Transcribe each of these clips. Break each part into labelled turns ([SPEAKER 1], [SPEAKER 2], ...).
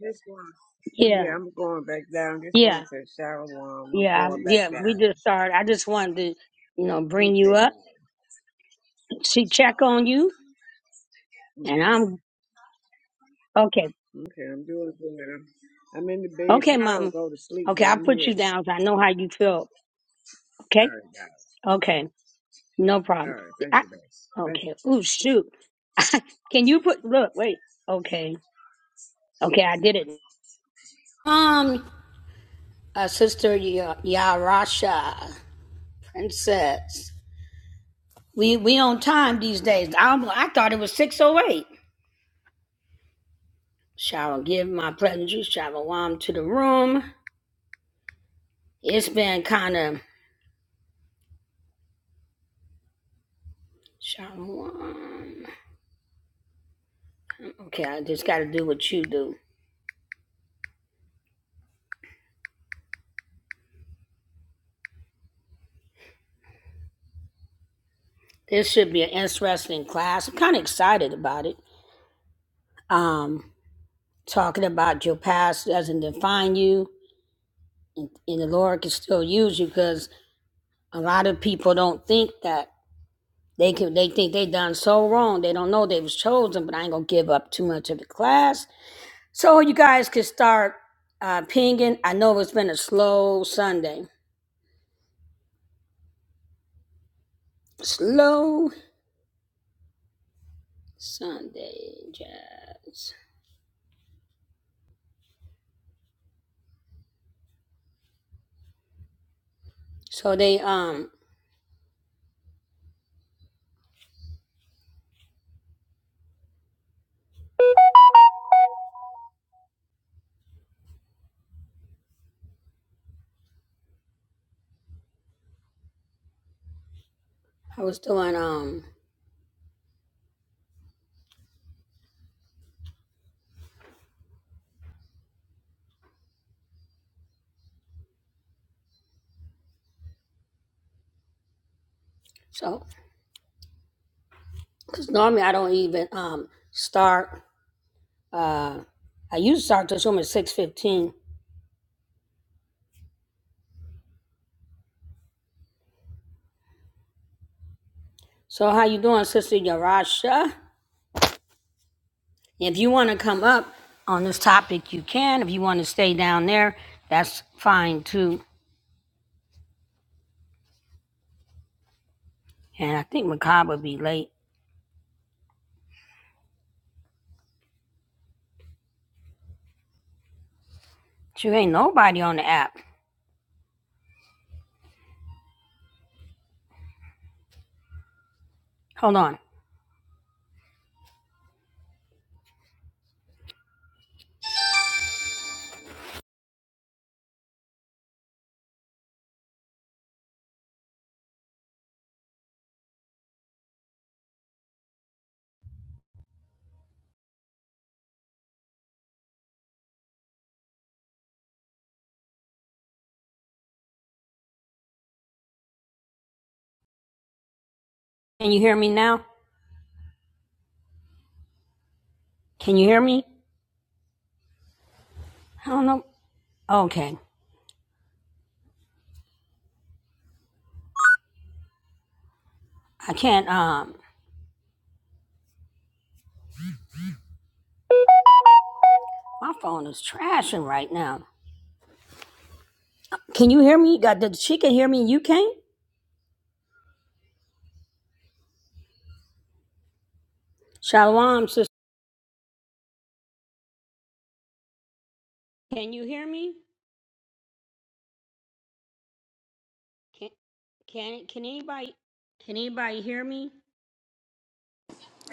[SPEAKER 1] Just one. Yeah, I'm going back down. Just one to shower warm. I'm going back down. Okay, down. Okay. Okay, I'm doing good. I'm, I'm in the bed. Probably don't go to sleep, but I'm here. All right, guys. All right. Thank you, guys. Thank you.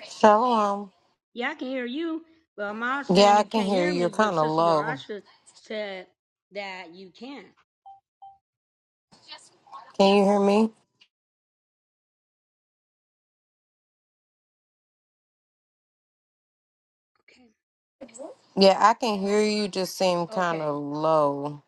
[SPEAKER 2] Shalom. Yeah, I can hear you. You're kind of low. Can you hear me? Yeah, I can hear you. Just seem kind of low.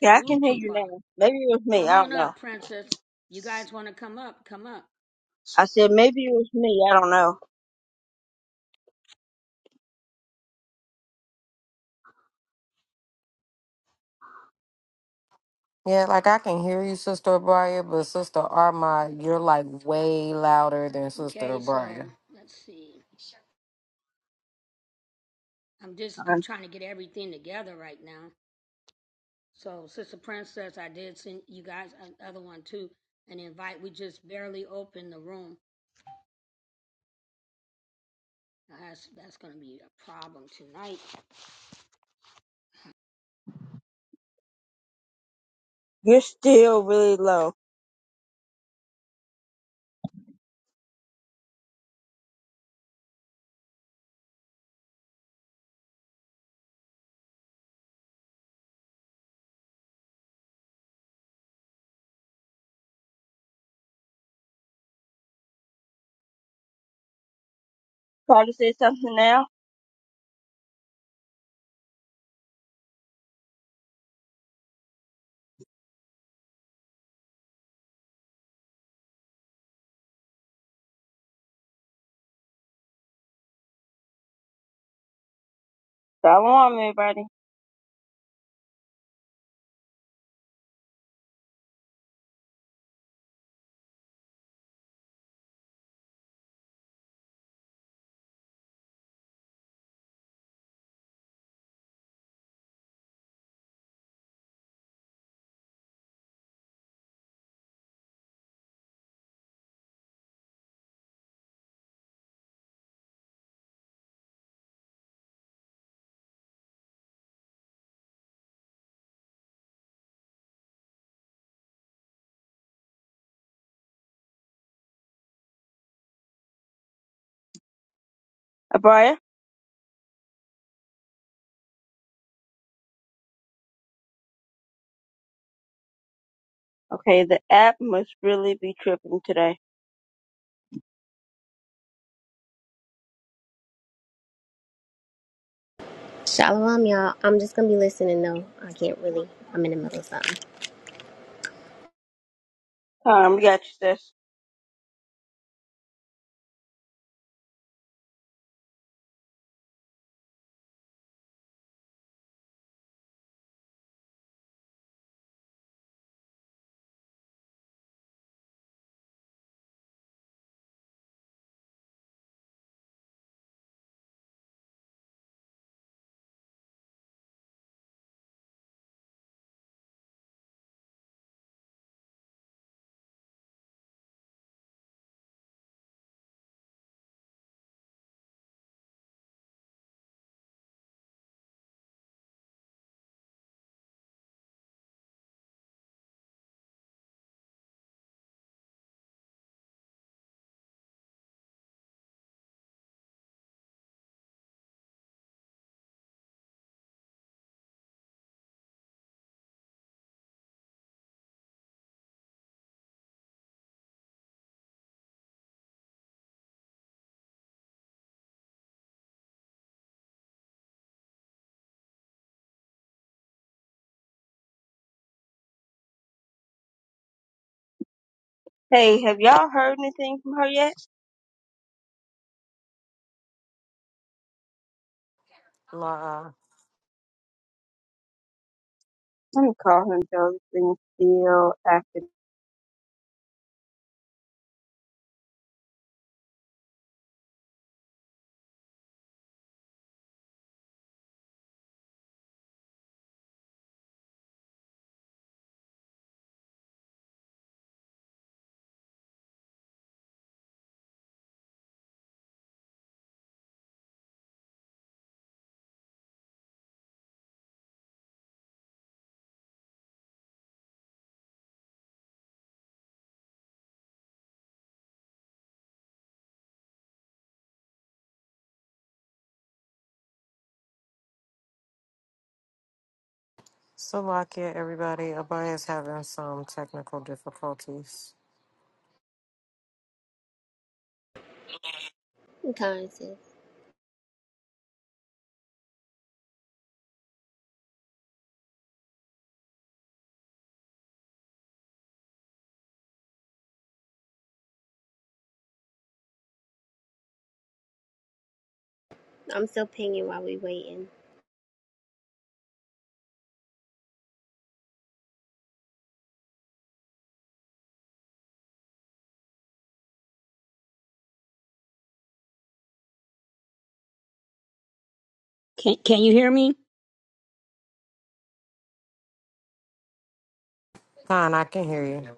[SPEAKER 3] Yeah, I can hear you now. Maybe it was me. I don't know. I said maybe it was me. I don't know.
[SPEAKER 2] Yeah, like I can hear you, Sister Abria, but Sister Armad, you're like way louder than Sister Abria.
[SPEAKER 3] Um, You're still really low. Try to say something now. Follow on, everybody. Abria. Okay, the app must really be tripping today.
[SPEAKER 4] Shalom, y'all. I'm just gonna be listening though. I can't really. I'm in the middle of something.
[SPEAKER 3] Um, we got you, sis. Hey, have y'all heard anything from her yet?
[SPEAKER 2] Nah.
[SPEAKER 3] Let me call her and tell this thing still active.
[SPEAKER 2] So, like, yeah, everybody, Abria's having some technical difficulties.
[SPEAKER 4] I'm tired, sis. I'm still pinging while we waiting.
[SPEAKER 2] Fine, I can hear you.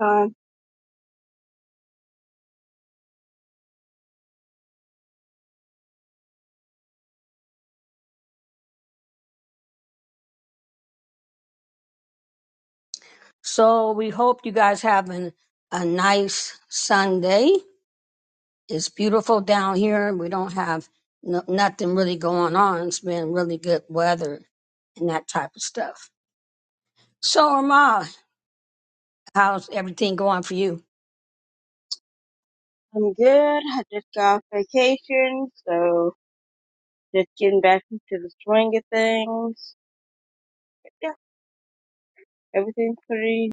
[SPEAKER 3] Um, I'm good. I just got off vacation, so just getting back into the swing of things. Yeah, everything's pretty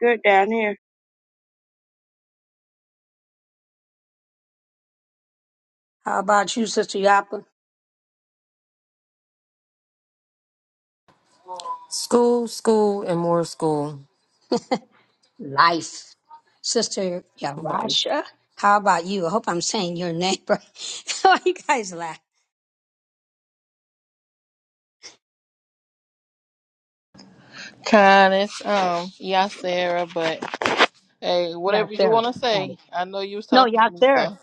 [SPEAKER 3] good down here.
[SPEAKER 2] School, school, and more school. Like,
[SPEAKER 5] Kind, it's um Yasera, but hey, whatever you wanna say. I know you was talking to me, so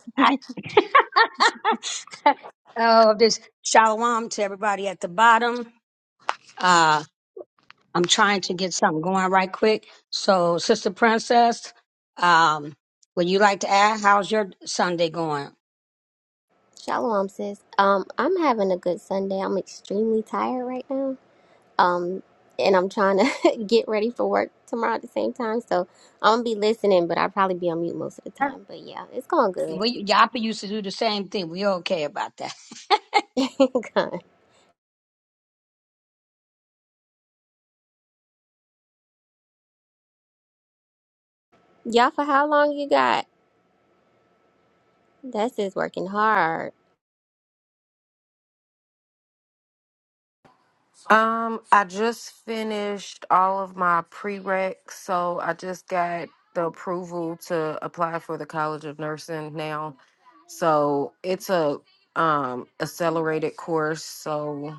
[SPEAKER 4] Shalom, sis. Um, I'm having a good Sunday. I'm extremely tired right now. Um, and I'm trying to get ready for work tomorrow at the same time. So I'm gonna be listening, but I'll probably be on mute most of the time. But yeah, it's going good. Con. Y'all, for how long you got? That's just working hard.
[SPEAKER 2] Um, I just finished all of my prereqs, so I just got the approval to apply for the College of Nursing now. So it's a um accelerated course, so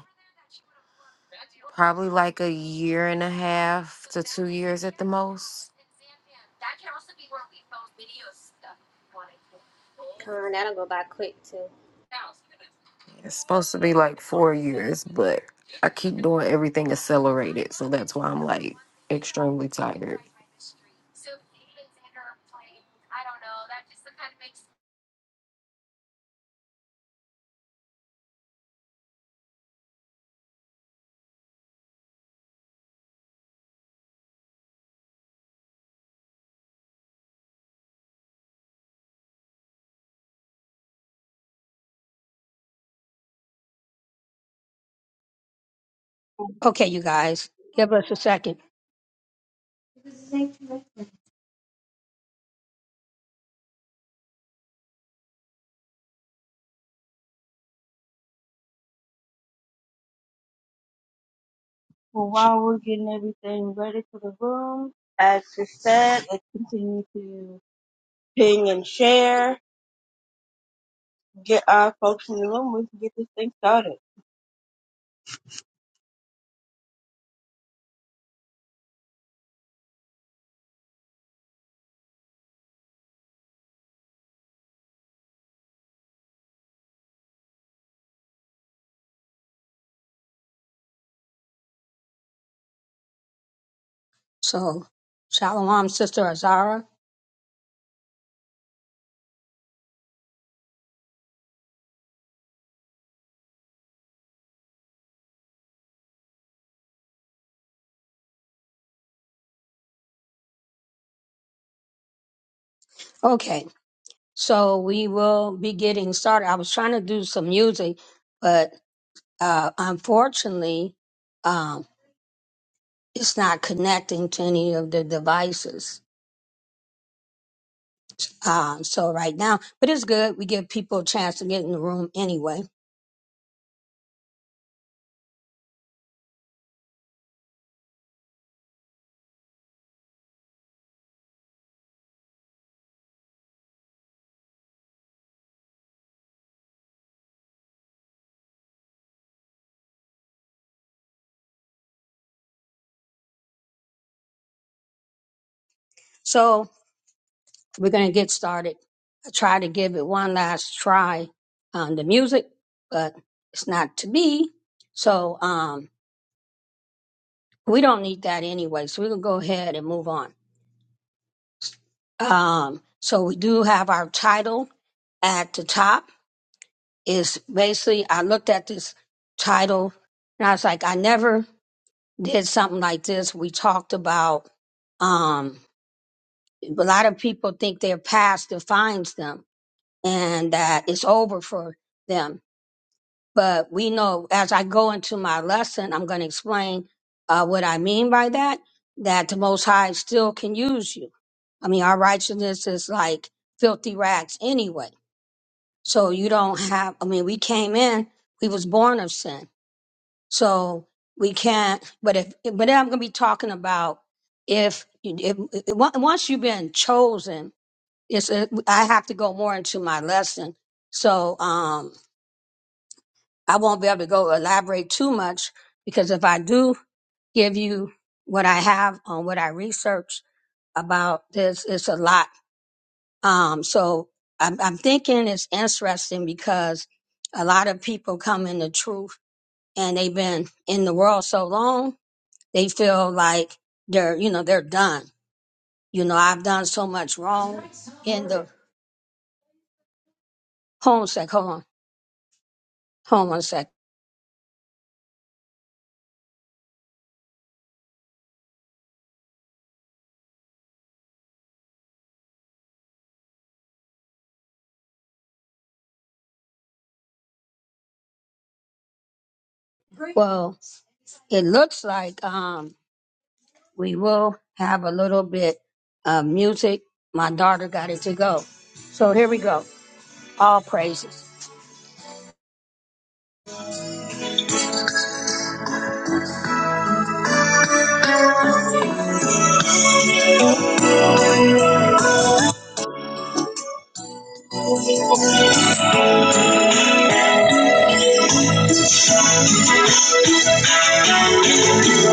[SPEAKER 2] probably like a year and a half to two years at the most.
[SPEAKER 4] Con, that'll go by quick too.
[SPEAKER 2] It's supposed to be like four years, but I keep doing everything accelerated, so that's why I'm like extremely tired.
[SPEAKER 3] Well, while we're getting everything ready for the room, as she said, let's continue to ping and share, get our folks in the room, we can get this thing started.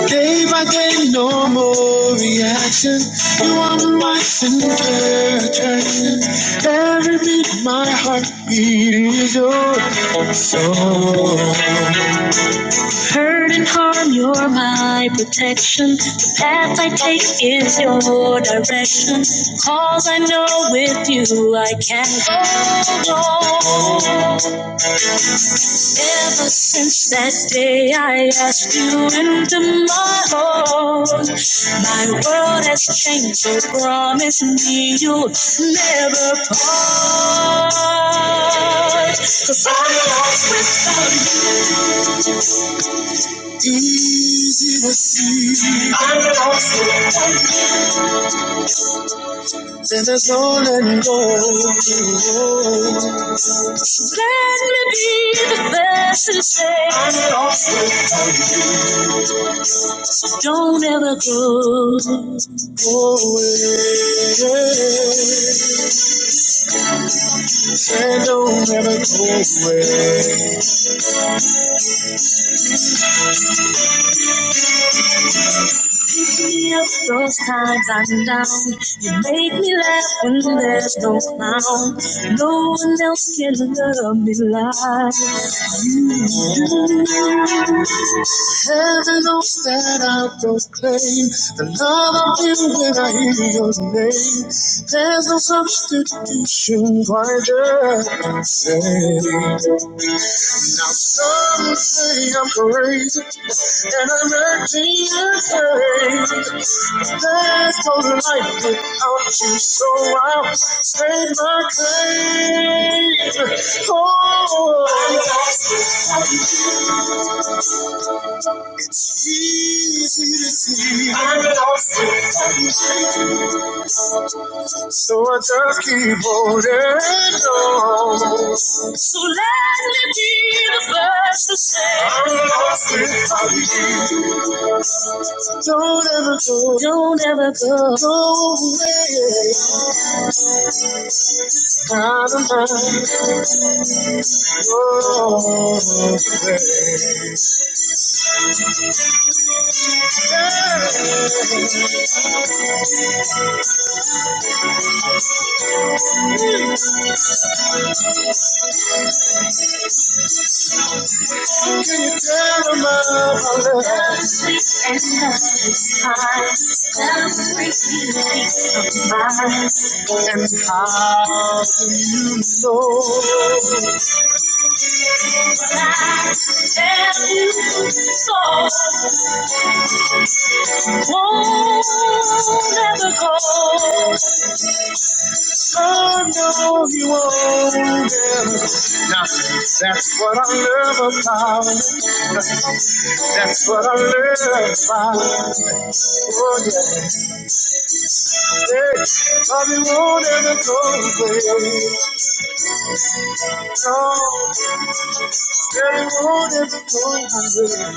[SPEAKER 6] Day by day, no more reaction. You are my center attraction. Every beat, my heartbeat is yours. So hurt and harm, you're my protection. The path I take is your direction. Cause I know with you I can go. Ever since that day I asked you into my heart, my world has changed. So promise me you'll never part. 'Cause I'm lost without you. Easy to see. I'm lost. And there's no letting go. Let me be the best and say. I'm Don't ever go away. Say don't ever go away. Pick me up those times I'm down. You make me laugh when there's no clown. No one else can love me like Heaven knows that I proclaim the love of you when I hear your name. There's no substitution wider. Now some say I'm crazy and I'm acting insane. There's no life without you, so I'll stay my claim. Oh, I lost it, easy to see. I lost it, easy to see. So I just keep holding on. So let me be the first to say I'm lost without you. Don't ever go, don't ever go, go away. Out of my world. Yeah. How can you you you, tell them all the hurts and hurts times, every feeling of mine, And will won't if do you know? that if you saw, won't never go, I know you won't ever go. That's what I love about. it. That's what I love about. it. Oh yes, yes, I won't ever go away. No, they won't ever go away.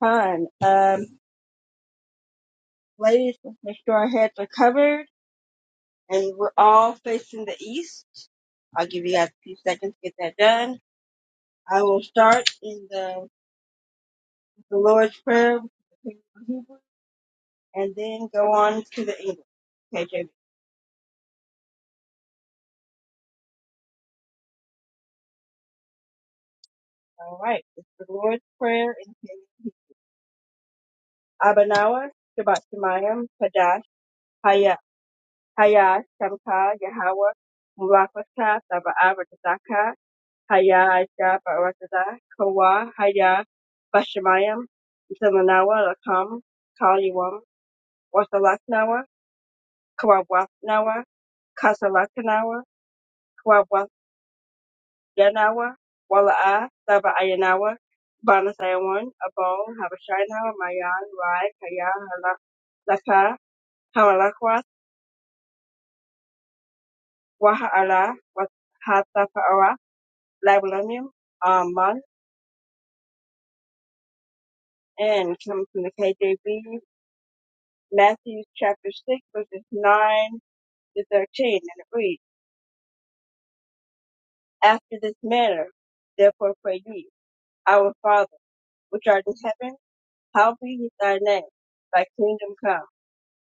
[SPEAKER 3] Fine. Um, ladies, let's make sure our heads are covered and we're all facing the east. I'll give you guys a few seconds to get that done. I will start in the, the Lord's Prayer, which is the Hebrew, and then go on to the English. Okay, JB. All right. It's the Lord's Prayer in Hebrew. Abanawa, Shabbat Shemayim, Kadash, Haya, Hayash, Shamka, Yahweh, Murakata, Saba Arakazaka, Haya, Aisha, Barakaza, Kawa, Haya, Bashamayim, Zilanawa, Lakam, Kaliwam, Wasalaknawa, Kawabwasnawa, Kasalakanawa, Kawabwasganawa, Wala'a, Saba Ayanawa, Banasayawan, Abon, Habashinawa, Mayan, Rai, Kaya, Halak, Laka, Wahala Wahatapawa Lablamu Aman and come from the KJV Matthew chapter six verses nine to thirteen and it reads After this manner therefore pray ye Our Father which art in heaven hallowed be thy name thy kingdom come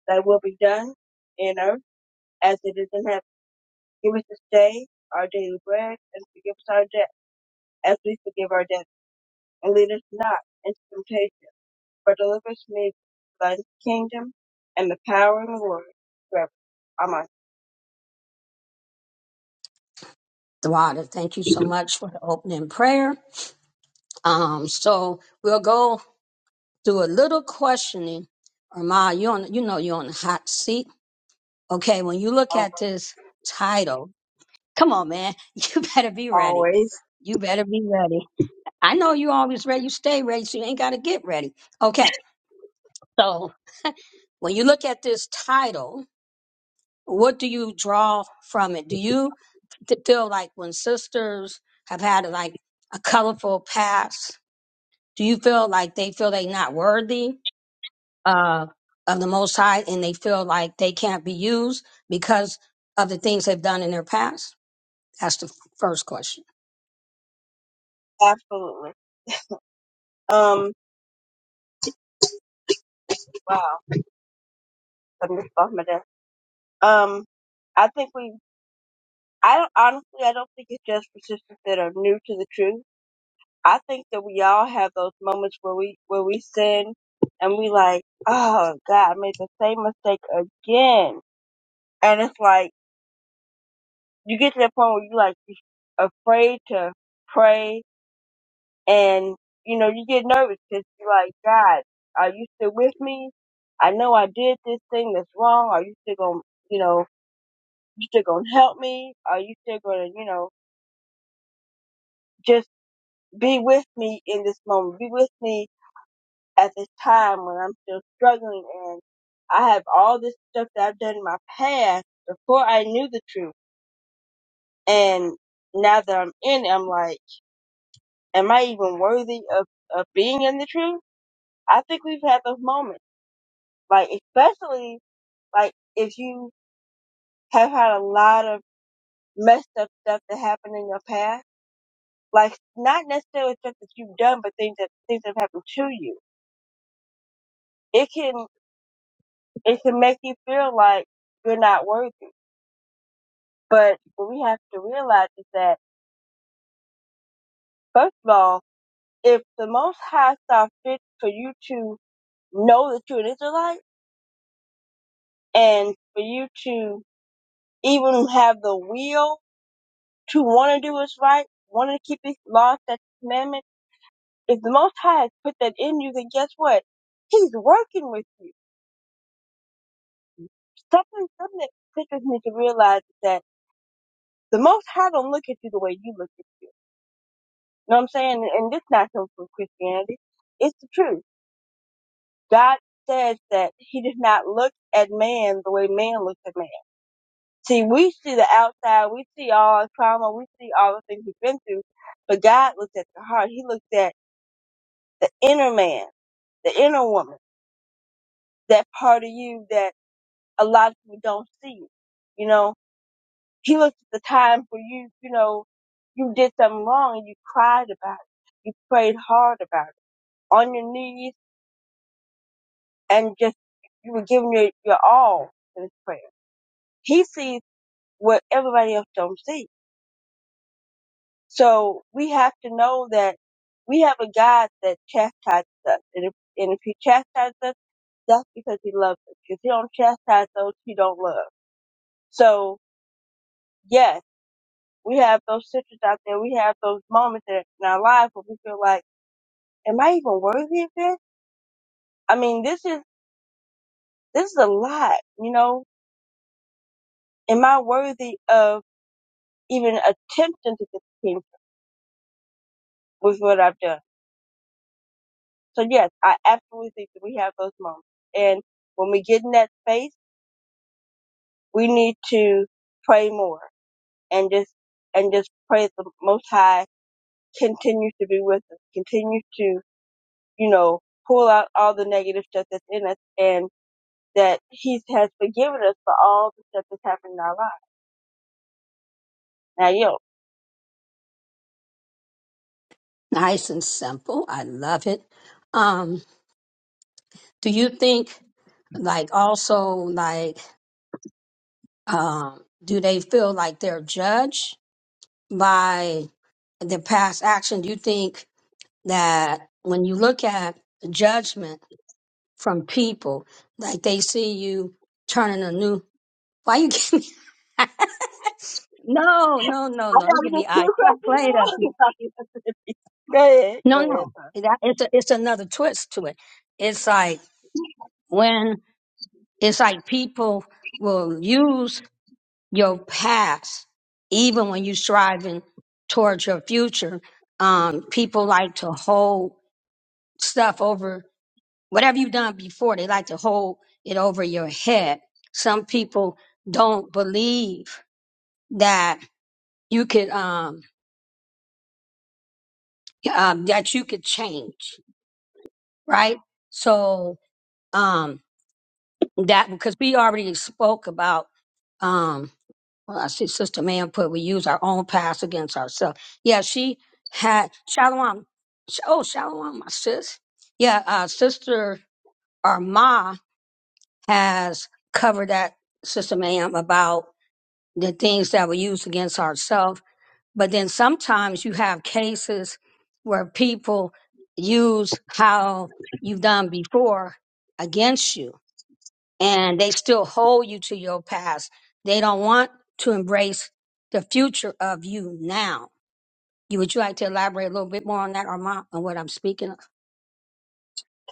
[SPEAKER 3] thy will be done in earth as it is in heaven give us this day our daily bread and forgive us our debt as we forgive our debtors and lead us not into temptation but delivers me from the kingdom and the power and the glory forever. Amen. Always. Always. Absolutely. Um, wow. I missed off my desk. Um, I think we, I don't, honestly, I don't think it's just for sisters that are new to the truth. I think that we all have those moments where we, where we sin and we like, oh God, I made the same mistake again. And it's like, you get to that point where you like, you're afraid to pray And, you know, you get nervous because you're like, God, are you still with me? I know I did this thing that's wrong. Are you still going to, you know, you still going to help me? Are you still going to, you know, just be with me in this moment? Be with me at this time when I'm still struggling and I have all this stuff that I've done in my past before I knew the truth. And now that I'm in it, I'm like, am I even worthy of, of being in the truth? I think we've had those moments like especially Like if you have had a lot of messed up stuff that happened in your past, like not necessarily stuff that you've done, but things that things that have happened to you, it can it can make you feel like you're not worthy. But what we have to realize is that first of all, if the Most High saw fit for you to know that you're an Israelite and for you to even have the will to want to do what's right, want to keep His laws, statutes, commandments If the Most High has put that in you, then guess what? He's working with you. Something, something that sisters need to realize is that the Most High don't look at you the way you look at you. You know what I'm saying? And this not come from Christianity. It's the truth. God says that He does not look at man the way man looks at man. See, we see the outside, we see all our trauma, we see all the things we've been through, but God looks at the heart. He looks at the inner man, the inner woman, that part of you that a lot of people don't see it. You know, he looks at the time for you, you know, you did something wrong and you cried about it. You prayed hard about it on your knees and just you were giving your, your all in this prayer. He sees what everybody else don't see. So we have to know that we have a God that chastises us. And if, and if he chastises us, that's because he loves us. If he don't chastise those he don't love. So yes We have those citrus out there. We have those moments in in our lives where we feel like, am I even worthy of this? I mean, this is, this is a lot, you know? Am I worthy of even attempting to get the kingdom with what I've done? So yes, I absolutely think that we have those moments. And when we get in that space, we need to pray more and just, and just pray that the Most High continues to be with us, continues to, you know, pull out all the negative stuff that's in us and that He has forgiven us for all the stuff that's happened in our lives. Now, yo, I gotta get two questions now. go ahead, go ahead,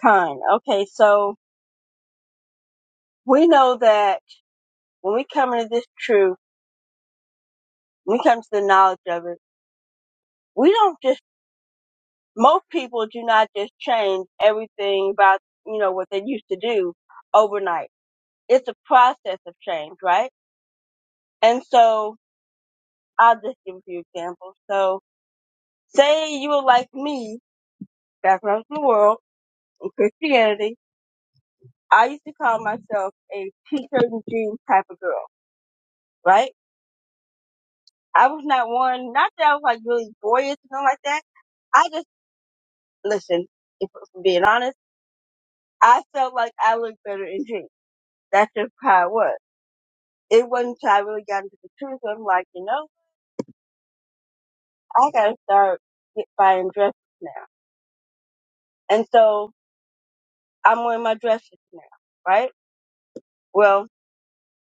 [SPEAKER 3] Con. Okay, so we know that when we come into this truth, when we come to the knowledge of it, we don't just. Most people do not just change everything about you know what they used to do overnight. It's a process of change, right? And so I'll just give you few examples. So say you were like me back when I was in the world in Christianity, I used to call myself a t-shirt and jeans type of girl, right? I was not one, not that I was like really boyish or something like that. I just, listen, if I'm being honest, I felt like I looked better in jeans. That's just how it was. It wasn't until I really got into the truth. I'm like, you know, I gotta start get buying dresses now. And so I'm wearing my dresses now, right? Well,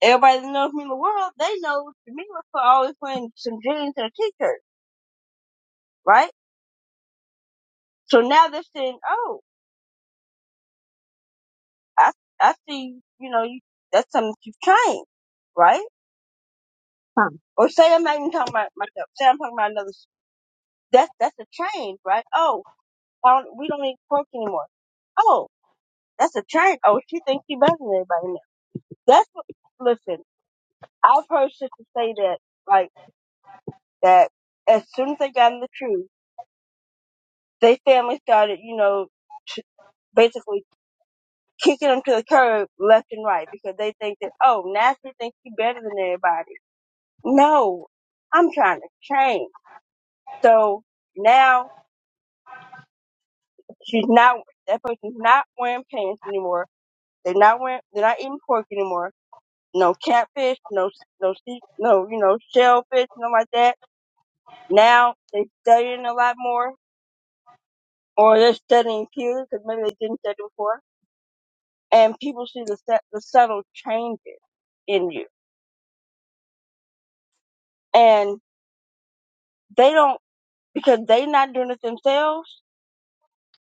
[SPEAKER 3] everybody that knows me in the world, they know Jamila for always wearing some jeans and a t-shirt, right? So now they're saying, oh, I, I see, you know, you, that's something that you've changed, right? Or say I'm not even talking about myself. Say I'm talking about another, that's, that's a change, right? Oh, I don't, we don't even pork anymore. Oh, that's a change. Oh, she thinks she better than everybody now. That's what, listen, I've heard sisters say that, like, that as soon as they got in the truth, they family started, you know, t- basically kicking them to the curb left and right because they think that, oh, now she thinks she better than everybody No, I'm trying to change. So now she's not that person's not wearing pants anymore. They're not wearing they're not eating pork anymore. No catfish, no no sea- no you know shellfish, nothing like that. Now they're studying a lot more, or they're studying cues because maybe they didn't study before. And people see the set, the subtle changes in you, and they don't because they're not doing it themselves.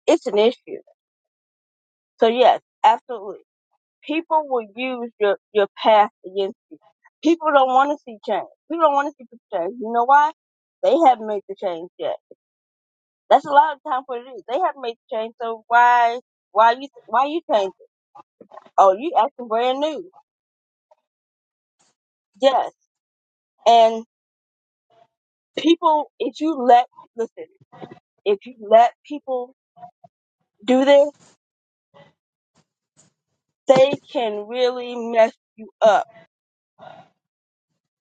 [SPEAKER 3] It's an issue. So yes, absolutely. people will use your, your past against you. People don't want to see change. People don't want to see people change. You know why? They haven't made the change yet. That's a lot of time what it is. They haven't made the change, so why, why you, why you change it? Oh, you acting brand new. Yes. And people, if you let, listen, if you let people do this, they can really mess you up.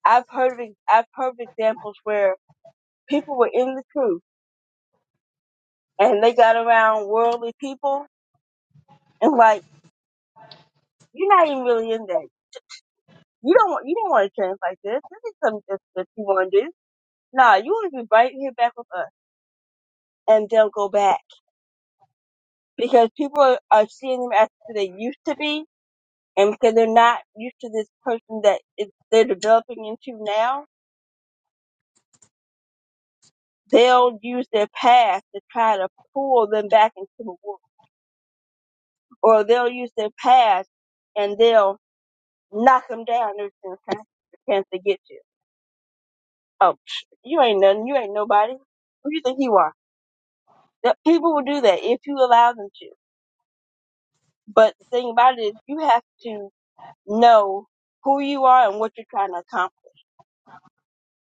[SPEAKER 3] I've heard of, I've heard of examples where people were in the truth and they got around worldly people And like, you're not even really in that. You don't want, you didn't want to trans like this. This is something that, that you want to do. Nah, you want to be right here back with us. And they'll go back because people are, are seeing them as who they used to be. And because they're not used to this person that is, they're developing into now, they'll use their past to try to pull them back into the world. Or they'll use their past and they'll knock them down every single time chance they get you. Oh, psh, you ain't nothing. You ain't nobody. Who you think you are? That people will do that if you allow them to. But the thing about it is you have to know who you are and what you're trying to accomplish.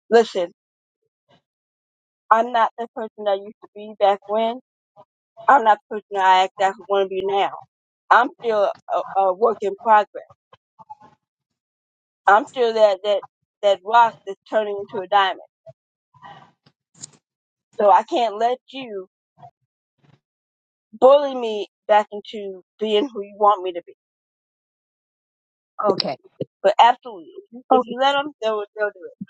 [SPEAKER 3] Listen, I'm not the person I used to be back when. I'm not the person I act I want to be now. I'm still a, a work in progress. I'm still that, that, that rock that's turning into a diamond. So I can't let you bully me back into being who you want me to be. But absolutely, if you, if you let them, they'll, they'll do it.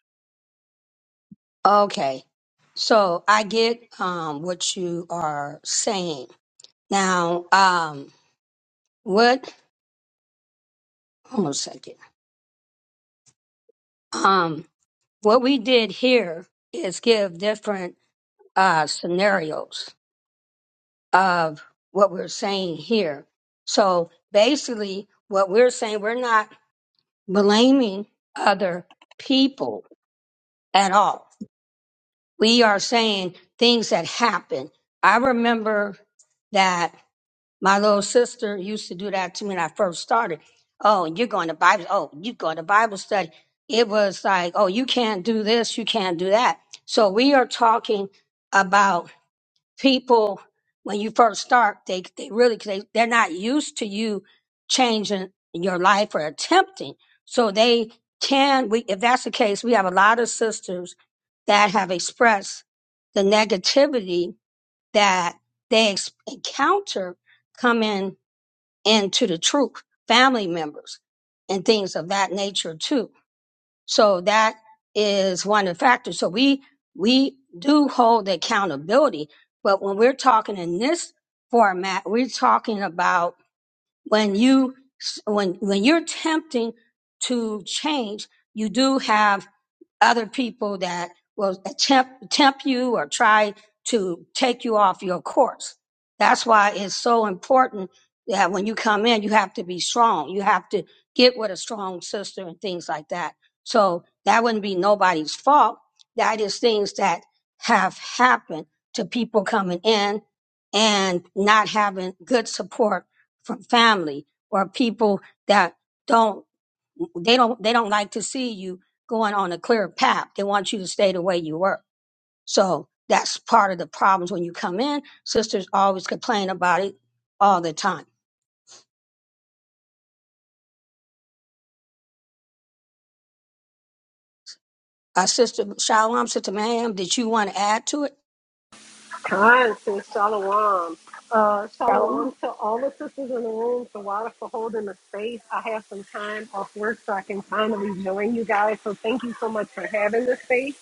[SPEAKER 7] Kind to Shalom. Uh, shalom to all the sisters in the room, to Wada for holding the space. I have some time off work so I can finally join you guys. So thank you so much for having this space.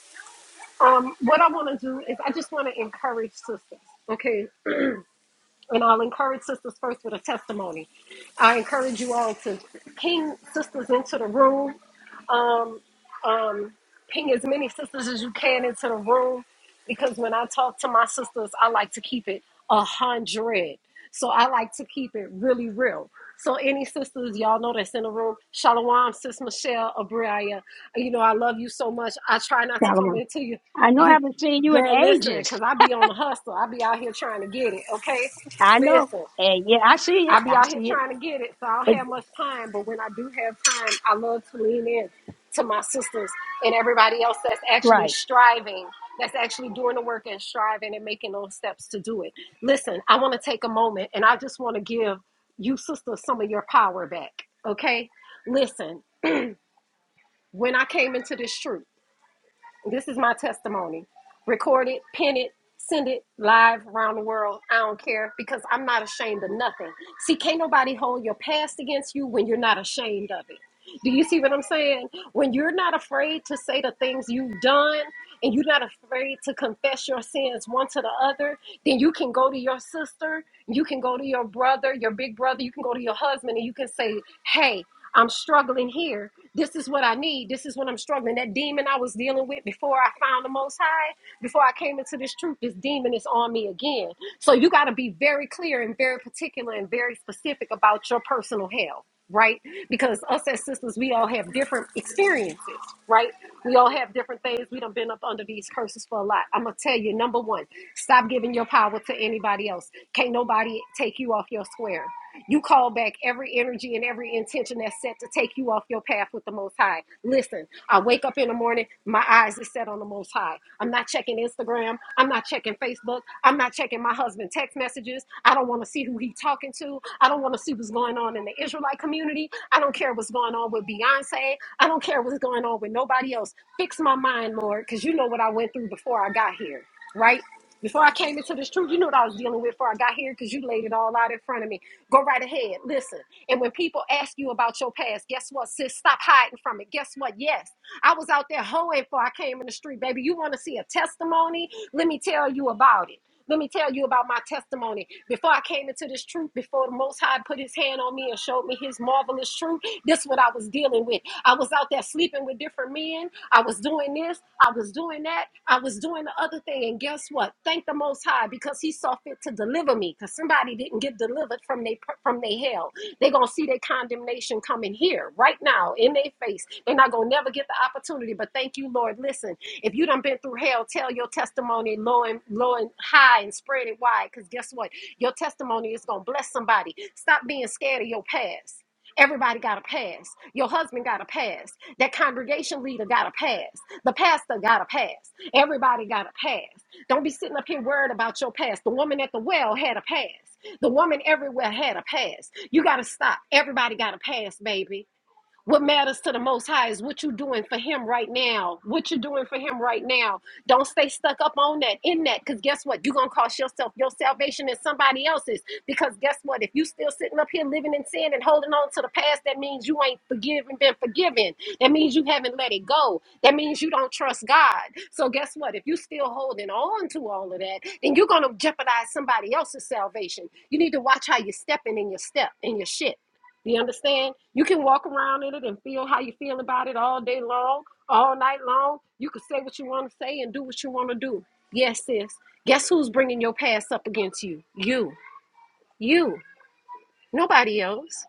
[SPEAKER 7] Um, what I want to do is I just want to encourage sisters, okay? And I'll encourage sisters first with a testimony. I encourage you all to ping sisters into the room um, um, ping as many sisters as you can into the room because when I talk to my sisters, I like to keep it a hundred. So I like to keep it really real. So any sisters, y'all know that's in the room. Shalom, sis Michelle, Abria. You know I love you so much. I try not to come into you. You, girl, listen, cause I be on the hustle. I be out here trying to get it. Okay, listen. I be out here trying to get it, so I don't have much time. But when I do have time, I love to lean in to my sisters and everybody else that's actually striving, that's actually doing the work and striving and making those steps to do it. Listen, I want to take a moment and I just want to give you sisters some of your power back. Okay? Listen, when I came into this truth. This is my testimony. Record it, pin it, send it live around the world. I don't care because I'm not ashamed of nothing. See, can't nobody hold your past against you when you're not ashamed of it. Do you see what I'm saying? When you're not afraid to say the things you've done and you're not afraid to confess your sins one to the other, then you can go to your sister, you can go to your brother, your big brother, you can go to your husband, and you can say, Hey, I'm struggling here. This is what I need. This is what I'm struggling. That demon I was dealing with before I found the Most High, before I came into this truth, this demon is on me again. So you got to be very clear and very particular and very specific about your personal hell, right? Because us as sisters, we all have different experiences, right? We all have different things. We done been up under these curses for a lot. I'm gonna tell you, number one, stop giving your power to anybody else. Can't nobody take you off your square. You call back every energy and every intention that's set to take you off your path with the Most High. Listen, I wake up in the morning, my eyes is set on the Most High. I'm not checking Instagram. I'm not checking Facebook. I'm not checking my husband's text messages. I don't want to see who he's talking to. I don't want to see what's going on in the Israelite community. I don't care what's going on with Beyonce. I don't care what's going on with nobody else. Fix my mind, Lord, because you know what I went through before I got here, right? Before I came into this truth, you knew what I was dealing with before I got here because you laid it all out in front of me. Go right ahead. Listen. And when people ask you about your past, guess what, sis? Stop hiding from it. Guess what? Yes. I was out there hoeing before I came in the street, baby. You want to see a testimony? Let me tell you about it. Let me tell you about my testimony. Before I came into this truth, before the Most High put his hand on me and showed me his marvelous truth, this is what I was dealing with. I was out there sleeping with different men. I was doing this. I was doing that. I was doing the other thing. And guess what? Thank the Most High because he saw fit to deliver me because somebody didn't get get delivered from they from they hell. They're gonna see their condemnation coming here right now in their face. They're not gonna never get the opportunity. But thank you, Lord. Listen, if you done been through hell, tell your testimony low and low and high and spread it wide. Because guess what? Your testimony is gonna bless somebody. Stop being scared of your past. Everybody got a pass. Your husband got a pass. That congregation leader got a pass. The pastor got a pass. Everybody got a pass. Don't be sitting up here worried about your past. The woman at the well had a pass. The woman everywhere had a pass. You got to stop. Everybody got a pass, baby. What matters to the Most High is what you're doing for Him right now. What you're doing for Him right now. Don't stay stuck up on that, in that, because guess what? You're going to cost yourself your salvation and somebody else's. Because guess what? If you still sitting up here living in sin and holding on to the past, that means you ain't forgiven, been forgiven. That means you haven't let it go. That means you don't trust God. So guess what? If you still holding on to all of that, then you're going to jeopardize somebody else's salvation. You need to watch how you're stepping in your step, in your shit. Do you understand? You can walk around in it and feel how you feel about it all day long, all night long. You can say what you want to say and do what you want to do. Yes, sis. Guess who's bringing your past up against you? You. You. Nobody else.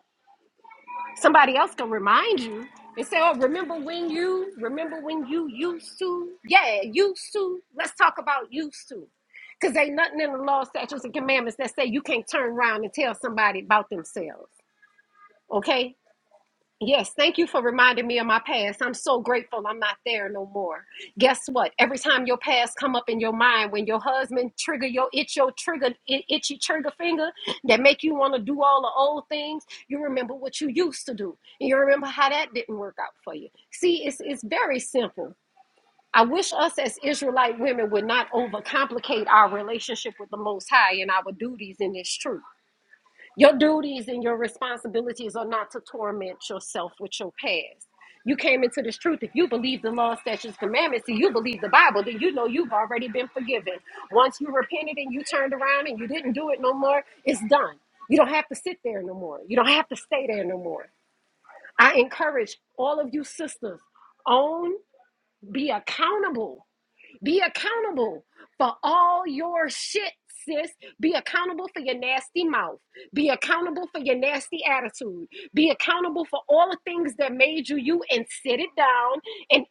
[SPEAKER 7] Somebody else can remind you and say, oh, remember when you, remember when you used to? Yeah, used to. Let's talk about used to. Because ain't nothing in the law, statutes, and commandments that say you can't turn around and tell somebody about themselves. Okay? Yes, thank you for reminding me of my past. I'm so grateful I'm not there no more. Guess what? Every time your past come up in your mind, when your husband trigger your itch, your trigger i- itchy trigger finger that make you want to do all the old things, you remember what you used to do, and you remember how that didn't work out for you. See, it's it's very simple. I wish us as Israelite women would not overcomplicate our relationship with the Most High and our duties in this truth. Your duties and your responsibilities are not to torment yourself with your past. You came into this truth. If you believe the law, statutes, commandments, and you believe the Bible, then you know you've already been forgiven. Once you repented and you turned around and you didn't do it no more, it's done. You don't have to sit there no more. You don't have to stay there no more. I encourage all of you sisters, own, be accountable be accountable for all your shit, sis. Be accountable for your nasty mouth. Be accountable for your nasty attitude. Be accountable for all the things that made you you and sit it down and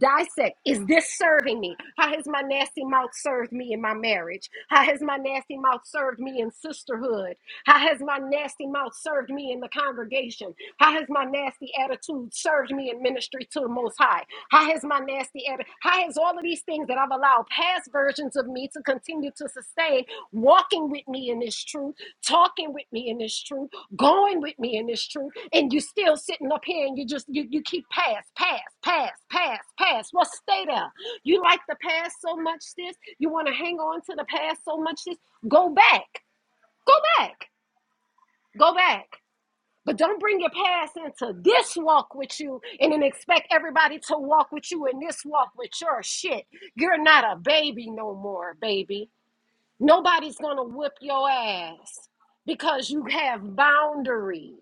[SPEAKER 7] dissect is this serving me how has my nasty mouth served me in my marriage how has my nasty mouth served me in sisterhood how has my nasty mouth served me in the congregation how has my nasty nasty attitude served me in ministry to the Most High? How has my nasty attitude, how has all of these things that I've allowed past versions of me to continue to sustain, walking with me in this truth, talking with me in this truth, going with me in this truth, and you still sitting up here and you just, you, you keep pass, pass, pass, pass, pass. Well, stay there. You like the past so much, sis. You want to hang on to the past so much, sis. Go back. Go back. Go back. But don't bring your past into this walk with you and then expect everybody to walk with you in this walk with your shit. You're not a baby no more, baby. Nobody's gonna whip your ass because you have boundaries.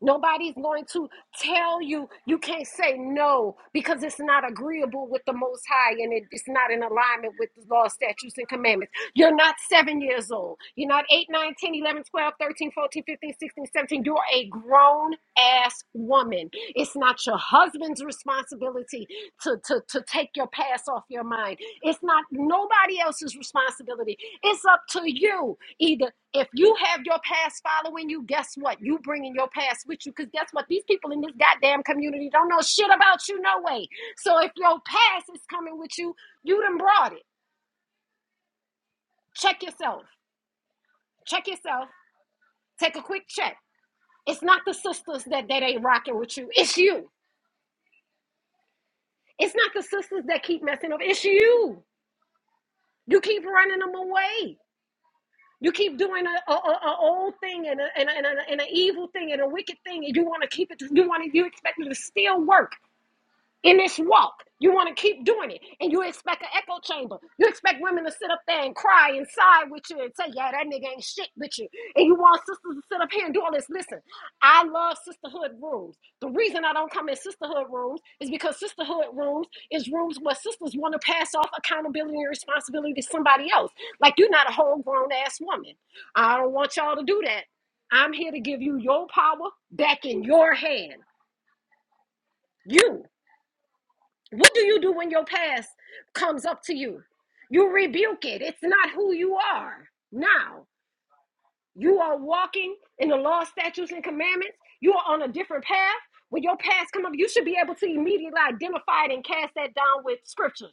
[SPEAKER 7] Nobody's going to tell you you can't say no because it's not agreeable with the Most High and it- it's not in alignment with the law, statutes, and commandments. You're not seven years old. You're not 8, nine, ten, eleven, twelve, thirteen, fourteen, fifteen, sixteen, seventeen. You're a grown ass woman. It's not your husband's responsibility to, to, to take your past off your mind. It's not nobody else's responsibility. It's up to you. Either if you have your past following you, guess what? You bringing your past with you. Because guess what? These people in this goddamn community don't know shit about you, no way. So if your past is coming with you, you done brought it. Check yourself. Check yourself. Take a quick check. It's not the sisters that, that ain't rocking with you. It's you. It's not the sisters that keep messing up. It's you. You keep running them away. You keep doing a, a, a, a old thing and an and a, and a, and a evil thing and a wicked thing, and you want to keep it. You want to. You expect it to still work. in this walk. You want to keep doing it, and you expect an echo chamber. You expect women to sit up there and cry and sigh with you and say, "Yeah, that nigga ain't shit with you." And you want sisters to sit up here and do all this. Listen, I love sisterhood rooms. The reason I don't come in sisterhood rooms is because sisterhood rooms is rooms where sisters want to pass off accountability and responsibility to somebody else. Like you're not a whole grown ass woman. I don't want y'all to do that. I'm here to give you your power back in your hand. You. What do you do when your past comes up to you? You rebuke it. It's not who you are now. You are walking in the law, statutes, and commandments. You are on a different path. When your past come up, you should be able to immediately identify it and cast that down with scriptures.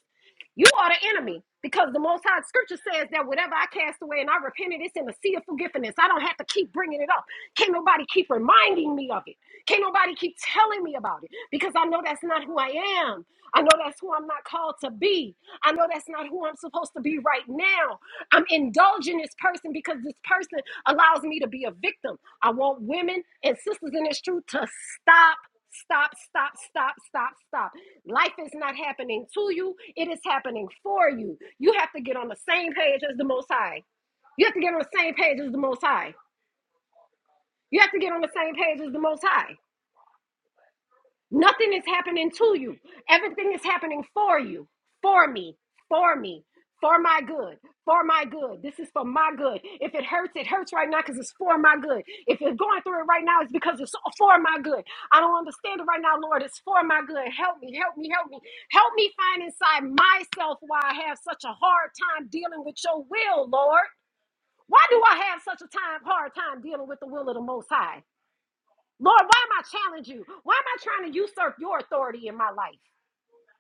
[SPEAKER 7] You are the enemy because the Most High Scripture says that whatever I cast away and I repented, it's in the sea of forgiveness. I don't have to keep bringing it up. Can't nobody keep reminding me of it. Can't nobody keep telling me about it because I know that's not who I am. I know that's who I'm not called to be. I know that's not who I'm supposed to be right now. I'm indulging this person because this person allows me to be a victim. I want women and sisters in this truth to stop Stop, stop, stop, stop, stop. Life is not happening to you, it is happening for you. You have to get on the same page as the Most High. You have to get on the same page as the Most High. You have to get on the same page as the Most High. Nothing is happening to you. Everything is happening for you, for me, for me, for my good, for my good. This is for my good. If it hurts, it hurts right now because it's for my good. If you're going through it right now, it's because it's for my good. I don't understand it right now, Lord. It's for my good. Help me, help me, help me. Help me find inside myself why I have such a hard time dealing with your will, Lord. Why do I have such a time hard time dealing with the will of the most high? Lord, why am I challenging you? Why am I trying to usurp your authority in my life?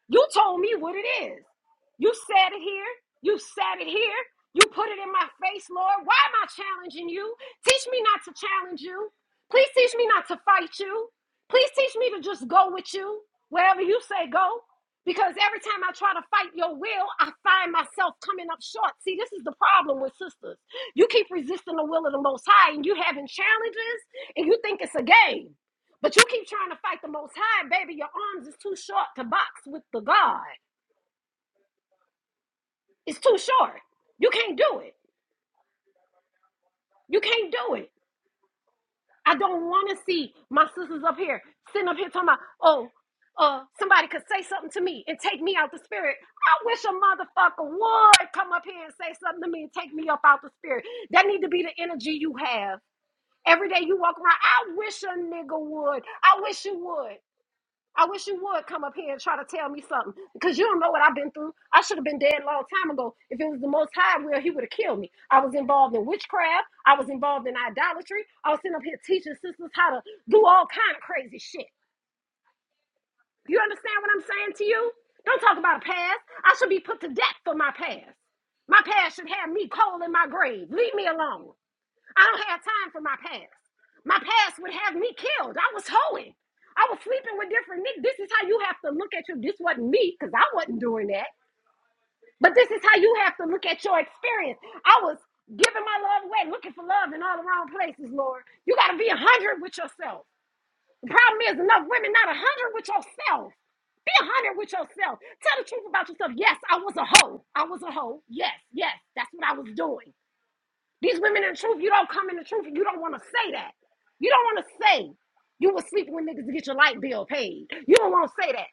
[SPEAKER 7] You told me what it is. You said it here. You said it here. You put it in my face, Lord. Why am I challenging you? Teach me not to challenge you. Please teach me not to fight you. Please teach me to just go with you wherever you say go. Because every time I try to fight your will, I find myself coming up short. See, this is the problem with sisters. You keep resisting the will of the Most High and you having challenges and you think it's a game. But you keep trying to fight the Most High, baby. Your arms is too short to box with the God. It's too short. You can't do it. You can't do it. I don't want to see my sisters up here sitting up here talking about, oh, uh, somebody could say something to me and take me out the spirit. I wish a motherfucker would come up here and say something to me and take me up out the spirit. That need to be the energy you have every day you walk around. I wish a nigga would. I wish you would. I wish you would come up here and try to tell me something because you don't know what I've been through. I should have been dead a long time ago. If it was the Most High will, He would have killed me. I was involved in witchcraft. I was involved in idolatry. I was sitting up here teaching sisters how to do all kind of crazy shit. You understand what I'm saying to you? Don't talk about a past. I should be put to death for my past. My past should have me cold in my grave. Leave me alone. I don't have time for my past. My past would have me killed. I was hoeing. I was sleeping with different niggas. This is how you have to look at your. This wasn't me because I wasn't doing that. But this is how you have to look at your experience. I was giving my love away, looking for love in all the wrong places, Lord. You got to be a hundred with yourself. The problem is enough women not a hundred with yourself. Be a hundred with yourself. Tell the truth about yourself. Yes, I was a hoe. I was a hoe. Yes, yes, that's what I was doing. These women in the truth, you don't come in the truth and you don't want to say that. You don't want to say you were sleeping with niggas to get your light bill paid. You don't want to say that.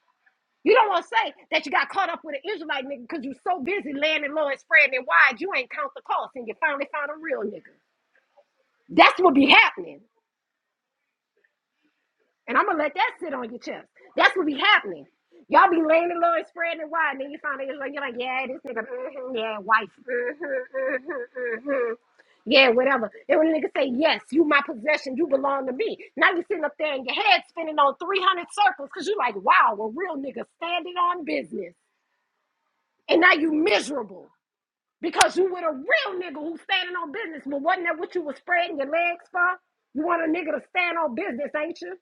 [SPEAKER 7] You don't want to say that you got caught up with an Israelite nigga because you so busy landing low and spreading it wide, you ain't count the cost and you finally found a real nigga. That's what be happening. And I'm going to let that sit on your chest. That's what be happening. Y'all be landing low and spreading it wide, and then you find out you're like, you're like yeah, this nigga, mhm, yeah, wife. mhm, mhm, mhm. Yeah, whatever. And when a nigga say, yes, you my possession, you belong to me. Now you sitting up there and your head spinning on 300 circles because you like, wow, a real nigga standing on business. And now you miserable because you with a real nigga who's standing on business. But wasn't that what you was spreading your legs for? You want a nigga to stand on business, ain't you?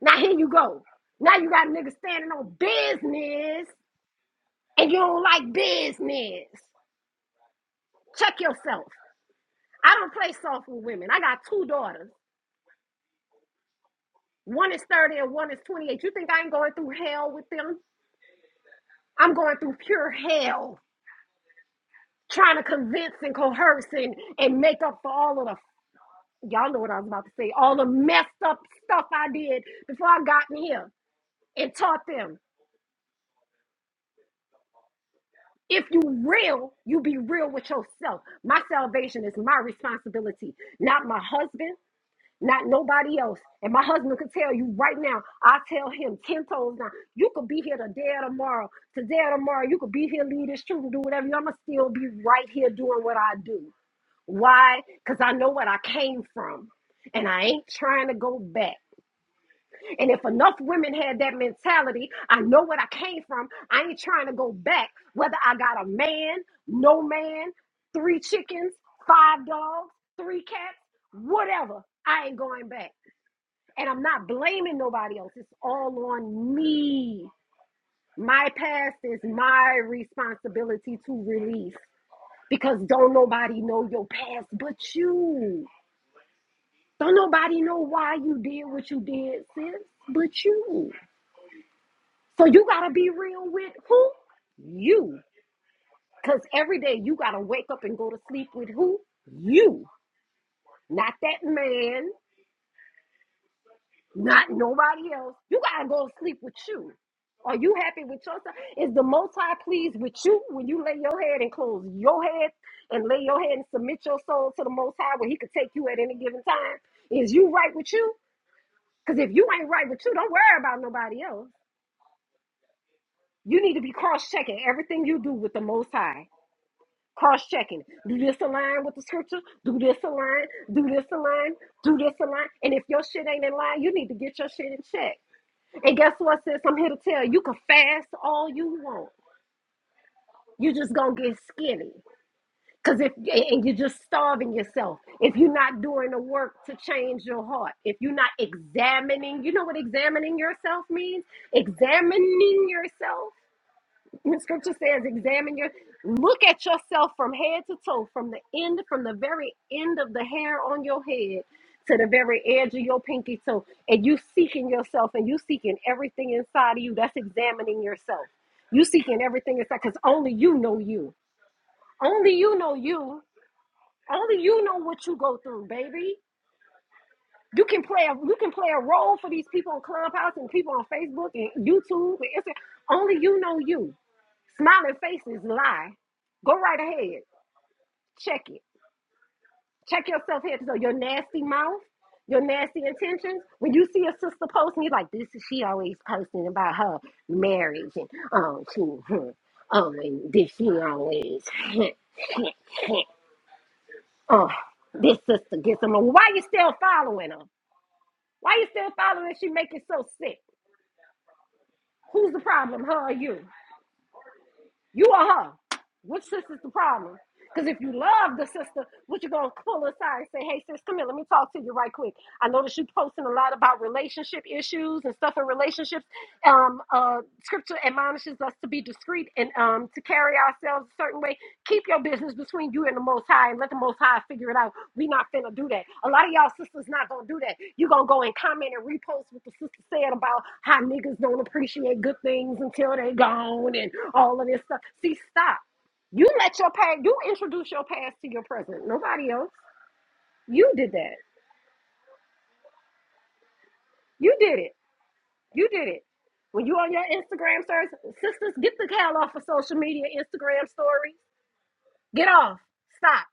[SPEAKER 7] Now here you go. Now you got a nigga standing on business and you don't like business. Check yourself. I don't play soft with women. I got two daughters. One is 30 and one is 28. You think I ain't going through hell with them? I'm going through pure hell trying to convince and coerce and, and make up for all of the, y'all know what I was about to say, all the messed up stuff I did before I got in here and taught them. If you real, you be real with yourself. My salvation is my responsibility, not my husband, not nobody else. And my husband could tell you right now, I tell him 10 toes now. you could be here today or tomorrow. Today or tomorrow, you could be here, lead this truth, and do whatever. I'm going to still be right here doing what I do. Why? Because I know what I came from. And I ain't trying to go back. And if enough women had that mentality, I know what I came from. I ain't trying to go back. Whether I got a man, no man, three chickens, five dogs, three cats, whatever, I ain't going back. And I'm not blaming nobody else. It's all on me. My past is my responsibility to release because don't nobody know your past but you. Don't nobody know why you did what you did, sis, but you. So you got to be real with who? You. Because every day you got to wake up and go to sleep with who? You. Not that man, not nobody else. You gotta go to sleep with you. Are you happy with yourself? Is the Most High pleased with you when you lay your head and close your head and lay your head and submit your soul to the Most High where He could take you at any given time? Is you right with you? Because if you ain't right with you, don't worry about nobody else. You need to be cross checking everything you do with the Most High. Cross checking. Do this align with the scripture? Do this align? Do this align? Do this align? And if your shit ain't in line, you need to get your shit in check. And guess what, sis? I'm here to tell you, you can fast all you want. You just gonna get skinny. Cause if and you're just starving yourself. If you're not doing the work to change your heart, if you're not examining, you know what examining yourself means? Examining yourself the scripture says, examine your, look at yourself from head to toe, from the end, from the very end of the hair on your head to the very edge of your pinky toe. And you seeking yourself and you seeking everything inside of you. That's examining yourself. You seeking everything inside because only you know you. Only you know you. Only you know what you go through, baby. You can play a you can play a role for these people on Clubhouse and people on Facebook and YouTube and Instagram. Only you know you. Smiling faces lie. Go right ahead. Check it. Check yourself head to toe. Your nasty mouth, your nasty intentions. When you see a sister posting, you're like, this is she always posting about her marriage and um she hmm, um and this she always oh this sister gets them. Why you still following her? Why you still following her? She make it so sick. Who's the problem? Her or you? You or her? Which sister's the problem? Because if you love the sister, what you gonna pull aside and say, "Hey, sis, come here. Let me talk to you right quick. I noticed you posting a lot about relationship issues and stuff in relationships. Um, uh, scripture admonishes us to be discreet and um to carry ourselves a certain way. Keep your business between you and the Most High, and let the Most High figure it out. We not finna do that. A lot of y'all sisters not gonna do that. You gonna go and comment and repost what the sister said about how niggas don't appreciate good things until they gone and all of this stuff. See, stop. You let your past, you introduce your past to your present. Nobody else. You did that. You did it. You did it. When you on your Instagram search, sisters, get the hell off of social media, Instagram stories. Get off. Stop.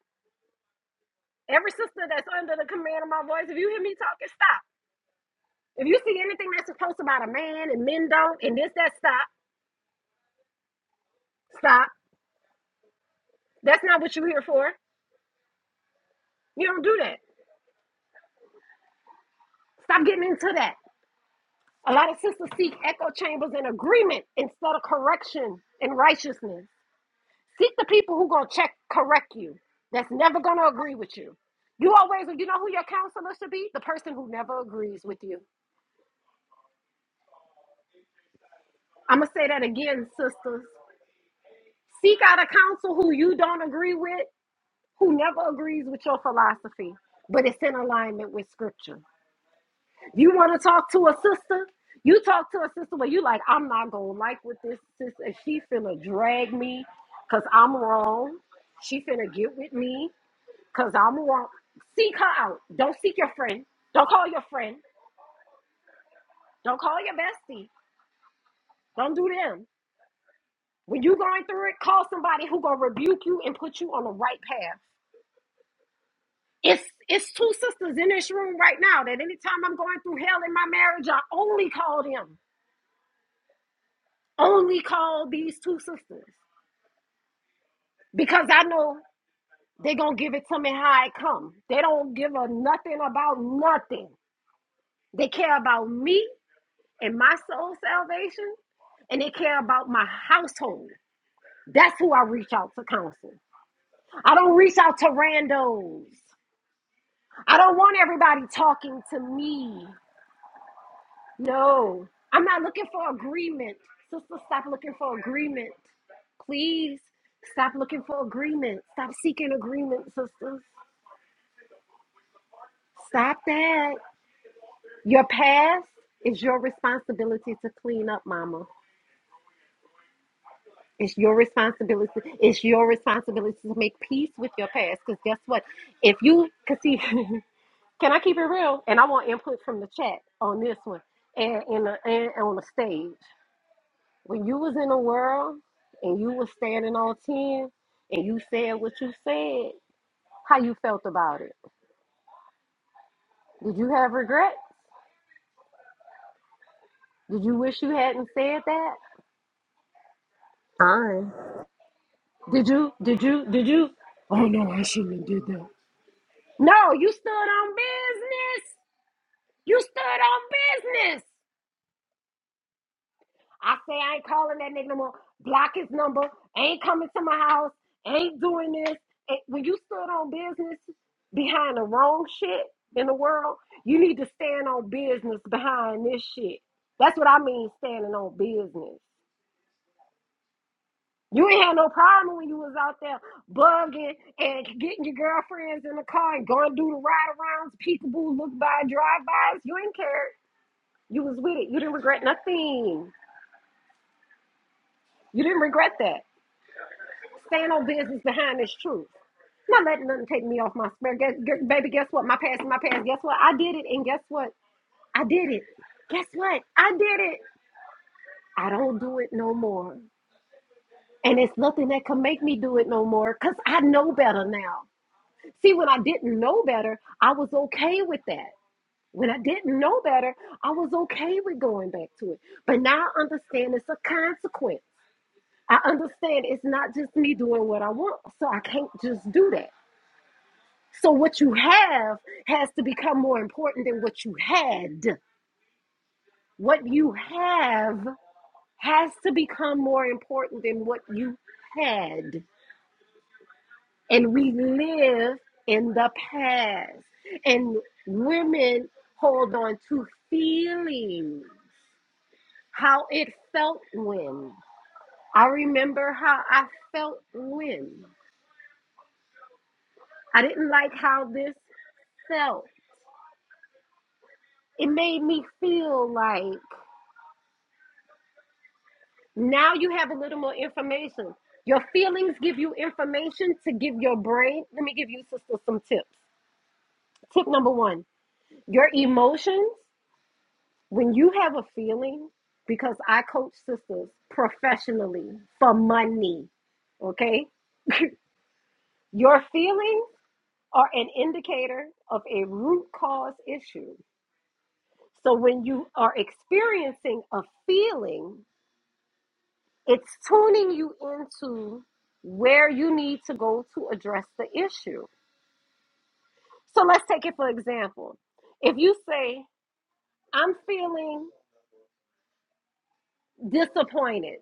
[SPEAKER 7] Every sister that's under the command of my voice, if you hear me talking, stop. If you see anything that's supposed about a man and men don't and this, that, stop. Stop. That's not what you're here for. You don't do that. Stop getting into that. A lot of sisters seek echo chambers and agreement instead of correction and righteousness. Seek the people who gonna check correct you. That's never gonna agree with you. You always you know who your counselor should be? The person who never agrees with you. I'm gonna say that again, sisters. Seek out a counsel who you don't agree with, who never agrees with your philosophy, but it's in alignment with scripture. You want to talk to a sister? You talk to a sister where you like, I'm not gonna like with this sister. She finna drag me, cause I'm wrong. She finna get with me. Cause I'm gonna Seek her out. Don't seek your friend. Don't call your friend. Don't call your bestie. Don't do them. When you going through it, call somebody who gonna rebuke you and put you on the right path. It's it's two sisters in this room right now that anytime I'm going through hell in my marriage, I only call them. Only call these two sisters. Because I know they gonna give it to me how it come. They don't give a nothing about nothing. They care about me and my soul salvation, and they care about my household. That's who I reach out to counsel. I don't reach out to randos. I don't want everybody talking to me. No, I'm not looking for agreement. Sister, stop looking for agreement. Please stop looking for agreement. Stop seeking agreement, sisters. Stop that. Your past is your responsibility to clean up, mama. It's your responsibility. It's your responsibility to make peace with your past. Because guess what? If you can see, can I keep it real? And I want input from the chat on this one and, and, and on the stage. When you was in the world and you was standing on 10 and you said what you said, how you felt about it? Did you have regrets? Did you wish you hadn't said that?
[SPEAKER 4] Con.
[SPEAKER 7] Did you, did you, did you? Oh no, I shouldn't have did that. No, you stood on business. You stood on business. I say I ain't calling that nigga no more. Block his number. Ain't coming to my house. Ain't doing this. And when you stood on business behind the wrong shit in the world, you need to stand on business behind this shit. That's what I mean standing on business. You ain't had no problem when you was out there bugging and getting your girlfriends in the car and going to do the ride arounds, peekaboo, look by, drive bys. You ain't cared. You was with it. You didn't regret nothing. You didn't regret that. Stand on business behind this truth. Not letting nothing take me off my spare. Guess, gu- baby, guess what? My past is my past. Guess what? I did it, and guess what? I did it. Guess what? I did it. I don't do it no more. And it's nothing that can make me do it no more because I know better now. See, when I didn't know better, I was okay with that. When I didn't know better, I was okay with going back to it. But now I understand it's a consequence. I understand it's not just me doing what I want, so I can't just do that. So what you have has to become more important than what you had. What you have has to become more important than what you had. And we live in the past. And women hold on to feelings, how it felt when. I remember how I felt when. I didn't like how this felt. it made me feel like now you have a little more information. Your feelings give you information to give your brain. Let me give you, sister, some tips. Tip number one your emotions, when you have a feeling, because I coach sisters professionally for money, okay? Your feelings are an indicator of a root cause issue. So when you are experiencing a feeling, It's tuning you into where you need to go to address the issue. So let's take it for example. If you say, I'm feeling disappointed,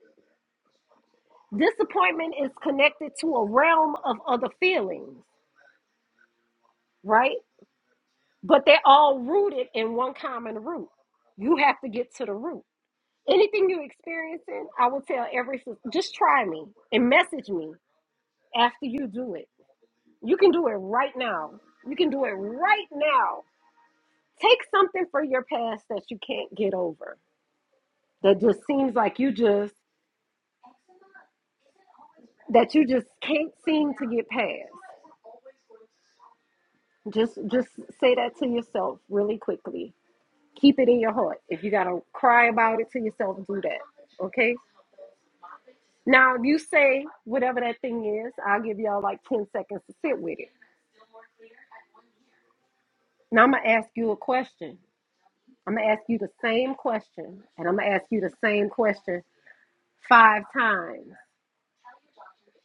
[SPEAKER 7] disappointment is connected to a realm of other feelings, right? But they're all rooted in one common root. You have to get to the root. Anything you're experiencing, I will tell every sis- just try me and message me after you do it. You can do it right now. You can do it right now Take something from your past that you can't get over. That just seems like you just that you just can't seem to get past. Just just say that to yourself really quickly. Keep it in your heart. If you gotta cry about it to yourself, do that. Okay? Now if you say whatever that thing is, I'll give y'all like 10 seconds to sit with it. Now I'm gonna ask you a question. I'm gonna ask you the same question, and I'm gonna ask you the same question five times.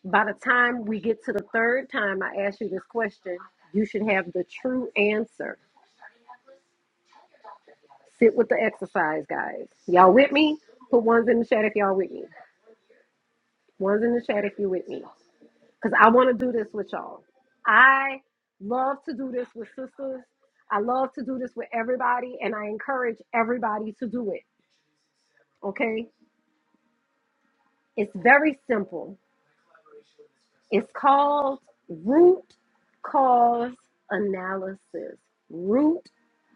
[SPEAKER 7] By the time we get to the third time I ask you this question, you should have the true answer. Sit with the exercise, guys. Y'all with me? Put ones in the chat if y'all with me. Ones in the chat if you're with me. Because I want to do this with y'all. I love to do this with sisters. I love to do this with everybody, and I encourage everybody to do it. Okay? It's very simple. It's called root cause analysis. Root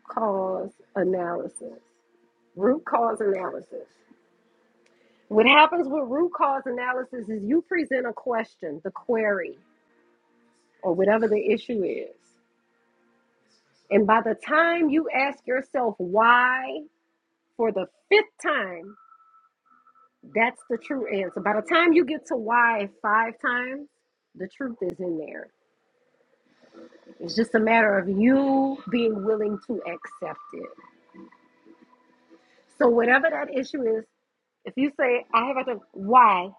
[SPEAKER 7] cause analysis. Root cause analysis. What happens with root cause analysis is you present a question, the query, or whatever the issue is. And by the time you ask yourself why for the fifth time, that's the true answer. By the time you get to why five times, the truth is in there. It's just a matter of you being willing to accept it. So, whatever that issue is, if you say, I have a, why,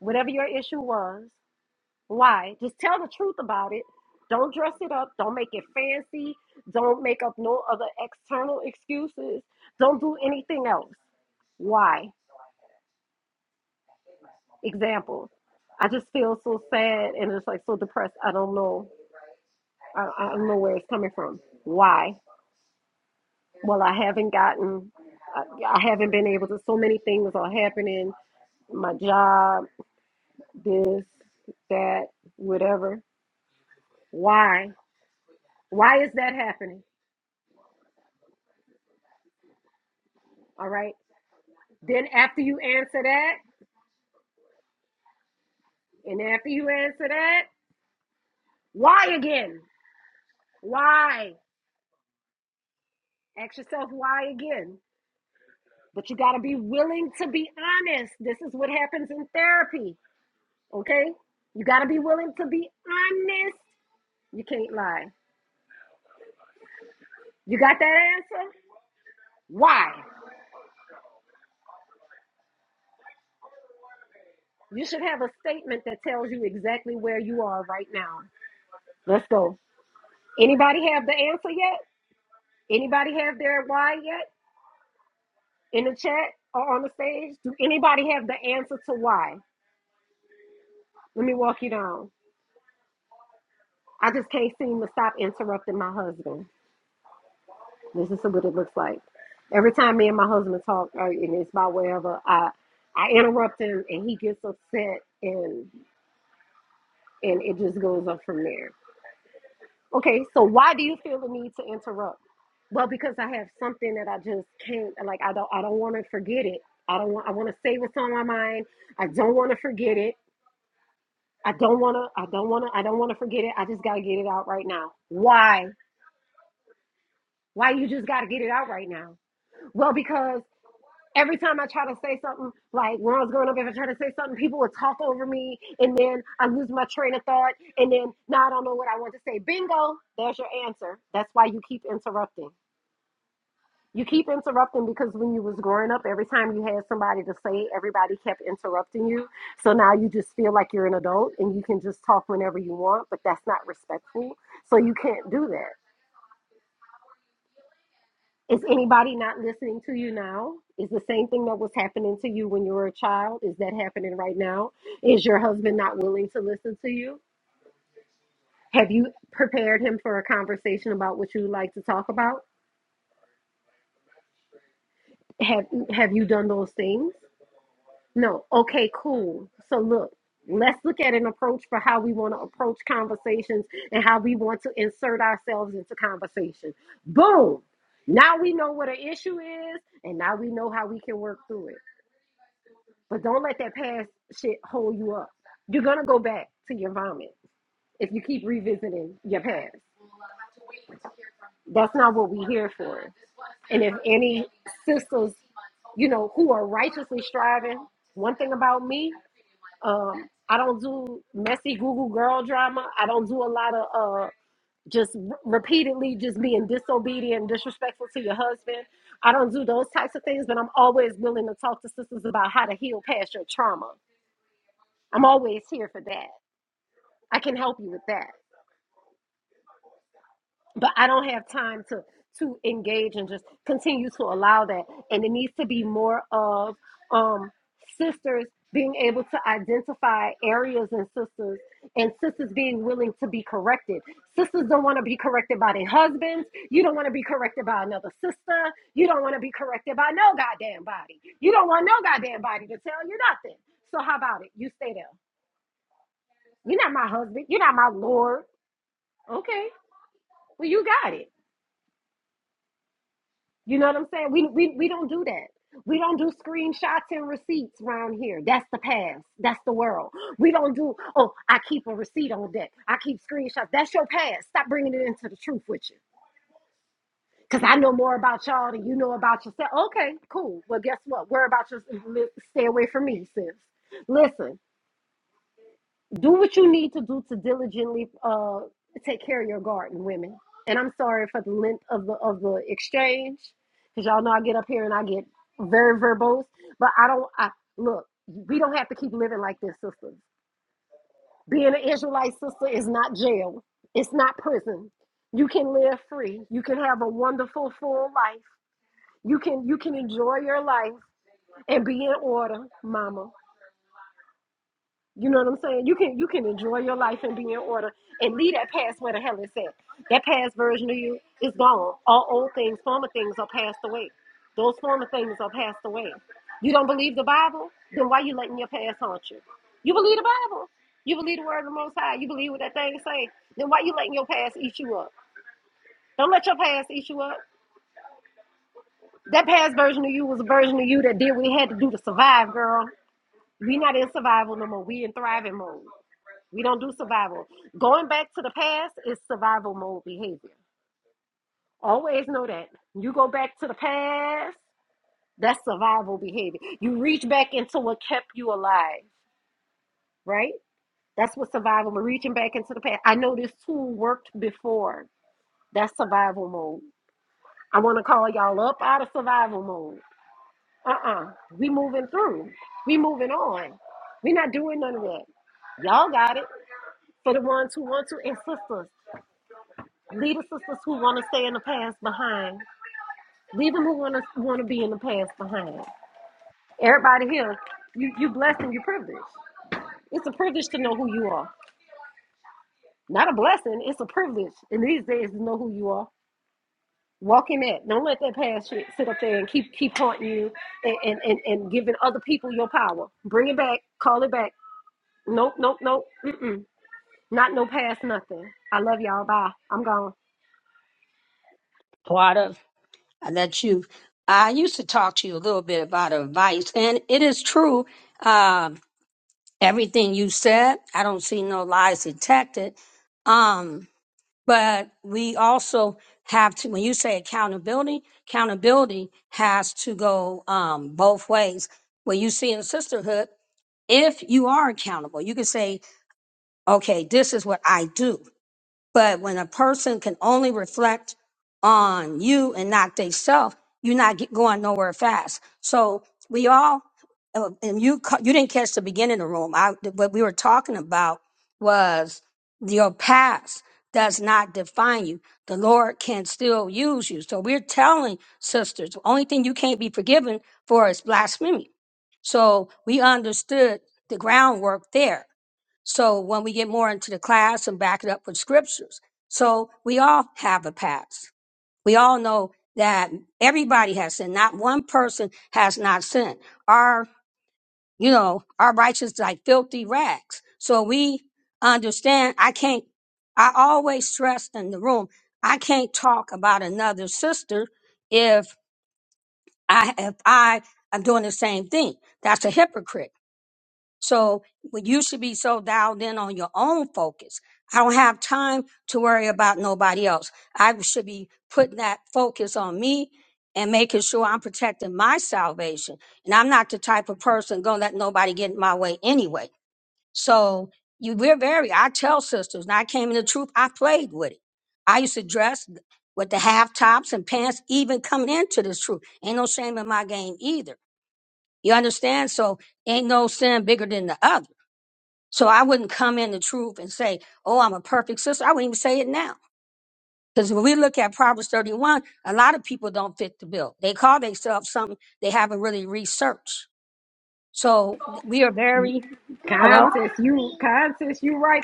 [SPEAKER 7] whatever your issue was, why, just tell the truth about it. Don't dress it up. Don't make it fancy. Don't make up no other external excuses. Don't do anything else. Why? Example. I just feel so sad and just like so depressed. I don't know. I, I don't know where it's coming from. Why? Well, I haven't gotten, I, I haven't been able to. So many things are happening. My job, this, that, whatever. Why? Why is that happening? All right. Then after you answer that, and after you answer that, why again? Why? Ask yourself why again. But you got to be willing to be honest. This is what happens in therapy. Okay. You got to be willing to be honest. You can't lie. You got that answer? Why? You should have a statement that tells you exactly where you are right now. Let's go. Anybody have the answer yet? Anybody have their why yet? In the chat or on the stage? Do anybody have the answer to why? Let me walk you down. I just can't seem to stop interrupting my husband. This is what it looks like. Every time me and my husband talk, uh, and it's about wherever, I I interrupt him and he gets upset and and it just goes up from there. Okay, so why do you feel the need to interrupt? Well, because I have something that I just can't like I don't I don't want to forget it. I don't want I want to say what's on my mind. I don't want to forget it. I don't want to I don't want to I don't want to forget it. I just got to get it out right now. Why? Why you just got to get it out right now? Well, because every time I try to say something, like when I was growing up, if I try to say something, people would talk over me, and then I lose my train of thought, and then now I don't know what I want to say. Bingo, there's your answer. That's why you keep interrupting. You keep interrupting because when you was growing up, every time you had somebody to say it, everybody kept interrupting you. So now you just feel like you're an adult and you can just talk whenever you want, but that's not respectful. So you can't do that. Is anybody not listening to you now? Is the same thing that was happening to you when you were a child? Is that happening right now? Is your husband not willing to listen to you? Have you prepared him for a conversation about what you would like to talk about? Have have you done those things? No. Okay, cool. So look, let's look at an approach for how we want to approach conversations and how we want to insert ourselves into conversation. Boom. Now we know what an issue is and now we know how we can work through it. But don't let that past shit hold you up. You're going to go back to your vomit if you keep revisiting your past. That's not what we're here for. And if any sisters, you know, who are righteously striving, one thing about me Um, I don't do messy Google girl drama. I don't do a lot of uh, just r- repeatedly just being disobedient, disrespectful to your husband. I don't do those types of things, but I'm always willing to talk to sisters about how to heal past your trauma. I'm always here for that. I can help you with that. but I don't have time to to engage and just continue to allow that. And it needs to be more of um, sisters being able to identify areas in sisters and sisters being willing to be corrected. Sisters don't want to be corrected by their husbands. You don't want to be corrected by another sister. You don't want to be corrected by no goddamn body. You don't want no goddamn body to tell you nothing. So how about it? You stay there. You're not my husband. You're not my lord. Okay. Well, you got it. You know what I'm saying? We, we we don't do that. We don't do screenshots and receipts around here. That's the past. That's the world. We don't do. Oh, I keep a receipt on deck. I keep screenshots. That's your past. Stop bringing it into the truth with you. Cause I know more about y'all than you know about yourself. Okay, cool. Well, guess what? Worry about your. Stay away from me, sis. Listen do what you need to do to diligently uh, take care of your garden, women. And I'm sorry for the length of the of the exchange, because y'all know I get up here and I get very verbose. But I don't. I look. We don't have to keep living like this, sisters. Being an Israelite sister is not jail. It's not prison. You can live free. You can have a wonderful, full life. You can you can enjoy your life and be in order, Mama. You know what I'm saying? You can you can enjoy your life and be in order and leave that past where the hell it's at. That past version of you is gone. All old things, former things are passed away. Those former things are passed away. You don't believe the Bible? Then why you letting your past haunt you? You believe the Bible? You believe the word of the Most High? You believe what that thing say? Then why you letting your past eat you up? Don't let your past eat you up. That past version of you was a version of you that did what it had to do to survive, girl. We not in survival no more. We in thriving mode. We don't do survival. Going back to the past is survival mode behavior. Always know that. You go back to the past, that's survival behavior. You reach back into what kept you alive, right? That's what survival We're reaching back into the past. I know this tool worked before. That's survival mode. I want to call y'all up out of survival mode. Uh-uh. We moving through. We moving on. We not doing none of that. Y'all got it. For the ones who want to, and sisters, Leave the sisters who want to stay in the past behind. Leave them who want to want to be in the past behind. Everybody here, you you blessed and you privileged. It's a privilege to know who you are. Not a blessing. It's a privilege in these days to know who you are. Walk in that. Don't let that past shit sit up there and keep keep haunting you and and and, and giving other people your power. Bring it back. Call it back. Nope, nope, nope. Mm-mm. Not no past nothing. I love y'all. Bye. I'm gone.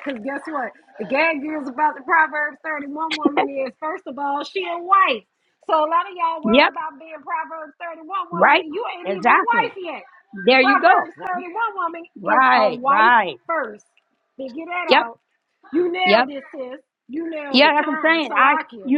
[SPEAKER 7] right, because guess what? The gag is about the Proverbs 31 woman is, first of all, she a wife. So a lot of y'all worry about being Proverbs 31 woman and you ain't even a wife yet. The Proverbs 31 woman is a wife first. Figure that out. You nailed it, sis. You nailed it. Kind. Salakia.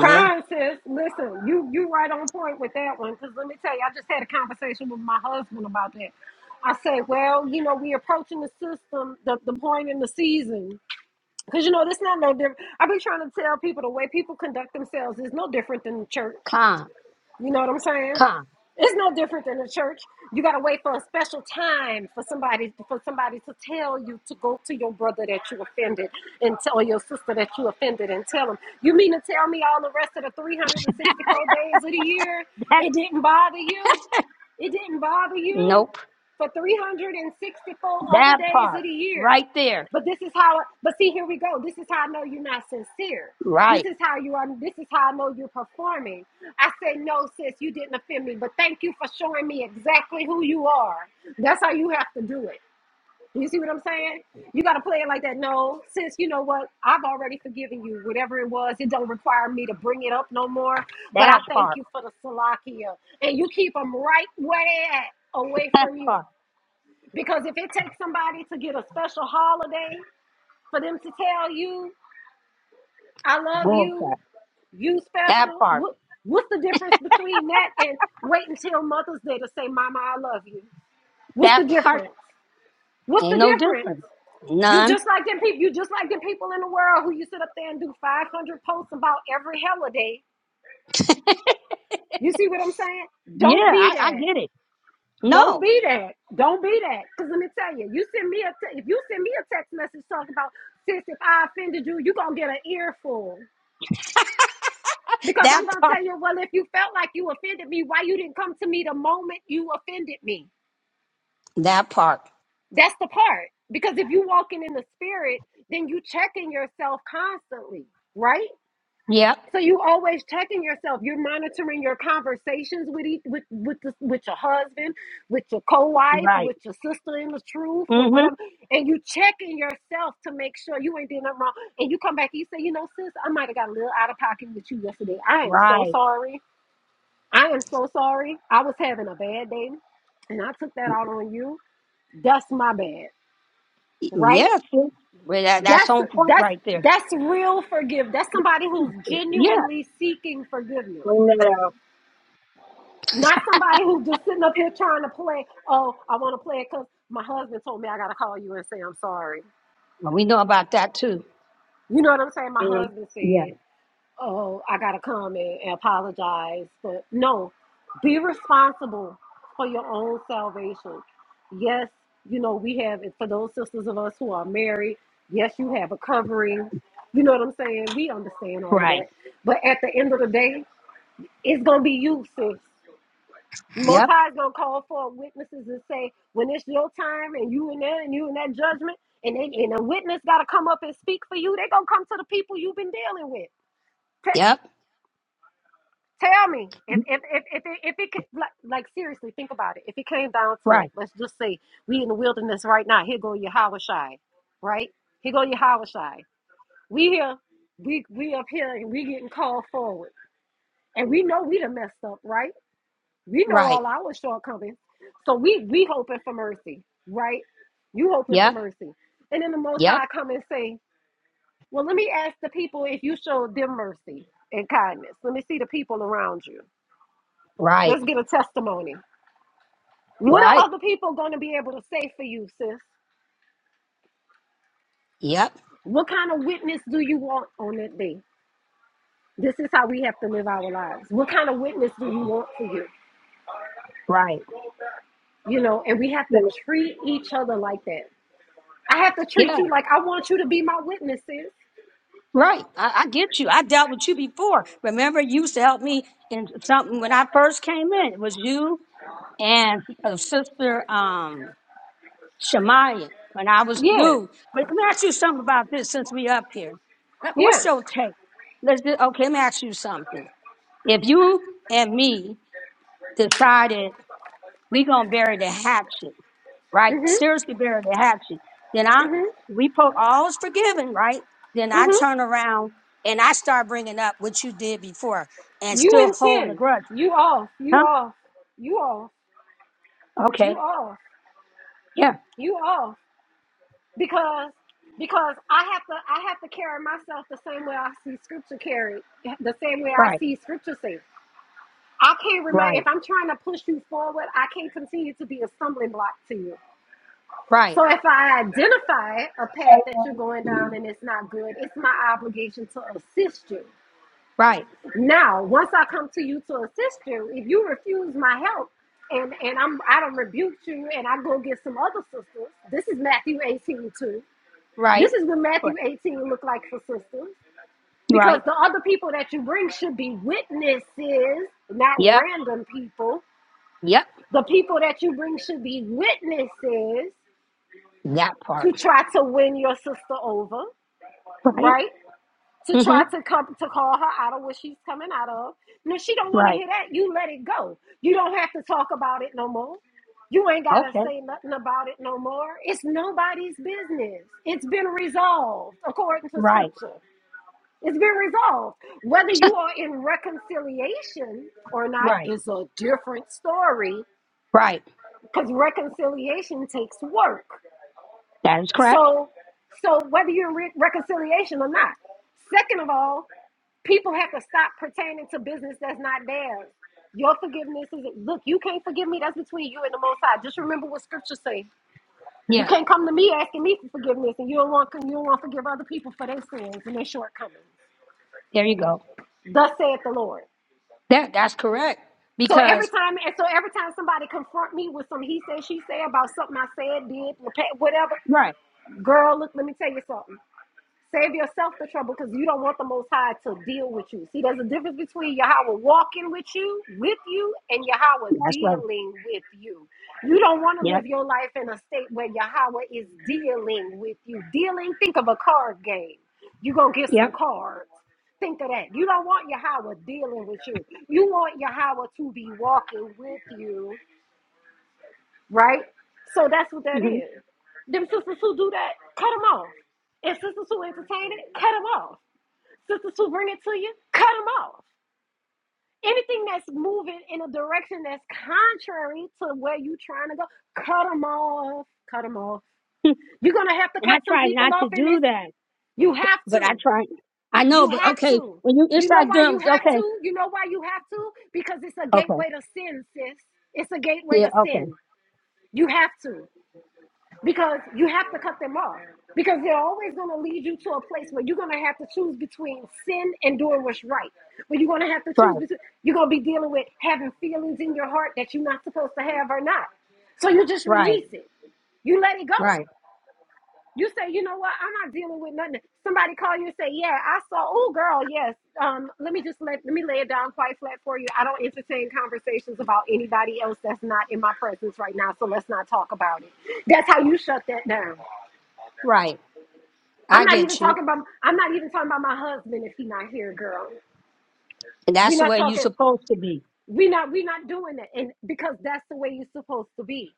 [SPEAKER 7] Fine, sis. Listen, you you right on point with that one. Cause let me tell you, I just had a conversation with my husband about that. I said, well, you know, we approaching the system, the, the point in the season. Cause you know, this not no different. I be trying to tell people the way people conduct themselves is no different than the church. You know what I'm saying? It's no different than the church. You gotta wait for a special time for somebody for somebody to tell you to go to your brother that you offended and tell your sister that you offended and tell them. You mean to tell me all the rest of the 364 days of the year it didn't bother you? It didn't bother you for 364 other days of the year. But this is how. But see, here we go. This is how I know you're not sincere. This is how you are. This is how I know you're performing. I said, no, sis, you didn't offend me, but thank you for showing me exactly who you are. That's how you have to do it. You see what I'm saying? You got to play it like that. No, sis, you know what? I've already forgiven you. Whatever it was, it don't require me to bring it up no more. But I thank you for the salakia, and you keep them right way at, away from you. Because if it takes somebody to get a special holiday for them to tell you I love you, you special. What what's the difference between that and wait until Mother's Day to say, Mama, I love you? What's the difference? What's the difference? You just like them people. You just like them people in the world who you sit up there and do 500 posts about every holiday. You see what I'm saying? Don't be that. Don't be that. Don't be that. Cause let me tell you, you send me a te- if you send me a text message talking about sis, if I offended you, you gonna get an earful. Because I'm going to tell you, well, if you felt like you offended me, why you didn't come to me the moment you offended me? That's the part. Because if you walking in the spirit, then you checking yourself constantly, right? So you always checking yourself. You're monitoring your conversations with each, with with the, with your husband, with your co-wife, with your sister in the truth, with whatever, and you checking yourself to make sure you ain't doing nothing wrong. And you come back and you say, you know, sis, I might have got a little out of pocket with you yesterday. I am so sorry I am so sorry. I was having a bad day and I took that out on you. That's my bad. Right? That's that's that's real forgive. That's somebody who's genuinely seeking forgiveness.
[SPEAKER 3] Bring that
[SPEAKER 7] Not somebody who's just sitting up here trying to play, oh, I want to play it because my husband told me I gotta call you and say I'm sorry. You know what I'm saying? My
[SPEAKER 3] out.
[SPEAKER 7] husband said. oh, I gotta come and, and apologize. But no, be responsible for your own salvation. Yes, you know, we have it for those sisters of us who are married. Yes, you have a covering. You know what I'm saying? We understand all of that. But at the end of the day, it's gonna be you, sis. Most High is gonna call for witnesses and say, when it's your time and you in there and you in that judgment, and they, and a witness gotta come up and speak for you, they gonna come to the people you've been dealing with. Tell me if if if if it, if it could, like, like seriously think about it. If it came down to it, let's just say we in the wilderness right now. Here go Yahweh Shai, right? Here go Yahweh Shai. We here, we we up here, and we getting called forward, and we know we done messed up, right? We know all our shortcomings, so we we hoping for mercy, right? You hoping for mercy, and then the Most High come and say, "Well, let me ask the people if you showed them mercy and kindness. Let me see the people around you." Let's get a testimony. What are other people going to be able to say for you, sis? What kind of witness do you want on that day? This is how we have to live our lives. What kind of witness do you want for you? You know, and we have to
[SPEAKER 3] Mm,
[SPEAKER 7] treat each other like that. I have to treat you like I want you to be my witness, sis. Yeah, yeah. Mhm, mhm, mhm. You in sin. You off. You off. You off. You off. You off. because because I have to I have to carry myself the same way I see scripture carried, the same way I see scripture say. I can't remind if I'm trying to push you forward, I can't continue to be a stumbling block to you. So if I identify a
[SPEAKER 8] Hey,
[SPEAKER 7] path that you're going down and it's not good, it's my obligation to assist you. Now, once I come to you to assist you, if you refuse my help and and I'm I don't rebuke you and I go get some other sisters, this is Matthew 18 2. This is what Matthew 18 look like for sisters. Because the other people that you bring should be witnesses, not random people. The people that you bring should be witnesses to try to win your sister over, right? To try to come to call her out of what she's coming out of. And if she don't want to hear that, you let it go. You don't have to talk about it no more. You ain't gotta say nothing about it no more. It's nobody's business. It's been resolved according to scripture. It's been resolved. Whether you are in reconciliation or not is a different story because reconciliation takes work. So, so whether you're in re- reconciliation or not. Second of all, people have to stop pertaining to business that's not theirs. Your forgiveness is look, you can't forgive me, that's between you and the most high. Just remember what scripture says. You can't come to me asking me for forgiveness and you don't want you don't want to forgive other people for their sins and their shortcomings. Thus saith the Lord. So every time, and so every time somebody confront me with some he said, she said about something I said, did, whatever, girl, look, let me tell you something. Save yourself the trouble because you don't want the Most High to deal with you. See, there's a difference between Yahweh walking with you, with you, and Yahweh dealing with you. You don't want to live your life in a state where Yahweh is dealing with you. Dealing, think of a card game. You're going to get some cards. Think of that. You don't want Yahweh dealing with you. You want Yahweh to be walking with you, right? So that's what that is. Them sisters who do that, cut them off. And sisters who entertain it, cut them off. Sister Sue, bring it to you. Cut them off. Anything that's moving in a direction that's contrary to where you are trying to go, cut them off. Cut them off. You're gonna have to cut some people off in this. You have to. You have to. You know why you have to? You know why you have to? Because it's a gateway to sin, sis. It's a gateway to sin. You have to. because you have to cut them off because they're always going to lead you to a place where you're going to have to choose between sin and doing what's right where you're going to have to choose between you're going to be dealing with having feelings in your heart that you're not supposed to have or not so you just release it you let it go you say, you know what? I'm not dealing with nothing. Somebody call you and say, yeah, I saw. Oh, girl, yes. Um, let me just let let me lay it down quite flat for you. I don't entertain conversations about anybody else that's not in my presence right now. So let's not talk about it. That's how you shut that down. I'm not even talking about. I'm not even talking about my husband if he's not here, girl. We're not talking. We not we not doing that, and because that's the way you're supposed to be.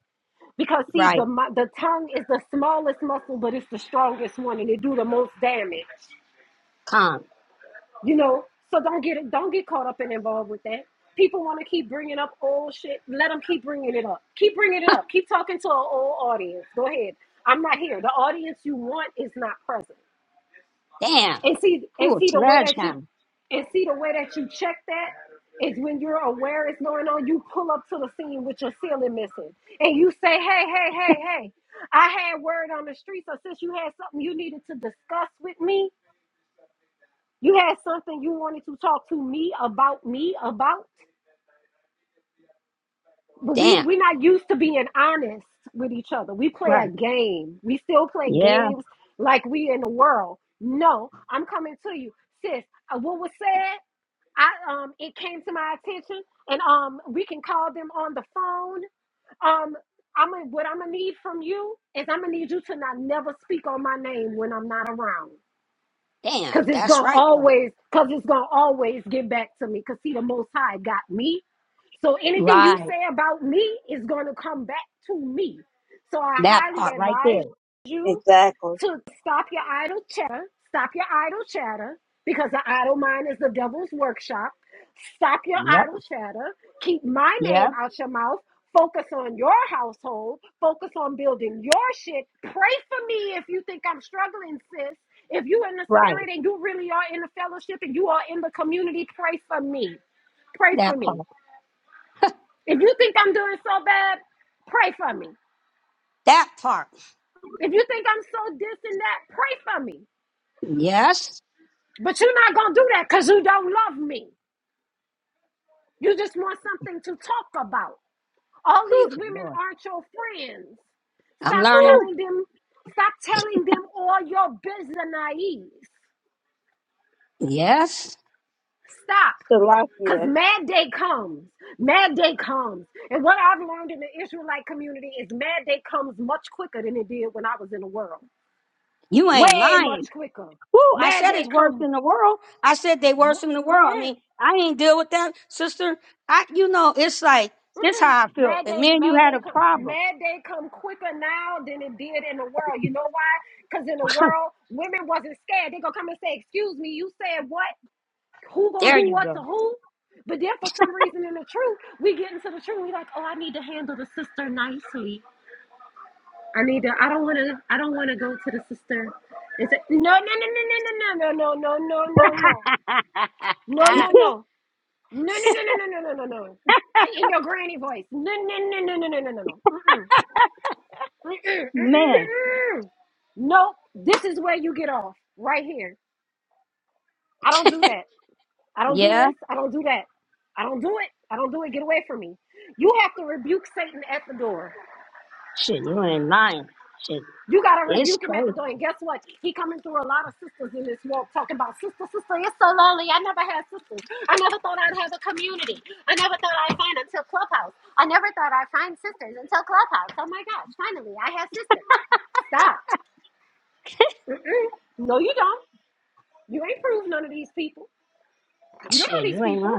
[SPEAKER 7] Because see, the mu- the tongue is the smallest muscle, but it's the strongest one, and it do the most damage. you know so don't get it. don't get caught up and involved with that people want to keep bringing up old shit let them keep bringing it up keep bringing it up keep talking to an old audience go ahead i'm not here the audience you want is not present and see and see the way that you and see the way that you check that is when you're aware it's going on you pull up to the scene with your ceiling missing and you say hey hey hey hey i had word on the street so since you had something you needed to discuss with me you had something you wanted to talk to me about me about, but we we're not used to being honest with each other. We play a game. We still play games like we in the world. No, I'm coming to you, sis. uh, What was said? I um, it came to my attention, and um, we can call them on the phone. Um, I'm gonna what I'm gonna need from you is I'm gonna need you to not never speak on my name when I'm not around. Cause it's gonna always, cause it's gonna always get back to me. Cause see, the Most High got me. So anything you say about me is gonna come back to me. So I highly advise you
[SPEAKER 3] Exactly.
[SPEAKER 7] to stop your idle chatter, stop your idle chatter, because the idle mind is the devil's workshop. Stop your idle chatter. Keep my name out your mouth. Focus on your household. Focus on building your shit. Pray for me if you think I'm struggling, sis. If you in the spirit and you really are in the fellowship and you are in the community, pray for me. Pray for me. If you think I'm doing so bad, pray for me. If you think I'm so this and that, pray for me. But you're not gonna do that because you don't love me. You just want something to talk about. All these women aren't your friends. Stop telling them, stop telling them all your business. Stop. Cause
[SPEAKER 3] Slovakia.
[SPEAKER 7] mad day comes. Mad day comes. And what I've learned in the Israelite community is mad day comes much quicker than it did when I was in the world. Way much quicker. Mad day come. Mm-mm. mm mm mm This is where you get off. Right here. I don't do that. I don't do this. I don't do that. I don't do it. I don't do it. Get away from me. You have to rebuke Satan at the door. You gotta rebuke him at the door. And guess what? He coming through a lot of sisters in this walk talking about sister, sister, it's so lonely. I never had sisters. I never thought I'd have a community. I never thought I'd find until Clubhouse. I never thought I'd find sisters until Clubhouse. Oh my gosh, finally I have sisters. Stop. Mm-mm. No, you don't. You ain't proved none of these people. You don't know these people.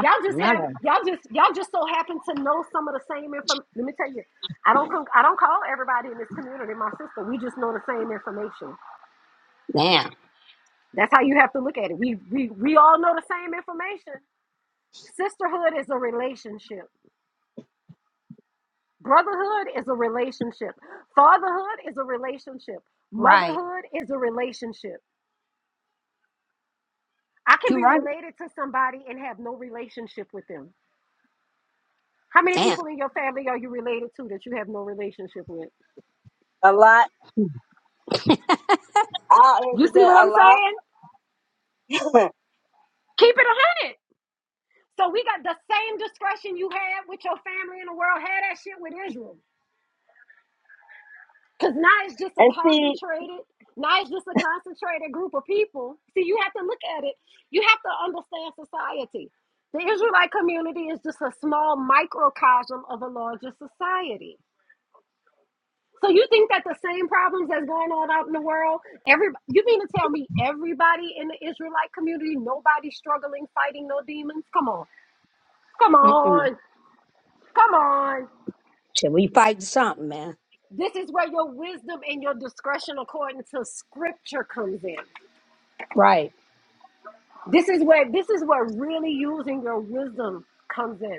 [SPEAKER 7] Y'all just have y'all just y'all just so happen to know some of the same information. Let me tell you, I don't con- I don't call everybody in this community my sister. We just know the same information. That's how you have to look at it. We we we all know the same information. Sisterhood is a relationship. Brotherhood is a relationship. Fatherhood is a relationship. Motherhood is a relationship. I can be related to somebody and have no relationship with them. How many people in your family are you related to that you have no relationship with?
[SPEAKER 3] A lot. I'll
[SPEAKER 7] You
[SPEAKER 3] answer
[SPEAKER 7] see
[SPEAKER 3] that
[SPEAKER 7] what
[SPEAKER 3] a
[SPEAKER 7] I'm
[SPEAKER 3] lot.
[SPEAKER 7] saying? Keep it a hundred. So we got the same discretion you had with your family in the world. Had that shit with Israel, because now it's just a
[SPEAKER 3] and see,
[SPEAKER 7] concentrated. Now it's just a concentrated group of people. See, you have to look at it. You have to understand society. The Israelite community is just a small microcosm of a larger society. So you think that the same problems that's going on out in the world, every you mean to tell me everybody in the Israelite community, nobody struggling, fighting no demons? Come on, come on, come on. This is where your wisdom and your discretion according to scripture comes in. This is where this is where really using your wisdom comes in.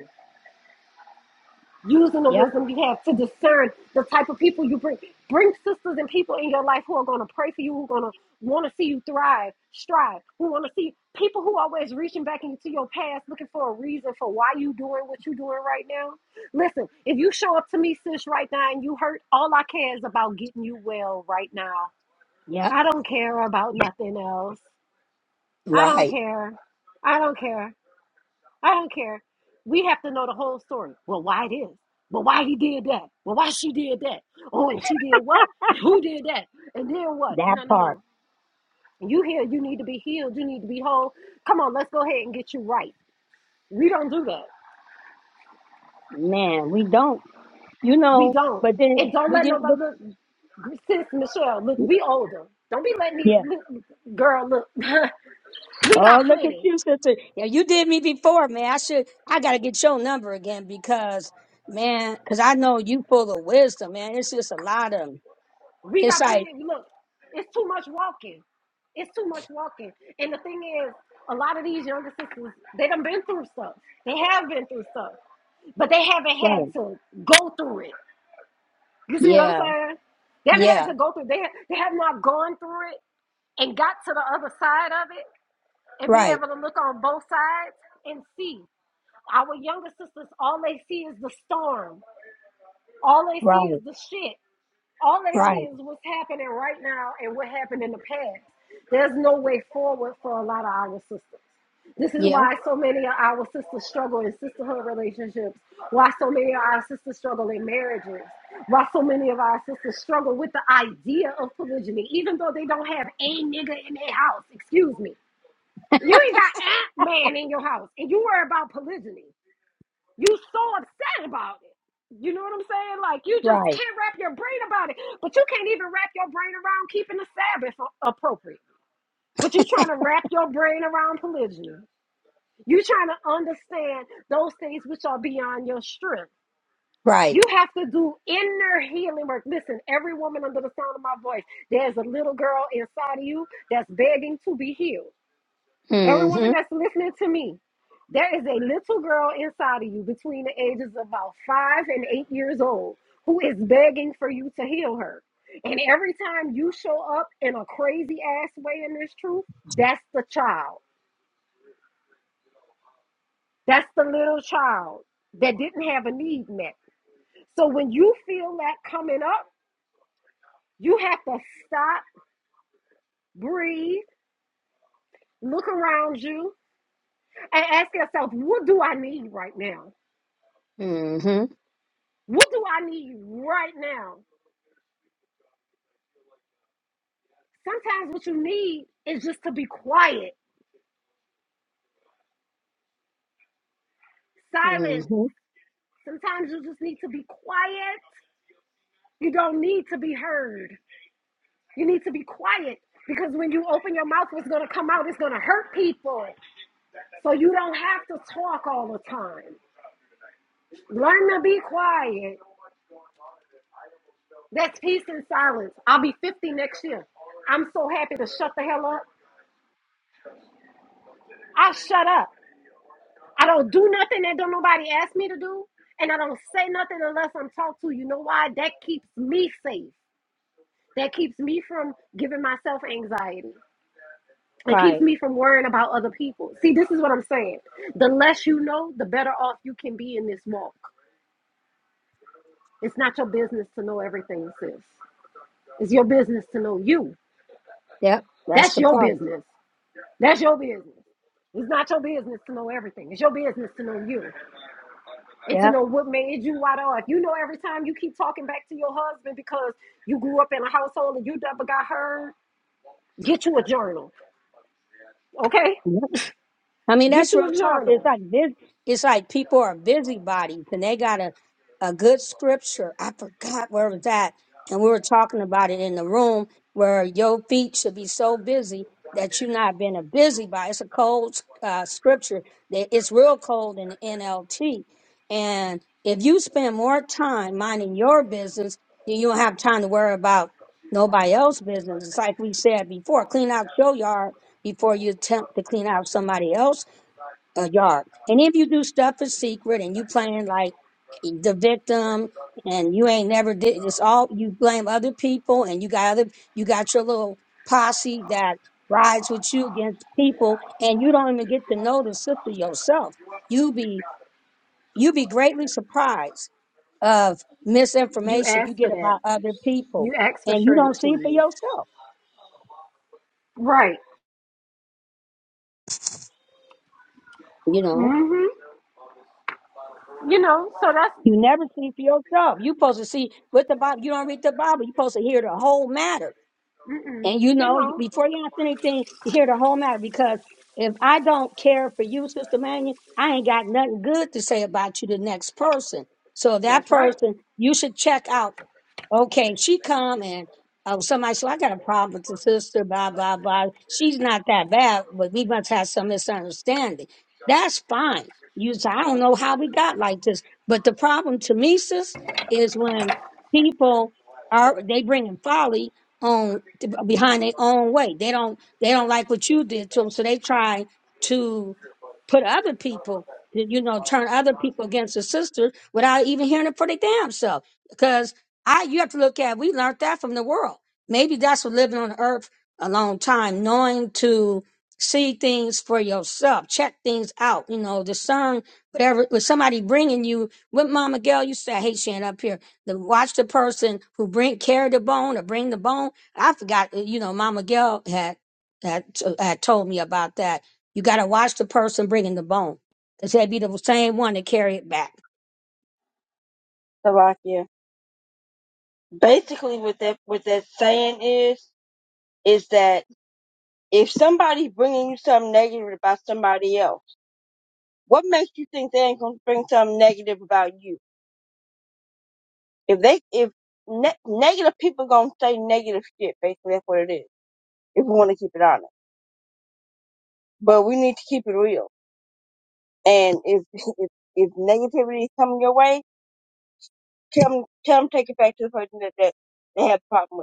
[SPEAKER 7] using the wisdom you have to discern the type of people you bring. Bring sisters and people in your life who are going to pray for you, who are going to want to see you thrive, strive, who want to see people who are always reaching back into your past looking for a reason for why you doing what you doing right now. Listen, if you show up to me, sis, right now and you hurt, all I care is about getting you well right now. I don't care about nothing else. I don't care. I don't care. I don't care. We have to know the whole story. Well, why this? Well, why he did that? Well, why she did that? Oh, and she did what? Who did that? And then what? No, no, no. You here, you need to be healed. You need to be whole. Come on, let's go ahead and get you right. We don't do that. We don't. And don't let nobody look, sis Michelle, look, we older. Don't be letting these look, girl look. we got plenty. We got plenty. Look, it's too much walking. It's too much walking. And the thing is, a lot of these younger sisters, they done been through stuff. They have been through stuff, but they haven't had to go through it. You see what I'm saying? They haven't had to go through. They they have not gone through it and got to the other side of it and be able to look on both sides and see. Our younger sisters, all they see is the storm. All they see is the shit all they see is what's happening right now and what happened in the past. There's no way forward for a lot of our sisters. This is why so many of our sisters struggle in sisterhood relationships, why so many of our sisters struggle in marriages, why so many of our sisters struggle with the idea of polygyny, even though they don't have a nigga in their house. Excuse me. You ain't got a man in your house, and you worry about polygyny. You so upset about it. You know what I'm saying? Like you just can't wrap your brain about it, but you can't even wrap your brain around keeping the Sabbath a- appropriate. But you trying to wrap your brain around polygyny. You trying to understand those things which are beyond your strength. You have to do inner healing work. Listen, every woman under the sound of my voice, there's a little girl inside of you that's begging to be healed. Every woman that's listening to me, there is a little girl inside of you between the ages of about five and eight years old who is begging for you to heal her. And every time you show up in a crazy ass way in this truth, that's the child. That's the little child that didn't have a need met. So when you feel that coming up, you have to stop, breathe, look around you, and ask yourself, what do I need right now? What do I need right now? Sometimes what you need is just to be quiet, silent. Sometimes you just need to be quiet. You don't need to be heard. You need to be quiet because when you open your mouth, what's going to come out is going to hurt people. So you don't have to talk all the time. Learn to be quiet. That's peace and silence. I'll be 50 next year. I'm so happy to shut the hell up. I shut up. I don't do nothing that don't nobody ask me to do, and I don't say nothing unless I'm talked to. You know why? That keeps me safe. That keeps me from giving myself anxiety. It keeps me from worrying about other people. See, this is what I'm saying. The less you know, the better off you can be in this walk. It's not your business to know everything, sis. It's your business to know you. That's your business. That's your business. It's not your business to know everything. It's your business to know you. and to know what made you wide off. You know, every time you keep talking back to your husband because you grew up in a household and you never got heard, get you a journal, okay? Get you a journal. You asked for that. You asked for shredded cheese, right? Mm-hmm. You know, so that's mm-mm, you know, that's right.
[SPEAKER 3] Slovakia. Basically, what that what that saying is is that if somebody bringing you something negative about somebody else, what makes you think they ain't gonna bring something negative about you? If they if ne- negative people gonna say negative shit, basically that's what it is. If we want to keep it honest, but we need to keep it real. And if if if negativity is coming your way, tell them, tell them take it back to the person that that they have a problem with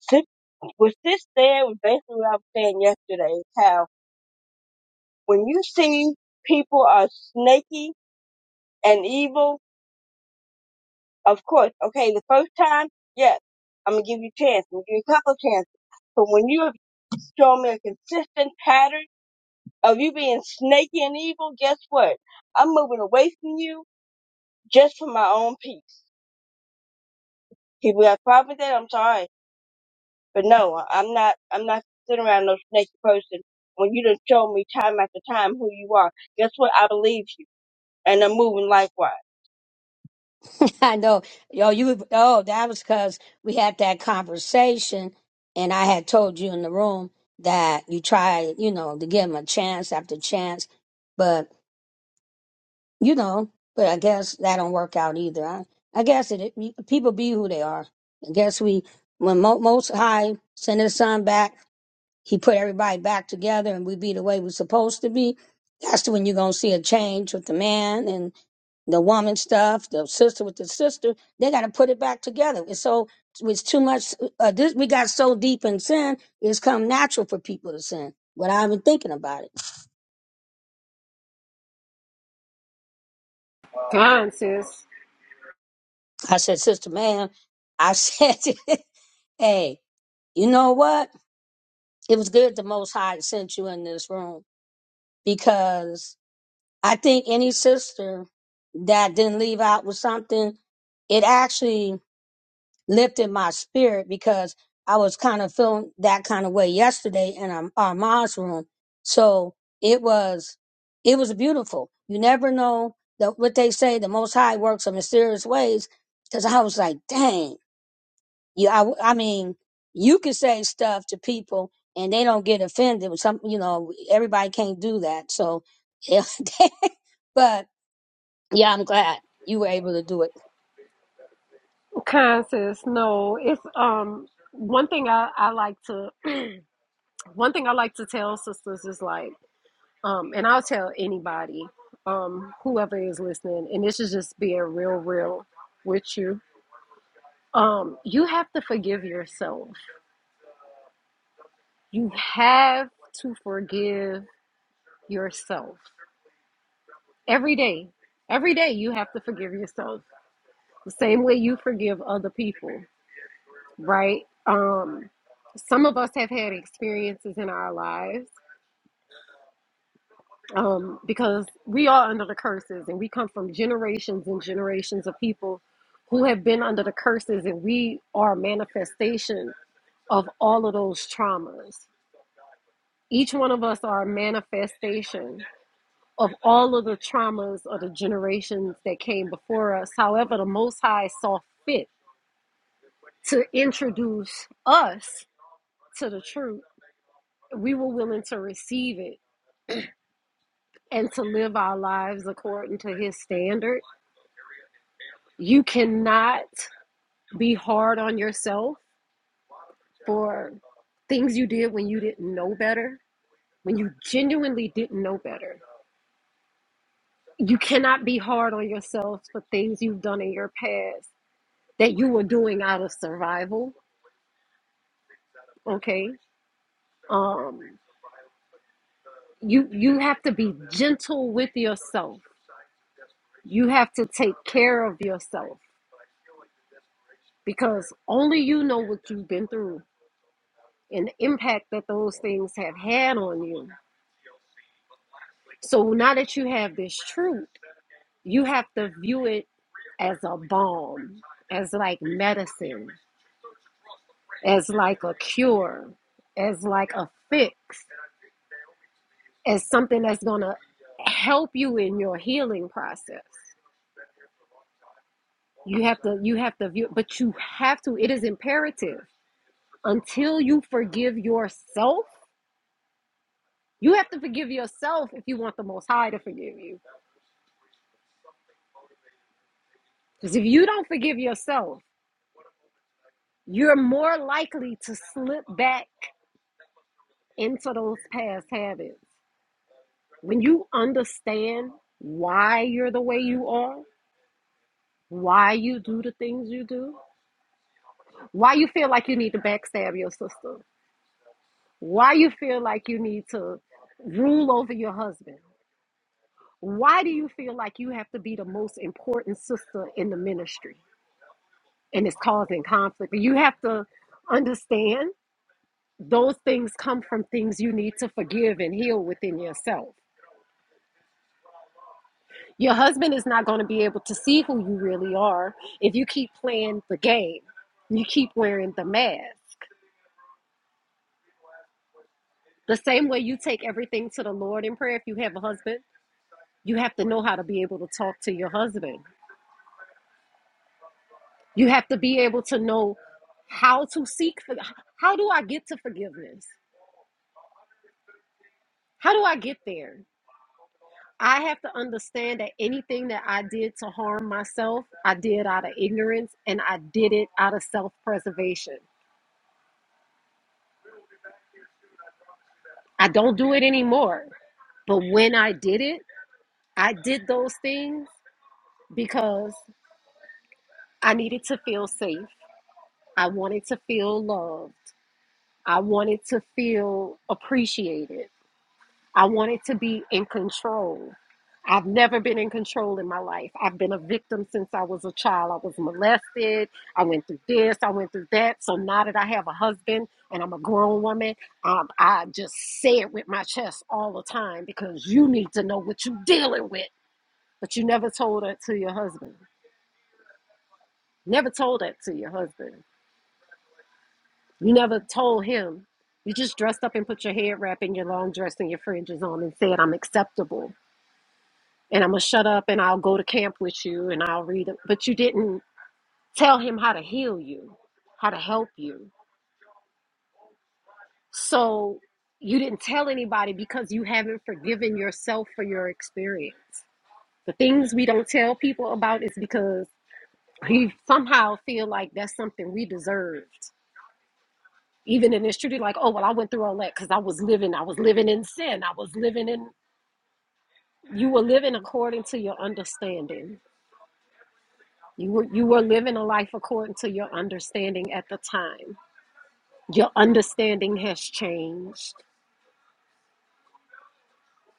[SPEAKER 3] sit what this there? was basically what I was saying yesterday is how when you see people are snaky and evil, of course, okay, the first time, yes, I'm gonna give you a chance, I'm gonna give you a couple of chances. But when you have shown me a consistent pattern of you being snaky and evil, guess what? I'm moving away from you just for my own peace. People have a problem with that, I'm sorry. But no, I- am not. I'm not sitting around no snaky person. When you done show me time after time who you are, guess what? I believe you, and I'm moving likewise.
[SPEAKER 7] Kind sis, kind sis. No, it's um one thing I I like to one thing I like to tell sisters is like. Um, and I'll tell anybody, um, whoever is listening, and this is just being real, real with you. Um, you have to forgive yourself. You have to forgive yourself every day. Every day you have to forgive yourself the same way you forgive other people, right? Um, some of us have had experiences in our lives um, because we are under the curses and we come from generations and generations of people who have been under the curses and we are a manifestation of all of those traumas each one of us are a manifestation of all of the traumas of the generations that came before us however the most high saw fit to introduce us to the truth we were willing to receive it and to live our lives according to his standard you cannot be hard on yourself for things you did when you didn't know better, when you genuinely didn't know better. You cannot be hard on yourself for things you've done in your past that you were doing out of survival, okay? Um you you have to be gentle with yourself. You have to take care of yourself because only you know what you've been through and the impact that those things have had on you. So now that you have this truth, you have to view it as a balm, as like medicine, as like a cure, as like a fix, as something that's gonna help you in your healing process. You have to you have to view but you have to, it is imperative. Until you forgive yourself, you have to forgive yourself if you want the most high to forgive you. Because if you don't forgive yourself, you're more likely to slip back into those past habits when you understand why you're the way you are, why you do the things you do, why you feel like you need to backstab your sister, why you feel like you need to rule over your husband, why do you feel like you have to be the most important sister in the ministry and it's causing conflict? But you have to understand those things come from things you need to forgive and heal within yourself. Your husband is not going to be able to see who you really are if you keep playing the game. You keep wearing the mask. The same way you take everything to the Lord in prayer, if you have a husband, you have to know how to be able to talk to your husband. You have to be able to know how to seek for how do I get to forgiveness? How do I get there? I have to understand that anything that I did to harm myself, I did out of ignorance and I did it out of self preservation. I don't do it anymore. But when I did it, I did those things because I needed to feel safe. I wanted to feel loved. I wanted to feel appreciated. I wanted to be in control. I've never been in control in my life. I've been a victim since I was a child. I was molested. I went through this. I went through that. So now that I have a husband and I'm a grown woman, um, I just say it with my chest all the time because you need to know what you're dealing with But you never told that to your husband. Never told that to your husband. You never told him. You just dressed up and put your head wrap and your long dress and your fringes on and said, I'm acceptable and I'm going to shut up and I'll go to camp with you and I'll read it. But you didn't tell him how to heal you, how to help you. So you didn't tell anybody because you haven't forgiven yourself for your experience. The things we don't tell people about is because we somehow feel like that's something we deserved even in this truth, like, oh well, I went through all that because I was living, I was living in sin. I was living in you were living according to your understanding. You were you were living a life according to your understanding at the time. Your understanding has changed.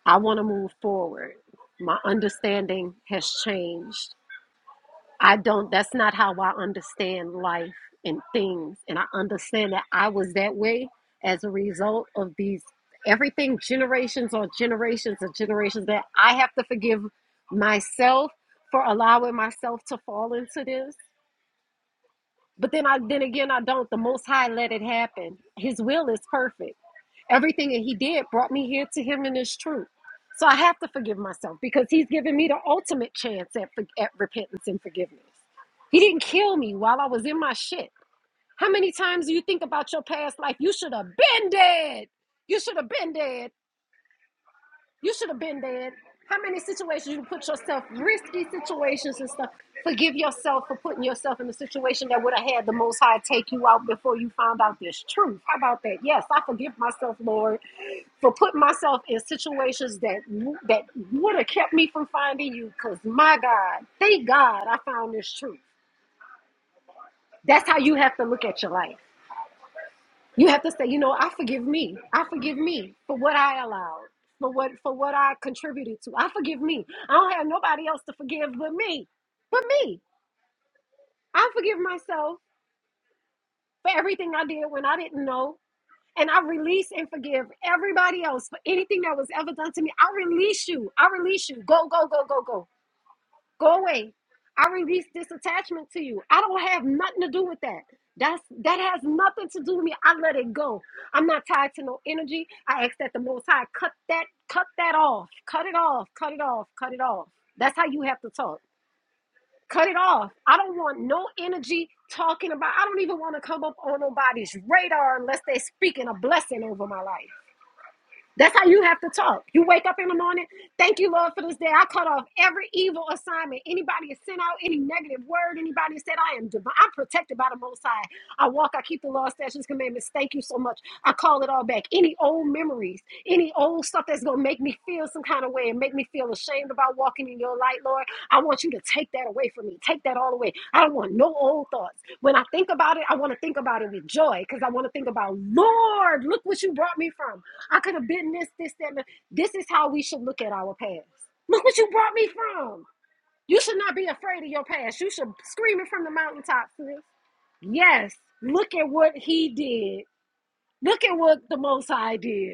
[SPEAKER 7] I want to move forward. My understanding has changed. I don't, that's not how I understand life and things. And I understand that I was that way as a result of these everything generations or generations of generations that I have to forgive myself for allowing myself to fall into this. But then I then again I don't. The most high let it happen. His will is perfect. Everything that he did brought me here to him in his truth. So I have to forgive myself because he's given me the ultimate chance at, for- at repentance and forgiveness. He didn't kill me while I was in my shit. How many times do you think about your past life? You should have been dead. You should have been dead. You should have been dead. How many situations you put yourself, risky situations and stuff. Forgive yourself for putting yourself in the situation that would have had the Most High take you out before you found out this truth. How about that? Yes, I forgive myself, Lord, for putting myself in situations that that would have kept me from finding you. Cause my God, thank God, I found this truth. That's how you have to look at your life. You have to say, you know, I forgive me. I forgive me for what I allowed, for what for what I contributed to. I forgive me. I don't have nobody else to forgive but me. But me. I forgive myself for everything I did when I didn't know. And I release and forgive everybody else for anything that was ever done to me. I release you. I release you. Go, go, go, go, go. Go away. I release this attachment to you. I don't have nothing to do with that. That's that has nothing to do with me. I let it go. I'm not tied to no energy. I ask that the most high cut that cut that off. Cut it off. Cut it off. Cut it off. That's how you have to talk. Cut it off. I don't want no energy talking about I don't even want to come up on nobody's radar unless they're speaking a blessing over my life. That's how you have to talk. You wake up in the morning, thank you, Lord, for this day. I cut off every evil assignment. Anybody has sent out any negative word, anybody has said, I am divine. I'm protected by the Most High. I walk, I keep the law, statutes, commandments. Thank you so much. I call it all back. Any old memories, any old stuff that's going to make me feel some kind of way and make me feel ashamed about walking in your light, Lord. I want you to take that away from me. Take that all away. I don't want no old thoughts. When I think about it, I want to think about it with joy because I want to think about, Lord, look what you brought me from. I could have been this, this, that. And the-" this is how we should look at our past. Look what you brought me from. You should not be afraid of your past. You should scream it from the mountaintop, sis. Yes. Look at what he did. Look at what the Most High did.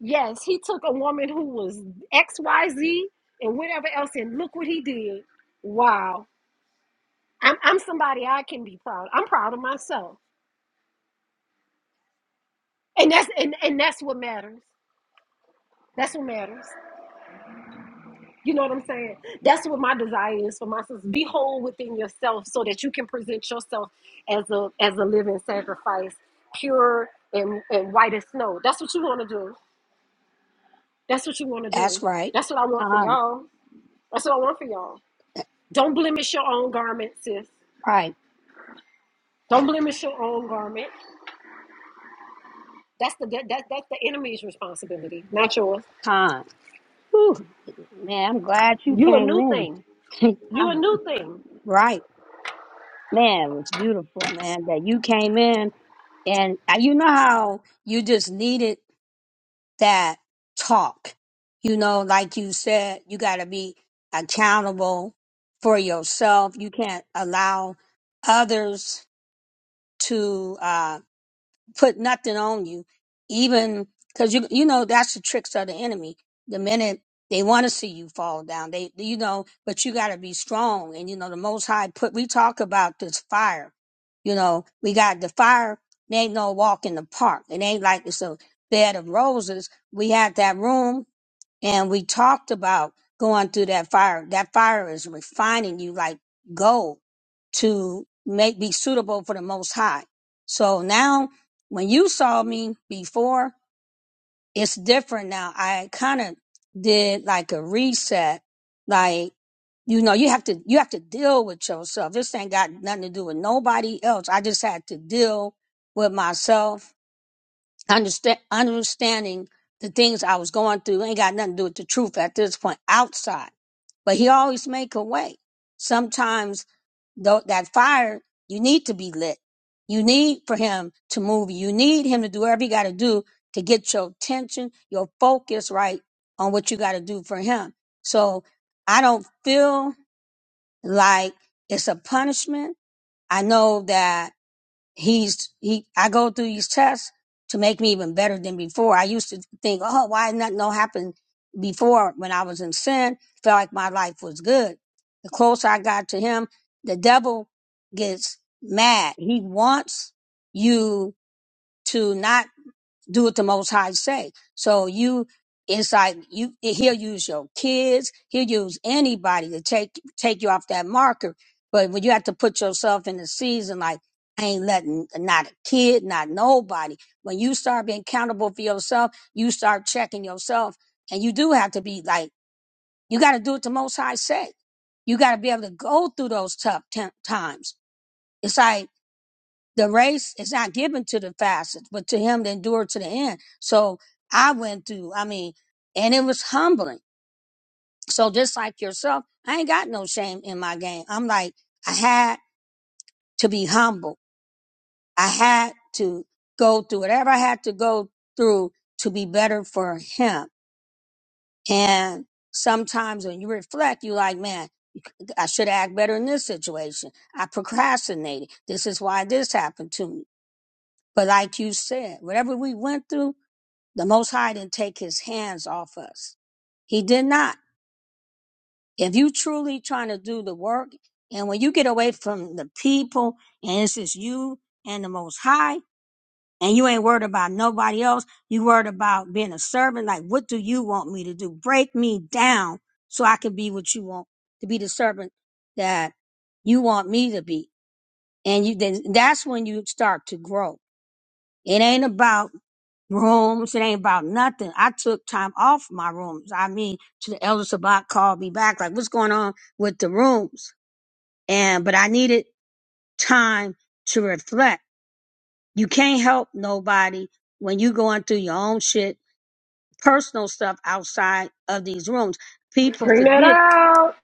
[SPEAKER 7] Yes, he took a woman who was XYZ and whatever else, and look what he did. Wow. I'm I'm somebody I can be proud. I'm proud of myself. And that's and, and that's what matters. That's what matters. You know what I'm saying? That's what my desire is for my sisters. Be whole within yourself so that you can present yourself as a as a living sacrifice, pure and, and white as snow. That's what you want to do. That's what you want to do. That's what I want for y'all. That's what I want for y'all. Don't blemish your own garment, sis. Don't blemish your own garment. That's the that, that that's the enemy's responsibility, not yours. You a new thing. You a new thing. Bring that out.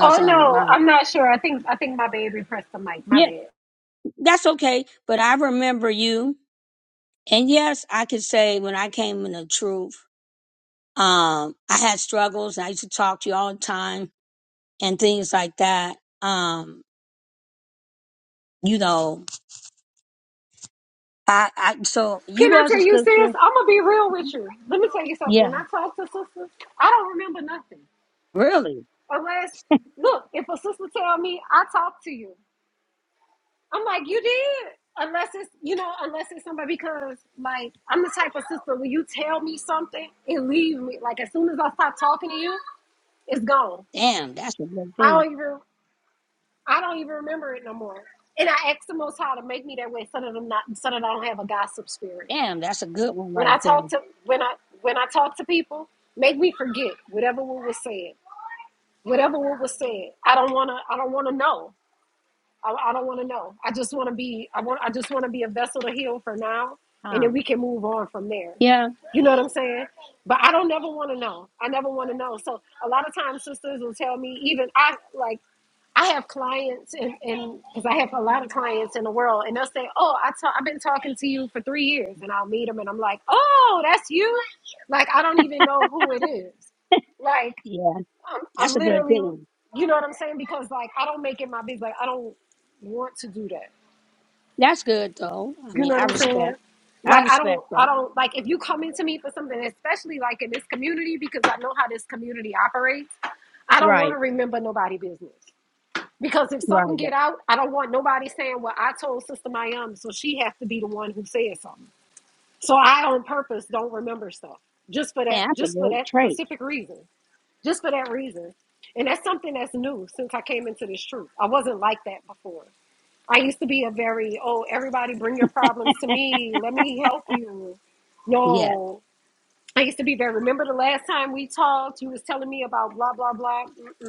[SPEAKER 7] Oh no, I'm not sure. I think I think my baby pressed the mic. My bad. Can I tell you, sis? I'm gonna be real with you. Let me tell you something. When I talk to sisters, I don't remember nothing. Unless look, if a sister tell me, I talk to you. I'm like, you did. Unless it's you know, unless it's somebody because like I'm the type of sister when you tell me something, it leaves me. Like as soon as I stop talking to you, it's gone. I don't even I don't even remember it no more. And I ask the most high to make me that way so that I'm not so that I don't have a gossip spirit. When I talk to when I when I talk to people, make me forget whatever what was said. Whatever what was said. I don't wanna I don't wanna know. I, I don't want to know. I just want to be. I want. I just want to be a vessel to heal for now, and then we can move on from there. You know what I'm saying? But I don't never want to know. I never want to know. So a lot of times, sisters will tell me. Even I like. I have clients, and because I have a lot of clients in the world, and they'll say, "Oh, I ta- I've been talking to you for three years," and I'll meet them, and I'm like, "Oh, that's you!" Like I don't even know who it is. Like I'm, I'm literally, you know what I'm saying? Because like I don't make it my business. Like I don't want to do that. You know what I'm saying? Like I don't, I don't like if you come into me for something, especially like in this community, because I know how this community operates. I don't want to remember nobody business because if something get out, I don't want nobody saying, "Well, I told Sister Mayam, so she has to be the one who said something." So I, on purpose, don't remember stuff just for that, just for that specific reason. just for that reason. And that's something that's new since I came into this truth. I wasn't like that before. I used to be a very, oh, everybody bring your problems to me. Let me help you. No. I used to be very, remember the last time we talked, you was telling me about blah, blah, blah. Mm-mm.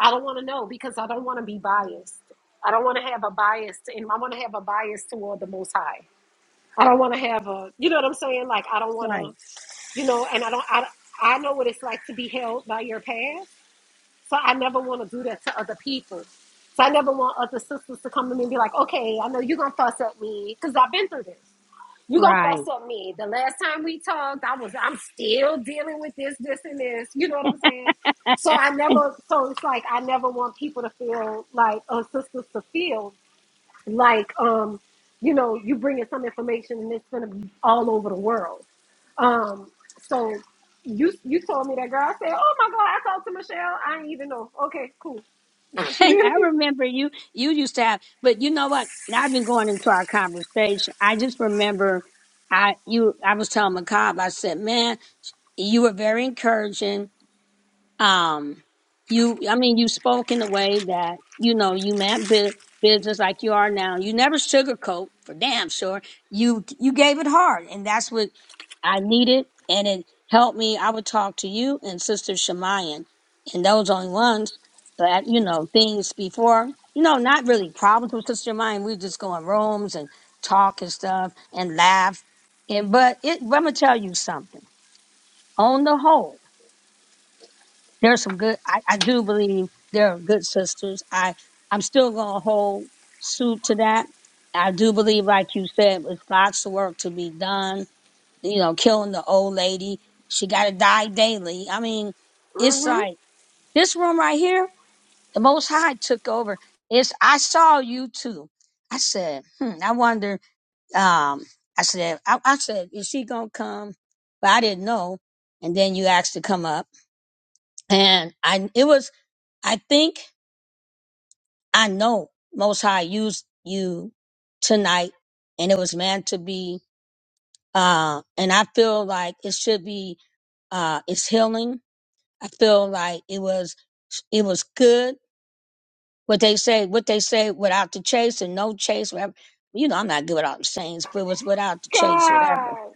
[SPEAKER 7] I don't want to know because I don't want to be biased. I don't want to have a bias. To, and I want to have a bias toward the Most High. I don't want to have a, you know what I'm saying? Like, I don't want to, you know, and I don't, I, I know what it's like to be held by your past. So I never want to do that to other people. So I never want other sisters to come to me and be like, okay, I know you're gonna fuss at me, because I've been through this. You're gonna fuss at me. The last time we talked, I was I'm still dealing with this, this, and this. You know what I'm saying? So I never so it's like I never want people to feel like or sisters to feel like um you know you bringing some information and it's gonna be all over the world um so you you told me that girl i said oh my god i talked to michelle i didn't even know okay cool hmm god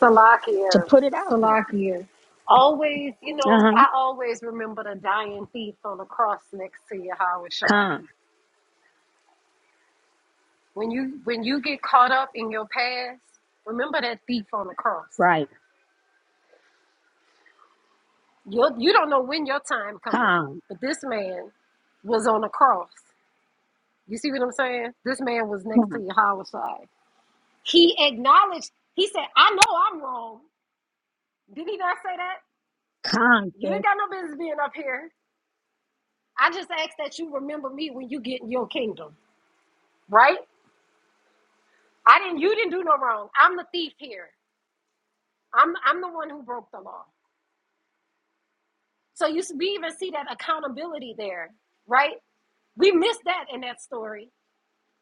[SPEAKER 7] salakia salakia always you know i always remember the dying thief on the cross next to you howard Shine. when you when you get caught up in your past remember that thief on the cross Your, you don't know when your time coming. But this man was on a cross. You see what I'm saying? This man was next to your homicide. He acknowledged, he said, I know I'm wrong. Did he not say that? You ain't got no business being up here. I just ask that you remember me when you get in your kingdom, right? I didn't you didn't do no wrong. I'm the thief here. I'm I'm the one who broke the law. So you we even see that accountability there, right? We missed that in that story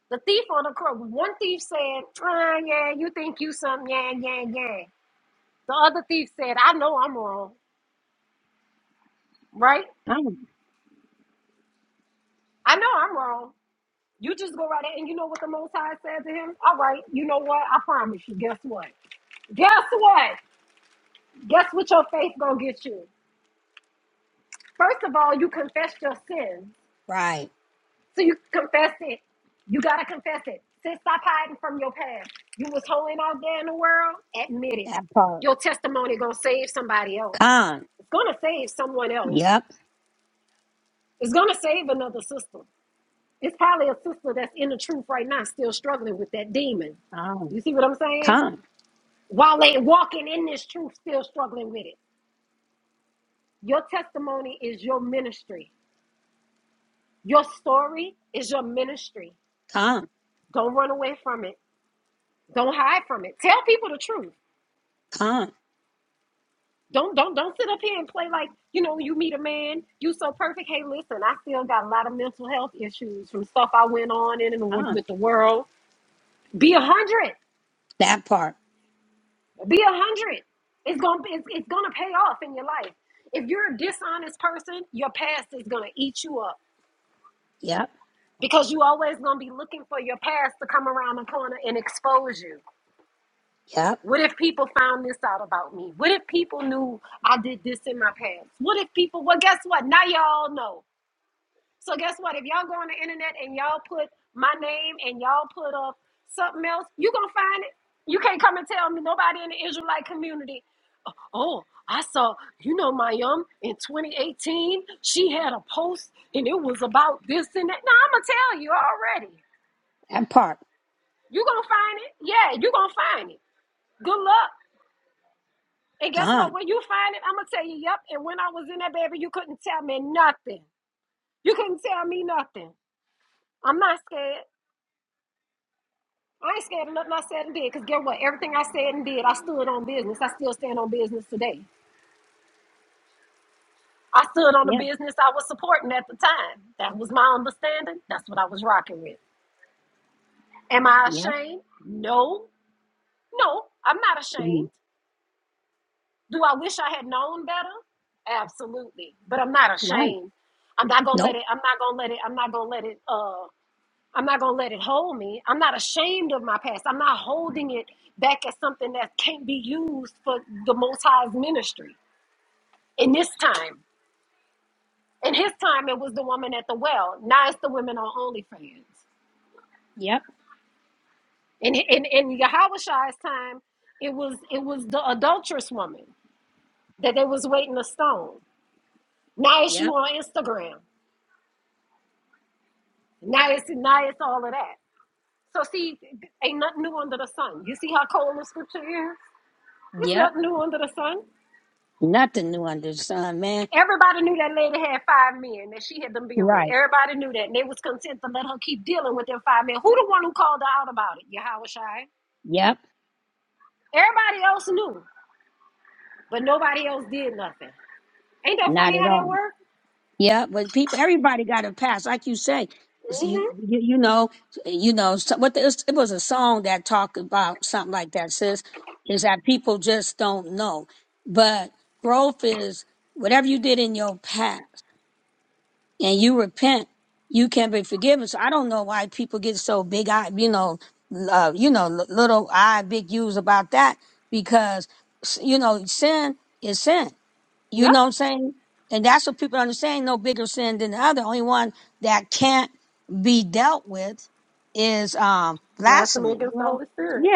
[SPEAKER 7] The thief on the cross. One thief said, ah, yeah, you think you some, yeah, yeah, yeah. The other thief said, I know I'm wrong, right? I know I'm wrong. You just go right there, and you know what the Most High said to him? All right, you know what? I promise you. Guess what? Guess what? Guess what your faith gonna get you? First of all, you confessed your sins. So you confess it. You gotta confess it. Sis, stop hiding from your past. You was holding out there in the world. Admit it. Your testimony gonna save somebody else. It's gonna save someone else. It's gonna save another sister. It's probably a sister that's in the truth right now, still struggling with that demon. You see what I'm saying? While they walking in this truth, still struggling with it. Your testimony is your ministry. Your story is your ministry. Don't run away from it. Don't hide from it. Tell people the truth. Don't don't don't sit up here and play like you know you meet a man, you so perfect. Hey, listen, I still got a lot of mental health issues from stuff I went on in and with with the world. Be a hundred. Be a hundred. It's gonna be it's, it's gonna pay off in your life. If you're a dishonest person, your past is gonna eat you up because you always gonna be looking for your past to come around the corner and expose you. What if people found this out about me? What if people knew I did this in my past? What if people? Well, guess what? Now y'all know. So guess what? If y'all go on the internet and y'all put my name and y'all put up something else, you gonna find it. You can't come and tell me nobody in the Israelite community. Oh, oh, I saw, you know, Mayum in 2018, she had a post and it was about this and that. No, I'm gonna tell you already. You gonna find it? Yeah, you gonna find it. Good luck. And guess what? When you find it, I'm gonna tell you, yep. And when I was in that baby, you couldn't tell me nothing. You couldn't tell me nothing. I'm not scared. I ain't scared of nothing I said and did, because guess what? Everything I said and did, I stood on business. I still stand on business today. I stood on the business I was supporting at the time. That was my understanding. That's what I was rocking with. Am I ashamed? No. No, I'm not ashamed. Do I wish I had known better? Absolutely. But I'm not ashamed. I'm not gonna let it, I'm not gonna let it, I'm not gonna let it uh I'm not going to let it hold me. I'm not ashamed of my past. I'm not holding it back as something that can't be used for the Most High's ministry in this time. In his time, it was the woman at the well. Now it's the women on OnlyFans. In, in, in Yahushua's time, it was it was the adulterous woman that they was waiting to stone. Now it's you on Instagram. Now it's, now it's all of that. So see, ain't nothing new under the sun. You see how cold the scripture is? It's nothing new under the sun. Everybody knew that lady had five men that she had them been with. Everybody knew that, and they was content to let her keep dealing with them five men. Who the one who called her out about it? Yahweh Shai. Everybody else knew, but nobody else did nothing. Ain't that funny how that worked? Mm-hmm. Yep. Blasphemy against the Holy Spirit.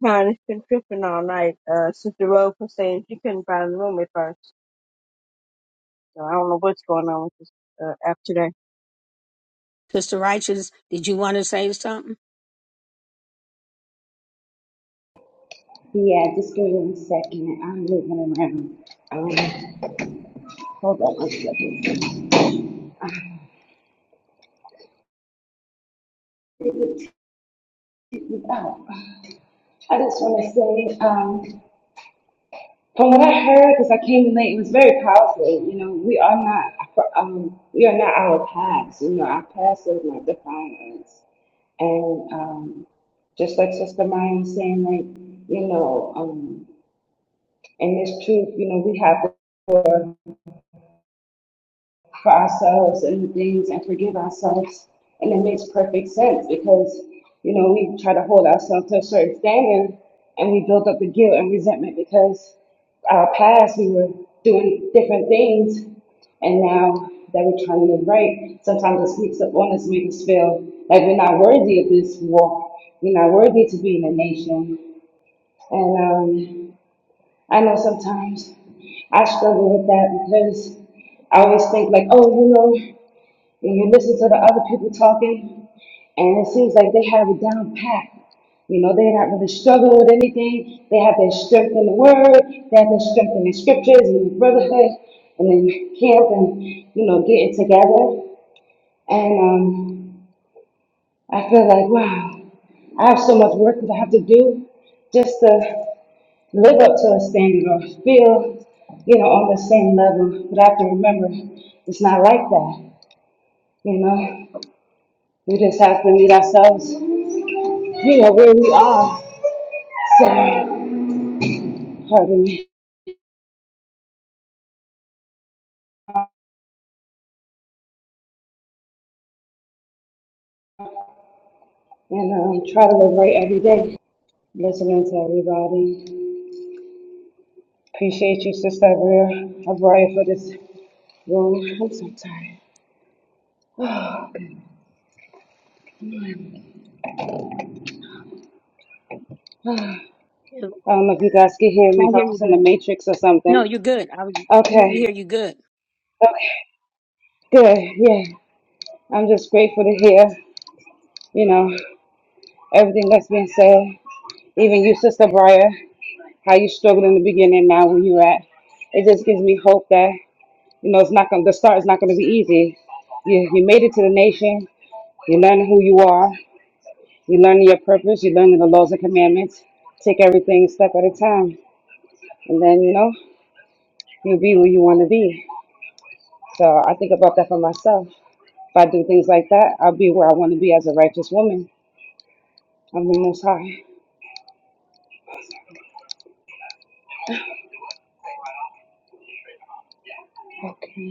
[SPEAKER 3] Man, it's been tripping all night. Uh, Sister Rose was saying she couldn't find a room at first, so I don't know what's going on with this uh, app today.
[SPEAKER 8] Yeah, just give me one second. I'm moving around. Um, hold on one second. Oh, I just want to say, um, from what I heard, because I came in late, it was very powerful. You know, we are not, um, we are not our past. You know, our past does not define us. And um, just like Sister Maya was saying, like, you know, um, and it's true, you know, we have for ourselves and things and forgive ourselves. And it makes perfect sense because, you know, we try to hold ourselves to a certain standard and we build up the guilt and resentment because our past we were doing different things and now that we're trying to live right, sometimes it sneaks up on us makes us feel like we're not worthy of this walk. We're not worthy to be in a nation. And um, I know sometimes I struggle with that because I always think like, oh, you know, when you listen to the other people talking, and it seems like they have it down pat. You know, they're not really struggling with anything. They have their strength in the word, they have their strength in the scriptures and the brotherhood and then camp and, you know, getting together. And um, I feel like, wow, I have so much work that I have to do just to live up to a standard or feel, you know, on the same level. But I have to remember it's not like that, you know. We just have to meet ourselves, you know, where we are. So, pardon me. And um, try to live right every day. Listening to everybody. Appreciate you, Sister Abria, Abria for this room. I'm so tired. I don't know if you guys can hear me, if I was in the matrix or something. Okay. Okay. Good. Yeah. I'm just grateful to hear, you know, everything that's been said. Even you, Sister Briar, how you struggled in the beginning, now where you at. It just gives me hope that, you know, it's not gonna the start is not gonna be easy. You you made it to the nation, you learning who you are, you learning your purpose, you learning the laws and commandments. Take everything step at a time. And then, you know, you'll be where you wanna be. So I think about that for myself. If I do things like that, I'll be where I wanna be as a righteous woman. I'm the most high. Okay.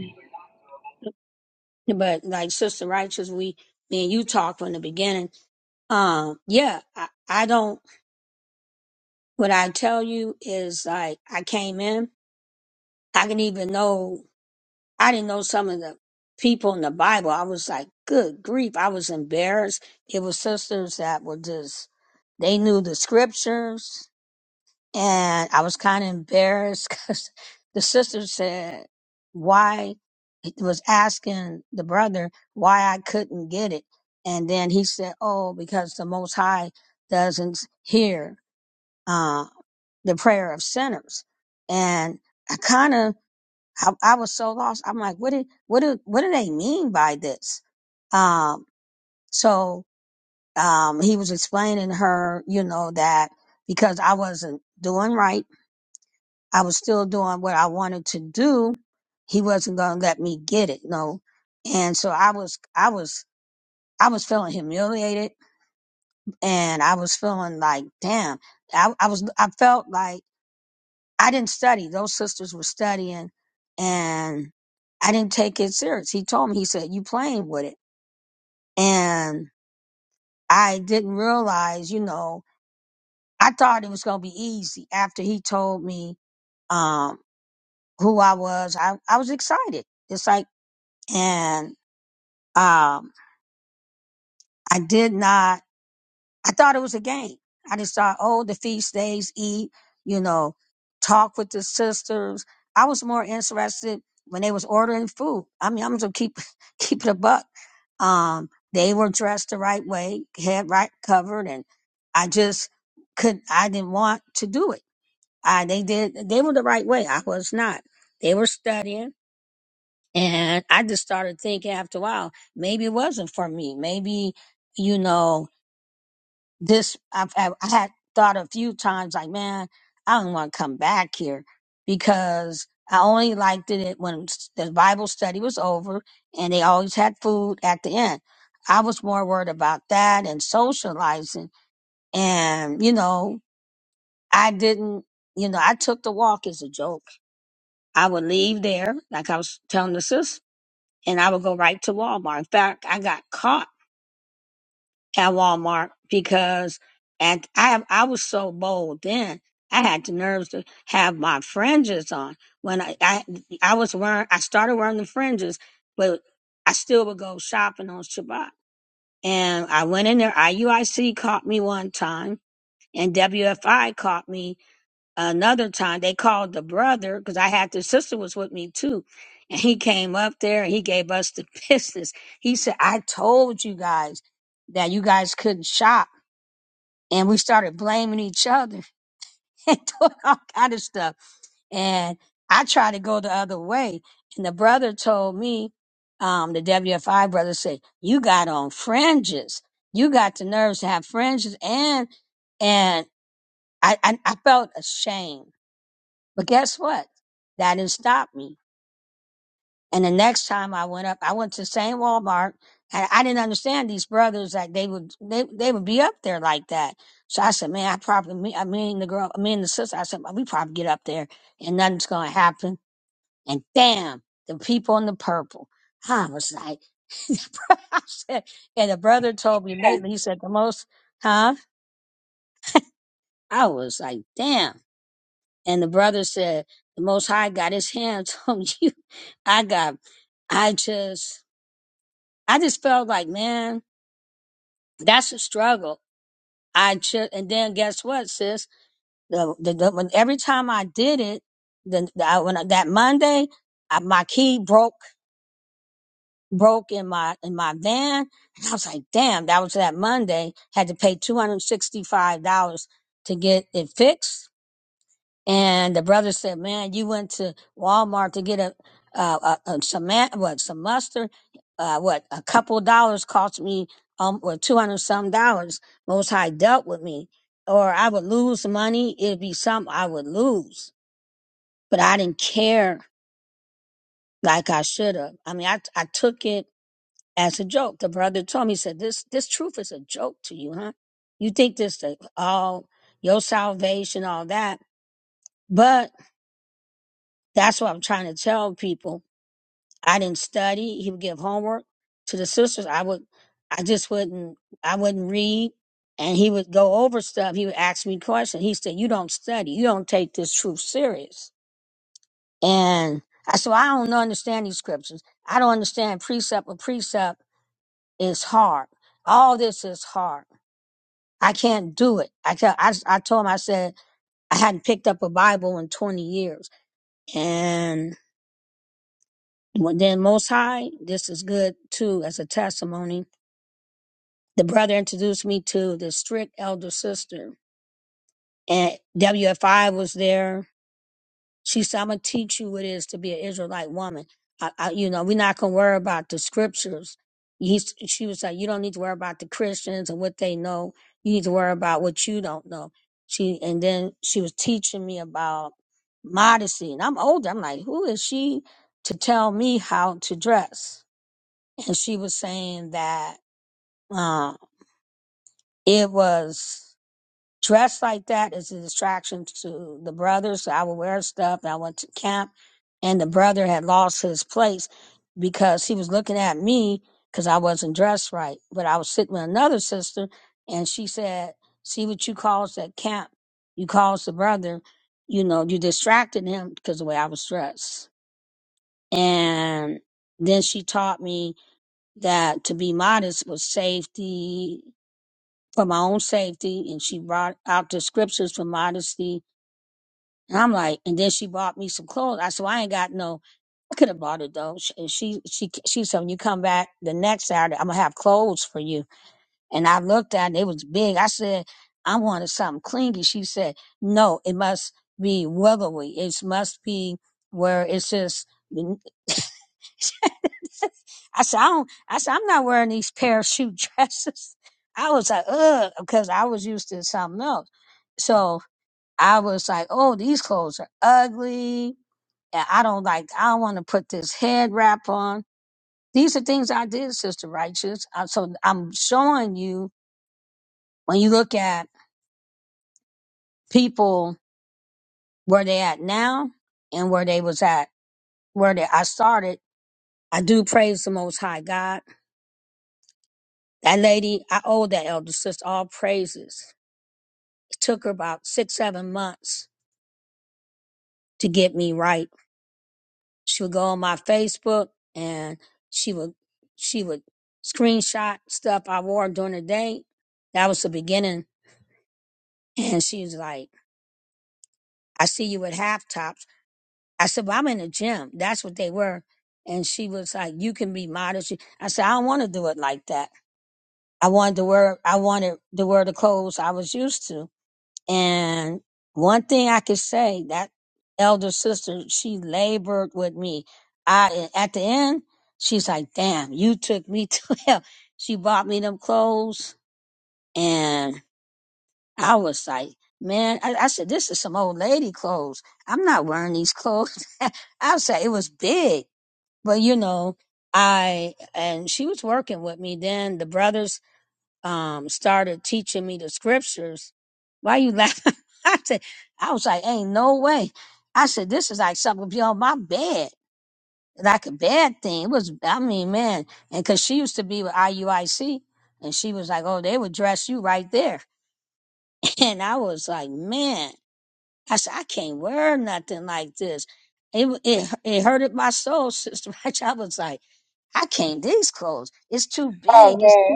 [SPEAKER 8] Oh man.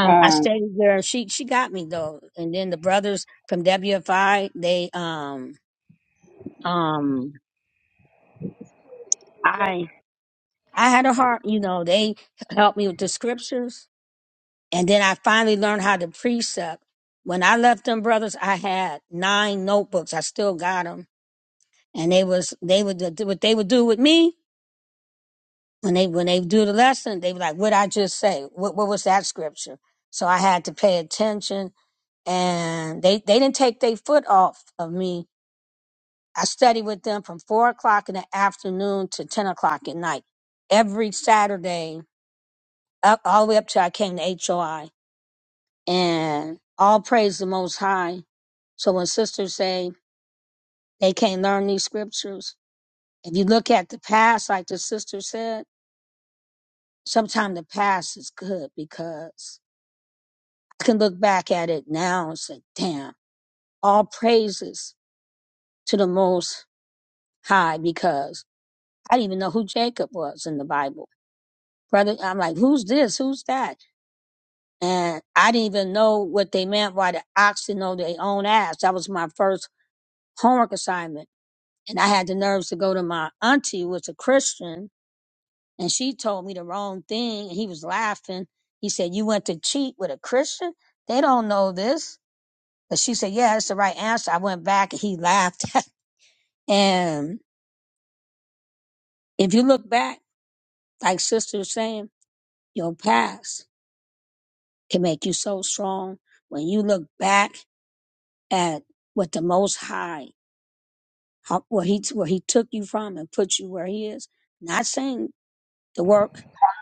[SPEAKER 8] Come,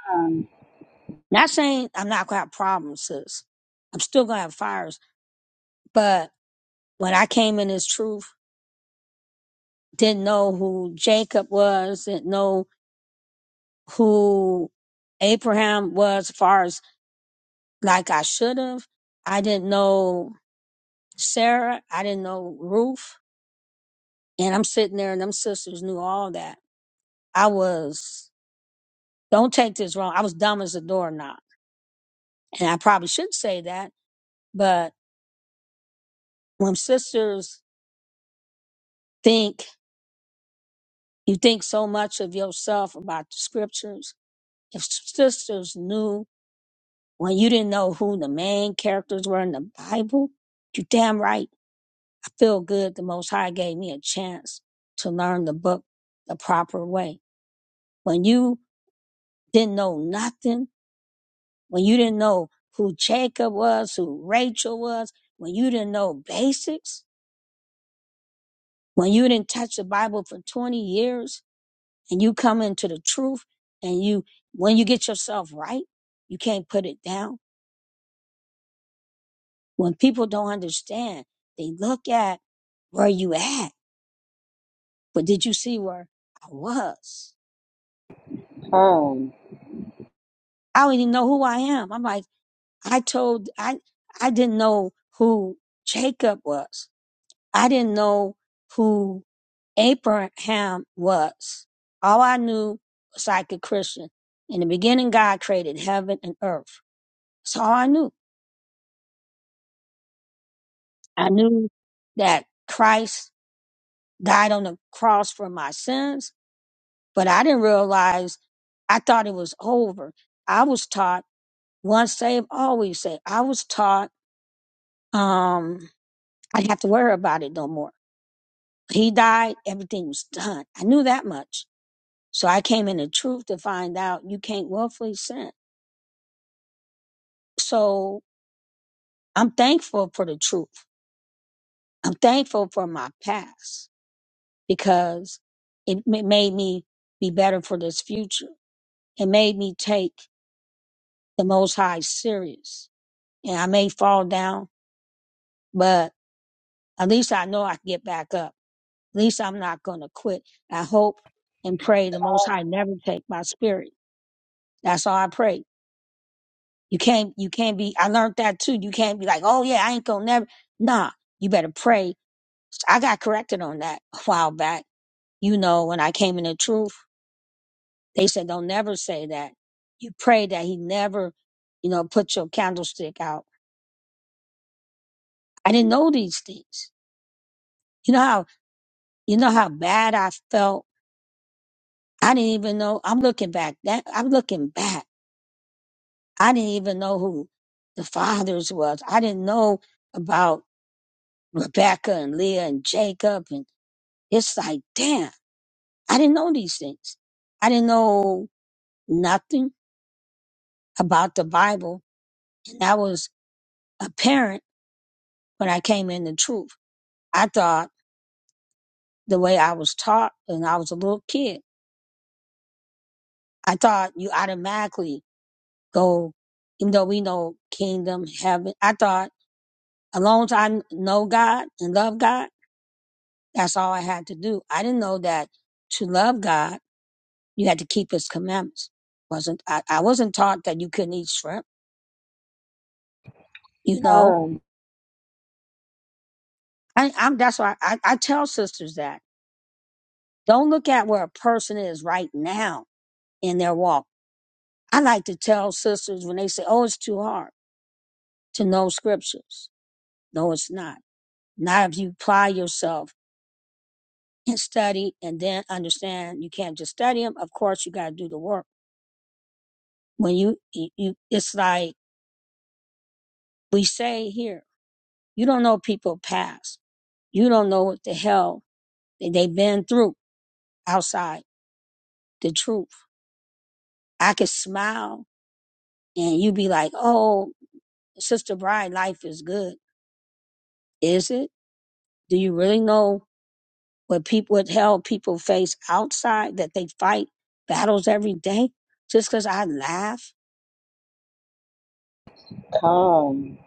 [SPEAKER 8] come, come, come, come,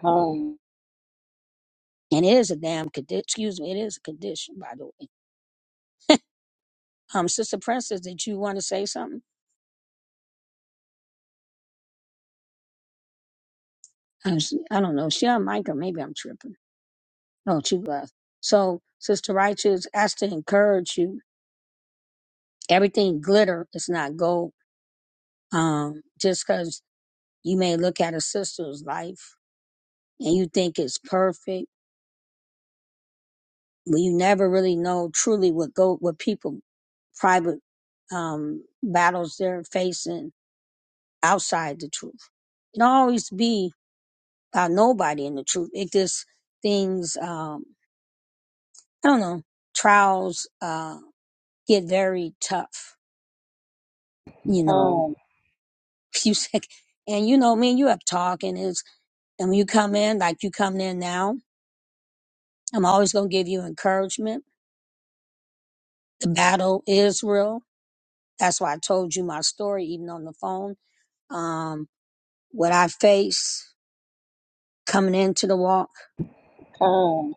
[SPEAKER 8] come, come, come, come,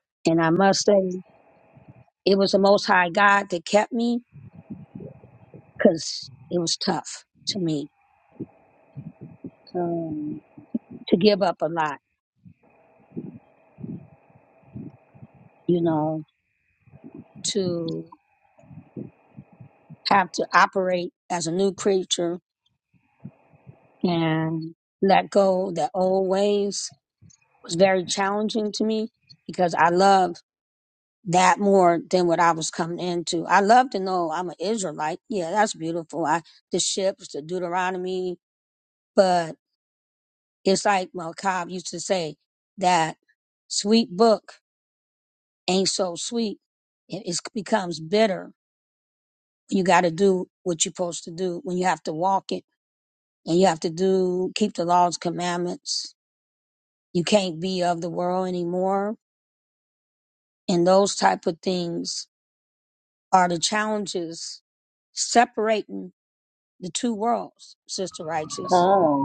[SPEAKER 8] come,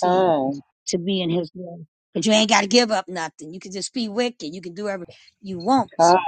[SPEAKER 8] come, come.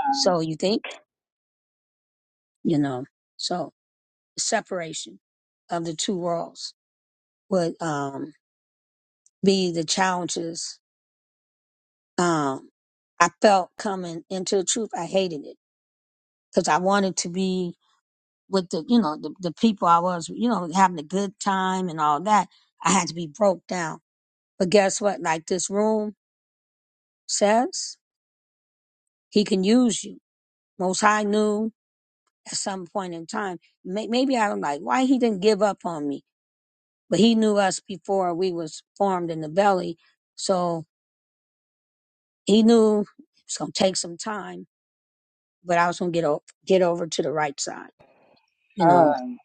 [SPEAKER 8] con.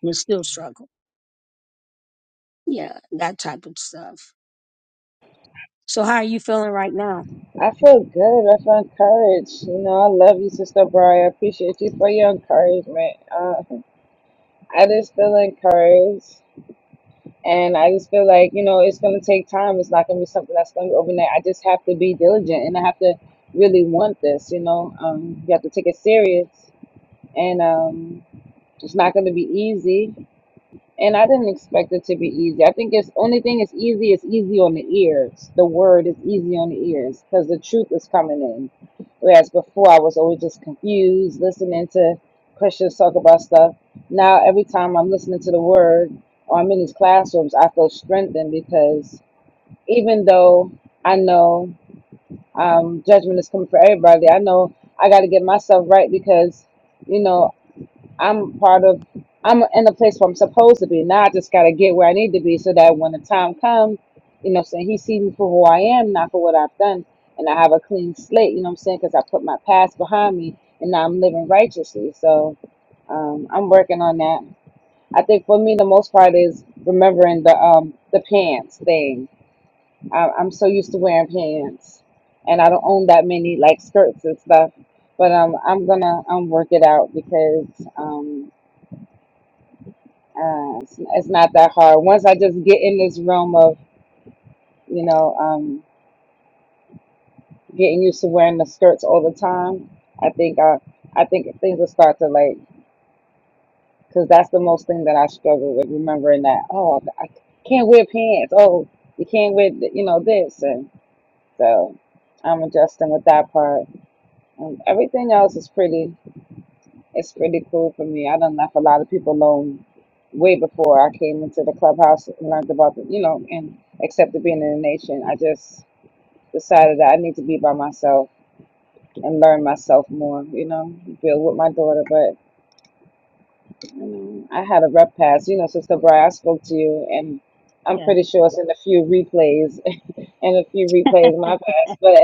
[SPEAKER 8] I feel good. I feel encouraged. You know, I love you, Sister Bri. I appreciate you for your encouragement. Uh, I just feel encouraged. And I just feel like, you know, it's going to take time. It's not going to be something that's going to be overnight. I just have to be diligent and I have to really want this, you know. Um, you have to take it serious. And, um, It's not going to be easy, and I didn't expect it to be easy. I think it's only thing is easy is easy on the ears. The word is easy on the ears because the truth is coming in. Whereas before, I was always just confused listening to Christians talk about stuff. Now, every time I'm listening to the word or I'm in these classrooms, I feel strengthened because even though I know um, judgment is coming for everybody, I know I got to get myself right because. You know, I'm part of I'm in a place where I'm supposed to be. Now I just gotta get where I need to be so that when the time comes, you know what I'm saying, he sees me for who I am, not for what I've done. And I have a clean slate, you know what I'm saying, because I put my past behind me and now I'm living righteously. So um, I'm working on that. I think for me the most part is remembering the um, the pants thing. I, I'm so used to wearing pants, and I don't own that many like skirts and stuff. But um, I'm gonna um work it out because um uh, it's, it's not that hard. Once I just get in this realm of, you know, um, getting used to wearing the skirts all the time, I think I, I think things will start to like, because that's the most thing that I struggle with, remembering that, oh, I can't wear pants. Oh, you can't wear, th- you know, this. And so I'm adjusting with that part. And everything else is pretty. It's pretty cool for me. I done left a lot of people alone way before I came into the clubhouse and learned about the, you know, and accepted being in the nation. I just decided that I need to be by myself and learn myself more, you know, build with my daughter. But you know, I had a rep pass, you know, Sister Bri, I spoke to you, and I'm pretty sure it's in a few replays and a few replays of my past. But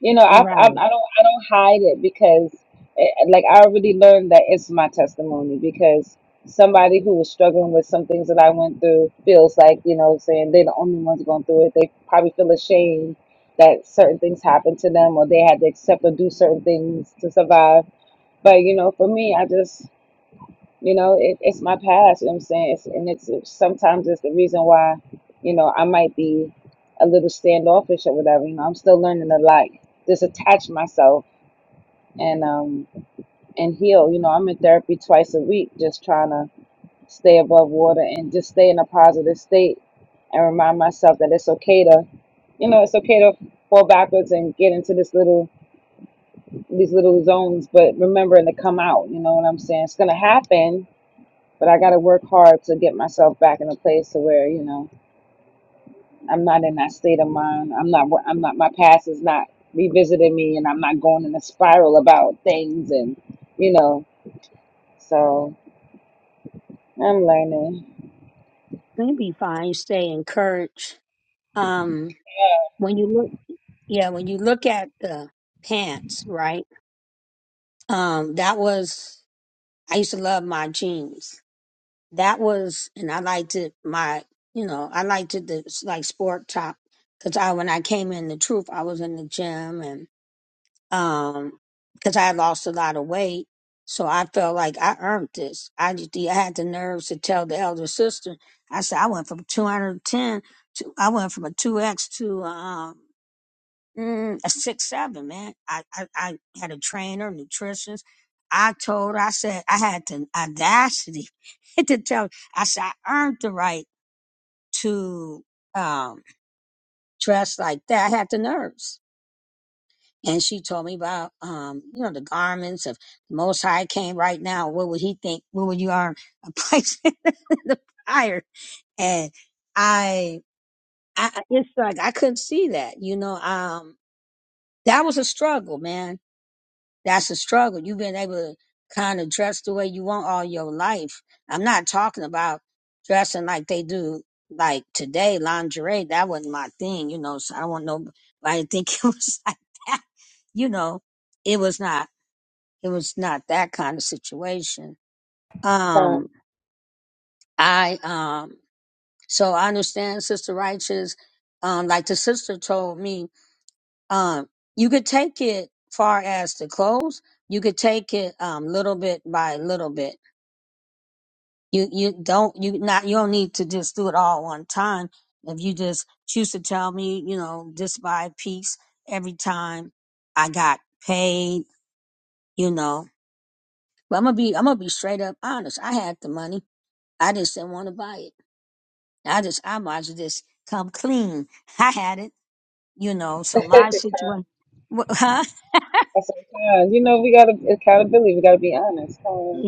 [SPEAKER 8] you know, I, I I don't I don't hide it because eh, like I already learned that it's my testimony because somebody who was struggling with some things that I went through feels like you know saying they're the only ones going through it. They probably feel ashamed that certain things happened to them or they had to accept or do certain things to survive. But you know, for me, I just you know, it, it's my past, you know what I'm saying? It's, and it's sometimes it's the reason why, you know, I might be a little standoffish or whatever. You know, I'm still learning to like disattach myself and um and heal. You know, I'm in therapy twice a week just trying to stay above water and just stay in a positive state and remind myself that it's okay to you know, it's okay to fall backwards and get into this little these little zones, but remembering to come out, you know what I'm saying? It's gonna happen but I got to work hard to get myself back in a place to where you know I'm not in that state of mind. I'm not. I'm not. My past is not revisiting me, and I'm not going in a spiral about things, and you know. So I'm learning. Come, That's our time. You know, we got to accountability. We got to be honest. Come,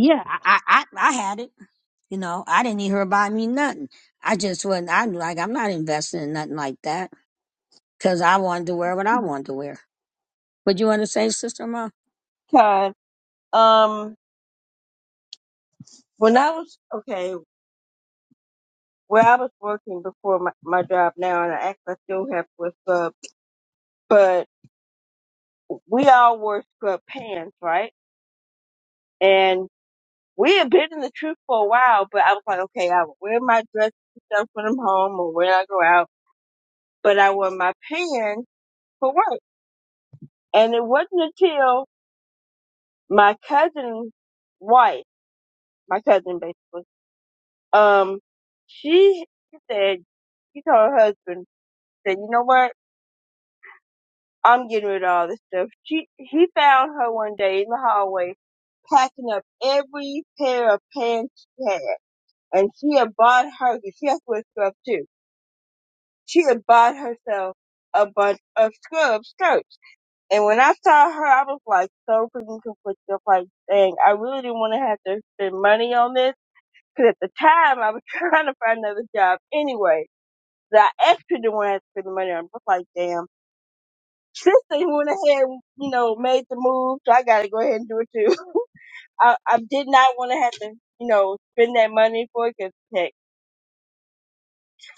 [SPEAKER 3] God, um, when I was okay, where I was working before my, my job now, and I actually still have to wear scrubs, but we all wore scrub pants, right? And we had been in the truth for a while, but I was like, okay, I will wear my dress and stuff when I'm home or when I go out, but I wear my pants for work. And it wasn't until my cousin's wife, my cousin basically, um, she said, she told her husband, said, you know what? I'm getting rid of all this stuff. She, he found her one day in the hallway packing up every pair of pants she had. And she had bought her because she has to wear scrubs too She had bought herself a bunch of scrub skirts. And when I saw her, I was like so freaking conflicted. Like, dang, I really didn't want to have to spend money on this. Cause at the time I was trying to find another job anyway. That I extra didn't want to have to spend the money on. I was like, damn. Since they went ahead and, you know, made the move, so I gotta go ahead and do it too. I, I did not want to have to, you know, spend that money for it. it 'cause hey,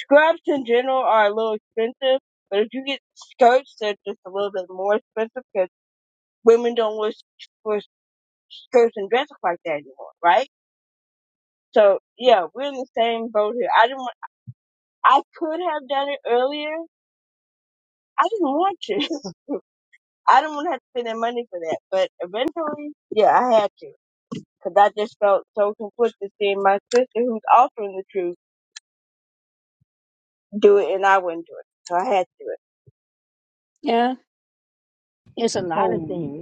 [SPEAKER 3] Scrubs in general are a little expensive, but if you get skirts, they're just a little bit more expensive because women don't wear, wear skirts and dresses like that anymore, right? So yeah, we're in the same boat here. I didn't. Want, I could have done it earlier. I didn't want to. I didn't want to have to spend that money for that. But eventually, yeah, I had to because I just felt so conflicted seeing my sister, who's also in the truth, do it and I wouldn't do it. So I had to do
[SPEAKER 8] come,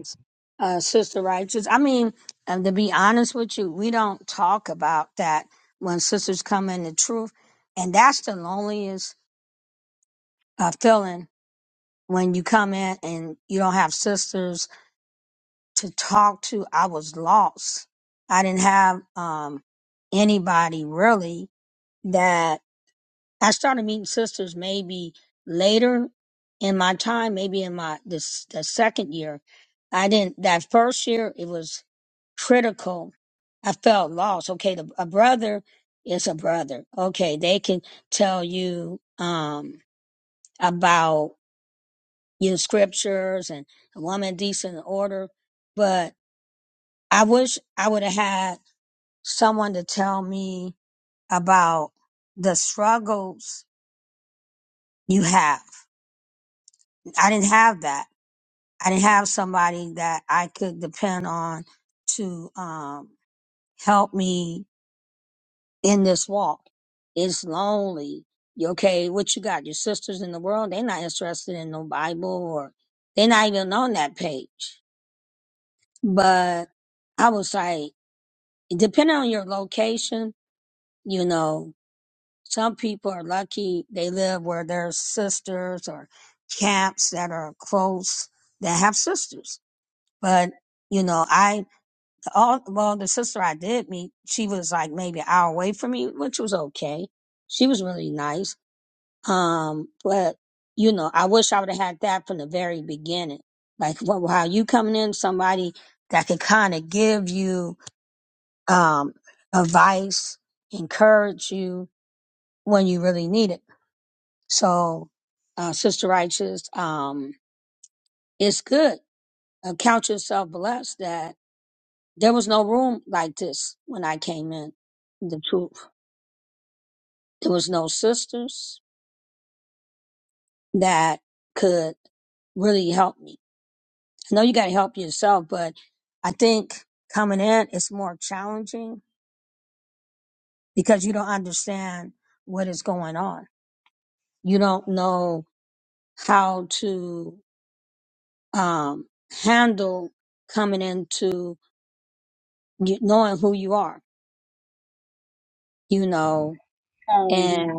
[SPEAKER 8] come.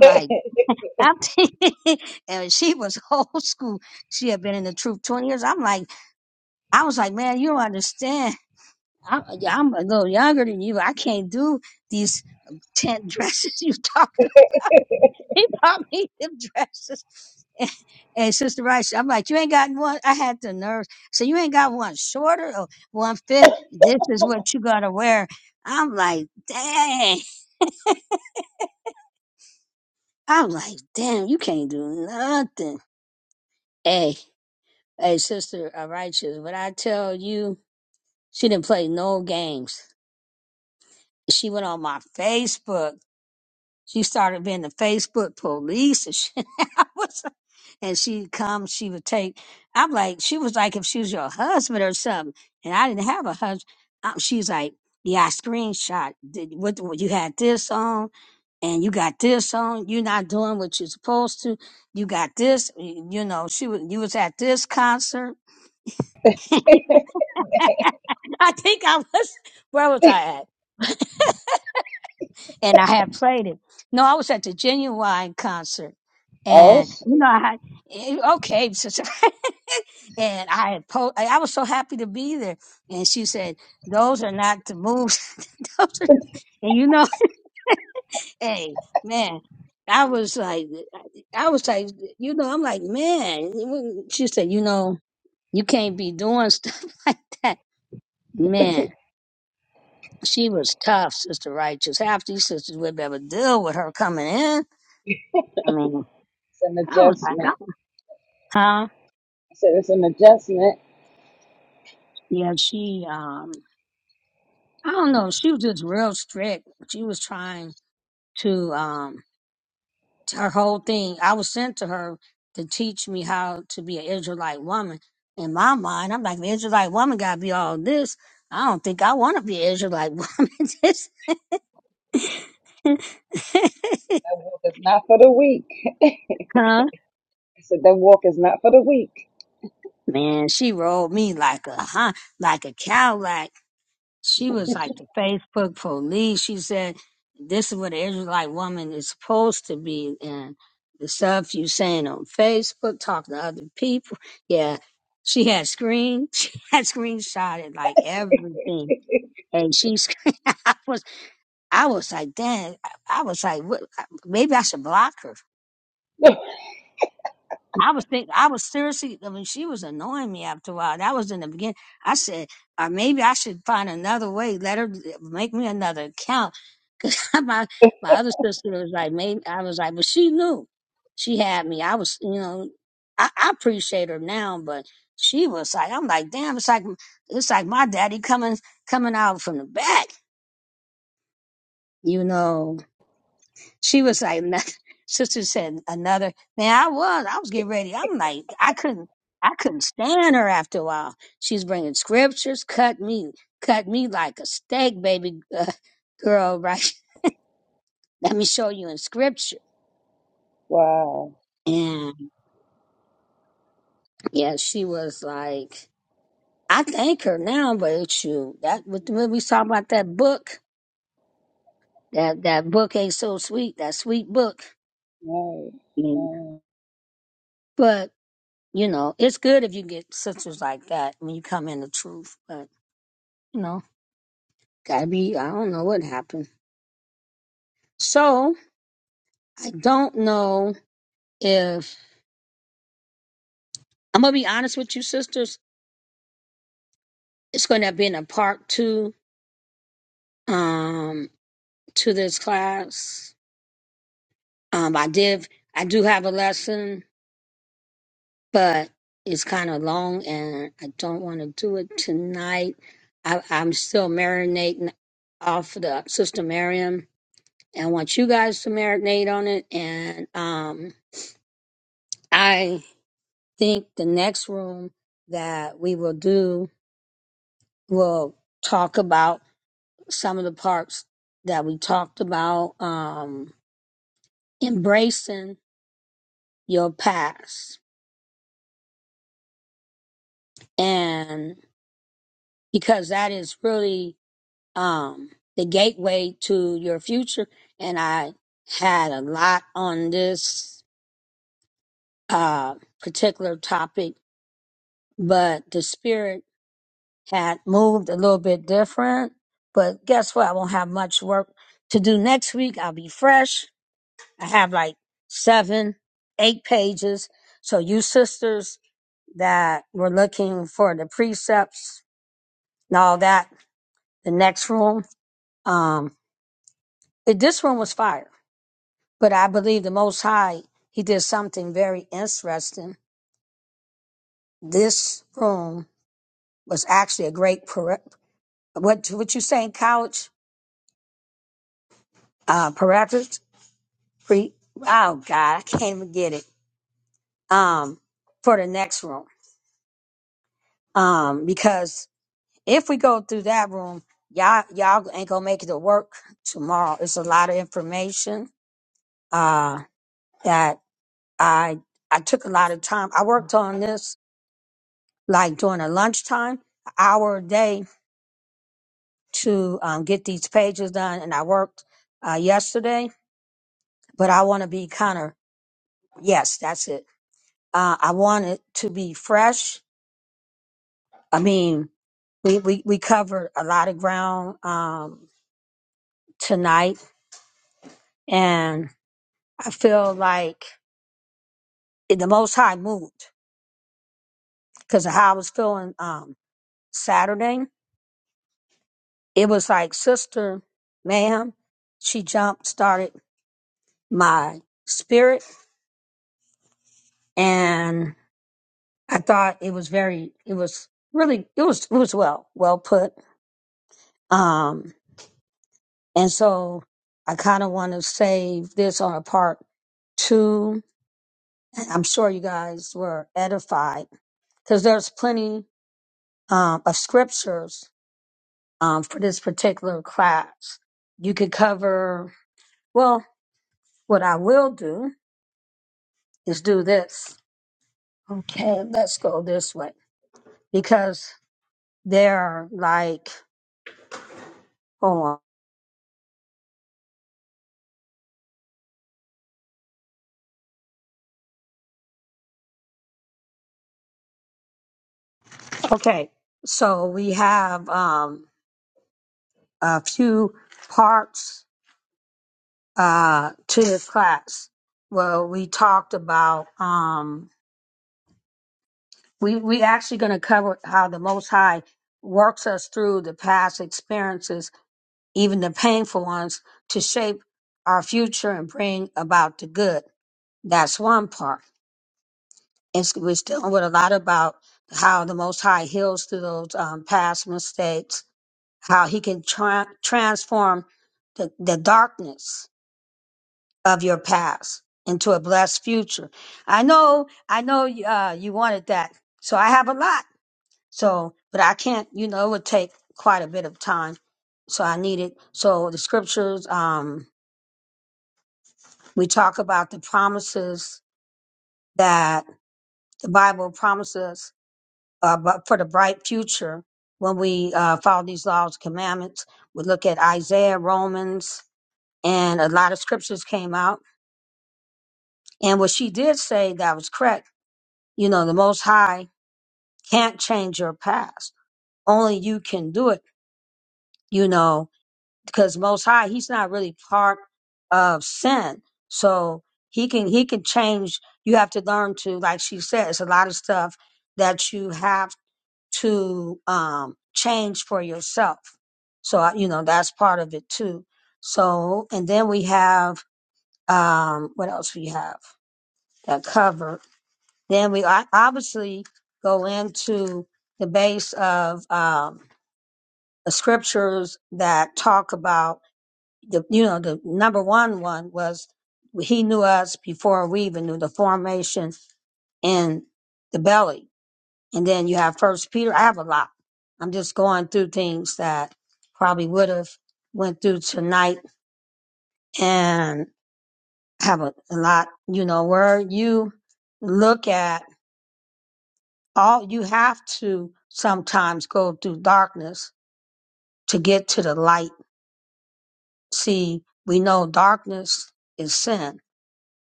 [SPEAKER 8] oh, shit. it's an adjustment. I said it's an adjustment. That walk is not for the weak. I said that walk is not for the weak. wow. Right. Right.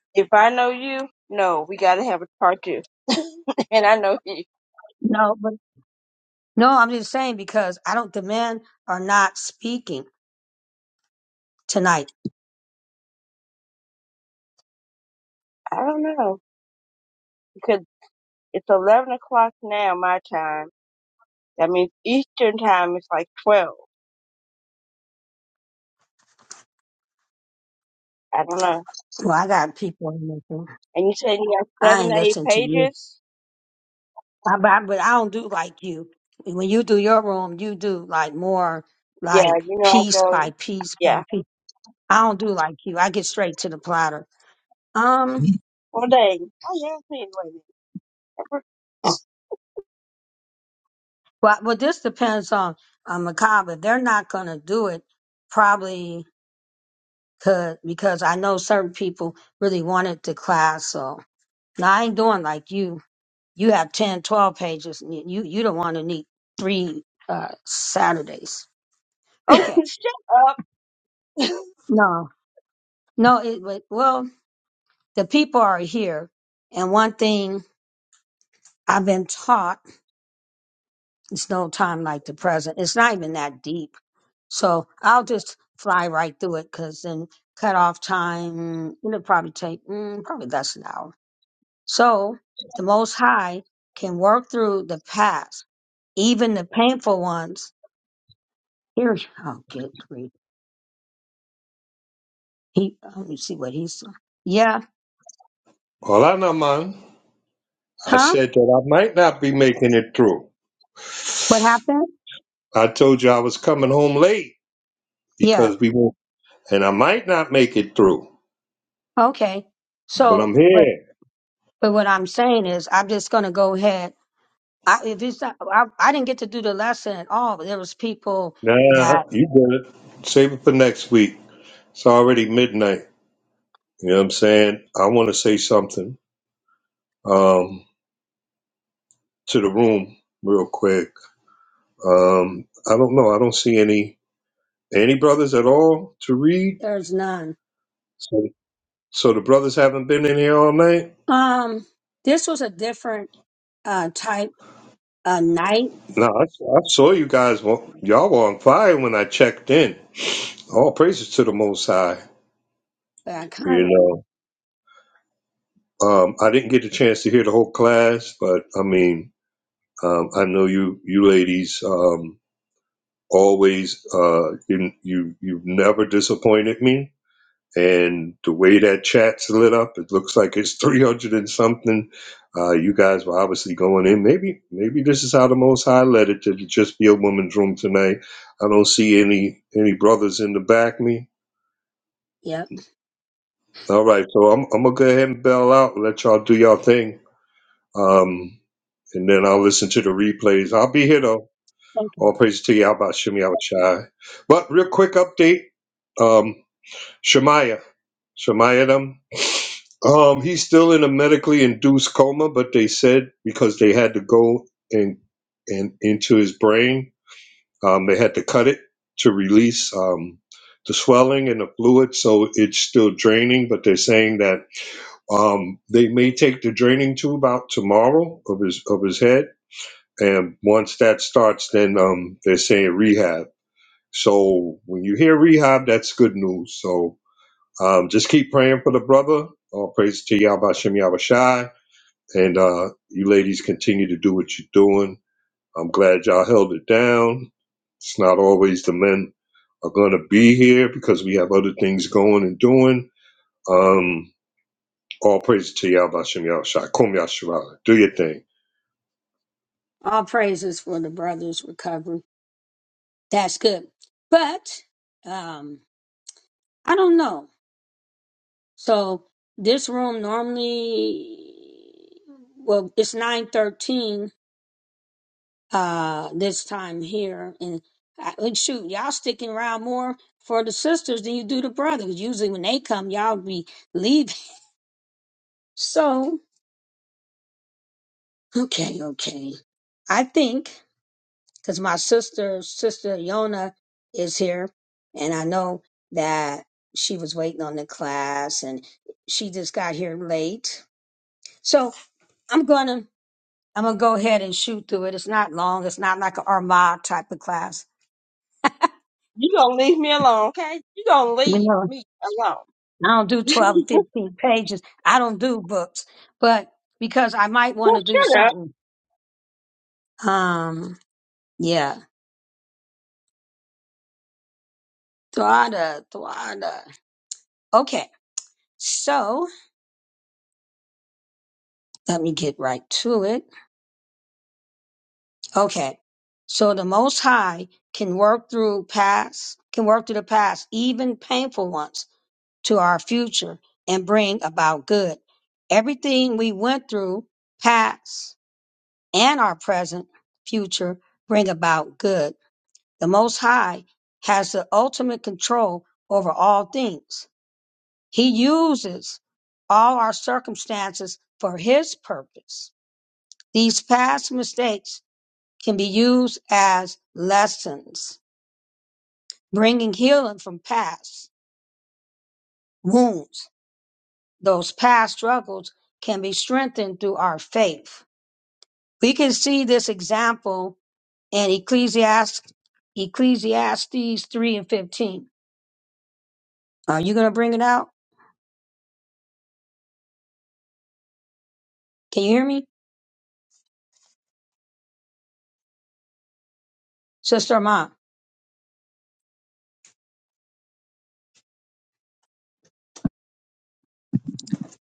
[SPEAKER 3] it. If I know you, no, we gotta have a part two, and I know you. I don't know because it's eleven o'clock now my time. That means Eastern time is like twelve. I don't know. And you said you have seven to eight pages. Yeah, you know I go. Yeah. Well, dang. I asked me anyway. Shut up.
[SPEAKER 9] Well, I man. I said that I might not be making it through. I told you I was coming home late because we were, and I might not make it through, but I'm here. Nah, you did it. Save it for next week. It's already midnight. You know what I'm saying? I want to say something um, to the room real quick. Um, I don't know. I don't see any any brothers at all to read. So, so the brothers haven't been in here all night. No, I, I saw you guys. wa- Y'all were on fire when I checked in. All praises to the Most High. You know, um, I didn't get a chance to hear the whole class, but I mean, um, I know you, you ladies, um, always. Uh, you, you, you've never disappointed me. And the way that chat's lit up, it looks like it's 300 and something. Uh, you guys were obviously going in. Maybe, maybe this is how the Most High led it to just be a woman's room tonight. I don't see any any brothers in the back me. All right, so I'm I'm gonna go ahead and bail out. And let y'all do y'all thing. Um, and then I'll listen to the replays. I'll be here though. All praise to you, about Shimmy Abashai. But real quick update. Um, Shemaiah. Shamayadam. Um, he's still in a medically induced coma, but they said because they had to go and and into his brain, um, they had to cut it to release um, the swelling and the fluid, so it's still draining. But they're saying that um, they may take the draining tube out tomorrow of his of his head, and once that starts, then um, they're saying rehab. So when you hear rehab, that's good news. So um, just keep praying for the brother. All praise to Yahweh Shem Yahweh Shai. And uh, you ladies continue to do what you're doing. I'm glad y'all held it down. It's not always the men are going to be here because we have other things going and doing. Um, all praise to Yahweh Shem Yahweh Shai. Kum Yashua. Do your thing.
[SPEAKER 3] You gonna leave me alone, okay? You gonna leave me alone. So shut up.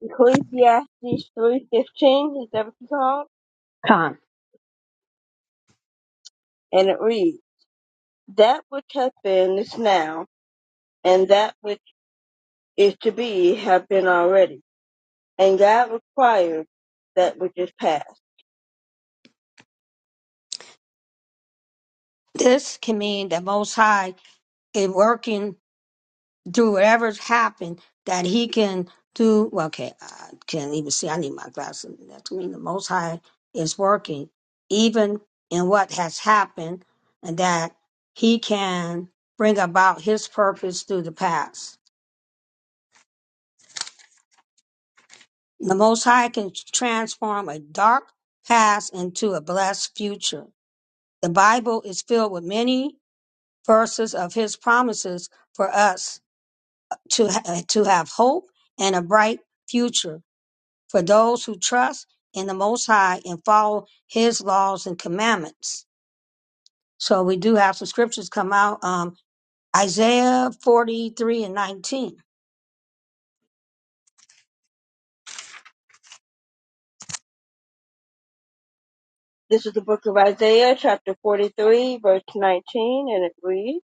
[SPEAKER 3] Ecclesiastes three fifteen is that what you called? And it reads, "That which hath been is now, and that which is to be have been already." and God required that which is past. This is the book of Isaiah, chapter 43, verse 19, and it reads,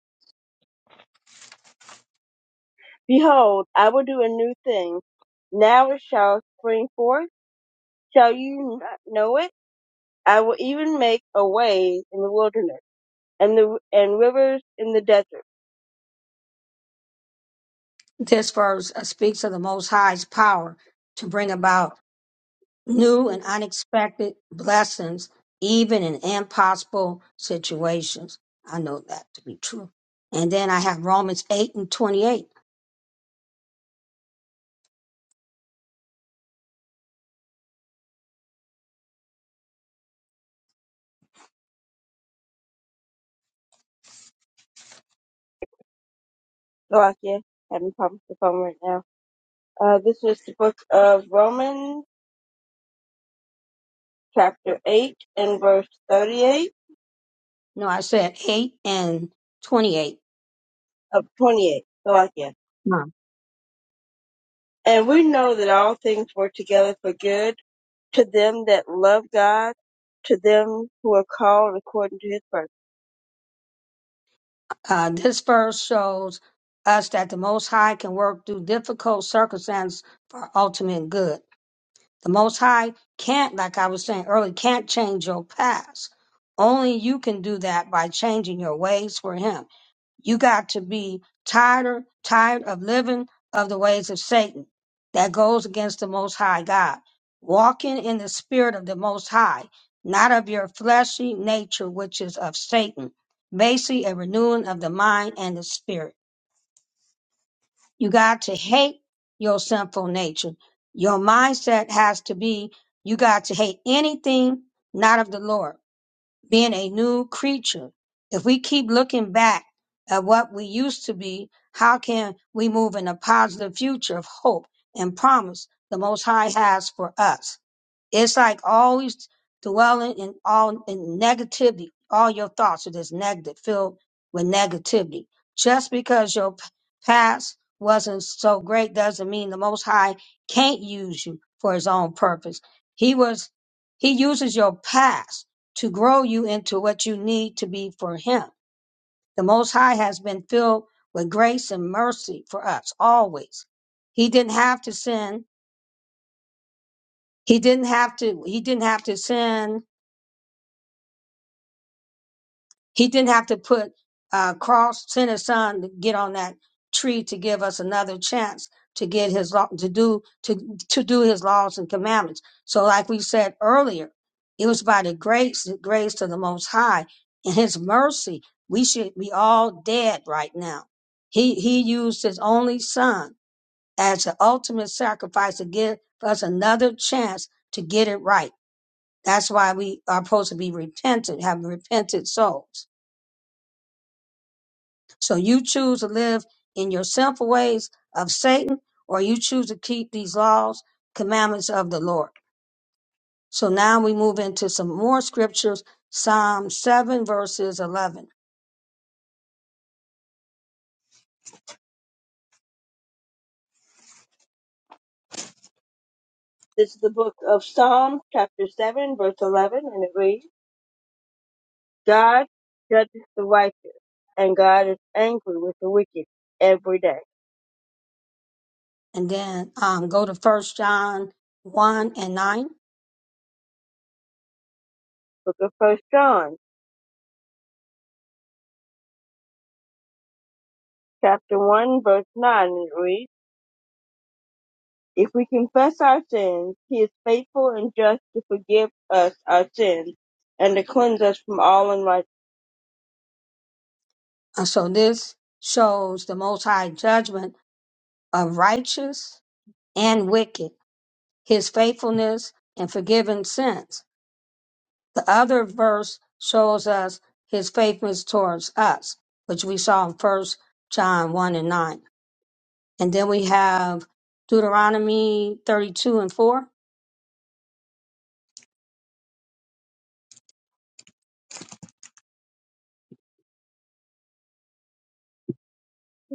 [SPEAKER 3] Behold, I will do a new thing. Now it shall spring forth. Shall you not know it? I will even make a way in the wilderness and the and rivers in the desert. Oh, I can't having problems with the phone right now. Uh, this is the book of Romans, chapter 8, and verse 38 of 28. So I can. And we know that all things work together for good to them that love God, to them who are called according to his purpose. This is the book of Psalms, chapter 7, verse 11, and it reads, God judges the righteous, and God is angry with the wicked every day. Book of First John, chapter 1, verse 9, and it reads, If we confess our sins, he is faithful and just to forgive us our sins and to cleanse us from all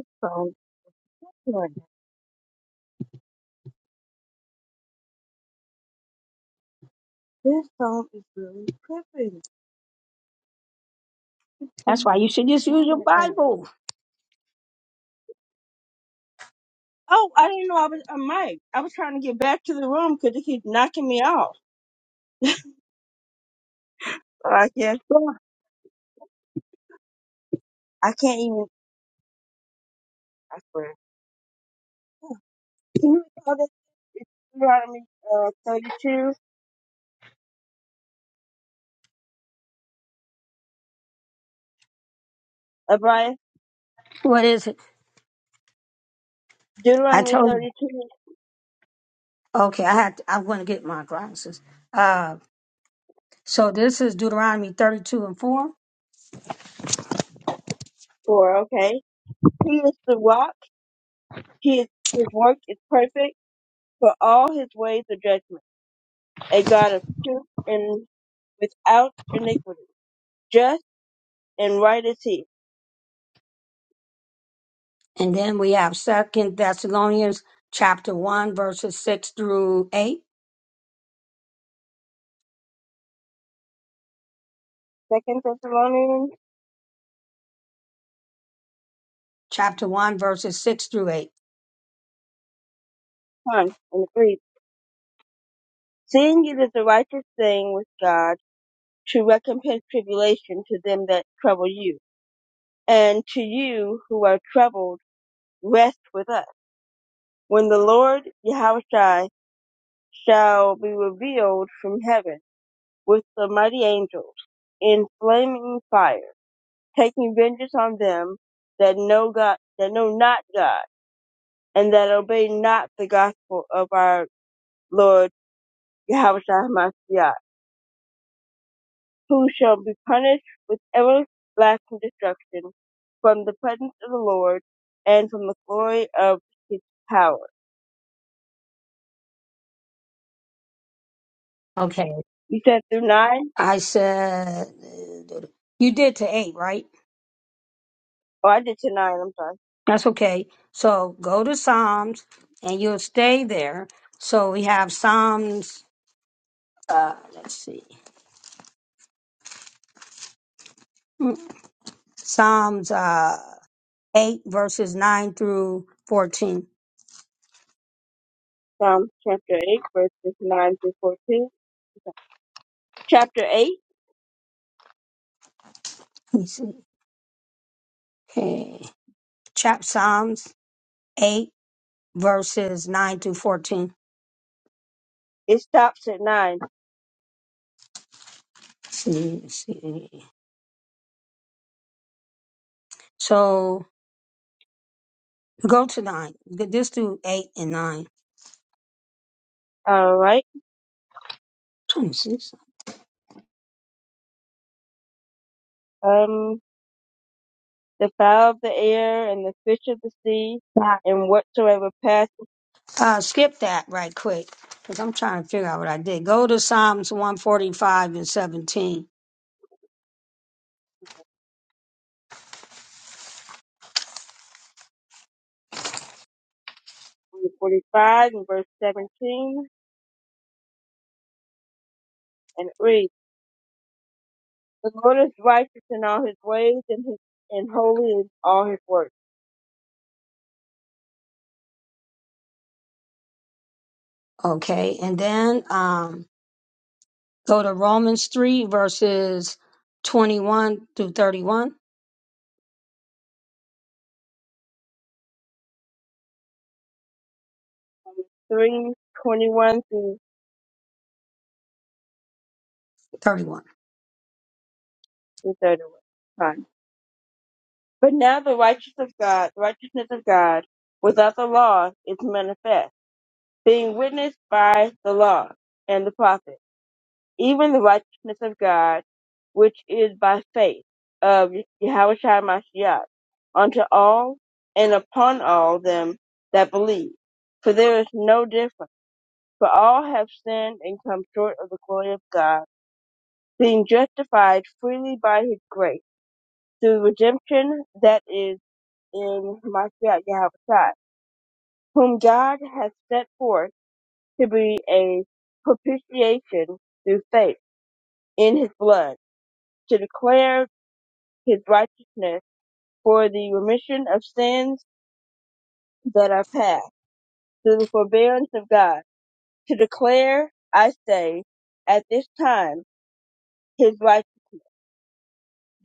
[SPEAKER 3] unrighteousness. This song is really tripping. Don't do the song right now. Oh, I didn't know I was a mic. I was trying to get back to the room because it keeps knocking me off. Like, yeah, I can't even. I swear. Can you call that Deuteronomy uh, 32? Abide. Deuteronomy 32 and 4, okay? He is the rock. He is, his work is perfect, for all his ways are judgment. A God of truth and without iniquity. Just and right is he. Second Thessalonians 1 and 3. Seeing it is a righteous thing with God to recompense tribulation to them that trouble you, and to you who are troubled, rest with us. When the Lord Yahushua shall be revealed from heaven with the mighty angels in flaming fire, taking vengeance on them that know God, that know not God, and that obey not the gospel of our Lord Yahushua Mashiach who shall be punished with everlasting destruction from the presence of the Lord and from the glory of his power. You said through 9? Oh, I did to 9, I'm sorry. Psalms chapter 8, verses 9 through 14. Chapter 8, it stops at 9. Alright. Um, the fowl of the air and the fish of the sea and whatsoever passeth. 45 and verse 17 and it reads. The Lord is righteous in all his ways and his and holy in all his works. Three twenty one through the thirty one. Fine. But now the righteousness of God, the righteousness of God, without the law, is manifest, being witnessed by the law and the prophet, even the righteousness of God, which is by faith of Yahweh Shai Mashiach, unto all and upon all them that believe. For there is no difference For all have sinned and come short of the glory of God, being justified freely by his grace, through redemption that is in Mashiach Yahushua, whom God has set forth to be a propitiation through faith in his blood, to declare his righteousness for the remission of sins that are past, through the forbearance of God, to declare, I say, at this time, his righteousness,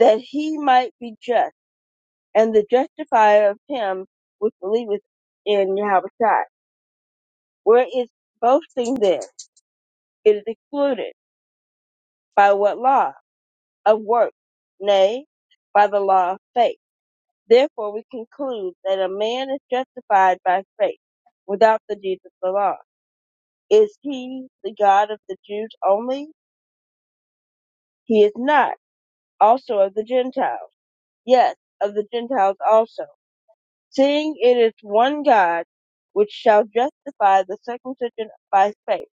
[SPEAKER 3] that he might be just and the justifier of him which believeth in Yahweh. Shai. Where is boasting then? It is excluded. By what law? Of works. Nay, by the law of faith. Therefore we conclude that a man is justified by faith without the deeds of the law. Is he the God of the Jews only? He is not. Also of the Gentiles. Yes, of the Gentiles also. seeing it is one God, which shall justify the circumcision by faith,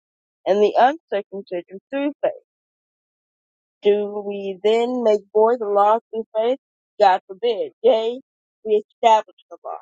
[SPEAKER 3] and the uncircumcision through faith. Do we then make void the law through faith? God forbid. Yea, we establish the law.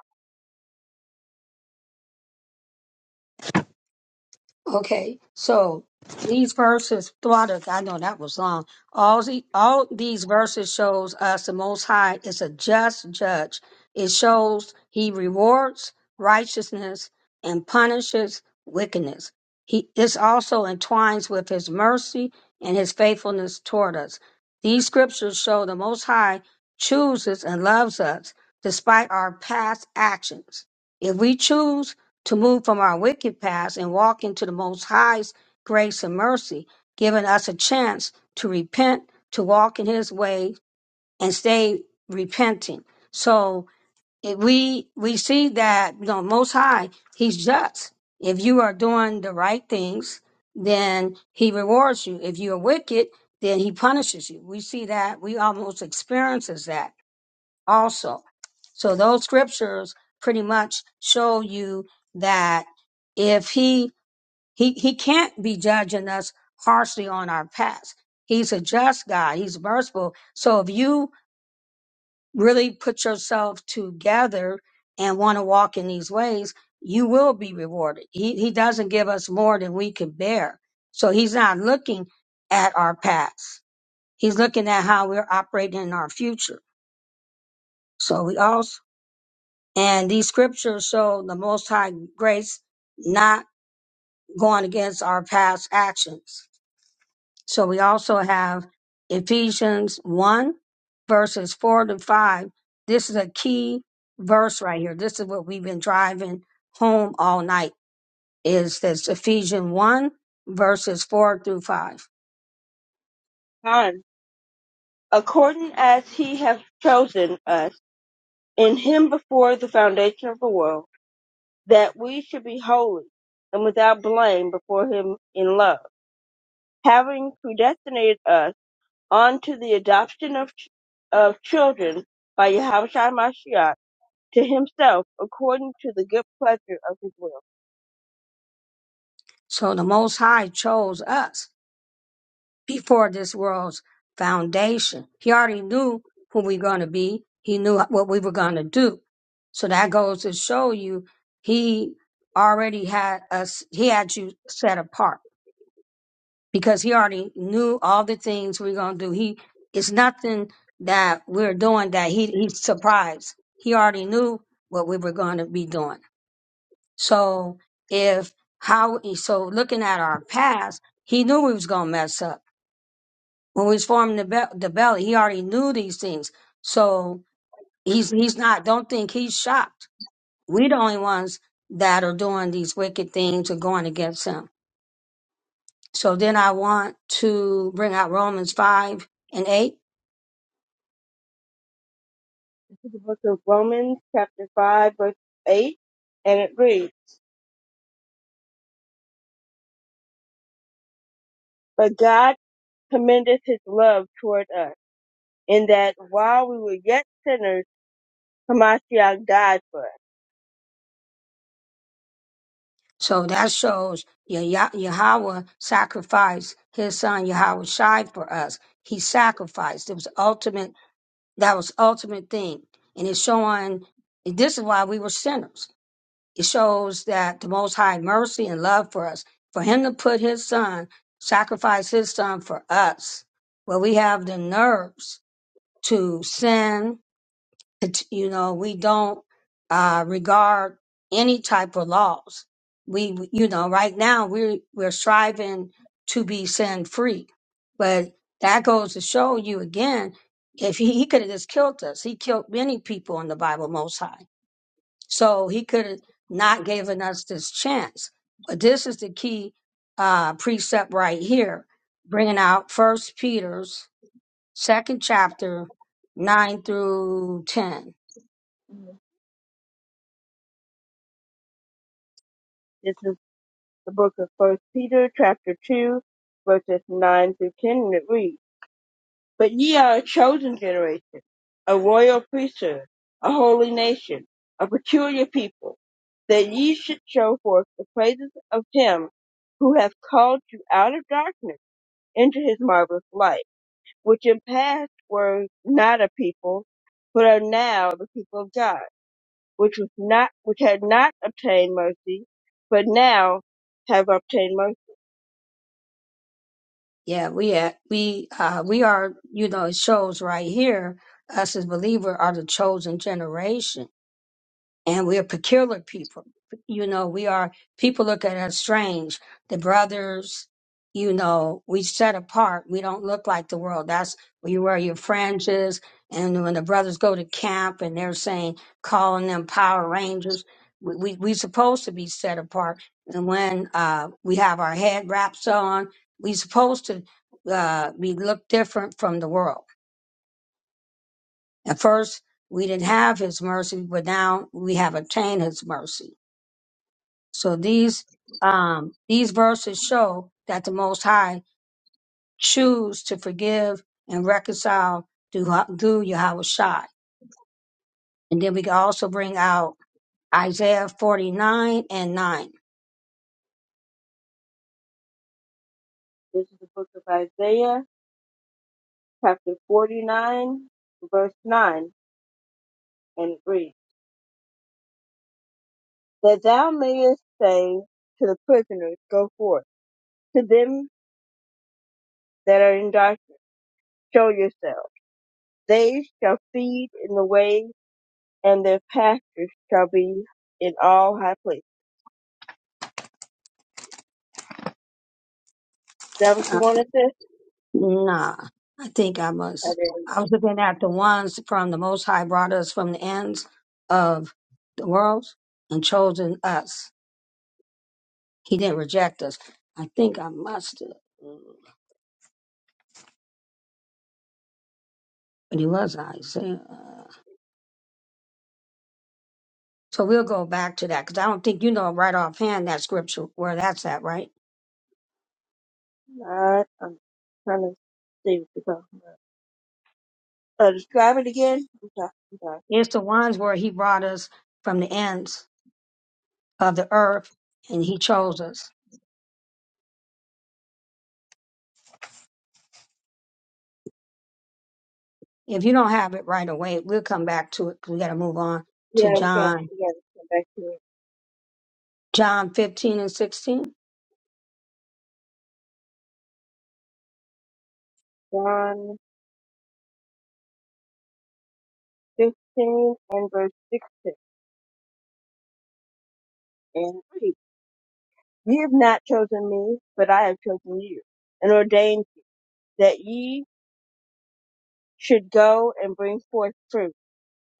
[SPEAKER 3] Time. According as he hath chosen us in him before the foundation of the world, that we should be holy and without blame before him in love, having predestinated us on to the adoption of, ch- of children by Yahushua Mashiach to himself according to the good pleasure of his will. This is the book of Romans chapter 5 verse 8 and it reads, But God commendeth his love toward us in that while we were yet sinners, Hamashiach died for us. This is the book of First Peter chapter 2 verses 9 through 10 and it reads, But ye are a chosen generation, a royal priesthood, a holy nation, a peculiar people, that ye should show forth the praises of him who hath called you out of darkness into his marvelous light, which in past were not a people, but are now the people of God, which was not, which had not obtained mercy, but now have obtained mercy. This is the book of Isaiah, chapter 49, verse 9, and it reads. that thou mayest say to the prisoners, Go forth. To them that are in darkness, show yourselves. They shall feed in the way, and their pastures shall be in all high places. Is that what you wanted this? I did not. I'm trying to see what you're talking about. Uh, describe it again. I'm sorry. I'm sorry. Yeah, we got, we got to come back to it. John 15 and verse 16 and 3. You have not chosen me, but I have chosen you and ordained that ye should go and bring forth fruit,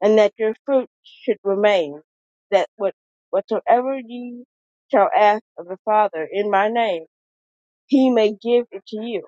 [SPEAKER 3] and that your fruit should remain, that what, whatsoever ye shall ask of the Father in my name, he may give it to you.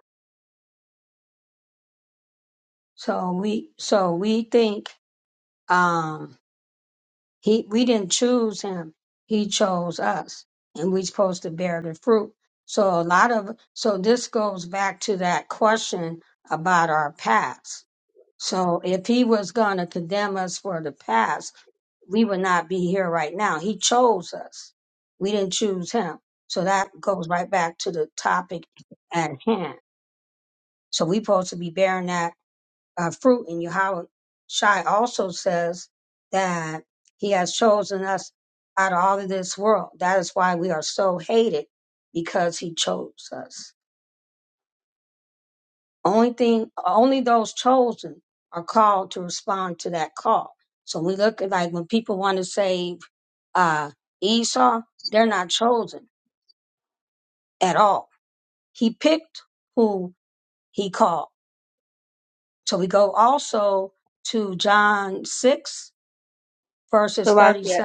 [SPEAKER 3] So like yeah,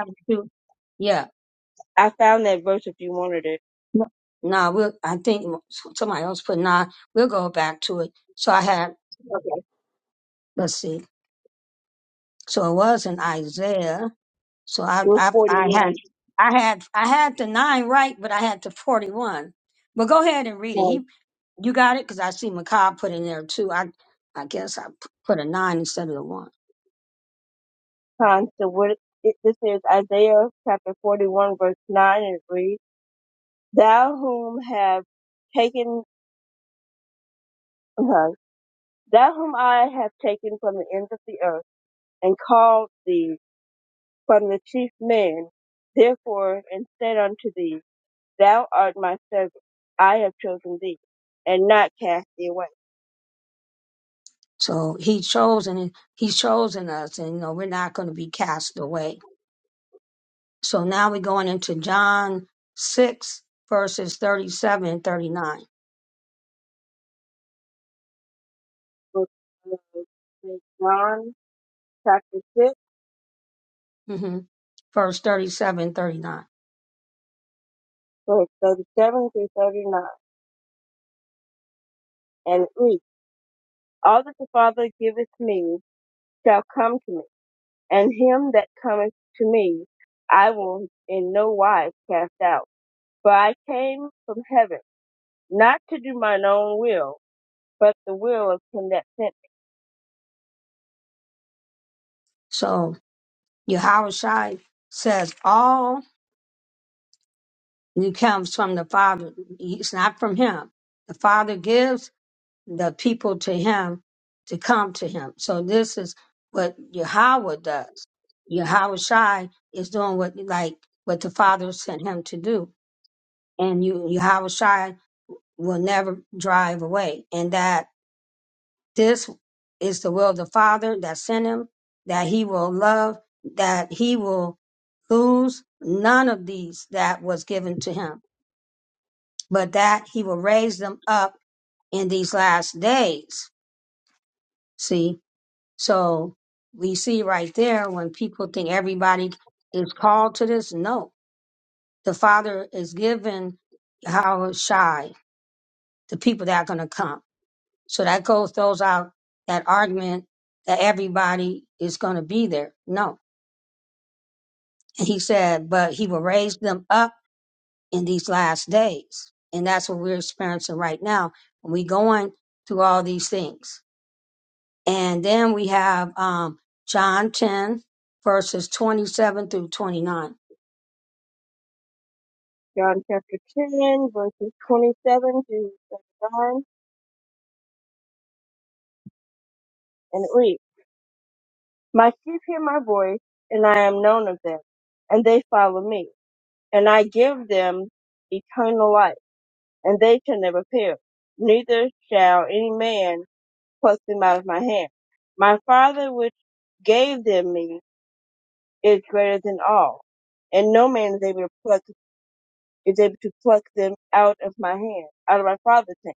[SPEAKER 3] I found that verse if you wanted it. It was 41 times. times. So what it, this is Isaiah chapter 41 verse 9 and it reads, Thou whom have taken, uh, thou whom I have taken from the ends of the earth and called thee from the chief man. Therefore, and said unto thee, Thou art my servant, I have chosen thee, and not cast thee away. Book of St. John, chapter 6, verse 37 through 39. And it reads, All that the Father giveth me shall come to me, and him that cometh to me I will in no wise cast out. For I came from heaven, not to do mine own will, but the will of him that sent me John chapter 10, verses 27 to 39, and it reads, My sheep hear my voice, and I am known of them, and they follow me, and I give them eternal life, and they shall never perish, neither shall any man pluck them out of my hand. My Father which gave them me is greater than all, and no man is able to pluck is able to pluck them out of my hand, out of my Father's hand.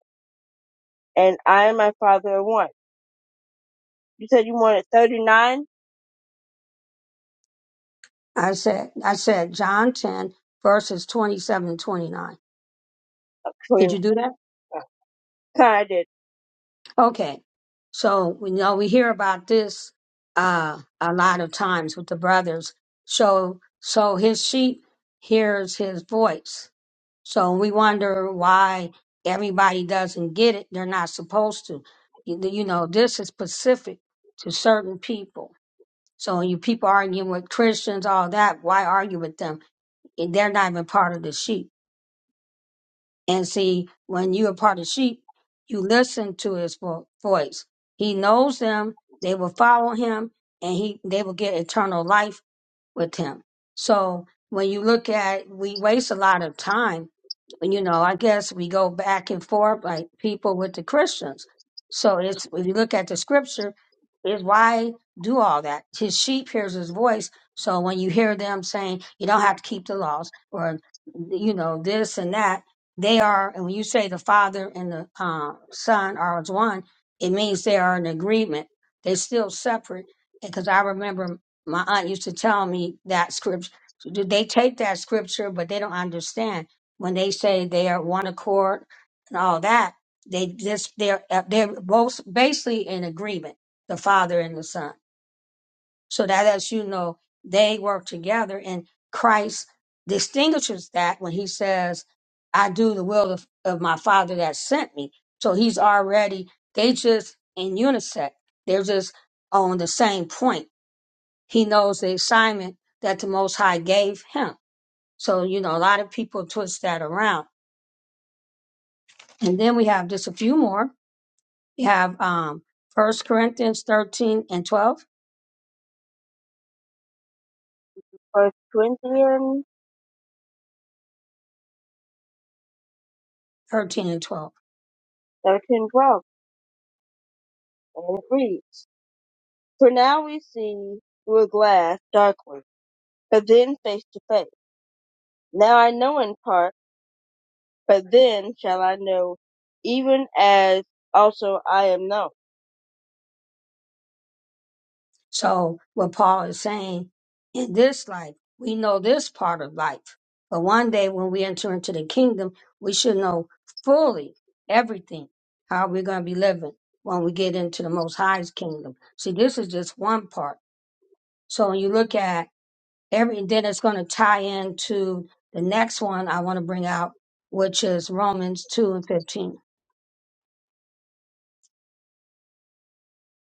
[SPEAKER 3] And I and my Father are one. You said you wanted 39? Oh, 29. I did. First Corinthians thirteen twelve. And it reads, For now we see through a glass darkly, but then face to face. Now I know in part, but then shall I know, even as also I am known.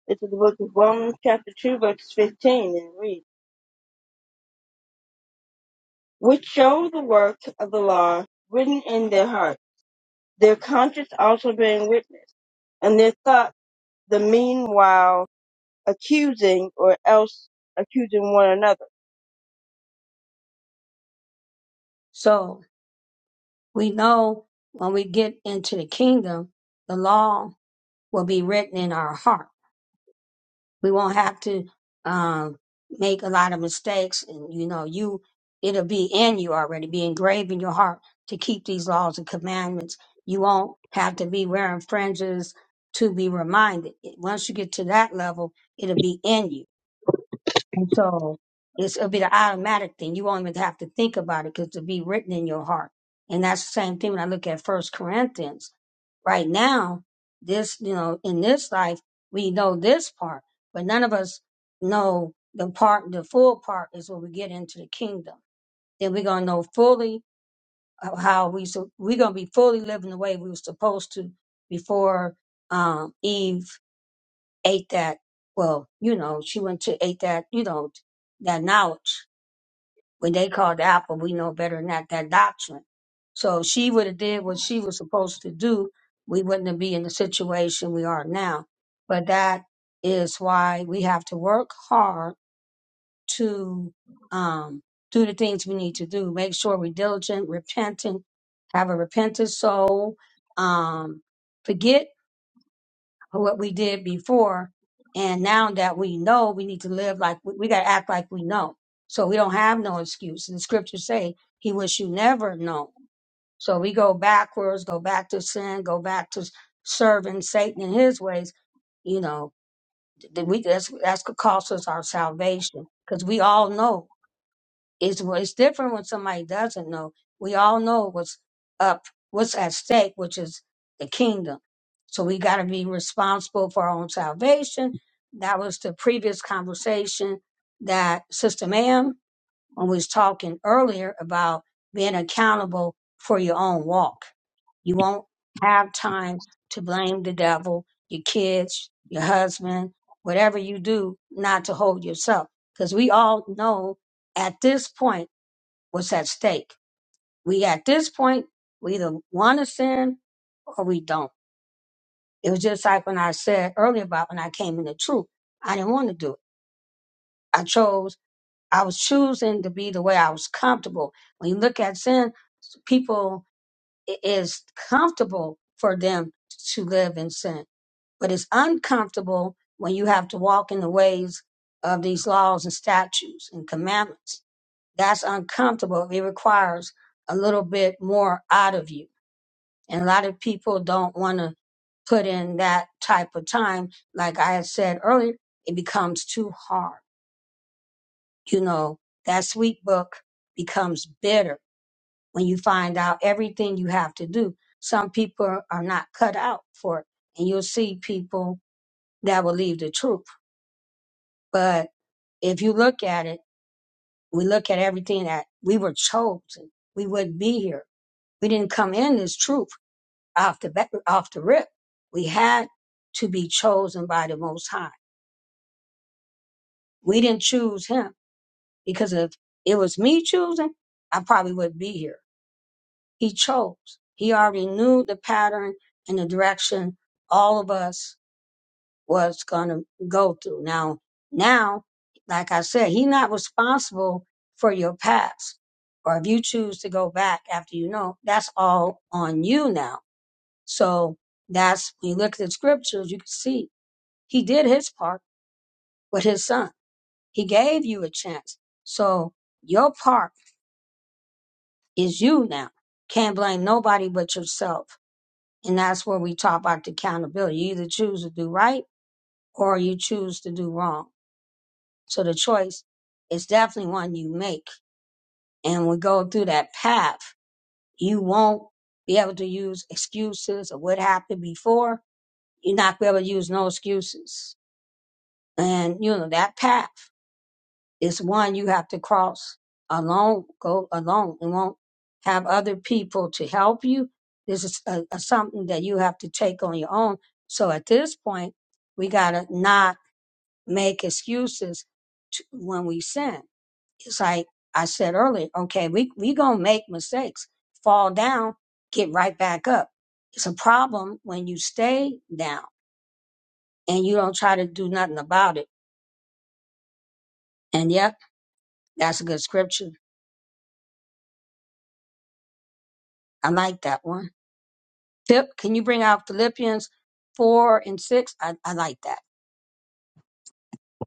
[SPEAKER 3] This is the book of Romans chapter 2 verse 15 and it reads, Which show the work of the law written in their heart, their conscience also being witness, and their thoughts the meanwhile accusing or else accusing one another.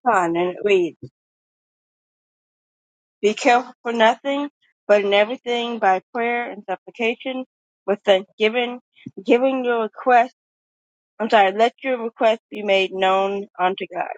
[SPEAKER 3] Con, and it reads, Be careful for nothing, but in everything by prayer and supplication with thanksgiving, giving your request, I'm sorry, let your request be made known unto God.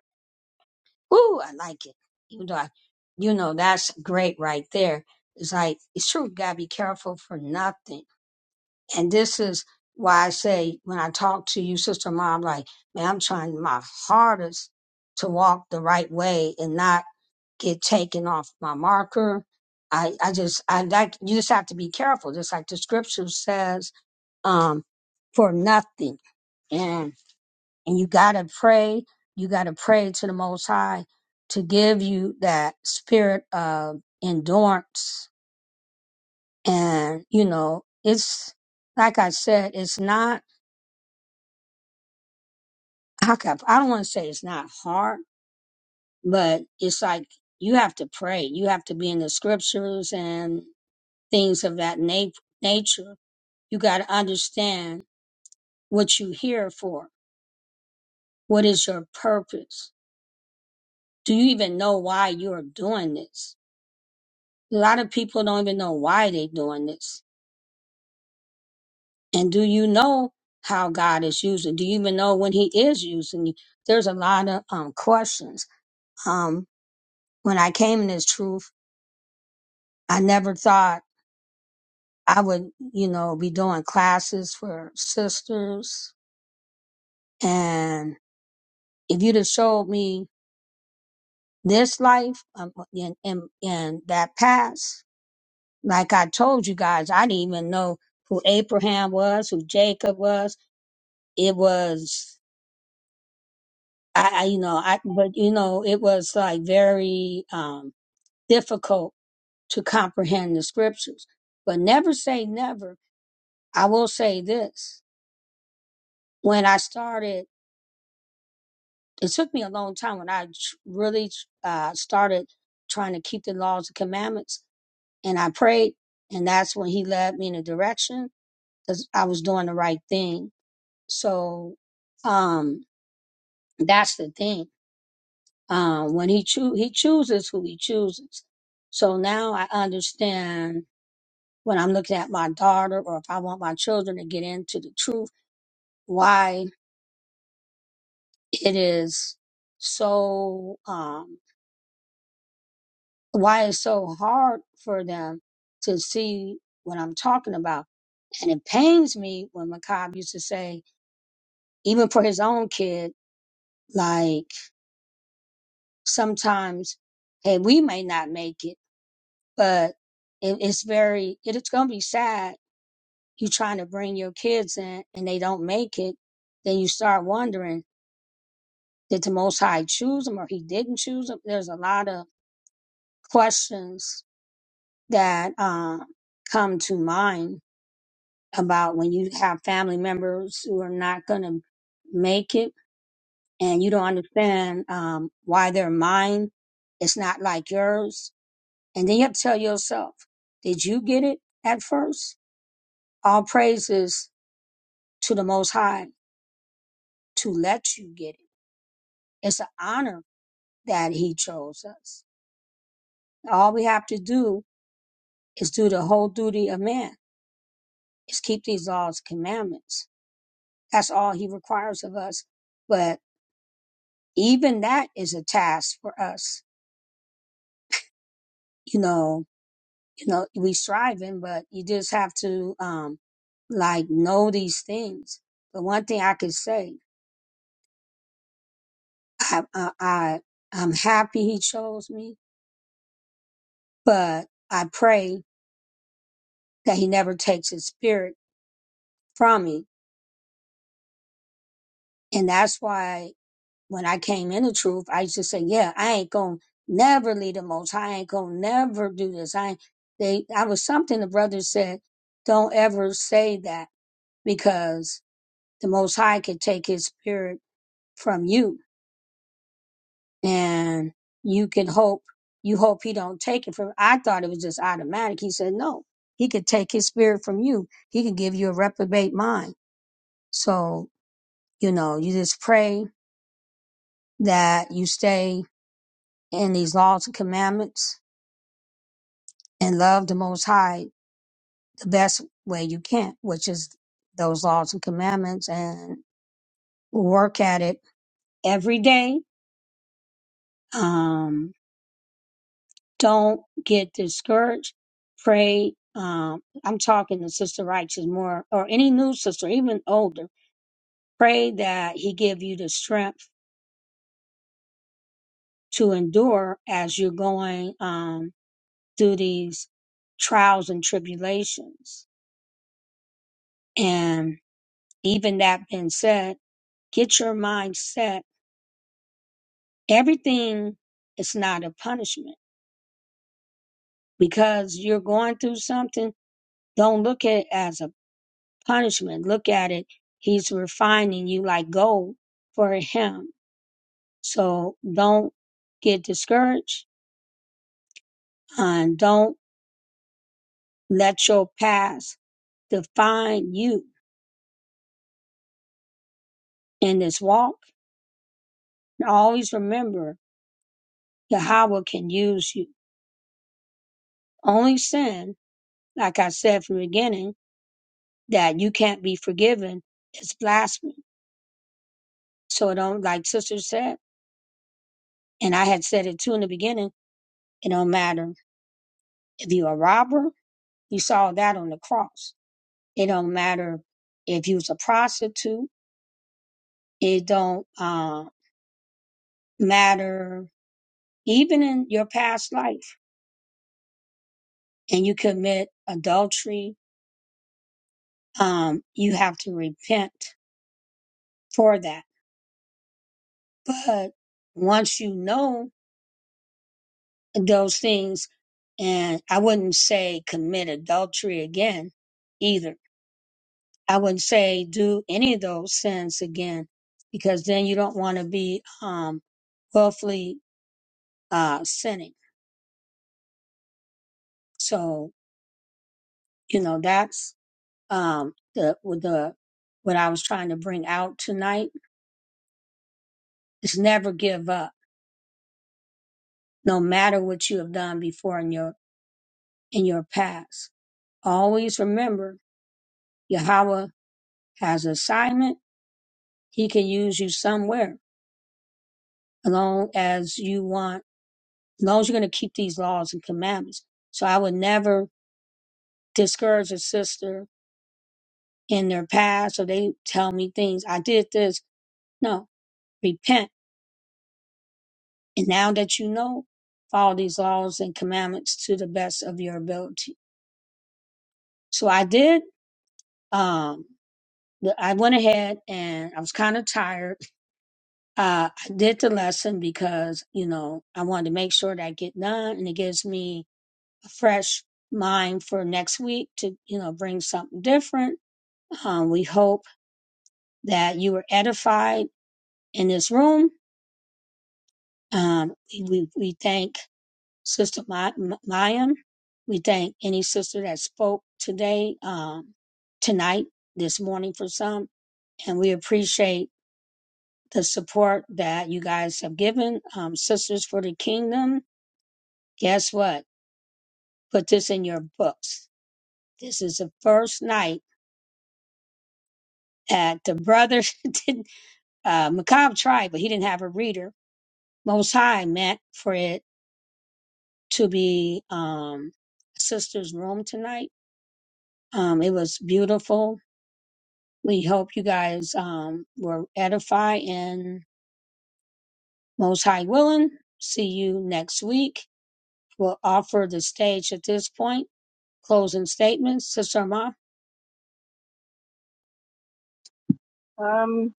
[SPEAKER 3] Um,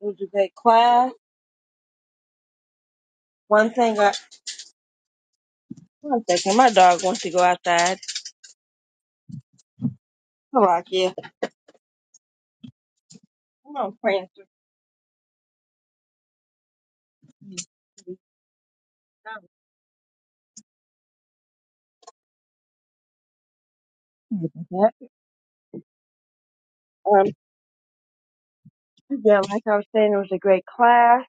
[SPEAKER 3] it was a good class. One thing I, one second, my dog wants to go outside. Come on, yeah. Come on, Prancer. Um, yeah, like I was saying, it was a great class.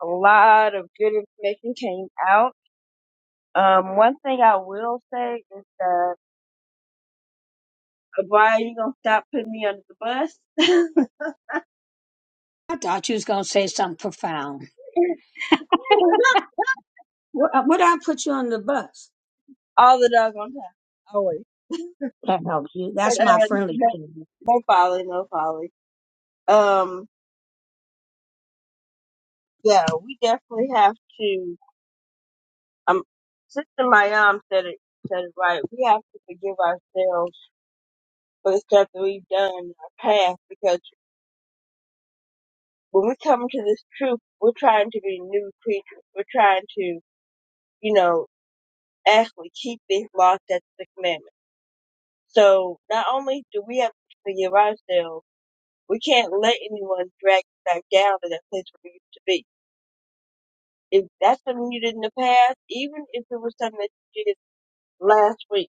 [SPEAKER 3] A lot of good information came out Um, one thing I will say is that uh, Brian, you gonna stop putting me under the bus all the doggone time, always. Uh, no, no folly, no folly. Um, yeah, we definitely have to. Um, Sister Mayam said it said it right. We have to forgive ourselves for the stuff that we've done in our past because when we come to this truth, we're trying to be new creatures. We're trying to, you know, actually keep these laws that's the commandments. So not only do we have to forgive ourselves, we can't let anyone drag us back down to that place where we used to be. If that's something you did in the past, even if it was something that you did last week,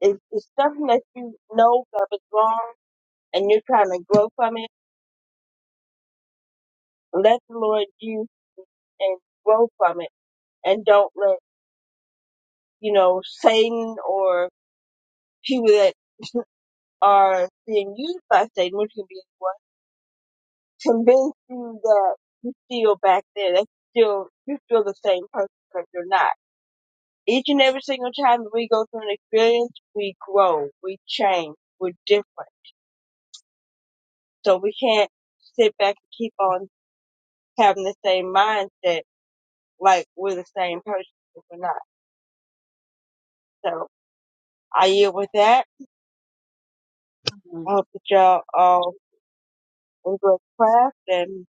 [SPEAKER 3] if it's something that you know that was wrong and you're trying to grow from it, let the Lord use you and grow from it. And don't let, you know, Satan or people that are being used by Satan, which can be anyone, convince you that you still back there, that still you still the same person because you're not. Each and every single time that we go through an experience, we grow, we change, we're different. So we can't sit back and keep on having the same mindset like we're the same person if we're not. So I yield with that. I hope that y'all all enjoy the class and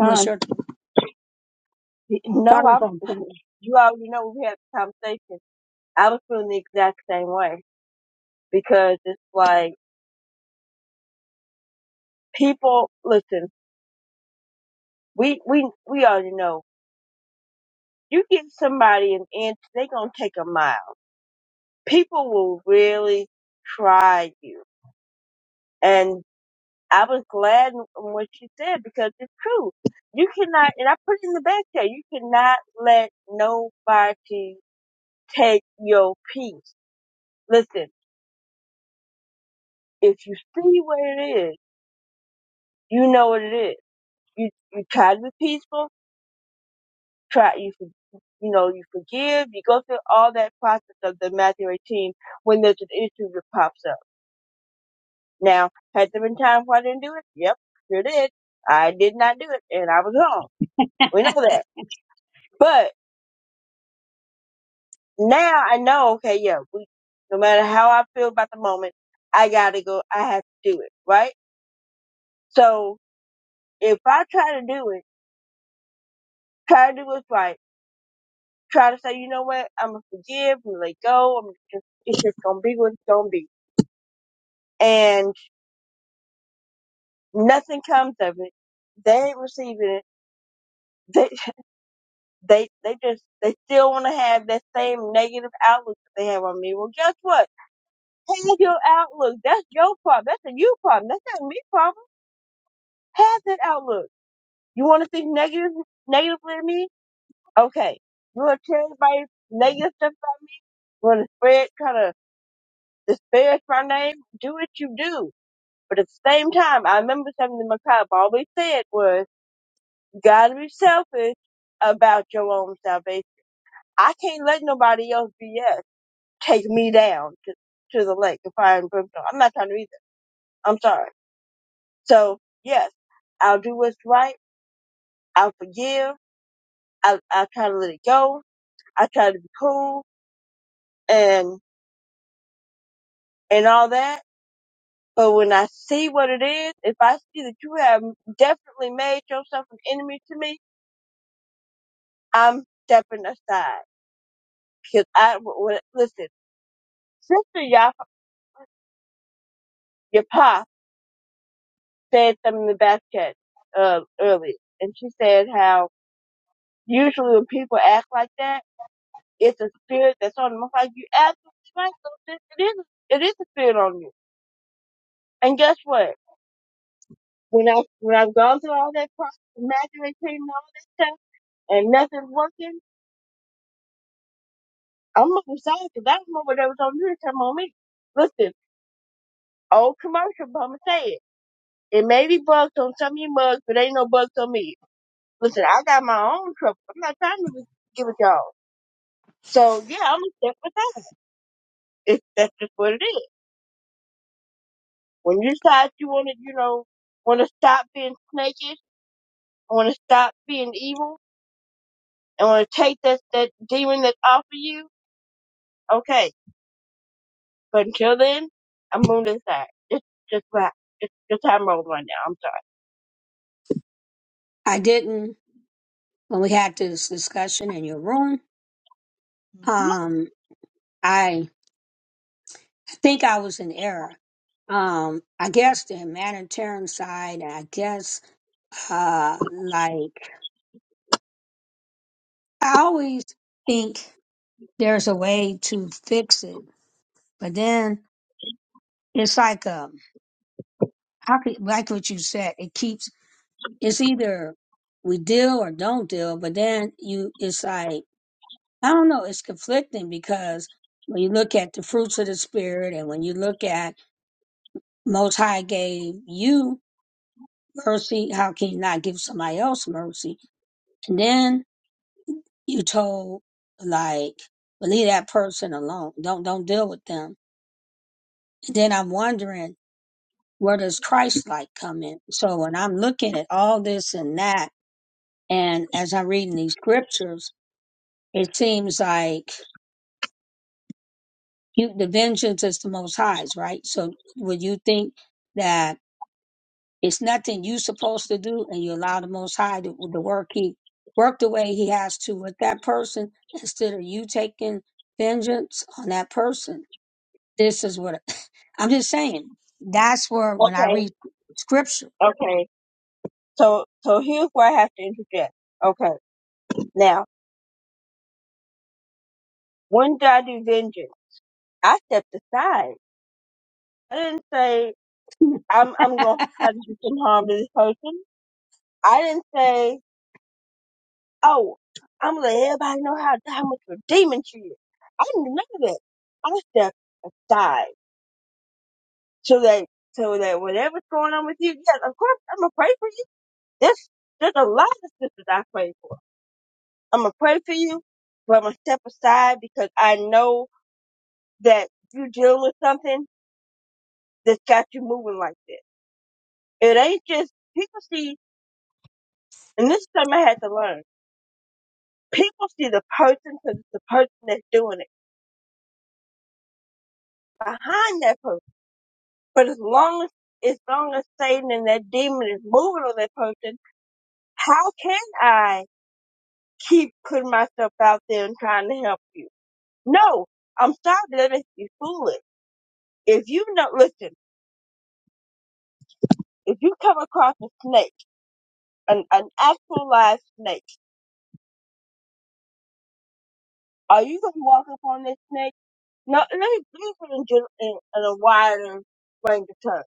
[SPEAKER 3] time. No, I'm you already know we had the conversation. I was feeling the exact same way because it's like people listen we we we already know you get somebody an inch they gonna take a mile people will really try you and i was glad in what you said because it's true you cannot and i put it in the back there you cannot let nobody take your peace listen if you see what it is you know what it is you you try to be peaceful try you for- you know you forgive you go through all that process of the matthew 18 when there's an issue that pops up now had there been times where i didn't do it yep sure did i did not do it and i was wrong we know that but now i know okay yeah we no matter how i feel about the moment i gotta go i have to do it right so if i try to do it try to do what's right try to say you know what i'm gonna forgive i'm gonna let go i'm just it's just gonna be what it's gonna be And nothing comes of it. They ain't receiving it. They they they just they still want to have that same negative outlook that they have on me. Well, guess what? Have your outlook. That's your problem. That's a you problem. That's not me problem. Have that outlook. You want to think negative negatively of me? Okay. You want to tell everybody negative stuff about me? You want to spread kind of disparage my name? Do what you do. But at the same time, I remember something that my cop always said was gotta be selfish about your own salvation. I can't let nobody else BS take me down to, to the lake of fire and brimstone. I'm not trying to read that. I'm sorry. So yes, I'll do what's right. I'll forgive. I I try to let it go. I try to be cool and and all that. But when I see what it is, if I see that you have definitely made yourself an enemy to me, I'm stepping aside because I w- w- listen, sister Yapa, Yapa said something in the back chat uh, earlier, and she said how usually when people act like that, it's a spirit that's on them. I'm like, you absolutely right, so sis, it is, it is a spirit on you. And guess what? When I when I've gone through all that process, imaginary training, and all that stuff, and nothing's working, I'm looking sad because I don't know what that was on you to come on me. Listen, old commercial, but I'ma say it. It may be bugs on some of you mugs, but ain't no bugs on me. Listen, I got my own trouble. I'm not trying to give it y'all. So yeah, I'm gonna step with that. If that's just what it is. When you decide you wanna, you know, wanna stop being snakish, wanna stop being evil, and wanna take that that demon that's off of you, okay. But until then, I'm on this side. Just just right just just how I'm rolling right now. I'm sorry. Okay, okay. So so here's where I have to interject. Okay. Now, when did I do vengeance? I stepped aside. I didn't say I'm I'm gonna try to do some harm to this person. I didn't say, oh, I'm gonna let everybody know how, how much of a demon she is. I didn't do none of that. I stepped aside so that so that whatever's going on with you, yes, of course I'm gonna pray for you. There's there's a lot of sisters I pray for. I'm gonna pray for you, but I'm gonna step aside because I know that you dealing with something that's got you moving like this. It ain't just people see, and this is something I had to learn. People see the person because it's the person that's doing it. Behind that person But as long as as long as Satan and that demon is moving on that person, how can I keep putting myself out there and trying to help you? No, I'm sorry, but that makes you foolish. If you know, listen, if you come across a snake, an, an actual live snake, are you going to walk up on this snake? No, let me let me put it in, gen- in, in a wider range of terms.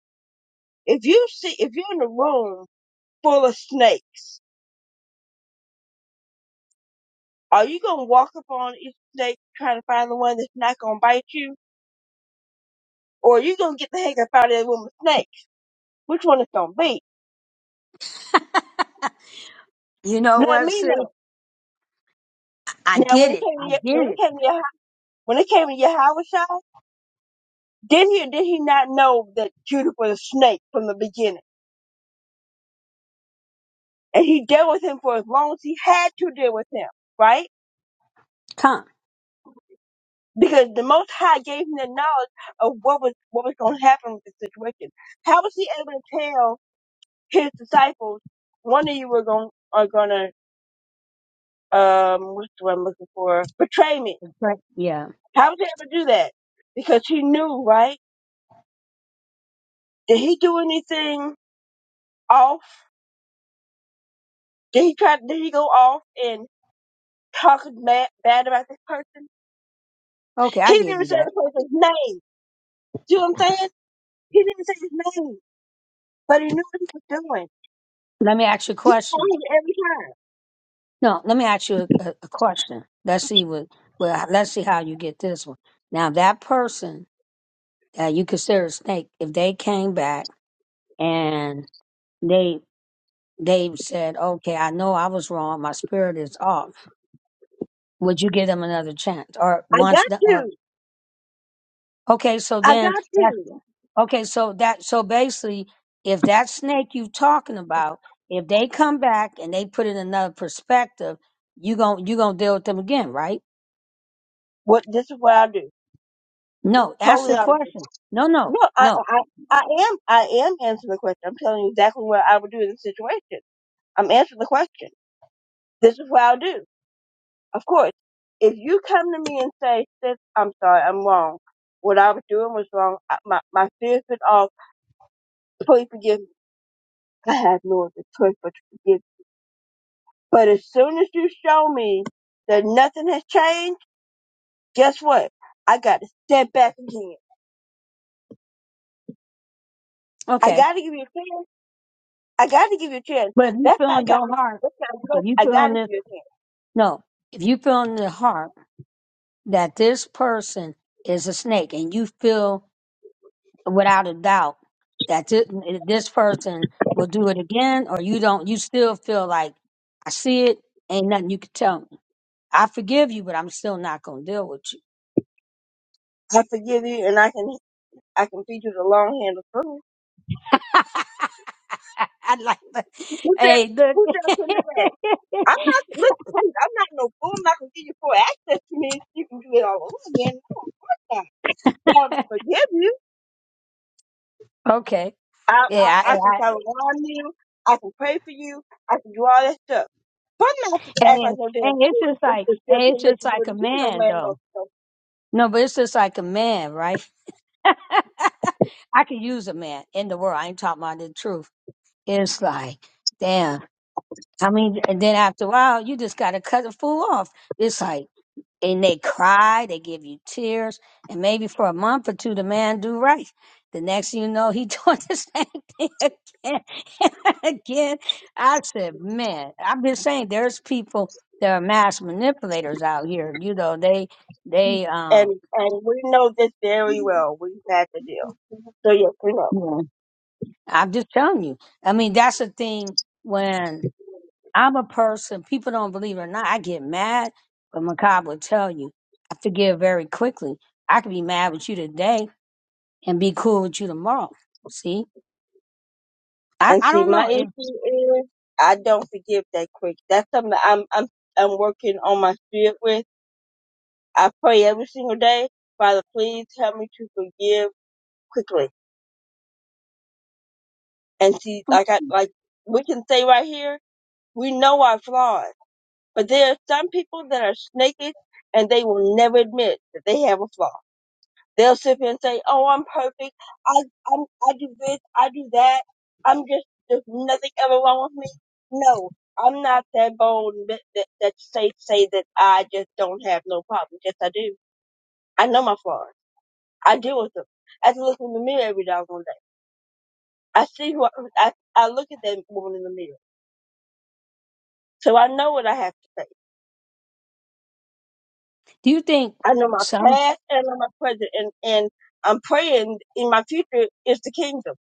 [SPEAKER 3] If you see, if you're in a room full of snakes Are you gonna walk up on each snake trying to find the one that's not gonna bite you? Or are you gonna get the heck up out of that woman's snake? Which one it's gonna be? Let me know. Now when it came to your, when it came to your, when it came to your Yahawashai, did he or did he not know that Judah was a snake from the beginning? And he dealt with him for as long as he had to deal with him, right? Because the Most High gave him the knowledge of what was what was going to happen with the situation. How was he able to tell his disciples, one of you were going are gonna um, what's the word I'm looking for? Betray me. How would they ever do that? Because he knew, right? Did he do anything off? Did he try? Did he go off and talk mad, bad about this person? He didn't even say the person's name. Do you know what I'm saying? He didn't say his name, but he knew what he was doing. He told him every time, "I got you. I got you." What? This is what I do. Totally honestly. No, I, I, I I am, I am answering the question. I'm telling you exactly what I would do in this situation. I'm answering the question. This is what I'll do. Of course, if you come to me and say, sis, I'm sorry, I'm wrong. What I was doing was wrong. I, my, my fear's been off. Please forgive me. I have no other choice but to forgive. you. But as soon as you show me that nothing has changed, guess what? I got to step back again. I got to give you a chance. I got to give you a chance. That's why God, that's how I go. I got to give you a chance. I forgive you and I can, I can feed you the long handle. Who said, who said I couldn't do that? I'm not look. Please, I'm not no fool. I'm not gonna give you full access to me. You can do it all over again. No, of course not. But I'm gonna forgive you. I, I I can shower on you. I can pray for you. I can do all that stuff. But I'm not to act like no damn fool and, and just get up here and let you do it again. No man no. So- And and we know this very well. We've had the deal. So yes, we know. And see, my issue is I don't forgive that quick. That's something that I'm I'm I'm working on my spirit with I pray every single day, Father, please help me to forgive quickly. And see, like I, like we can say right here, we know our flaws, but there are some people that are snakish and they will never admit that they have a flaw. They'll sit here and say, "Oh, I'm perfect. I, I'm, I do this. I do that. I'm just there's nothing ever wrong with me." No, I'm not that bold and that that, that say say that I just don't have no problem. Yes, I do. I know my flaws. I deal with them. I have to look in the mirror every doggone day. I see who I, I, I look at that woman in the mirror. So I know what I have to face. I know my past and I know my present and, and I'm praying in my future is the kingdom.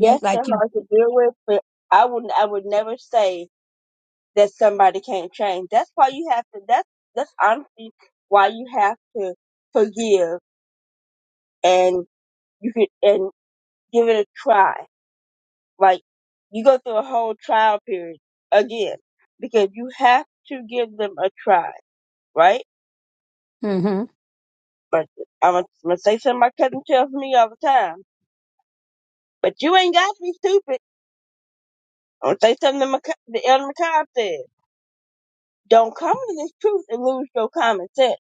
[SPEAKER 3] Yes, they're hard to deal with, but I would, I would never say that somebody can't change. That's why you have to, that's, that's honestly why you have to forgive and you could, and give it a try Like you go through a whole trial period again because you have to give them a try, right? But I'm gonna I'm gonna say something my cousin tells me all the time. But you ain't got to be stupid. I'm gonna say something that my, cou- the elder McCobb said. Don't come to this truth and lose your common sense.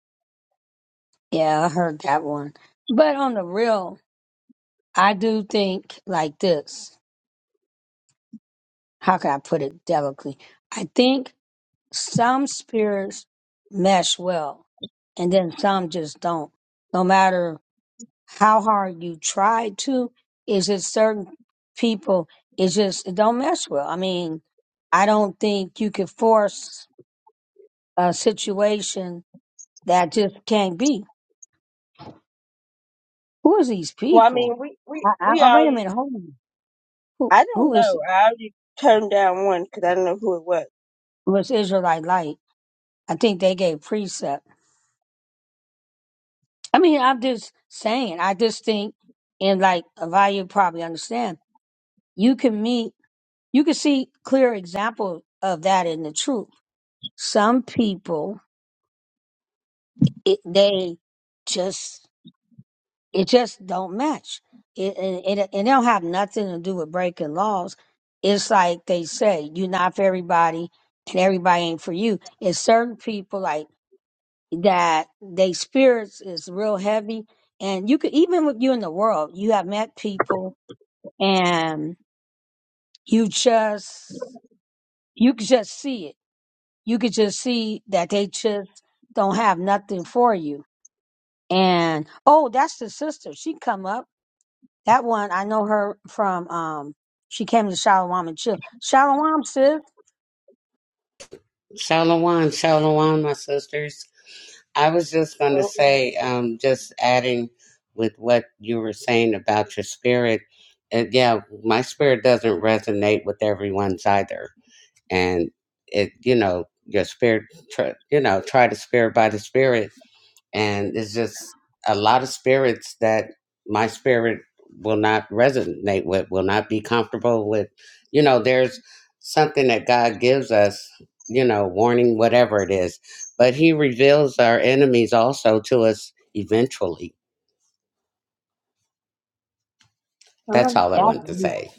[SPEAKER 3] Well, I mean, we we we already. I don't know. I already turned down one because I didn't know who it was.
[SPEAKER 10] Shalom, shalom, my sisters. I was just going to
[SPEAKER 3] So,
[SPEAKER 10] say, um, just adding with what you were saying about your spirit. Uh, yeah, my spirit doesn't resonate with everyone's either, and it, you know, your spirit, tr- you know, try the spirit by the spirit and it's just a lot of spirits that my spirit will not resonate with will not be comfortable with you know there's something that god gives us you know warning whatever it is but he reveals our enemies also to us eventually that's
[SPEAKER 3] um,
[SPEAKER 10] all i wanted to say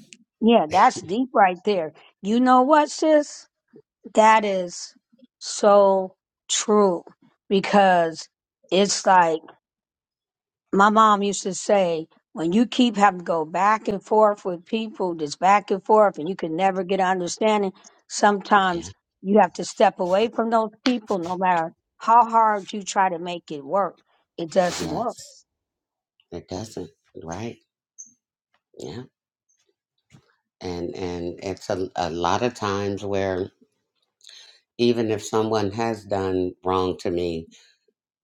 [SPEAKER 10] yeah yes it doesn't right yeah and and it's a, a lot of times where even if someone has done wrong to me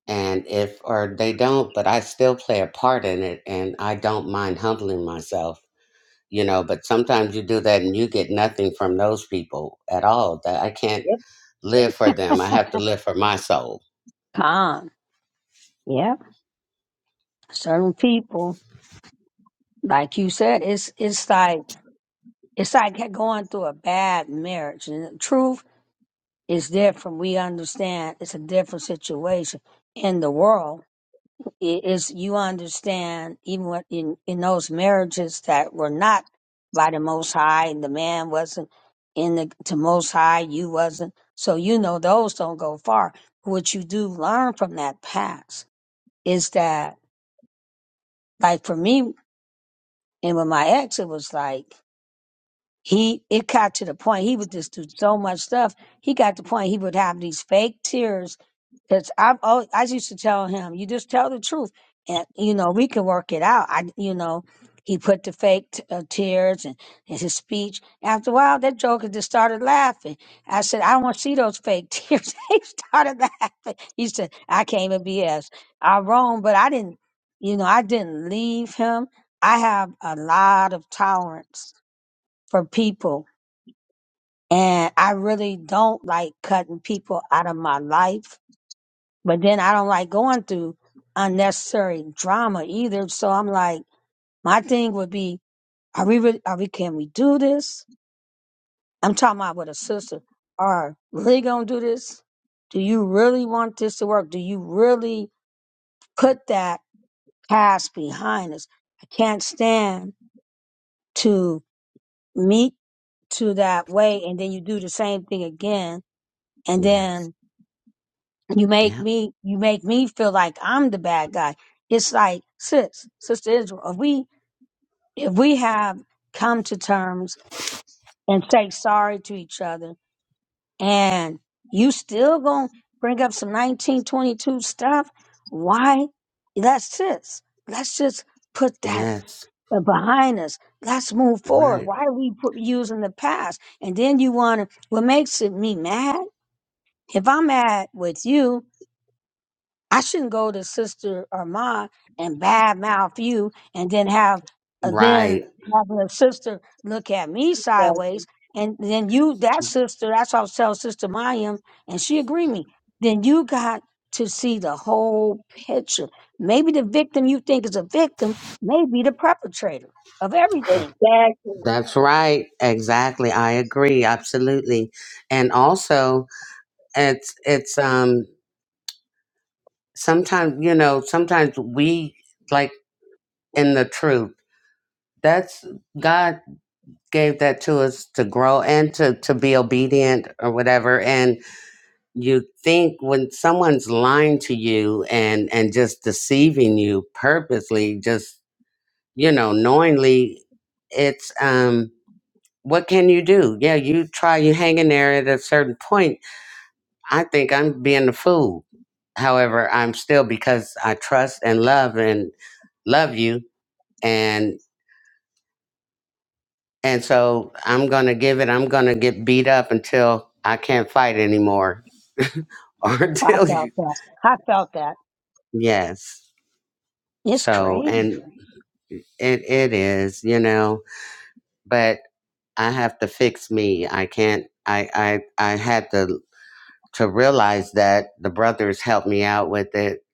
[SPEAKER 10] and if or they don't but i still play a part in it and i don't mind humbling myself you know but sometimes you do that and you get nothing from those people at all that i can't
[SPEAKER 3] yep,
[SPEAKER 10] live for them i have to live for my soul yes yeah yes right right
[SPEAKER 3] that's exactly.
[SPEAKER 10] that's right exactly i agree absolutely and also it's it's um sometimes you know sometimes we like in the truth that's God gave that to us to grow and to, to be obedient or whatever. And you think when someone's lying to you and, and just deceiving you purposely, just, you know, knowingly, it's, um, what can you do? Yeah, you try, you hang in there at a certain point. I think I'm being the fool. However, I'm still because I trust and love and love you. and. And so I'm going to give it, I'm going to get beat up until I can't fight anymore or until you, yes. So, and it, it is, you know, but I have to fix me. I can't, I, I, I had to, to realize that the brothers helped me out with it.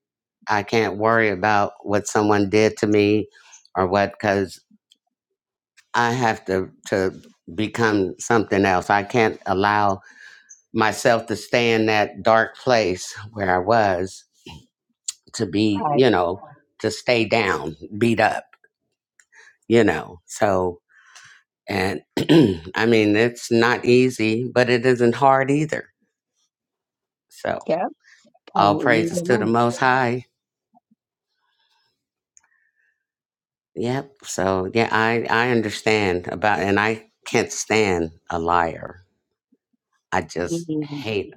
[SPEAKER 10] I can't worry about what someone did to me or what, cause I have to, to become something else. I can't allow myself to stay in that dark place where I was to be, you know, to stay down, beat up, you know. So, and I mean, it's not easy, but it isn't hard either. So, all praises to the Most High. Yep. So, yeah, I I understand about, and I can't stand a liar. I just hate.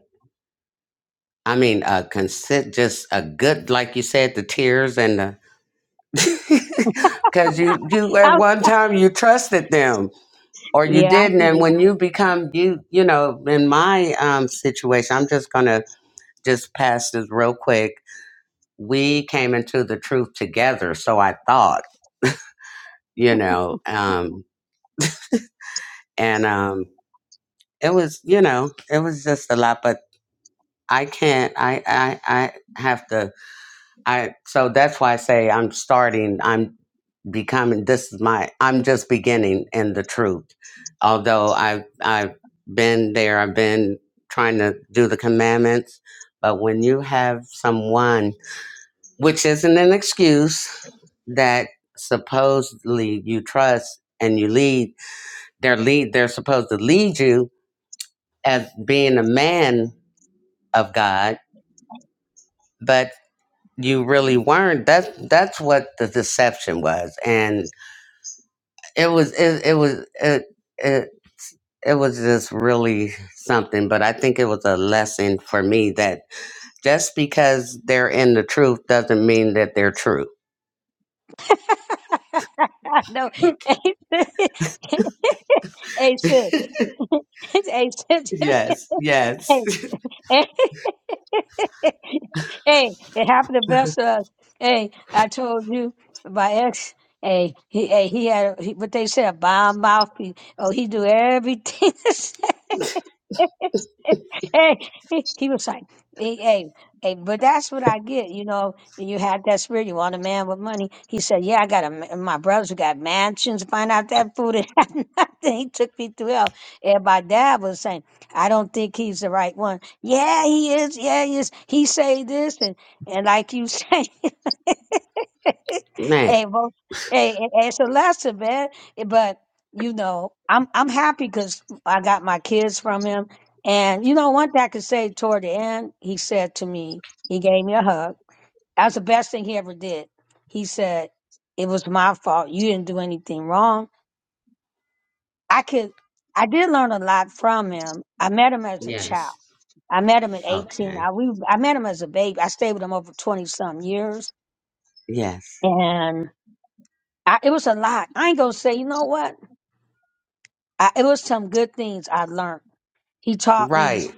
[SPEAKER 10] I mean, uh, consi- just a good, like you said, the tears and the Cause you you at one time you trusted them or you didn't and when you become you you know, in my um situation, I'm just gonna just pass this real quick. We came into the truth together, so I thought, you know, um and um it was you know, it was just a lot, but I can't I I I have to I so that's why I say I'm starting. I'm becoming. This is my. I'm just beginning in the truth. Although I've I've been there. I've been trying to do the commandments. But when you have someone, which isn't an excuse, that supposedly you trust and you lead, their lead. They're supposed to lead you as being a man of God, but you really weren't that's that's what the deception was and it was it, it was it, it it was just really something but i think it was a lesson for me that just because they're in the truth doesn't mean that they're true yes yes man yes okay yes right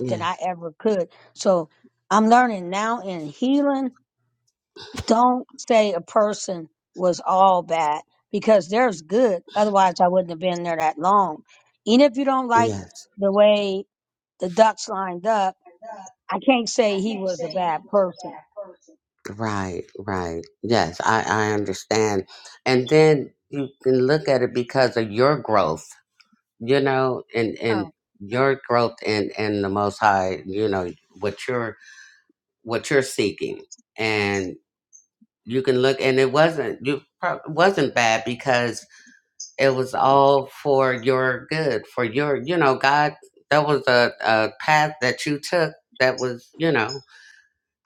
[SPEAKER 10] yes yes right right yes i i understand and then you can look at it because of your growth you know, and and your growth in in the Most High, you know, what you're what you're seeking, and you can look, and it wasn't you prob- wasn't bad because it was all for your good, for your, you know, God. That was a, a path that you took. That was, you know,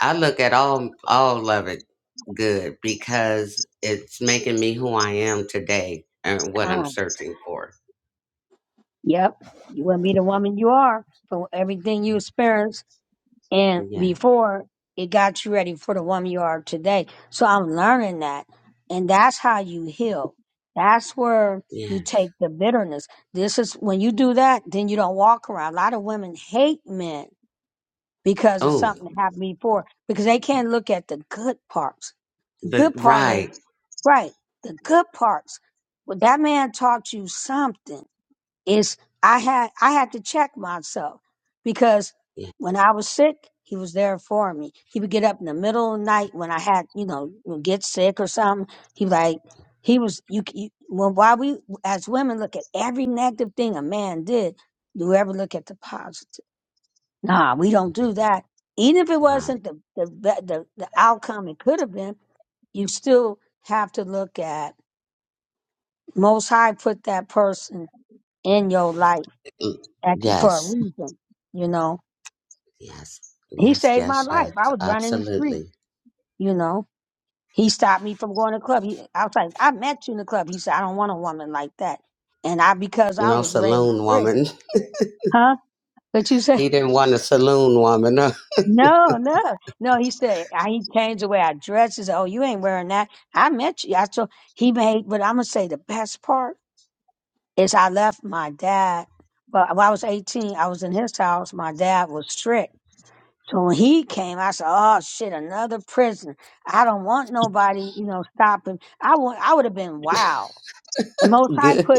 [SPEAKER 10] I look at all all of it good because it's making me who I am today and what I'm searching for. Yeah, yeah. yeah. Oh. The right. Yeah, right. Mm, Yes. Yes. Yes, yes, yes. Absolutely. No saloon woman. He didn't want a saloon woman. Good.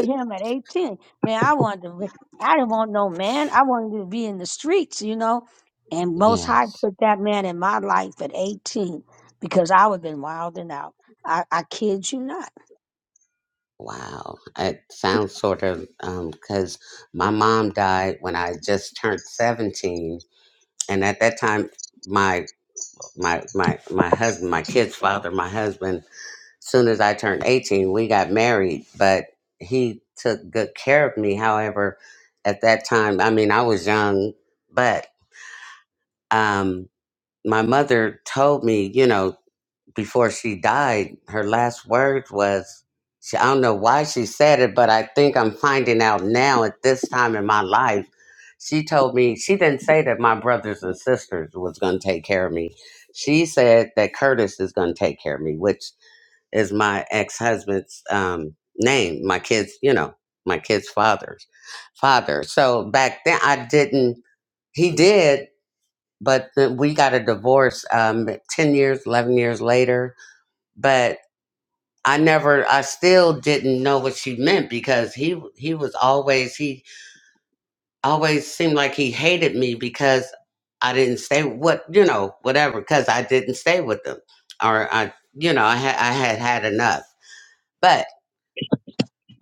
[SPEAKER 10] Yes. Wow. It sounds sort of um cuz my mom died when I just turned 17 and at that time my my my my husband, my kid's father, my husband soon as I turned 18, we got married, but he took good care of me. However, at that time, I mean, I was young, but um, my mother told me, you know, before she died, her last words was, she, I don't know why she said it, but I think I'm finding out now at this time in my life. She told me, she didn't say that my brothers and sisters was going to take care of me. She said that Curtis is going to take care of me, which is my ex-husband's um, name my kids you know my kids father's father so back then i didn't he did but then we got a divorce um, 10 years 11 years later but i never i still didn't know what she meant because he he was always he always seemed like he hated me because i didn't stay what you know whatever because i didn't stay with them or i you know i, had I had had enough but.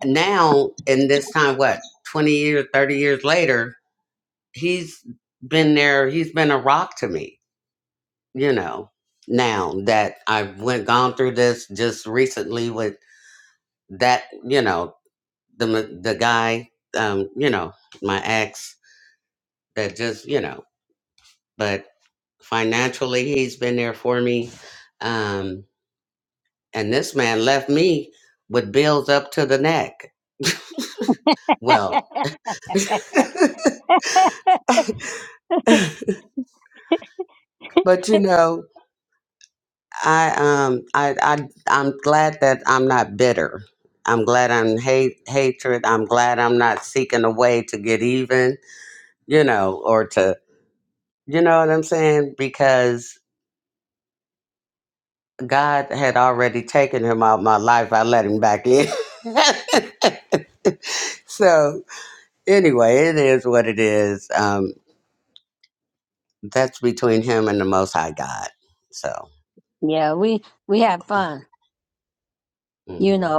[SPEAKER 10] now in this time what 20 years 30 years later he's been there he's been a rock to me you know now that i've went gone through this just recently with that you know the m- the guy um you know my ex that just you know but financially he's been there for me um and this man left me with bills up to the neck well but you know I um I I I'm glad that I'm not bitter. I'm glad I'm hate hatred. I'm glad I'm not seeking a way to get even, you know, or to you know what I'm saying? Because God had already taken him out of my life. I let him back in. so anyway, it is what it is. Um, that's between him and the Most High God. So mhm.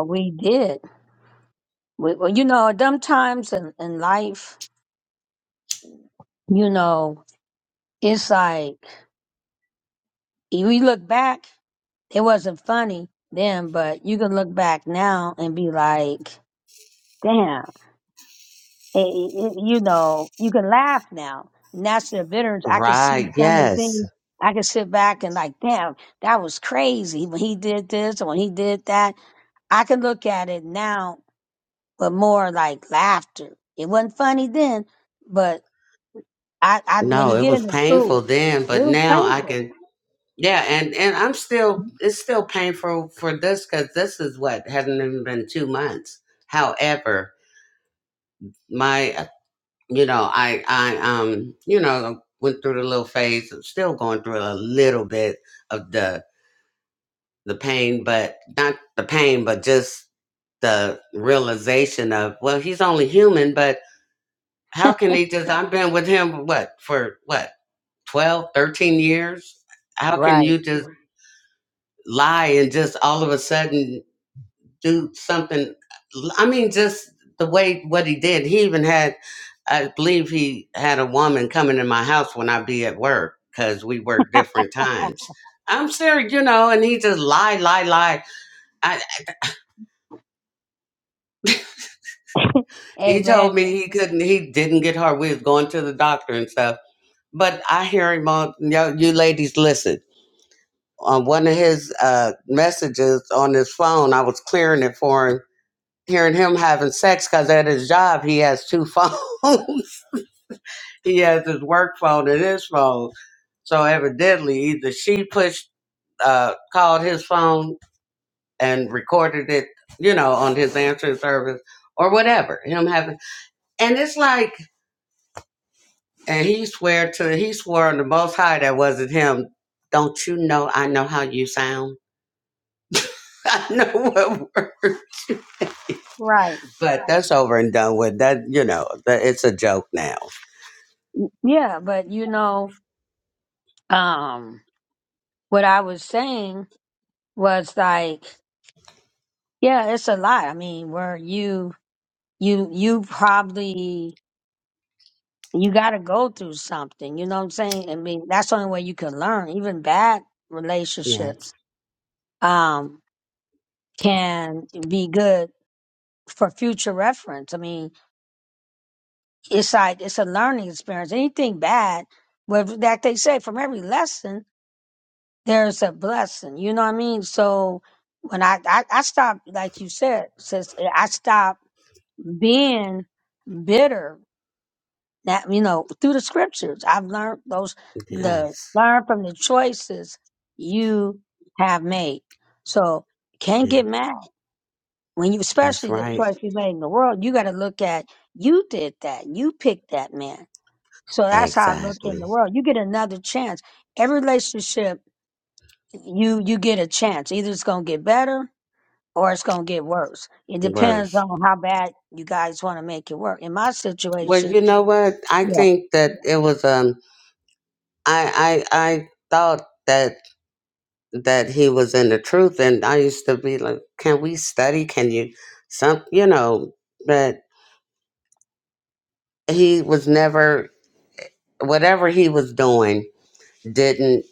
[SPEAKER 10] right, yes. No, it was painful then, but now I can Yeah, and and I'm still it's still painful for this because this is what hasn't even been two months. However, my uh, you know I I um you know went through the little phase. I'm still going through a little bit of the the pain, but not the pain, but just the realization of well, he's only human, but how can he just? I've been with him what for what 12, 13 years. How can you just lie and just all of a sudden? do something. I mean, just the way what he did. He even had, I believe he had a woman coming in my house when I be at work because we work different times. I'm serious, you know, and he just lied, lie, lie. I, he told me he couldn't, he didn't get her. We was going to the doctor and stuff. But I hear him on, yo, you ladies, listen. On one of his uh, messages on his phone, I was clearing it for him, hearing him having sex because at his job he has two phones. he has his work phone and his phone. So evidently, either she pushed, uh, called his phone and recorded it, you know, on his answering service or whatever. Him having, and it's like, and he swear to, he swore on the Most High that wasn't him. Don't you know? I know how you sound. I know what word. But that's over and done with. That you know, that it's a joke now. Yes, yes, yeah, that's right. Exactly. worse. Well, you know what? I think that it was um I I I thought that that he was in the truth and I used to be like, Can we study? Can you some you know, but he was never whatever he was doing didn't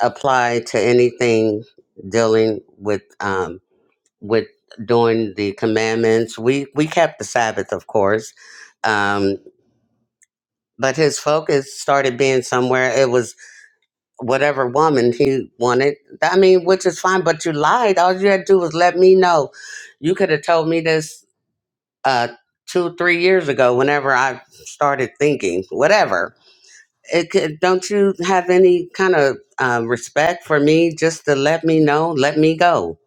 [SPEAKER 10] apply to anything dealing with um with doing the commandments. We we kept the Sabbath of course. Um but his focus started being somewhere. It was. whatever woman he wanted. I mean, which is fine, but you lied. All you had to do was let me know. You could have told me this uh, two, three years ago, whenever I started thinking, whatever. It could, don't you have any kind of uh, respect for me just to let me know, let me go,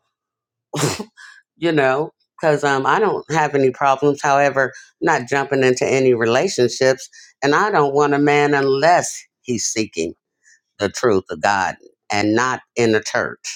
[SPEAKER 10] you know? Because um, I don't have any problems. However, not jumping into any relationships, and I don't want a man unless he's seeking the truth of God and not in a church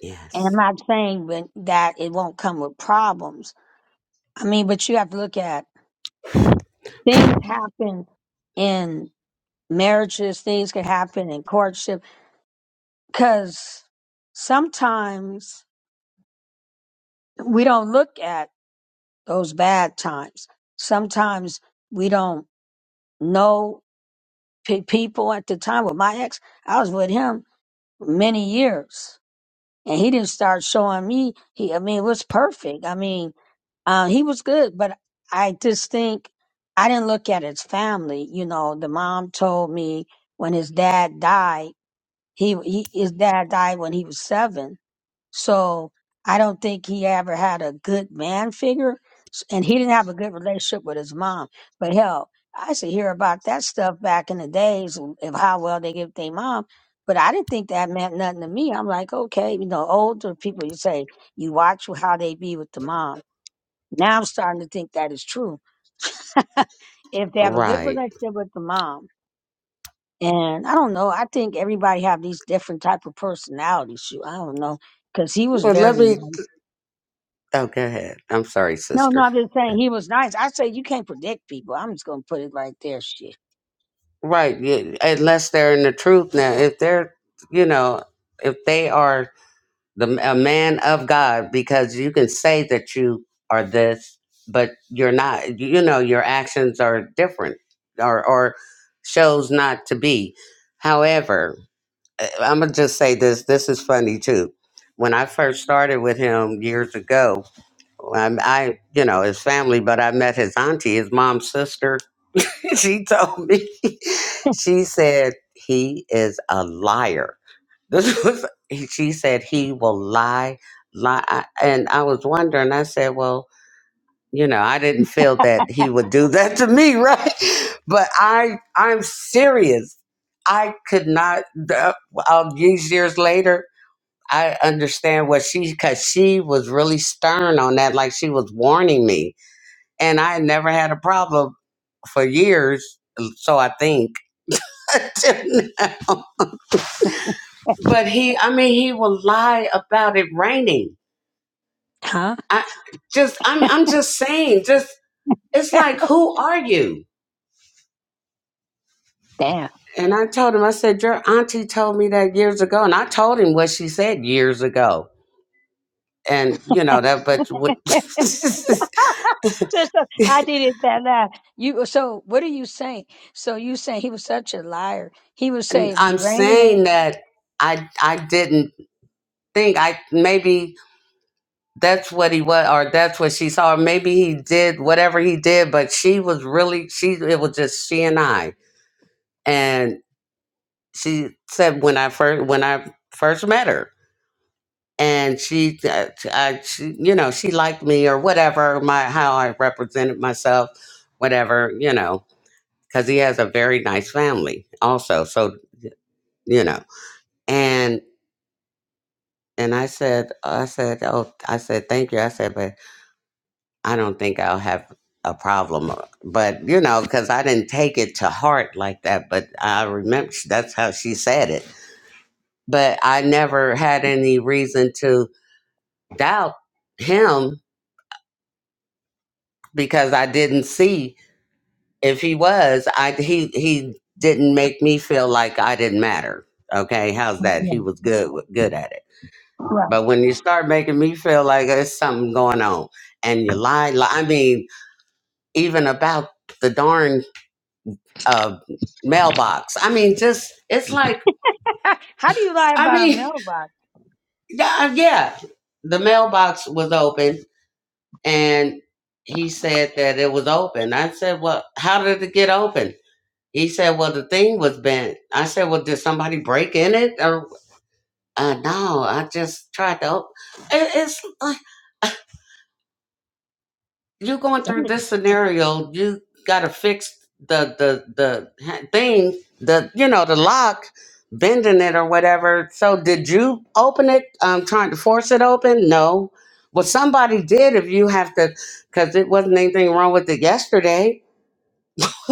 [SPEAKER 10] Yes. Right. Well, let me. Oh, go ahead. I'm sorry, sister. Right. y- Unless they're in the truth now, if they're, you know, if they are the a man of God, because you can say that you are this, but you're not. You know, your actions are different, or or shows not to be. However, I'm gonna just say this. This is funny too. When I first started with him years ago, I, I, you know, his family, but I met his auntie, his mom's sister. she told me, she said, he is a liar. This was, she said, he will lie, lie. I- And I was wondering, I said, well, you know, I didn't feel that he would do that to me, right? But I, I'm serious. I could not, uh, uh, these years later, I understand what she, because she was really stern on that, like she was warning me and I never had a problem for years. So I think, but he, I mean, he will lie about it raining. I just, I'm, I'm just saying, just it's like, who are you? And I told him, I said, your auntie told me that years ago, and I told him what she said years ago, and you know that. But what I'm saying that I, I didn't think I maybe that's what he was or that's what she saw maybe he did whatever he did but she was really she it was just she and i and she said when i first when i first met her and she, uh, I, she you know she liked me or whatever my how i represented myself whatever you know because he has a very nice family also so you know and and i said i said oh i said thank you i said but I don't think I'll have a problem. uh, But, you know, because I didn't take it to heart like that. But I remember sh- that's how she said it. But I never had any reason to doubt him because I didn't see if he was. I he he didn't make me feel like I didn't matter. Okay, how's that? He was good with- good at it. But when you start making me feel like there's something going on, and you lie, lie I mean, even about the darn a mailbox. I mean, just it's like I mean, yeah, yeah. The mailbox was open, and he said that it was open. I said, "Well, how did it get open?" He said, "Well, the thing was bent." I said, "Well, did somebody break in it?" Or uh, no, I just tried to. Open. It, it's like, you going through this scenario, you gotta fix the the the ha- thing, the you know the lock, bending it or whatever. So did you open it? Um, trying to force it open? No. Well, somebody did. If you have to, because it wasn't anything wrong with it yesterday.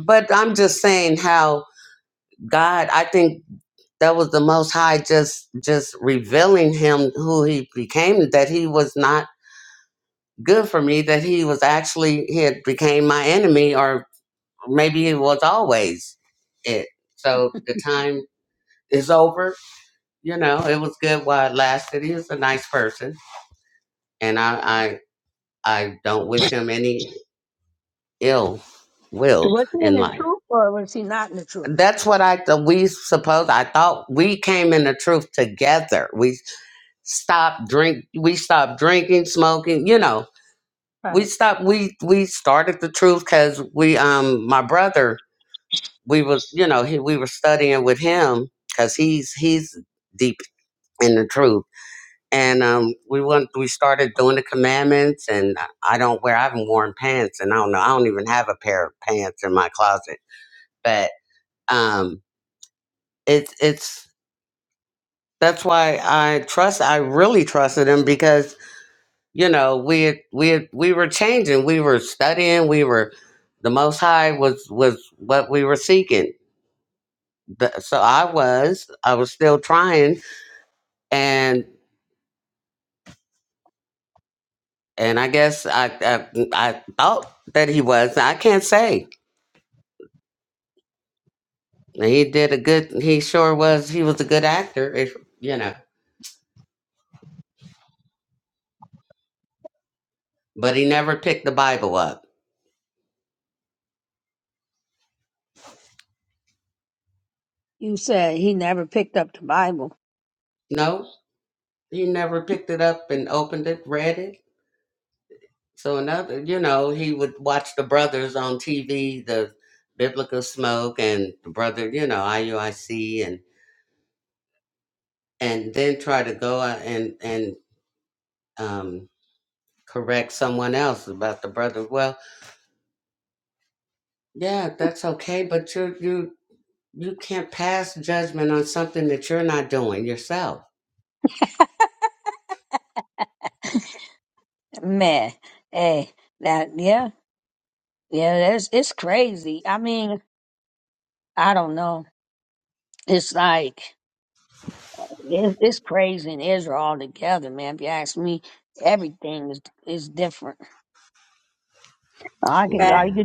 [SPEAKER 10] but I'm just saying how God. I think that was the Most High just just revealing him who he became. That he was not good for me that he was actually he had became my enemy or maybe it was always it so the time is over you know it was good while it lasted he was a nice person and i i, I don't wish him any ill will in life that's what i th- we suppose i thought we came in the truth together we stopped drink we stopped drinking smoking you know we stopped we we started the truth because we um my brother we was you know he, we were studying with him because he's he's deep in the truth and um we went we started doing the commandments and i don't wear i haven't worn pants and i don't know i don't even have a pair of pants in my closet but um it's it's that's why i trust i really trusted him because you know we had- we had- we were changing we were studying we were the most high was was what we were seeking The- so i was i was still trying and and I guess I I, I thought that he was. I can't say he did a good. He sure was. He was a good actor, if you know. But he never picked the Bible up. No, he never picked it up and opened it, read it. So another, you know, he would watch the brothers on TV, the Biblical Smoke and the brother, you know, IUIC, and and then try to go out and and um, correct someone else about the brother. Well, Yeah, that's okay, but you you you can't pass judgment on something that you're not doing yourself.
[SPEAKER 3] Back
[SPEAKER 10] Yeah.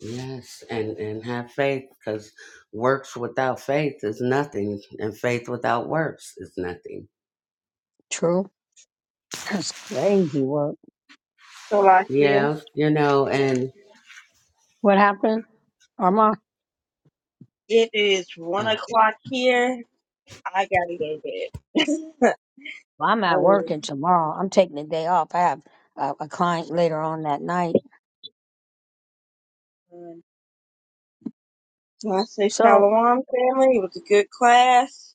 [SPEAKER 10] Yes, and and have faith because works without faith is nothing, and faith without works is nothing.
[SPEAKER 3] so like this.
[SPEAKER 10] Yeah, you know, and
[SPEAKER 3] It is one
[SPEAKER 10] oh,
[SPEAKER 3] o'clock here I got it in bed. oh, man. so I say shalom, family. It was a good class.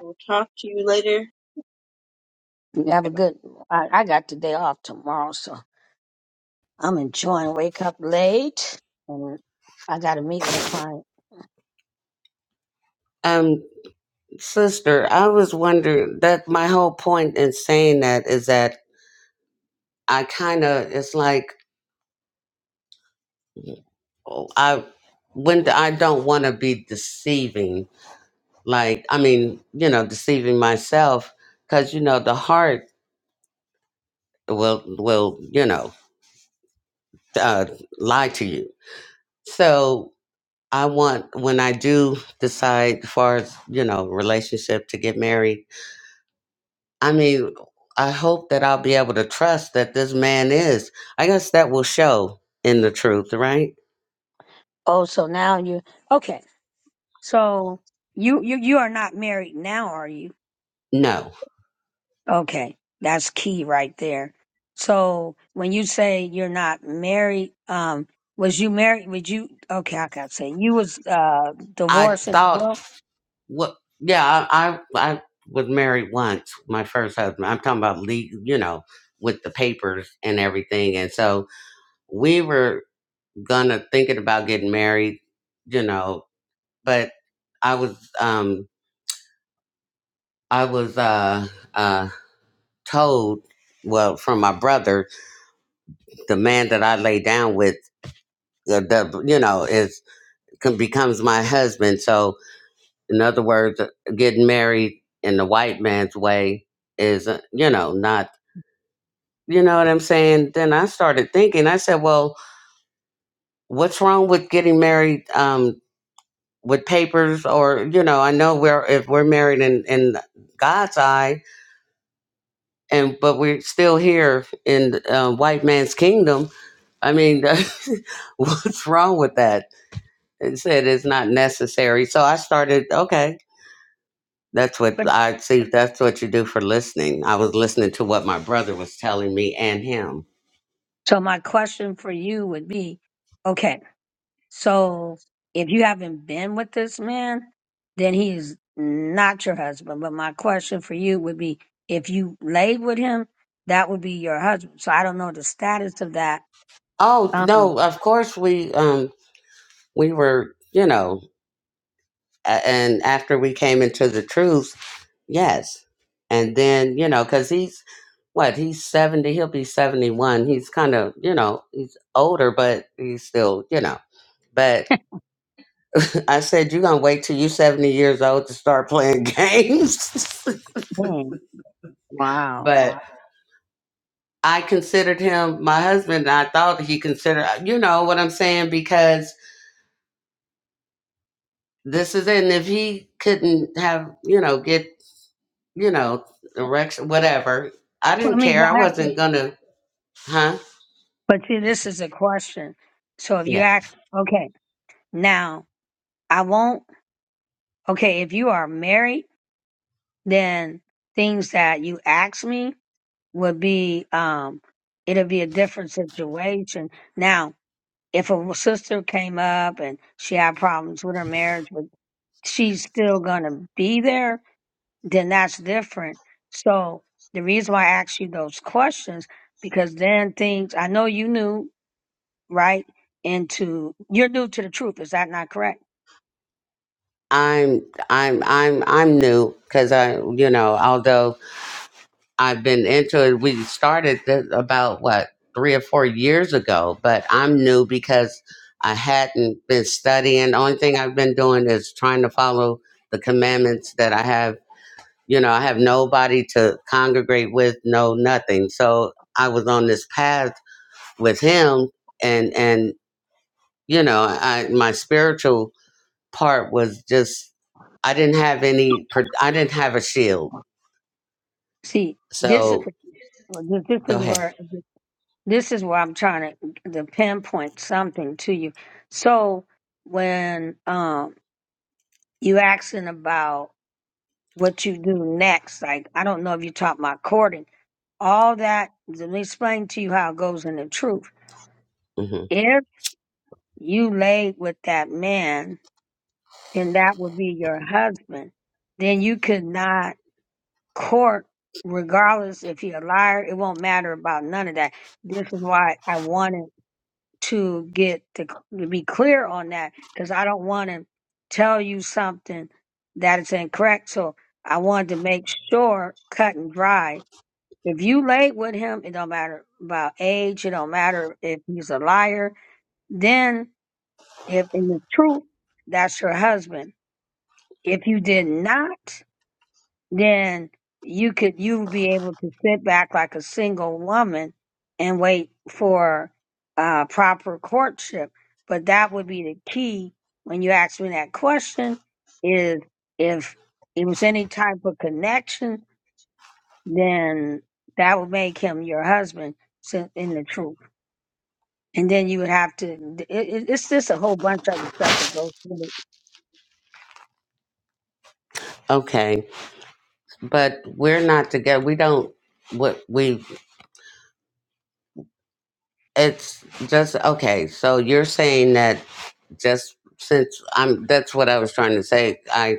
[SPEAKER 3] We'll talk to you later. Good night.
[SPEAKER 10] um, sister, I was wondering that my whole point in saying that is that I kind of it's like oh, I when I don't want to be deceiving like i mean you know deceiving myself because you know the heart will will you know uh, lie to you so i want when i do decide as far as you know relationship to get married i mean i hope that i'll be able to trust that this man is i guess that will show in the truth right no i thought What? Yeah, I, I I was married once. My first husband. I'm talking about legal, you know, with the papers and everything. And so we were gonna thinking about getting married, you know, but I was um I was uh uh told well from my brother the man that I lay down with uh, the you know is com- becomes my husband. So in other words, uh, getting married in the white man's way is uh, you know not You know what I'm saying? Then I started thinking. I said, well, what's wrong with getting married um, with papers? Or you know, I know we're if we're married in in God's eye, and but we're still here in uh, white man's kingdom. I mean, what's wrong with that? It said it's not necessary. So I started. Okay, that's what I see. That's what you do for listening. I was listening to what my brother was telling me and him. Oh no! Of course we. Um, we were, you know, a- and after we came into the truth, yes. And then, you know, because he's what, he's 70, he'll be 71. He's kind of, you know, he's older, but he's still, you know. But I said, you're going to wait till you're 70 years old to start playing games. but I considered him my husband. And I thought he considered, you know what I'm saying? Because this is it. And if he couldn't have, you know, get you know, erection, whatever. I didn't care. I wasn't gonna, huh? Yeah. I'm, I'm, I'm, I'm new because I, you know, although I've been into it, we started this about what three or four years ago, but I'm new because I hadn't been studying. The only thing I've been doing is trying to follow the commandments that I have. You know, I have nobody to congregate with, no nothing. So I was on this path with him, and and you know i my spiritual part was just i didn't have any pr- i didn't have a shield so go ahead hmm okay but we're not together we don't what we it's just okay so you're saying that just since i'm that's what i was trying to say i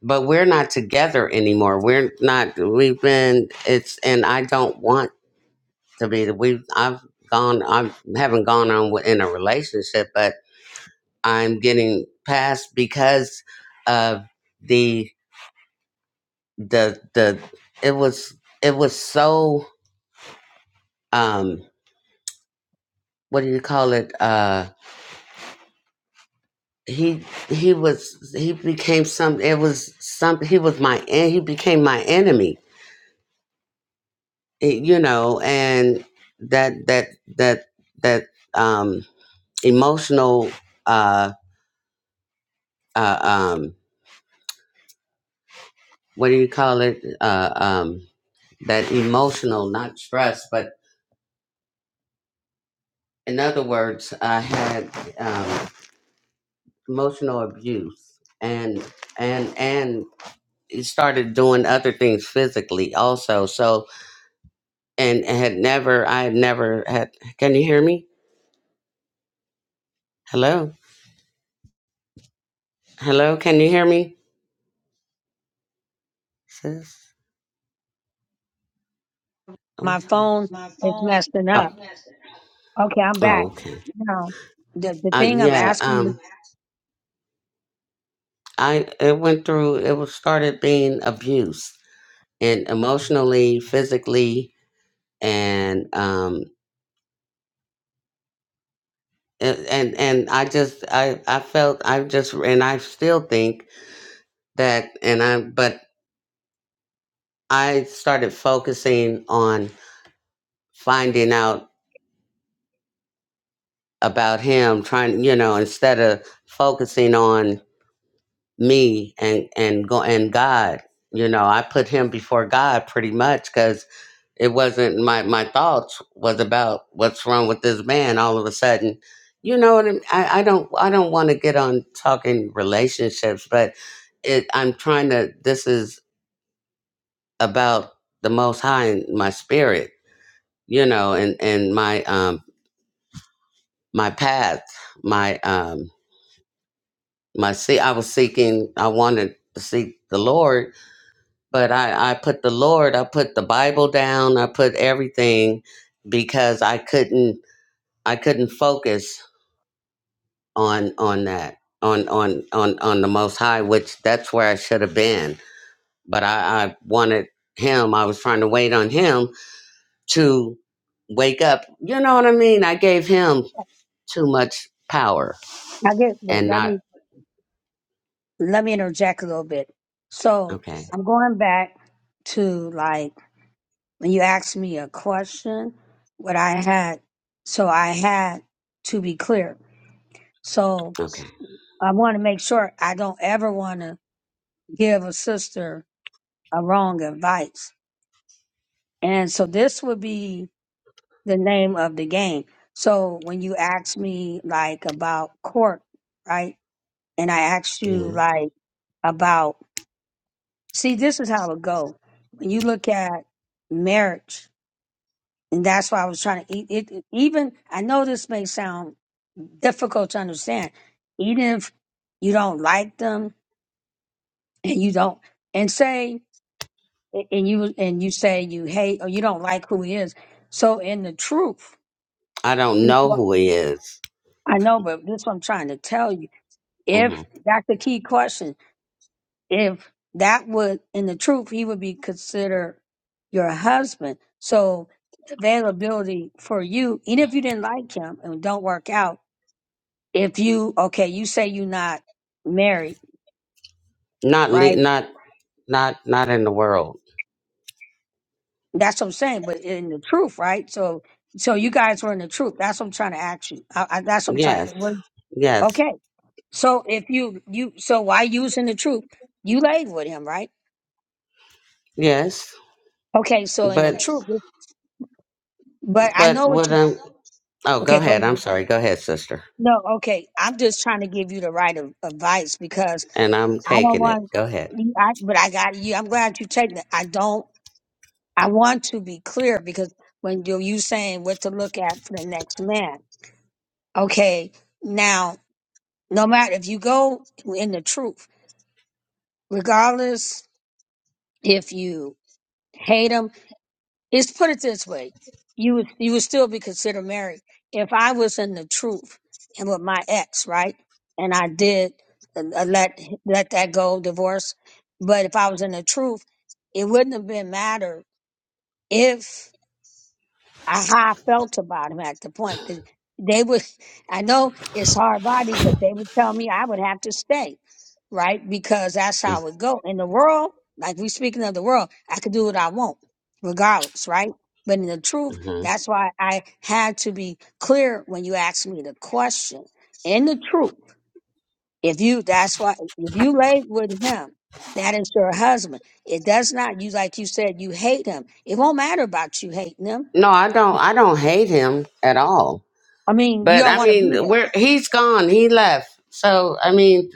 [SPEAKER 10] but we're not together anymore we're not we've been it's and i don't want to be we have i've gone i haven't gone on in a relationship but I'm getting past because of the the the it was it was so um what do you call it uh he he was he became some it was some he was my en- he became my enemy It- you know and that that that that um emotional uh uh um what do you call it uh um that emotional not stress but in other words, I had um, emotional abuse, and and and it started doing other things physically also. So and had never, I had never had. Can you hear me? Hello, hello. Can you hear me, sis? Oh, what's on? oh, oh, okay. Uh, yeah. Um, I it went through. It was started being abused and emotionally, physically, and um and and and I just I I felt I just and I still think that and I but I started focusing on finding out about him trying you know instead of focusing on me and and go and God you know I put him before God pretty much because. it wasn't my my thoughts was about what's wrong with this man all of a sudden you know what I'm, I, I don't i don't want to get on talking relationships but it i'm trying to this is about the most high in my spirit you know and and my um my path my um my see i was seeking i wanted to seek the lord but i i put the lord i put the bible down i put everything because i couldn't I couldn't focus on on that on on on on the most high which that's where i should have been but i i wanted him i was trying to wait on him to wake up you know what i mean i gave him too much power and not okay okay yeah. i don't know who he is hmm not le- not not not in the world yes yes yes but but what i'm oh go ahead i'm sorry go ahead sister and i'm taking it go ahead hmm No, I don't. I don't hate him at all. But I mean, where he's gone, he left. So I mean,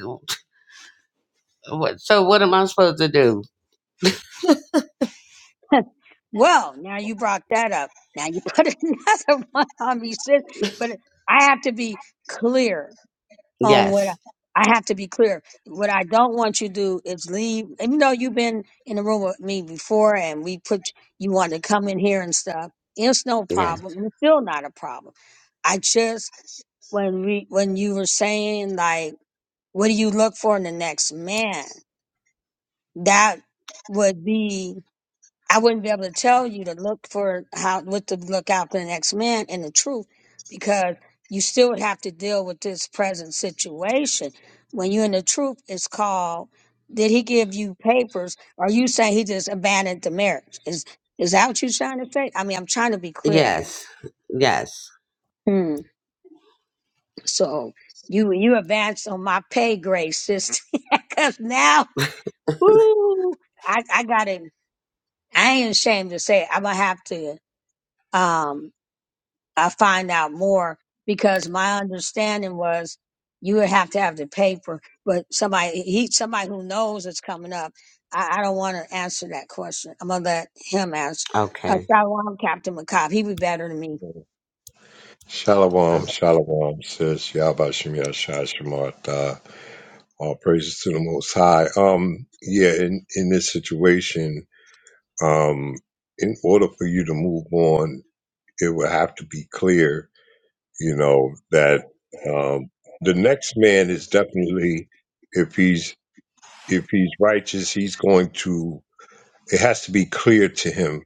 [SPEAKER 10] what, so what am I supposed to do? Yes, yes, yes, yes. Okay. Oh,
[SPEAKER 9] Shalom, shalom, sis. Yabashim Yashai Shemartha. All praises to the Most High. Um, yeah, in, in this situation, um, in order for you to move on, it would have to be clear, you know, that um, the next man is definitely, if he's if he's righteous, he's going to. It has to be clear to him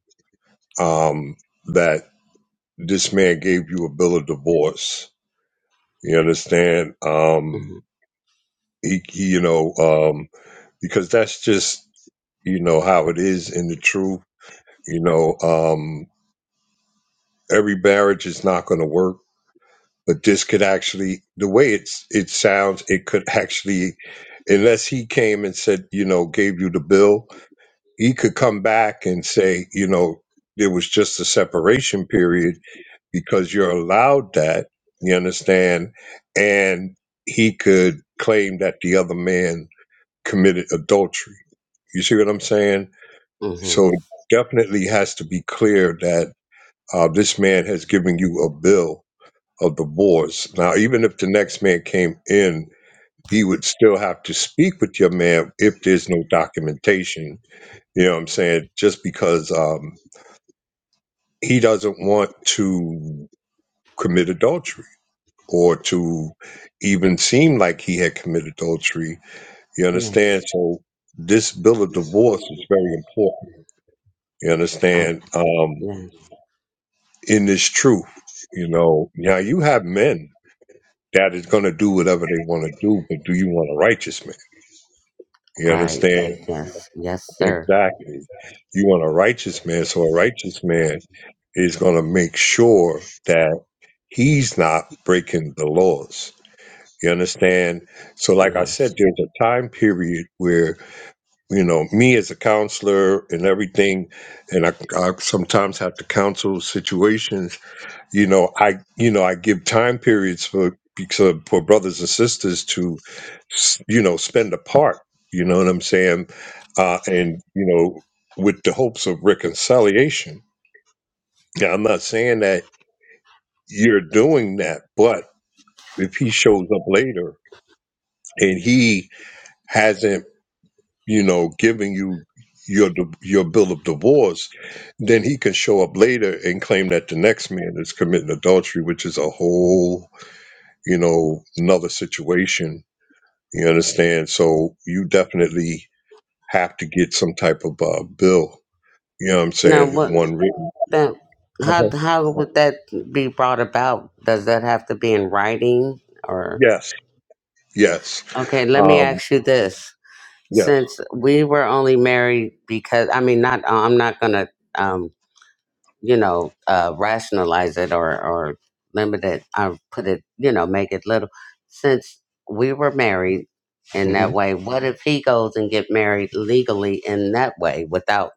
[SPEAKER 9] um, that this man gave you a bill of divorce. You understand?
[SPEAKER 10] mm-hmm,
[SPEAKER 9] Um, he, he, you know, um, because that's just you know how it is in the truth. You know, um, every marriage is not going to work but this could actually the way it's it sounds it could actually unless he came and said you know gave you the bill he could come back and say you know there was just a separation period because you're allowed that you understand and he could claim that the other man committed adultery you see what i'm saying
[SPEAKER 10] mm-hmm.
[SPEAKER 9] so it definitely has to be clear that uh, this man has given you a bill of the wars. Now, even if the next man came in, he would still have to speak with your man if there's no documentation. You know what I'm saying? Just because um, he doesn't want to commit adultery or to even seem like he had committed adultery. You understand?
[SPEAKER 10] Yes.
[SPEAKER 9] So, this bill of divorce is very important. You
[SPEAKER 10] Oh,
[SPEAKER 9] understand? Um,
[SPEAKER 10] yes.
[SPEAKER 9] in this truth, you know, now you have men that is going to do whatever they want to do, but do you want a righteous man? You
[SPEAKER 10] Right.
[SPEAKER 9] understand?
[SPEAKER 10] Yes. Yes, yes, sir.
[SPEAKER 9] Exactly. You want a righteous man, so a righteous man is going to make sure that he's not breaking the laws. You understand? So, like I said,
[SPEAKER 10] Yes.
[SPEAKER 9] there's a time period where, you know, me as a counselor and everything, and I, I sometimes have to counsel situations you know i you know i give time periods for because for brothers and sisters to s- you know spend apart you know what i'm saying uh and you know with the hopes of reconciliation now i'm not saying that you're doing that but if he shows up later and he hasn't you know given you your di- your bill of divorce then he can show up later and claim that the next man is committing adultery which is a whole you know, another situation. You understand? So you definitely have to get some type of uh, bill. You know what I'm
[SPEAKER 10] Now,
[SPEAKER 9] saying?
[SPEAKER 10] what
[SPEAKER 9] One written.
[SPEAKER 10] that? How
[SPEAKER 9] Uh-huh.
[SPEAKER 10] how would that be brought about? Does that have to be in writing or?
[SPEAKER 9] Yes. Yes.
[SPEAKER 10] Okay, let me
[SPEAKER 9] Um,
[SPEAKER 10] ask you this.
[SPEAKER 9] yes.
[SPEAKER 10] since we were only married because I mean not uh, I'm not gonna um you know uh rationalize it or or limit it I put it you know make it little since we were married in
[SPEAKER 9] hmm
[SPEAKER 10] that way what if he goes and get married legally in that way without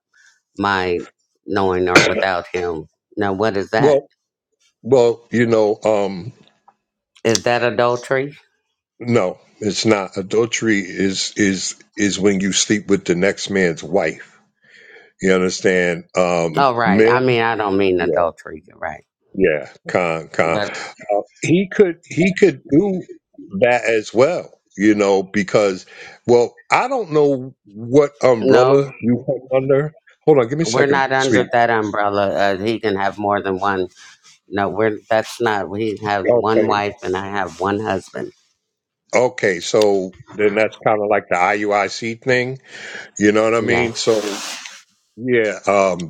[SPEAKER 10] my knowing or without him now what is that
[SPEAKER 9] Well, well, you know, um,
[SPEAKER 10] is that adultery
[SPEAKER 9] no, it's not. Adultery is is is when you sleep with the next man's wife. You understand? Um,
[SPEAKER 10] oh right I
[SPEAKER 9] men.
[SPEAKER 10] mean I don't mean adultery you're right
[SPEAKER 9] Yeah, Khan, Khan.
[SPEAKER 10] but
[SPEAKER 9] Uh, he could he could do that as well, you know, because well, I don't know what
[SPEAKER 10] no
[SPEAKER 9] umbrella you come under. Hold on, give me a
[SPEAKER 10] we're
[SPEAKER 9] second,
[SPEAKER 10] not
[SPEAKER 9] sweetie.
[SPEAKER 10] under that umbrella uh, he can have more than one No, we're that's not. He has one
[SPEAKER 9] Okay,
[SPEAKER 10] wife and I have one husband.
[SPEAKER 9] okay. So then that's kind of like the IUIC thing, you know what I mean?
[SPEAKER 10] Yes.
[SPEAKER 9] So yeah, um,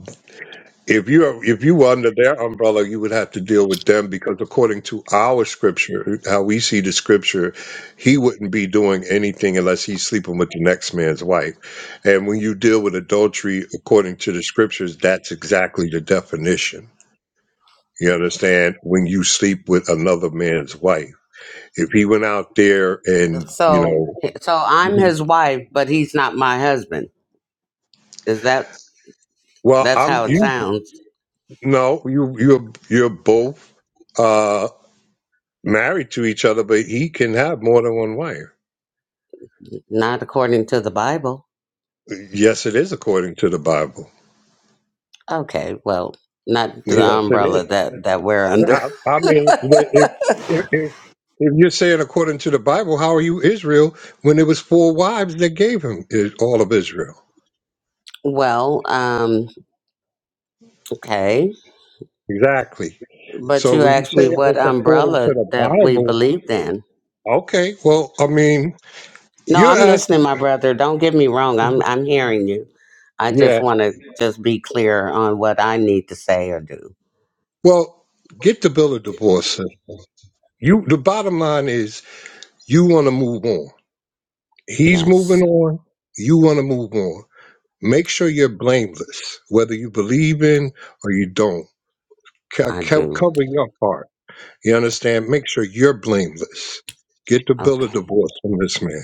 [SPEAKER 9] If you are, if you were under their umbrella, you would have to deal with them because according to our scripture, how we see the scripture, he wouldn't be doing anything unless he's sleeping with the next man's wife. And when you deal with adultery according to the scriptures, that's exactly the definition. You understand? When you sleep with another man's wife. If he went out there and, you
[SPEAKER 10] So so I'm
[SPEAKER 9] know,
[SPEAKER 10] his wife, but he's not my husband. Is that
[SPEAKER 9] well,
[SPEAKER 10] that's
[SPEAKER 9] I'm
[SPEAKER 10] how it
[SPEAKER 9] you
[SPEAKER 10] sounds?
[SPEAKER 9] no, you you're you're both. uh, married to each other, but he can have more than one wife.
[SPEAKER 10] Not according to the Bible.
[SPEAKER 9] Yes, it is according to the Bible.
[SPEAKER 10] Okay. Well, not to the
[SPEAKER 9] Yes, it
[SPEAKER 10] umbrella that that we're
[SPEAKER 9] is.
[SPEAKER 10] under.
[SPEAKER 9] I, I mean, if, if, if if you're saying according to the Bible, how are you Israel when it was four wives that gave him is- all of Israel?
[SPEAKER 10] Well, um, okay.
[SPEAKER 9] Exactly.
[SPEAKER 10] But
[SPEAKER 9] So
[SPEAKER 10] you
[SPEAKER 9] when you
[SPEAKER 10] asked
[SPEAKER 9] say
[SPEAKER 10] me what
[SPEAKER 9] it's according
[SPEAKER 10] umbrella
[SPEAKER 9] to the
[SPEAKER 10] that we
[SPEAKER 9] Bible,
[SPEAKER 10] believed in.
[SPEAKER 9] okay, well, I mean,
[SPEAKER 10] No,
[SPEAKER 9] you're
[SPEAKER 10] I'm listening,
[SPEAKER 9] asking,
[SPEAKER 10] my brother. Don't get me wrong. I'm I'm hearing you. I just
[SPEAKER 9] yeah,
[SPEAKER 10] want to just be clear on what I need to say or do.
[SPEAKER 9] well, get the bill of divorce. sis. You, the bottom line is you want to move on He's moving
[SPEAKER 10] Yes,
[SPEAKER 9] on. You want to move on. Make sure you're blameless, whether you believe in or you don't. Co-
[SPEAKER 10] I
[SPEAKER 9] co-
[SPEAKER 10] do.
[SPEAKER 9] Cover your heart. You understand? Make sure you're blameless. Get the bill of
[SPEAKER 10] Okay.
[SPEAKER 9] divorce from this man.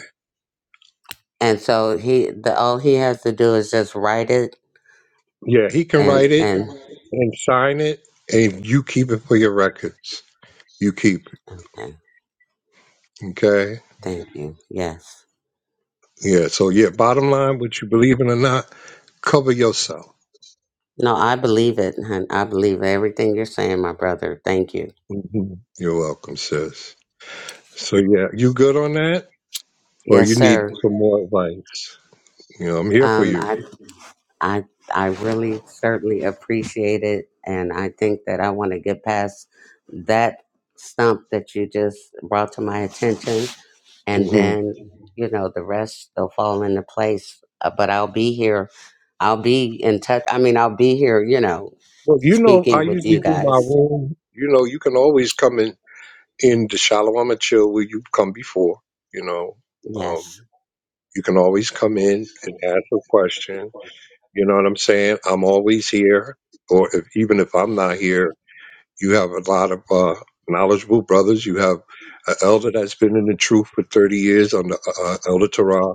[SPEAKER 10] And so he the all he has to do is just write it
[SPEAKER 9] Yeah, he can
[SPEAKER 10] and
[SPEAKER 9] write it
[SPEAKER 10] and
[SPEAKER 9] and sign it, and you keep it for your records. You keep
[SPEAKER 10] okay.
[SPEAKER 9] it. Okay?
[SPEAKER 10] Thank you. Yes.
[SPEAKER 9] Yeah, so yeah, bottom line, what you believe in or not, cover yourself.
[SPEAKER 10] No, I believe it, hun. I believe everything you're saying, my brother. Thank you.
[SPEAKER 9] hmm You're welcome, sis. So yeah, you good on that? Or
[SPEAKER 10] Yes,
[SPEAKER 9] you need
[SPEAKER 10] sir.
[SPEAKER 9] some more advice? You know, I'm here for
[SPEAKER 10] Um,
[SPEAKER 9] you.
[SPEAKER 10] I I I really certainly appreciate it, and I think that I want to get past that stump that you just brought to my attention, and
[SPEAKER 9] hmm
[SPEAKER 10] then you know the rest will fall into place. Uh, But I'll be here. I'll be in touch. I mean, I'll be here. You know,
[SPEAKER 9] Well, you know, I
[SPEAKER 10] speaking with
[SPEAKER 9] usually
[SPEAKER 10] you
[SPEAKER 9] do my
[SPEAKER 10] guys.
[SPEAKER 9] room. You know, you can always come in in the Shalom and chill where you've come before. You know,
[SPEAKER 10] Yes.
[SPEAKER 9] um, you can always come in and ask a question. You know what I'm saying? I'm always here, or if even if I'm not here, you have a lot of uh, knowledgeable brothers. You have an elder that's been in the truth for 30 years on the uh, uh, Elder Torah,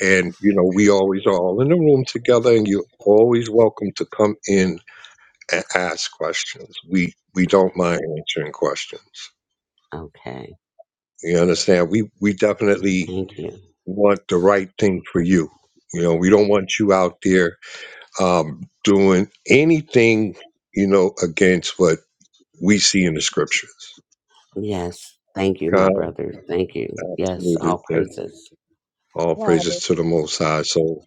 [SPEAKER 9] and you know we always are all in the room together, and you're always welcome to come in and ask questions. We we don't mind answering questions.
[SPEAKER 10] Okay.
[SPEAKER 9] You understand? We we definitely
[SPEAKER 10] Thank you.
[SPEAKER 9] want the right thing for you. You know, we don't want you out there um, doing anything. You know, against what we see in the scriptures.
[SPEAKER 10] Yes. Thank you, my
[SPEAKER 9] God,
[SPEAKER 10] brother. Thank you. Yes.
[SPEAKER 9] absolutely.
[SPEAKER 10] All
[SPEAKER 9] sir.
[SPEAKER 10] praises.
[SPEAKER 9] All praises to the Most High. So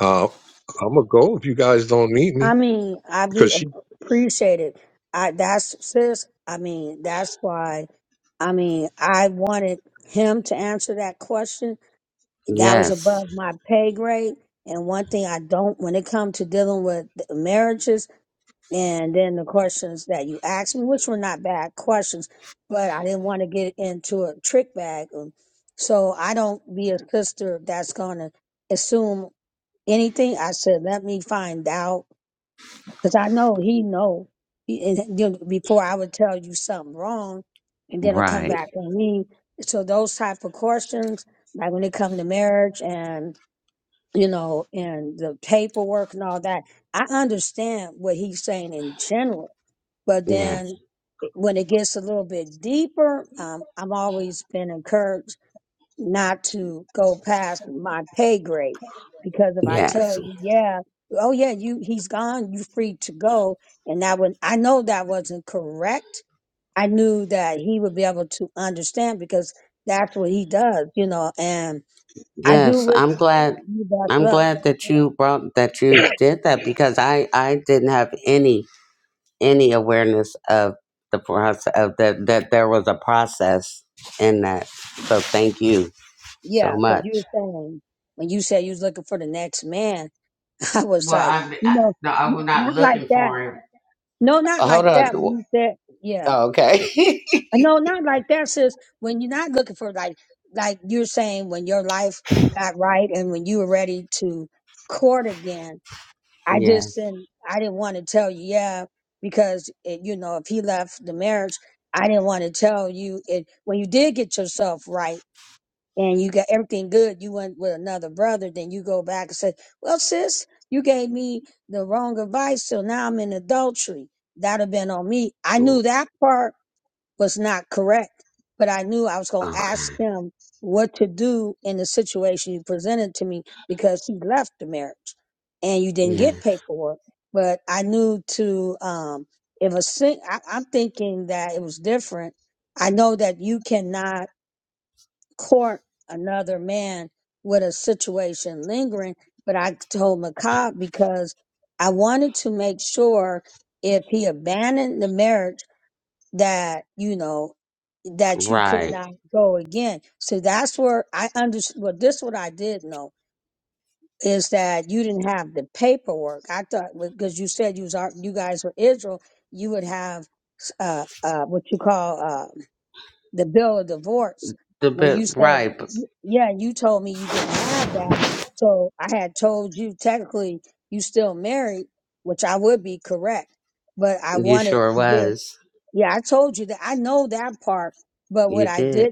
[SPEAKER 9] uh, I'm gonna go if you guys don't need me because she.
[SPEAKER 10] Yes. Right. Yes. Yes. Yes, I'm glad. I'm glad that you brought that you did that because I I didn't have any any awareness of the process of that that there was a process in that. So thank you so much. Well, i I, no, I was not looking for him. Hold on. Oh, okay. yeah. Okay. Yeah. Right. The bit right. You sure was. You did.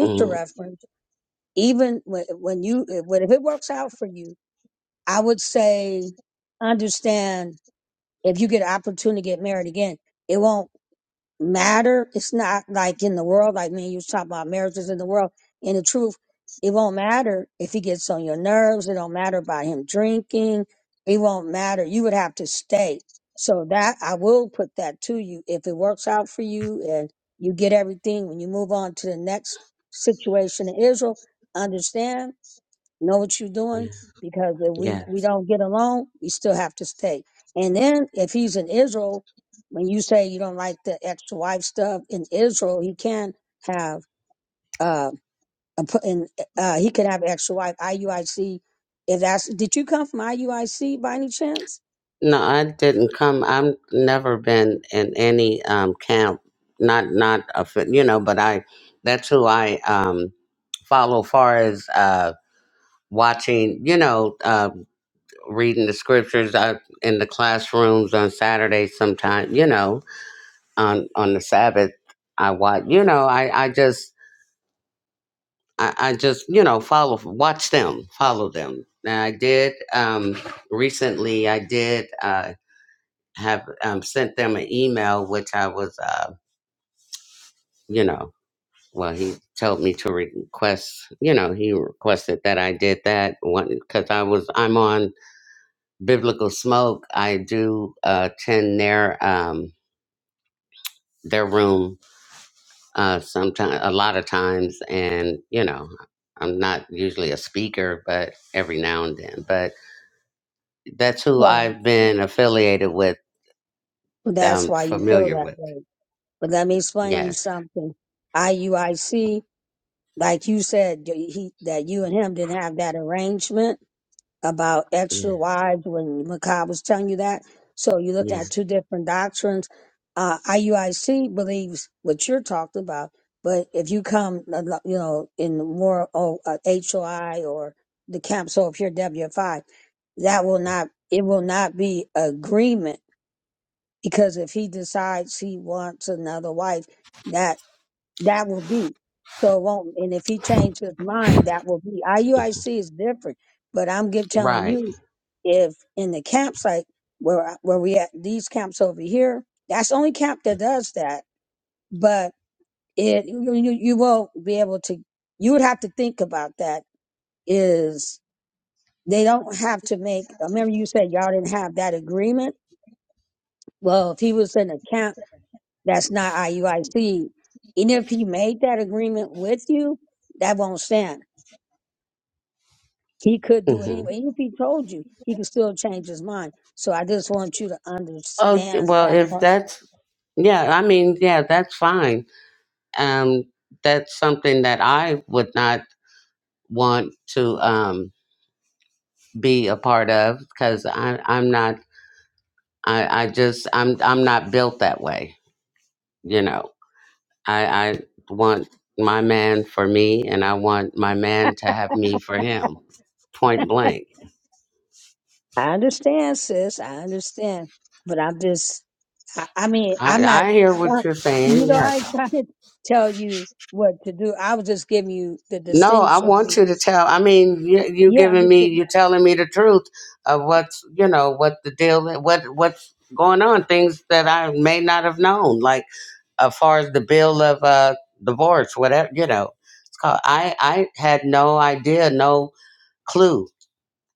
[SPEAKER 10] Mm, yeah. Yeah. No, I didn't come. I've never been in any um, camp. Not not a fit- you know, but I that's who I um, follow. Far as uh, watching, you know, uh, reading the scriptures uh, in the classrooms on Saturdays. Sometimes, you know, on on the Sabbath, I watch. You know, I I just I, I just you know follow watch them, follow them. And I did um, recently. I did. Uh, have um, sent them an email, which I was, uh, you know, well, he told me to request, you know, he requested that I did that one because I was, I'm on Biblical Smoke. I do uh, attend their um, their room uh, sometimes, a lot of times, and you know, I'm not usually a speaker, but every now and then. But that's who I've been affiliated with, um, familiar with. Yes, yeah, yeah, right. Mhm. Okay, well, if that's yeah, I mean, yeah, that's fine. Um, that's something that I would not want to um be a part of because I I'm not I I just I'm I'm not built that way. You know, I I want my man for me, and I want my man to have me for him. Point blank. I I hear what you're saying. yes. No, I want you to tell. I mean, you, you giving me, you telling me the truth of what's, you know, what the deal, what what's going on, things that I may not have known, like as far as the bill of uh, divorce, whatever, you know. It's called. I I had no idea, no clue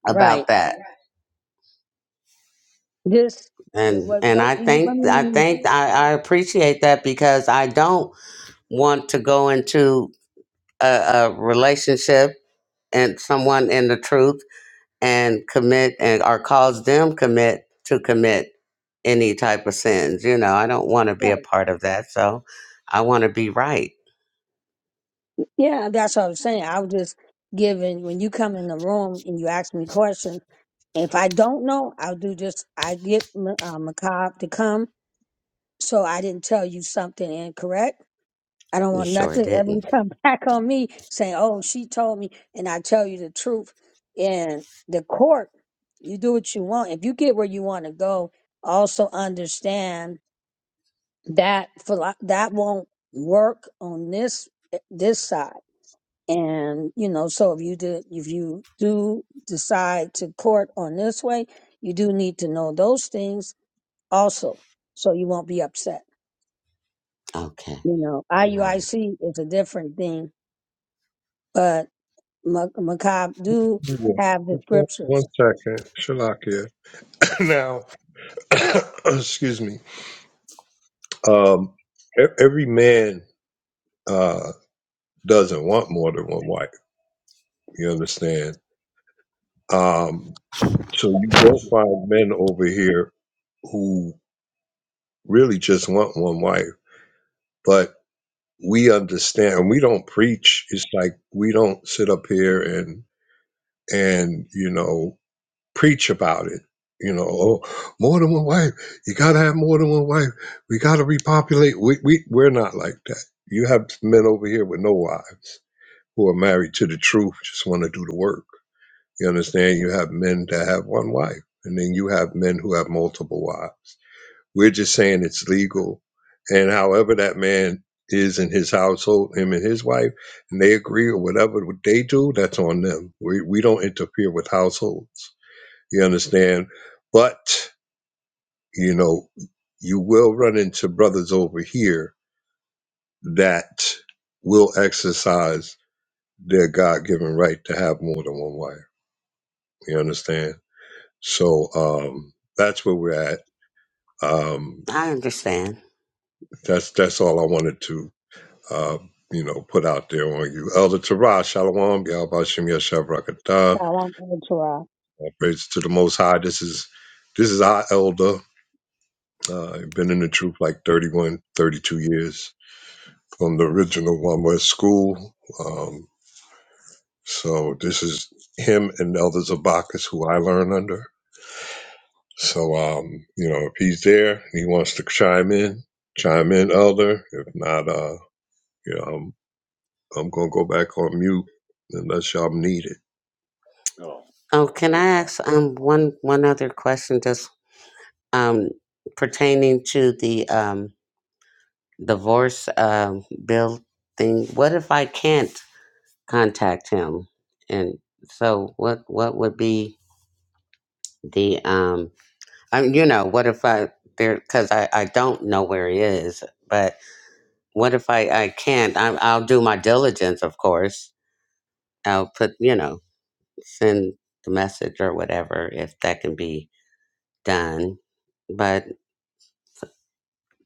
[SPEAKER 10] about that, and and I think I think I, I appreciate that because I don't want to go into a, a relationship and someone in the truth and commit and or cause them commit to commit any type of sins. You know, I don't want to be a part of that. So I want to be right. You sure didn't. Okay. Right.
[SPEAKER 9] yeah, One second, Shalakia. Now, excuse me Um, e- every man uh, doesn't want more than one wife. You understand? Um, so you will find men over here who really just want one wife, but we understand. We don't preach. It's like we don't sit up here and and you know preach about it. You know, oh, more than one wife. You gotta have more than one wife. We gotta repopulate. We we we're not like that. You have men over here with no wives who are married to the truth just want to do the work. You understand? You have men that have one wife, and then you have men who have multiple wives. We're just saying it's legal. And however that man is in his household, him and his wife, and they agree or whatever they do, that's on them. We, we don't interfere with households. You understand? But, you know, you will run into brothers over here that will exercise their God given right to have more than one wife You understand? So um, that's where we're at. Um,
[SPEAKER 10] I understand.
[SPEAKER 9] that's that's all I wanted to uh, you know put out there on you, Elder Tara Shalom, Yahweh Shem Yashav Rakatah. All Praise to the Most High. This is this is our elder. Uh, I've been in the truth like 31, 32 years from the original One West School. Um, so this is him and Elder Zabakis, who I learn under. So, um, you know, if he's there and he wants to chime in, chime in, Elder. If not, uh, you know, I'm I'm gonna go back on mute unless y'all need it.
[SPEAKER 11] No,
[SPEAKER 10] Oh, can
[SPEAKER 11] tell
[SPEAKER 10] I
[SPEAKER 11] them off.
[SPEAKER 10] ask um one one other question just um pertaining to the um divorce um bill thing. What if I can't contact him? And so what what would be the um I mean, you know, what if I there? Because I I don't know where he is. But what if I I can't? I, I'll do my diligence, of course. I'll put you know send the message or whatever if that can be done. But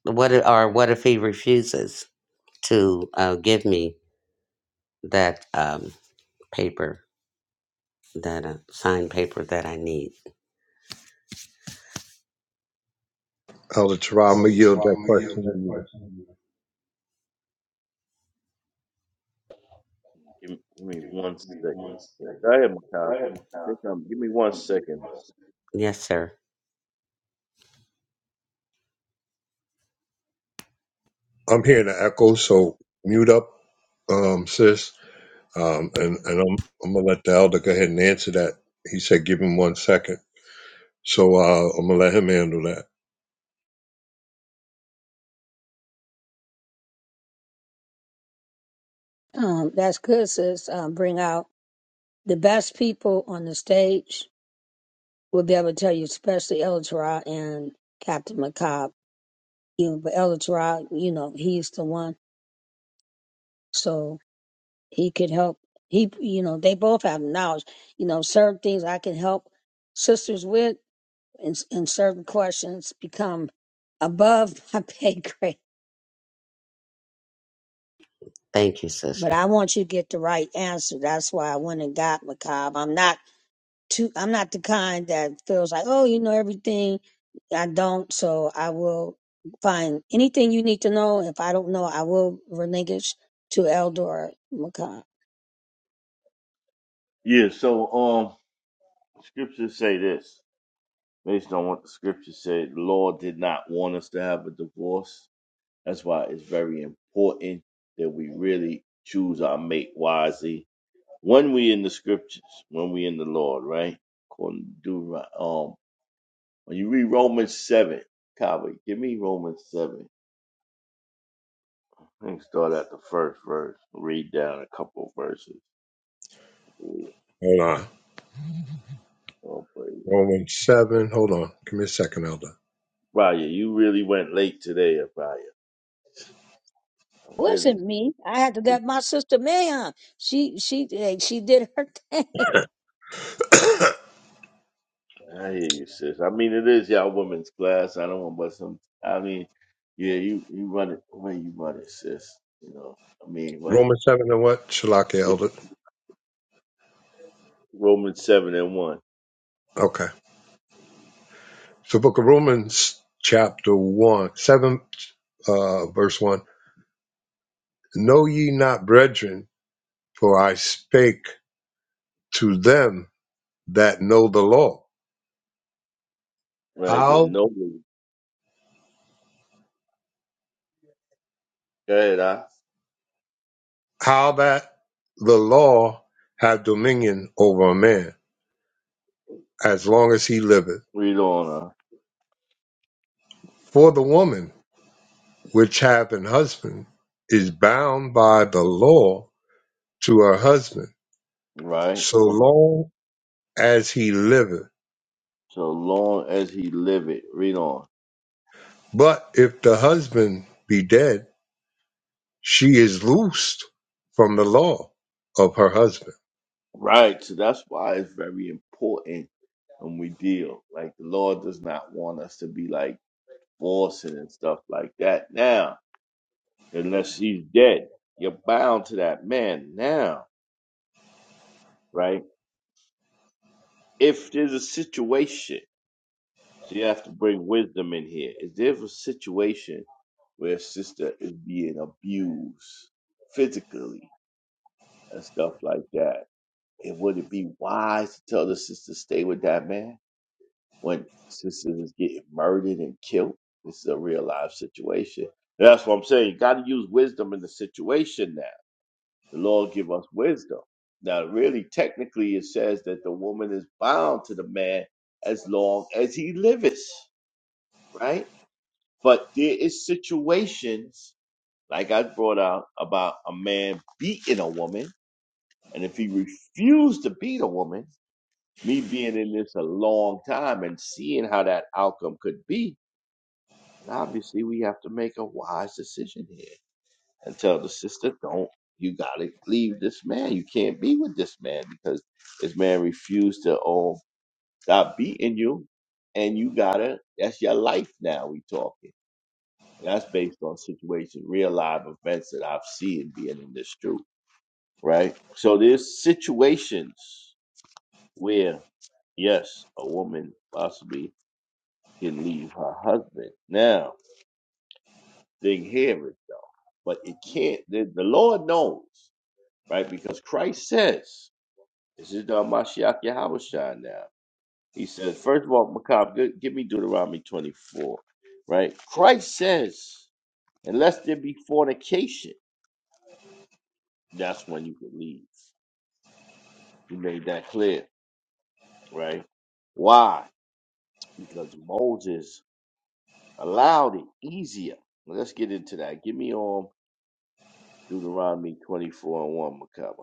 [SPEAKER 10] what i- or what if he refuses to uh, give me that um, paper, that uh, signed paper that I need?
[SPEAKER 9] Elder Tara, I'm gonna yield that question to you.
[SPEAKER 11] Give me, give me one second. Yeah, Go ahead, Makai. Take time. Give me one second. Though.
[SPEAKER 10] Yes, sir.
[SPEAKER 9] I'm hearing the echo, so mute up, um, sis. Um, and and I'm I'm gonna let the elder go ahead and answer that. He said, give him one second. So uh, I'm gonna let him handle that.
[SPEAKER 10] Thank you, sister.
[SPEAKER 11] Yeah. So, um, scriptures say this based on what the scripture said. The Lord did not want us to have a divorce. That's why it's very important that we really choose our mate wisely when we in the scriptures, when we in the Lord, right? According to Deuteron- um, when you read Romans seven, Kava, give me Romans seven. I think start at the first verse. Read down a couple verses. We
[SPEAKER 9] Hold on.
[SPEAKER 11] all praise.
[SPEAKER 9] Romans seven. Hold on. Give me a second, elder.
[SPEAKER 11] Raya, you really went late today, Raya. I'm really. I hear you, sis. I mean, it is y'all women's class. I don't want, but some. I mean, yeah, you you run it the way you run it, sis. You know, I mean, but
[SPEAKER 9] Romans seven and what? Shalaki,
[SPEAKER 11] yeah,
[SPEAKER 9] elder.
[SPEAKER 11] Romans seven and one,
[SPEAKER 9] Okay. So book of Romans chapter one, seven, uh, verse one. Know ye not, brethren, for I spake to them that know the law.
[SPEAKER 11] right? There,
[SPEAKER 9] How,
[SPEAKER 11] nobody Go ahead, I
[SPEAKER 9] how that the law have dominion over a man as long as he liveth.
[SPEAKER 11] read on, uh,
[SPEAKER 9] For the woman which hath an husband is bound by the law to her husband
[SPEAKER 11] right?
[SPEAKER 9] so
[SPEAKER 11] Come on.
[SPEAKER 9] long as he liveth.
[SPEAKER 11] So long as he liveth, read on.
[SPEAKER 9] But if the husband be dead, she is loosed from the law of her husband.
[SPEAKER 11] Right. So that's why it's very important and we deal. Like the Lord does not want us to be like forcing and stuff like that now, unless she's dead. You're bound to that man now, right? If there's a situation, so you have to bring wisdom in here. If there's a situation where a sister is being abused physically and stuff like that, it would it be wise to tell the sister stay with that man? when sisters is getting murdered and killed. This is a real life situation. That's what I'm saying. You got to use wisdom in the situation now. The Lord give us wisdom. Now, really, technically, it says that the woman is bound to the man as long as he liveth, right? But there is situations, like I brought out, about a man beating a woman. And if he refused to beat a woman, me being in this a long time and seeing how that outcome could be, And obviously, we have to make a wise decision here and tell the sister, don't, you got to leave this man. You can't be with this man because this man refused to um, stop beating you. And you got to, that's your life now. We talking. And that's based on situation, real live events that I've seen being in this truth, right? So there's situations where, yes, a woman possibly can leave her husband. Now, They hear it though. But it can't, the, the Lord knows, right? Because Christ says, this is the Mashiach Yahushua now. He says, first of all, Macab, gi- give me Deuteronomy 24, right? Christ says, unless there be fornication, that's when you can leave. He made that clear, right? Why? Because Moses allowed it easier. Let's get into that. Give me on Deuteronomy 24 and 1, Macabre.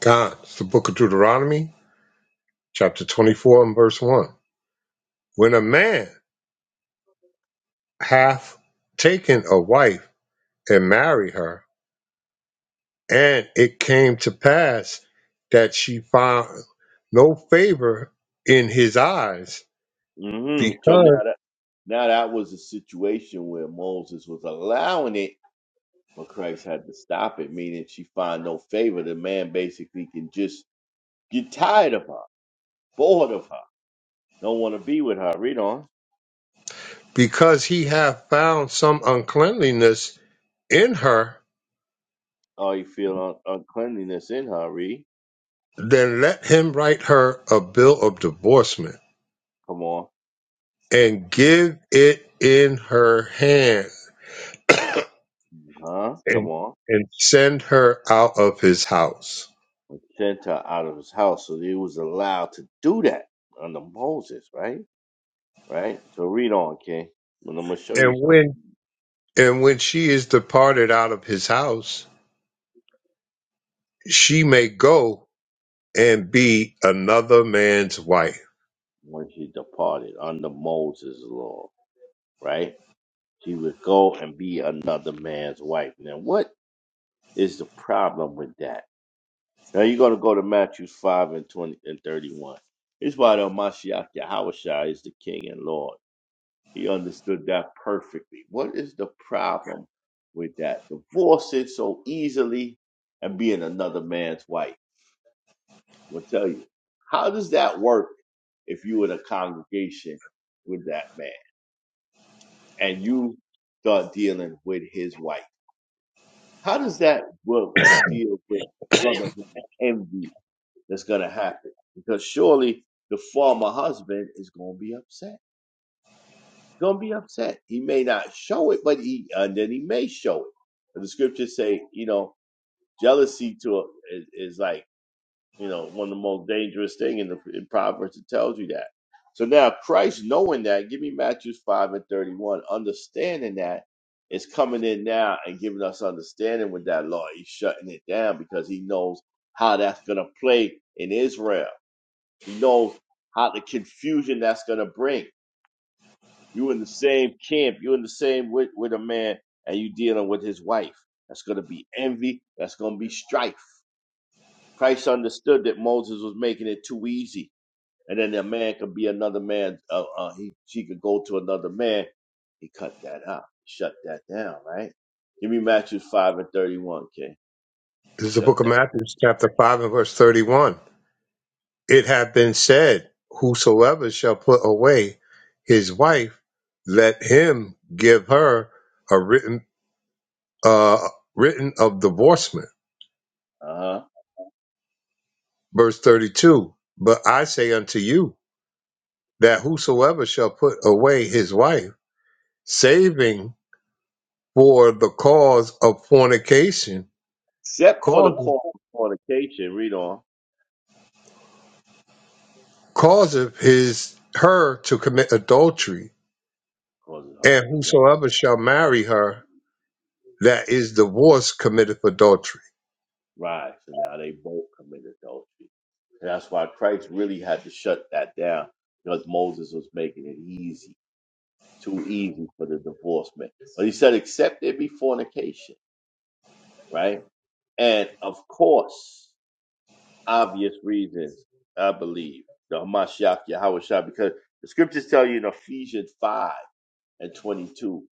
[SPEAKER 9] God, it's the book of Deuteronomy, chapter 24 and verse 1. When a man hath taken a wife and married her, and it came to pass that she found no favor in his eyes
[SPEAKER 11] Mm-hmm. So
[SPEAKER 9] because
[SPEAKER 11] now Now that was a situation where Moses was allowing it, but Christ had to stop it, meaning she find no favor. The man basically can just get tired of her, bored of her, don't want to be with her. Read on.
[SPEAKER 9] because he hath found some uncleanliness in her,
[SPEAKER 11] Oh, you feel un- uncleanliness in her. Read.
[SPEAKER 9] then let him write her a bill of divorcement
[SPEAKER 11] Come on,
[SPEAKER 9] and give it in her hand
[SPEAKER 11] huh? Come
[SPEAKER 9] and
[SPEAKER 11] on.
[SPEAKER 9] and send her out of his house
[SPEAKER 11] Sent her out of his house, so he was allowed to do that under Moses, right? Right. So read on, King. And I'm gonna show you
[SPEAKER 9] and
[SPEAKER 11] something
[SPEAKER 9] when and when she is departed out of his house she may go and be another man's wife
[SPEAKER 11] when she departed under Moses' law, right? She would go and be another man's wife. Now, what is the problem with that? Now you're gonna go to Matthew five and twenty and thirty-one. It's why the Mashiach Yahushua is the King and Lord. He understood that perfectly. What is the problem with that? Divorcing so easily and being another man's wife. I'm gonna tell you. How does that work if you were in a congregation with that man and you start dealing with his wife? How does that work deal with brotherhood envy that's gonna happen? Because surely the former husband is gonna be upset. Gonna be upset. He may not show it, but he and then he may show it. And the scriptures say, you know, jealousy to a, is, is like you know, one of the most dangerous thing in the in Proverbs it tells you that. So now Christ knowing that, give me Matthew five and thirty one, understanding that is coming in now and giving us understanding with that law. He's shutting it down because he knows how that's gonna play in Israel. He knows how the confusion that's gonna bring. You in the same camp, you in the same with, with a man and you dealing with his wife. That's gonna be envy, that's gonna be strife. Christ understood that Moses was making it too easy and then a man could be another man. Uh, uh, he she could go to another man. He cut that out, shut that down, right? Give me Matthew five and thirty-one, King.
[SPEAKER 9] this
[SPEAKER 11] He
[SPEAKER 9] is the
[SPEAKER 11] shut
[SPEAKER 9] book of
[SPEAKER 11] that.
[SPEAKER 9] matthew chapter 5 and verse 31 it hath been said whosoever shall put away his wife let him give her a written uh written of divorcement
[SPEAKER 11] Uh huh.
[SPEAKER 9] Verse 32 But I say unto you that whosoever shall put away his wife, saving for the cause of fornication,
[SPEAKER 11] Except for the
[SPEAKER 9] causeth
[SPEAKER 11] cause of fornication, read on.
[SPEAKER 9] causeth his her to commit adultery,
[SPEAKER 11] Causes her to
[SPEAKER 9] and
[SPEAKER 11] commit
[SPEAKER 9] whosoever shall marry her that is divorced committeth adultery.
[SPEAKER 11] rise, and now they both committed adultery. And that's why Christ really had to shut that down because Moses was making it easy, too easy for the divorce man. But he said, except there be fornication, right? And of course. obvious reasons, I believe, the Hamashiach Yahweh Shah, because the scriptures tell you in Ephesians 5 and 22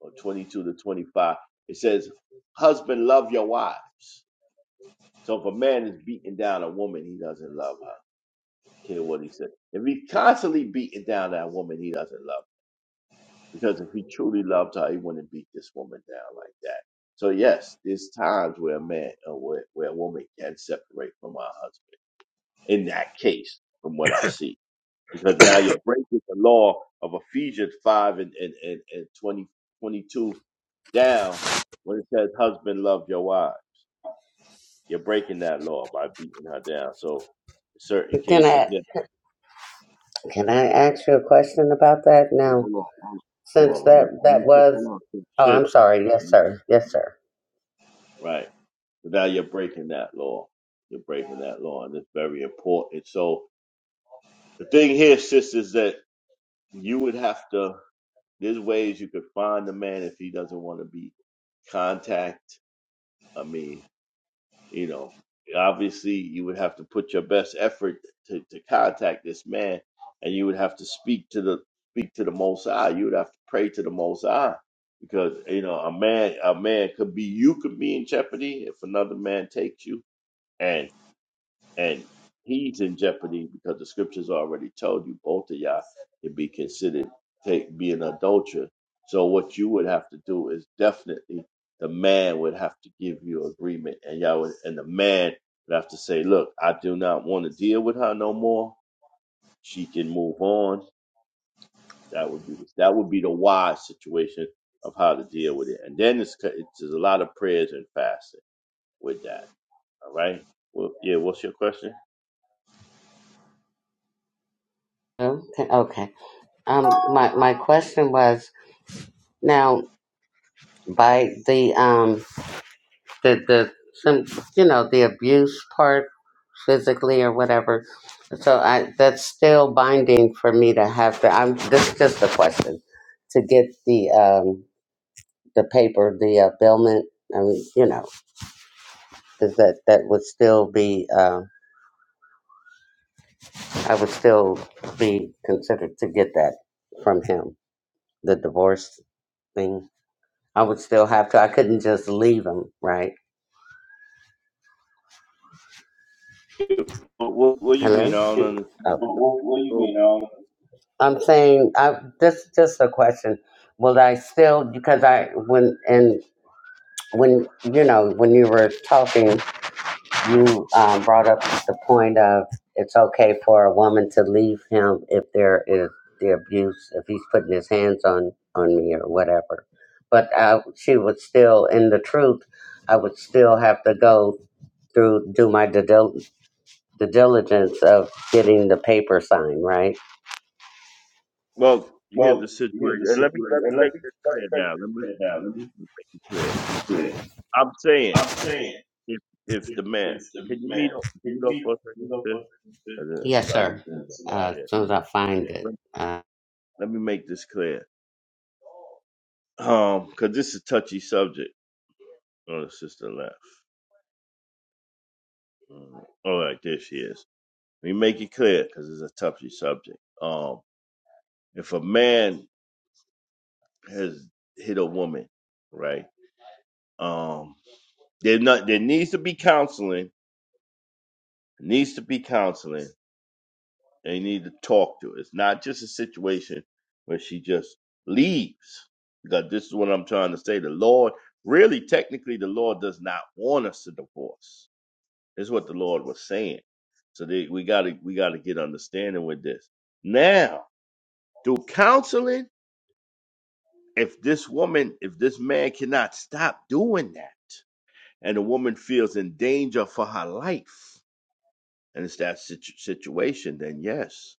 [SPEAKER 11] or 22 to 25, it says, Husband, love your wives. So if a man is beating down a woman, he doesn't love her. Care what he said. If he's constantly beating down that woman, he doesn't love her. Because if he truly loved her, he wouldn't beat this woman down like that. So yes, there's times where a man, uh, where, where a woman can separate from her husband. In that case, from what I see. because now you're breaking the law of Ephesians 5 and, and, and, and 20, twenty-two down when it says, Husband, love your wife. You're breaking that law by beating her down. So, in certain
[SPEAKER 10] Can
[SPEAKER 11] cases,
[SPEAKER 10] I
[SPEAKER 11] yeah.
[SPEAKER 10] can I ask you a question about that now?
[SPEAKER 11] Hold on, hold on, hold
[SPEAKER 10] since
[SPEAKER 11] on. Let
[SPEAKER 10] that
[SPEAKER 11] me, let me
[SPEAKER 10] that
[SPEAKER 11] say,
[SPEAKER 10] was
[SPEAKER 11] hold on. sis,
[SPEAKER 10] oh i'm
[SPEAKER 11] sis.
[SPEAKER 10] sorry yes sir yes sir
[SPEAKER 11] Right. So now you're breaking that law. You're breaking that law, and it's very important. So, the thing here, sis, is that you would have to, there's ways you could find the man if he doesn't want to be contact I mean, you know, obviously you would have to put your best effort to, to contact this man, and you would have to speak to the speak to the Most High. You would have to pray to the Most High because you know a man a man could be you could be in jeopardy if another man takes you, and he's in jeopardy because the scriptures already told you both of y'all can be considered take be an adulterer. So what you would have to do is definitely the man would have to give you agreement, and y'all would, and the man would have to say, "Look, I do not want to deal with her no more. She can move on." That would be that would be the wise situation of how to deal with it. And then it's, it's there's a lot of prayers and fasting with that. All right. Well, yeah. What's your question?
[SPEAKER 10] Okay. Okay. Um, my my question was now by the um the the some you know the abuse part physically or whatever. So I that's still binding for me to have to. I'm this is just a question to get the um the paper the uh, bailment. I mean, you know, is that that would still be uh, I would still be considered to get that from him. the divorce thing. I would still have to. I couldn't just leave him, right?
[SPEAKER 11] What, what, what do you mean?
[SPEAKER 10] Hello.
[SPEAKER 11] I don't understand
[SPEAKER 10] Oh.
[SPEAKER 11] the physical.
[SPEAKER 10] I'm saying I, this just a question. Will I still because I when and when you know when you were talking, you um, brought up the point of it's okay for a woman to leave him if there is the abuse if he's putting his hands on on me or whatever. But uh, she would still, in the truth, I would still have to go through do my due, the diligence of getting the paper signed, right?
[SPEAKER 11] Well, here's the situation, and let me let me make this clear now. Let me make it clear. I'm saying if if the man can you mute up mute up for a second, sis? 'Cause It's a
[SPEAKER 10] Yes,
[SPEAKER 11] lot of
[SPEAKER 10] sir.
[SPEAKER 11] feedback.
[SPEAKER 10] Uh, as
[SPEAKER 11] Yeah.
[SPEAKER 10] soon as I find it.
[SPEAKER 11] Let,
[SPEAKER 10] Uh,
[SPEAKER 11] let me make this clear. Um, cause this is touchy subject. Oh, the sister left. Mm. All right, there she is. Let me make it clear, cause it's a touchy subject. Um, if a man has hit a woman, right? Um. There not there needs to be counseling. Needs to be counseling. They need to talk to. her. It's not just a situation where she just leaves. Because this is what I'm trying to say. The Lord really technically the Lord does not want us to divorce. This Is what the Lord was saying. So they, we gotta we gotta get understanding with this. Now, through counseling, if this woman, if this man cannot stop doing that, and the woman feels in danger for her life. and it's that situ- situation, then yes,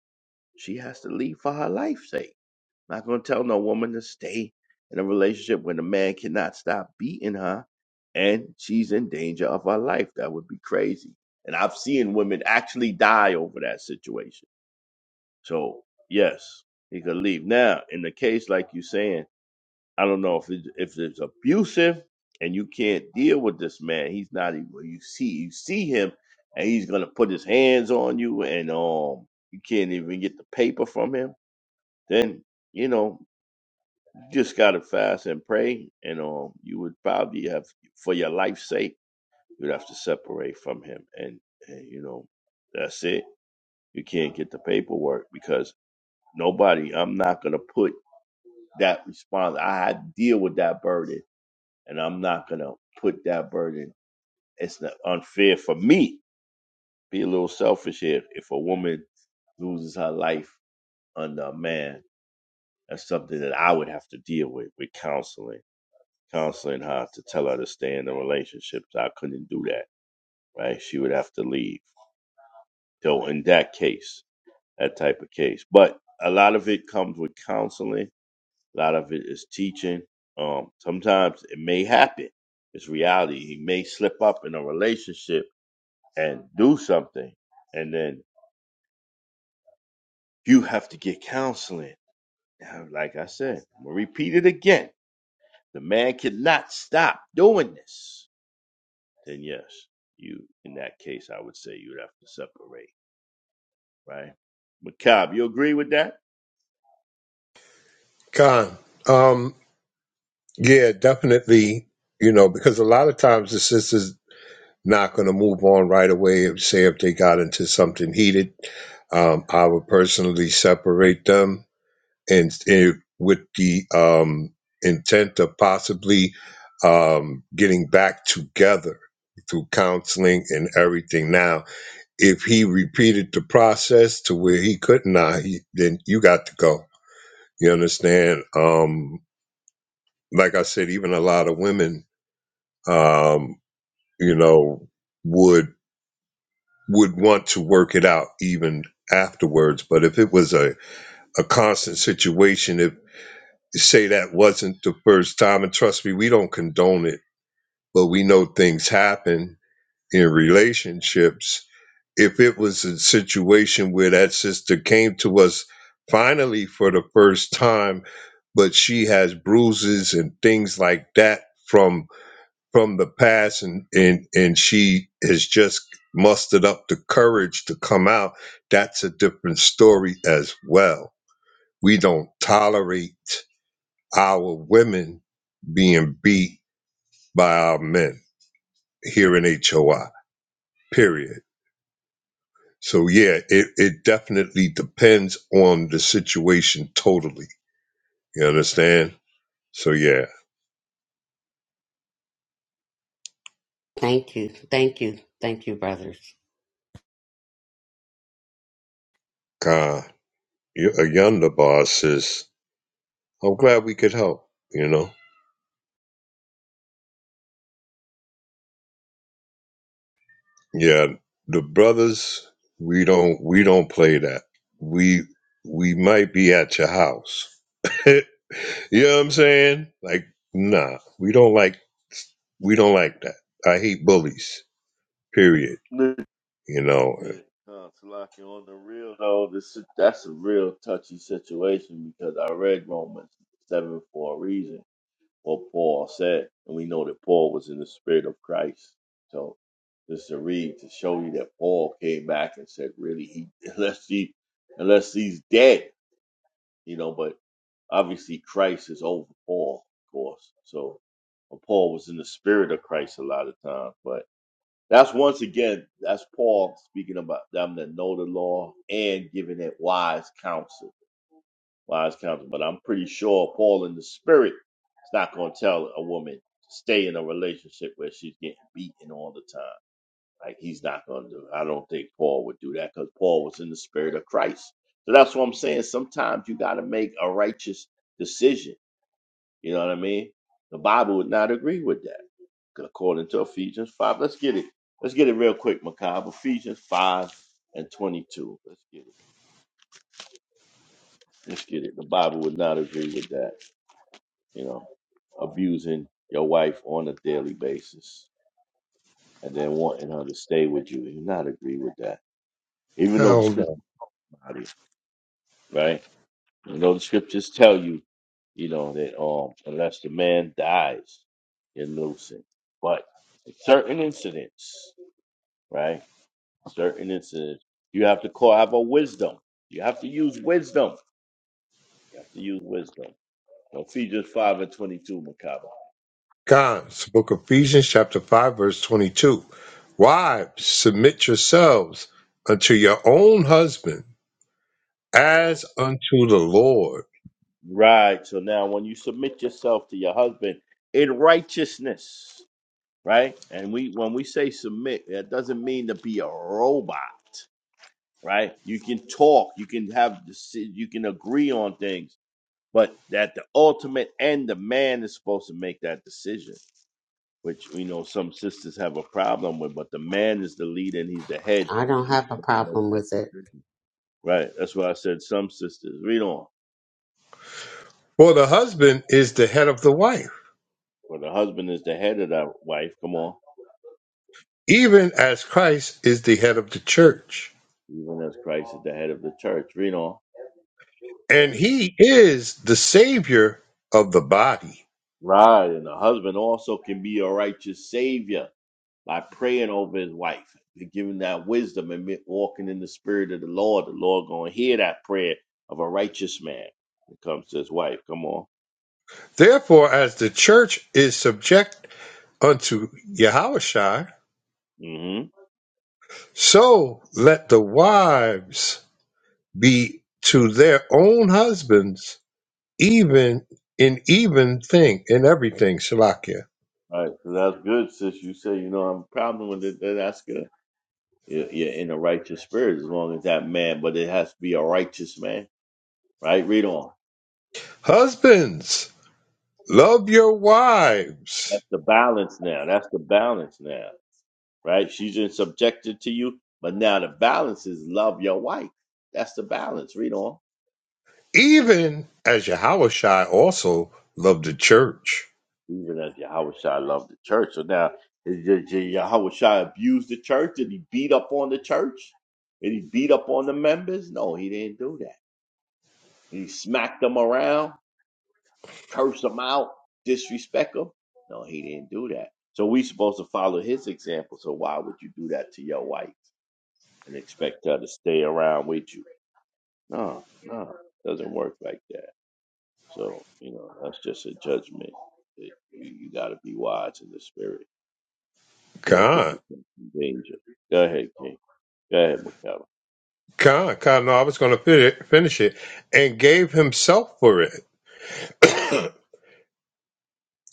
[SPEAKER 11] she has to leave for her life's sake. Not going to tell no woman to stay in a relationship when a man cannot stop beating her and she's in danger of her life. That would be crazy. And I've seen women actually die over that situation. So, yes, he could leave. Now, in the case like you're saying, I don't know if it, if it's abusive and you can't deal with this man. He's not even well, you see you see him and he's gonna put his hands on you and um you can't even get the paper from him. Then you know you just gotta fast and pray and um you would probably have for your life's sake you'd have to separate from him and, and you know that's it. You can't get the paperwork because nobody. I'm not gonna put that response. I had to deal with that burden and I'm not gonna put that burden. It's not unfair for me. Be a little selfish here. If a woman loses her life under a man, that's something that I would have to deal with with counseling, counseling her to tell her to stay in the relationship. So I couldn't do that. Right? She would have to leave. So in that case, that type of case. But a lot of it comes with counseling. A lot of it is teaching. Um, sometimes it may happen. It's reality. He may slip up in a relationship and do something. And then you have to get counseling. Now, Like I said, I'm gonna repeat it again. The man cannot stop doing this. Then yes, you in that case I would say you'd have to separate, right? Macab, you agree with that?
[SPEAKER 9] Con, um, yeah, definitely. You know, because a lot of times the sisters not going to move on right away. If, say if they got into something heated, um, I would personally separate them and, and with the um, intent of possibly um, getting back together through counseling and everything. Now, if he repeated the process to where he could not, he, then you got to go. You understand? Um, like I said, even a lot of women, um, you know, would would want to work it out even afterwards. But if it was a, a constant situation, if say that wasn't the first time, and trust me, we don't condone it, but we know things happen in relationships. If it was a situation where that sister came to us finally for the first time, but she has bruises and things like that from from the past and and and she has just mustered up the courage to come out that's a different story as well we don't tolerate our women being beat by our men here in HOI period so yeah it, it definitely depends on the situation totally you understand so yeah
[SPEAKER 10] thank you, thank you, thank you, brothers.
[SPEAKER 9] God, you're a yonder boss says I'm glad we could help you know Yeah, the brothers, we don't we don't play that. We we might be at your house. you know what I'm saying? Like, nah, we don't like we don't like that. I hate bullies. Period.
[SPEAKER 11] No.
[SPEAKER 9] You know.
[SPEAKER 11] Yeah, uh, Salaki, on the real though, this that's a real touchy situation because I read Romans seven for a reason or Paul said, and we know that Paul was in the spirit of Christ. So this is a read to show you that Paul came back and said, really, he unless he unless he's dead, you know. But obviously, Christ is over Paul, of course. So Paul was in the spirit of Christ a lot of times. But that's once again, that's Paul speaking about them that know the law and giving it wise counsel wise counsel. But I'm pretty sure Paul in the spirit is not going to tell a woman to stay in a relationship where she's getting beaten all the time. Like he's not going to do it. I don't think Paul would do that because Paul was in the spirit of Christ. So that's what I'm saying. Sometimes you got to make a righteous decision. You know what I mean? The Bible would not agree with that, according to Ephesians 5. Let's get it. Let's get it real quick, Macabre. Ephesians 5 and 22. Let's get it. Let's get it. The Bible would not agree with that. you know, abusing your wife on a daily basis and then wanting her to stay with you and not agree with that. Even though the
[SPEAKER 9] Hell
[SPEAKER 11] scripture
[SPEAKER 9] no.
[SPEAKER 11] right? Even though the scriptures tell you, you know, that um unless the man dies, you're losing. But in certain incidents, right? Certain incidents, you have to call have a wisdom. You have to use wisdom. You have to use wisdom. Ephesians five and twenty two, Macabre.
[SPEAKER 9] Guys, Book of Ephesians, chapter five, verse twenty-two. Wives, submit yourselves unto your own husband as unto the Lord.
[SPEAKER 11] Right. So now when you submit yourself to your husband in righteousness, right? And we when we say submit, that doesn't mean to be a robot, right? You can talk, you can have deci- you can agree on things, but that the ultimate end the man is supposed to make that decision, which we know some sisters have a problem with, but the man is the leader and he's the head.
[SPEAKER 10] I don't
[SPEAKER 11] He's
[SPEAKER 10] have a
[SPEAKER 11] supposed to make
[SPEAKER 10] problem
[SPEAKER 11] that
[SPEAKER 10] with it.
[SPEAKER 11] decision. Right. That's why I said some sisters. Read on.
[SPEAKER 9] For the husband is the head of the wife
[SPEAKER 11] Well the husband is the head of that wife. Come on.
[SPEAKER 9] even as Christ is the head of the church,
[SPEAKER 11] even as Christ is the head of the church. You know,
[SPEAKER 9] and he is the savior of the body.
[SPEAKER 11] right. And the husband also can be a righteous savior by praying over his wife, and giving that wisdom and me- walking in the spirit of the Lord. The Lord gonna hear that prayer of a righteous man when it comes to his wife. Come on.
[SPEAKER 9] Therefore, as the church is subject unto Yahushua,
[SPEAKER 11] hmm
[SPEAKER 9] so let the wives be to their own husbands, even in even thing, in everything, Shalakia.
[SPEAKER 11] Right. So that's good, sis. You say, you know, I'm problem with it. then That's good. You're you're in a righteous spirit as long as that man, but it has to be a righteous man, right? Read on.
[SPEAKER 9] Husbands, love your wives,
[SPEAKER 11] That's the balance now. That's the balance now. right? She's just subjected to you. But now the balance is love your wife. That's the balance. Read on.
[SPEAKER 9] even as Yahushua also loved the church.
[SPEAKER 11] Even as Yahweh Shai loved the church. So now, is Y- Y- Yahweh Shai abused the church? Did he beat up on the church? Did he beat up on the members? No, he didn't do that. He smacked them around, cursed them out, disrespect them? No, he didn't do that. So we supposed to follow his example. So why would you do that to your wife and expect her to stay around with you? No, no, doesn't work like that. So, you know, that's just a judgment. It, you you got to be wise in the spirit. Can't put
[SPEAKER 9] God.
[SPEAKER 11] yourself in danger. Go ahead, King. Go ahead, McCallum.
[SPEAKER 9] Khan, Khan, no, I was going to finish, finish it, and gave himself for it.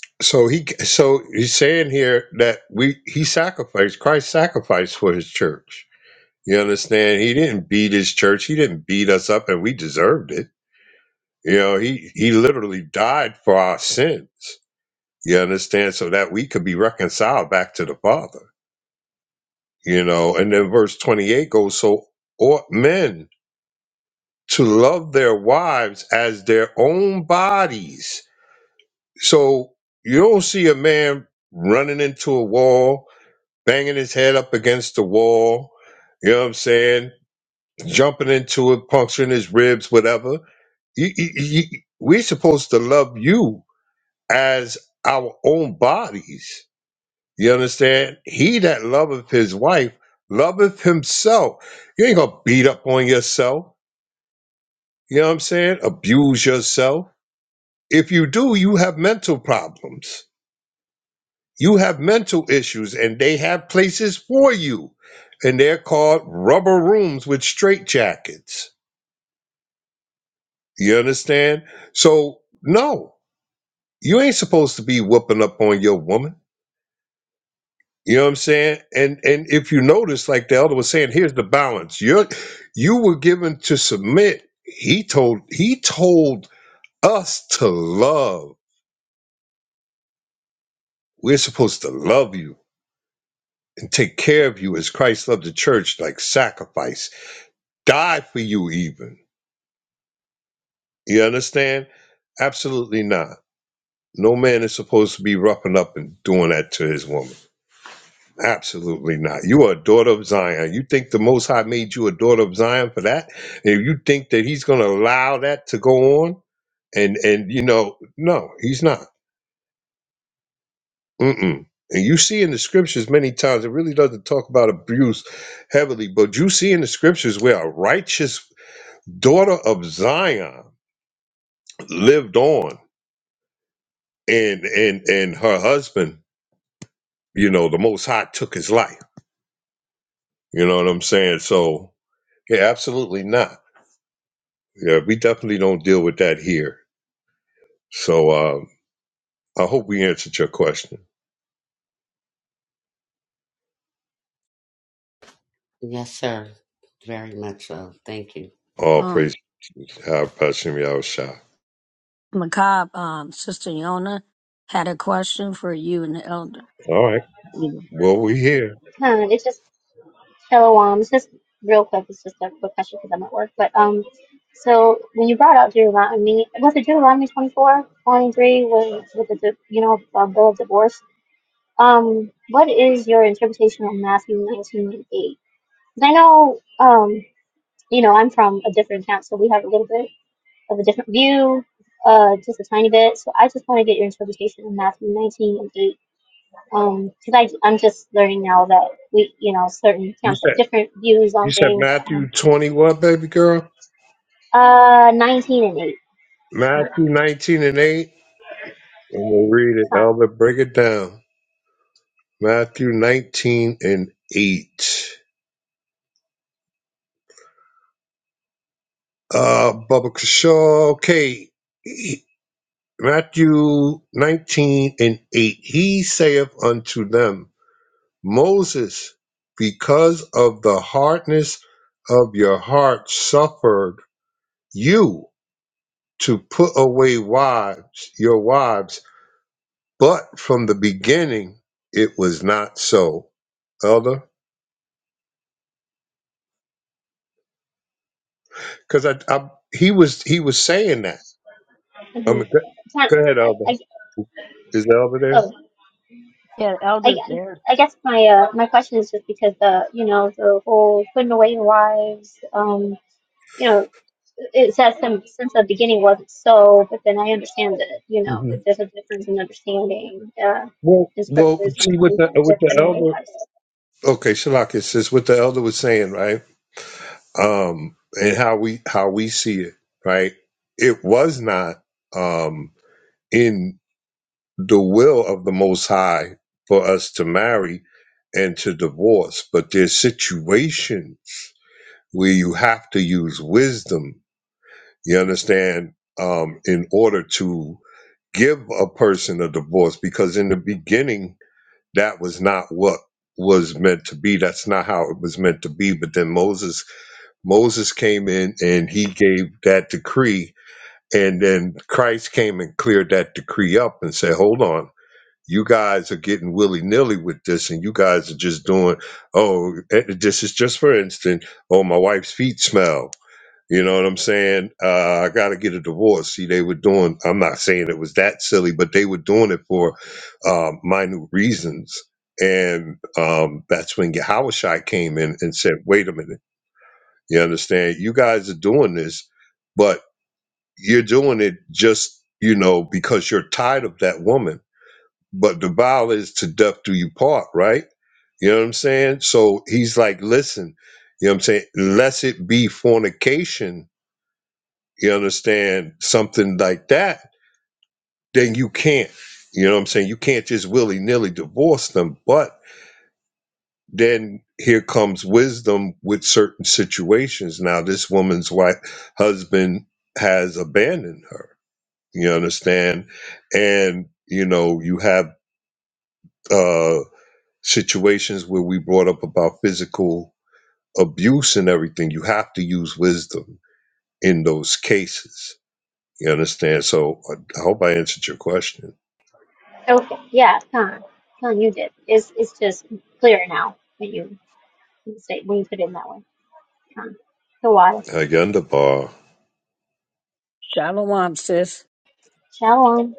[SPEAKER 9] so he, so he's saying here that we he sacrificed Christ sacrificed for his church. You understand? He didn't beat his church. He didn't beat us up, and we deserved it. You know, he he literally died for our sins. You understand? So that we could be reconciled back to the Father. You know, and then verse twenty eight goes, so ought men to love their wives as their own bodies So you don't see a man running into a wall, banging his head up against the wall, you know what I'm saying? Jumping into it, puncturing his ribs, whatever. You, you, you- we're supposed to love you as our own bodies. You understand? He that loveth his wife loveth himself. You ain't gonna beat up on yourself. You know what I'm saying? Abuse yourself. If you do, you have mental problems. You have mental issues, and they have places for you. And they're called rubber rooms with straitjackets. You understand? So, no, you ain't supposed to be whooping up on your woman. You know what I'm saying? And and if you notice, like the elder was saying, here's the balance. You're you were given to submit. He told he told us to love. We're supposed to love you and take care of you as Christ loved the church, like sacrifice, die for you even. You understand? Absolutely not. No man is supposed to be roughing up and doing that to his woman. Absolutely not. You are a daughter of Zion. You think the Most High made you a daughter of Zion for that? And you think that He's going to allow that to go on? And and you know, no, He's not. Mm-mm. And you see in the scriptures many times. It really doesn't talk about abuse heavily, but you see in the scriptures where a righteous daughter of Zion lived on, and and and her husband you know, the Most High took his life. You know what I'm saying? So, yeah, absolutely not. Yeah, we definitely don't deal with that here. So, uh, I hope we answered your question.
[SPEAKER 10] Yes, sir. Very much so. Thank you.
[SPEAKER 9] All praise Yahweh Hashem Yahushua. All right. Well, we here.
[SPEAKER 12] Uh, it's just hello, um, it's just real quick. It's just a quick question because I'm at work. But um, so when you brought out Deuteronomy, was it Deuteronomy 24, 23, with with the di- you know uh, bill of divorce? Um, what is your interpretation of Matthew 19 and 8? Because I know um, you know, I'm from a different camp, so we have a little bit of a different view, uh, just a tiny bit. So I just want to get your interpretation of Matthew 19 and 8 um, cause I, I'm just learning now that we, you know, certain
[SPEAKER 9] You
[SPEAKER 12] camps have
[SPEAKER 9] said
[SPEAKER 12] different views
[SPEAKER 9] you
[SPEAKER 12] on
[SPEAKER 9] said
[SPEAKER 12] things. Um,
[SPEAKER 9] Matthew 20 what, baby girl?
[SPEAKER 12] uh, 19 and 8.
[SPEAKER 9] Matthew
[SPEAKER 12] Time,
[SPEAKER 9] 19 and 8. And we'll read it.
[SPEAKER 12] time,
[SPEAKER 9] Albert, break it down. Matthew 19 and 8. Uh, Bubba Kashaw. Okay. Matthew 19 and 8, he saith unto them, Moses, because of the hardness of your heart, suffered you to put away wives, your wives, but from the beginning it was not so. Elder, because I, I, he was he was saying that. Um,
[SPEAKER 12] mhm.
[SPEAKER 9] go,
[SPEAKER 12] Time-
[SPEAKER 9] go ahead,
[SPEAKER 12] I,
[SPEAKER 9] Elder.
[SPEAKER 12] I,
[SPEAKER 9] Is the Elder there?
[SPEAKER 12] oh, I, I I guess my, uh, my question is just because the, you know, the whole putting away your wives, um, you know, it says some, since the beginning wasn't so, but then I understand that, you know,
[SPEAKER 9] hmm
[SPEAKER 12] there's a difference in understanding, uh,
[SPEAKER 9] Well,
[SPEAKER 12] in
[SPEAKER 9] well,
[SPEAKER 12] scriptures
[SPEAKER 9] see with
[SPEAKER 12] sometimes
[SPEAKER 9] the with
[SPEAKER 12] with
[SPEAKER 9] the
[SPEAKER 12] putting away
[SPEAKER 9] Elder
[SPEAKER 12] wives.
[SPEAKER 9] Okay, Shalak, it's just what the elder was saying, right? Um, and how we how we see it, right? It was not um in the will of the Most High for us to marry and to divorce, but there's situations where you have to use wisdom. You understand? Um, in order to give a person a divorce, because in the beginning that was not what was meant to be. That's not how it was meant to be. But then Moses Moses came in and he gave that decree. And then Christ came and cleared that decree up and said, hold on, you guys are getting willy nilly with this. And you guys are just doing, oh, eh, this is just for instance, oh, my wife's feet smell. You know what I'm saying? Uh, I got to get a divorce. See, they were doing, I'm not saying it was that silly, but they were doing it for uh, minute reasons. And um, that's when Yahushua came in and said, wait a minute you understand? You guys are doing this, but you're doing it just, you know, because you're tired of that woman. But the vow is to death do you part, right? You know what I'm saying? So he's like, listen, you know what I'm saying? Lest it be fornication, you understand, something like that, then you can't. You know what I'm saying? You can't just willy nilly divorce them. But then here comes wisdom with certain situations. Now, this woman's wife, husband has abandoned her. You understand? And, you know, you have uh, situations where we brought up about physical abuse and everything. You have to use wisdom in those cases. You understand? So I I hope I answered your question.
[SPEAKER 12] Okay, yeah, Khan, Khan, you did. It's it's just clear now when you when you say when you put it in that way. Khan, Kawada,
[SPEAKER 9] Agendabar.
[SPEAKER 12] Shalom,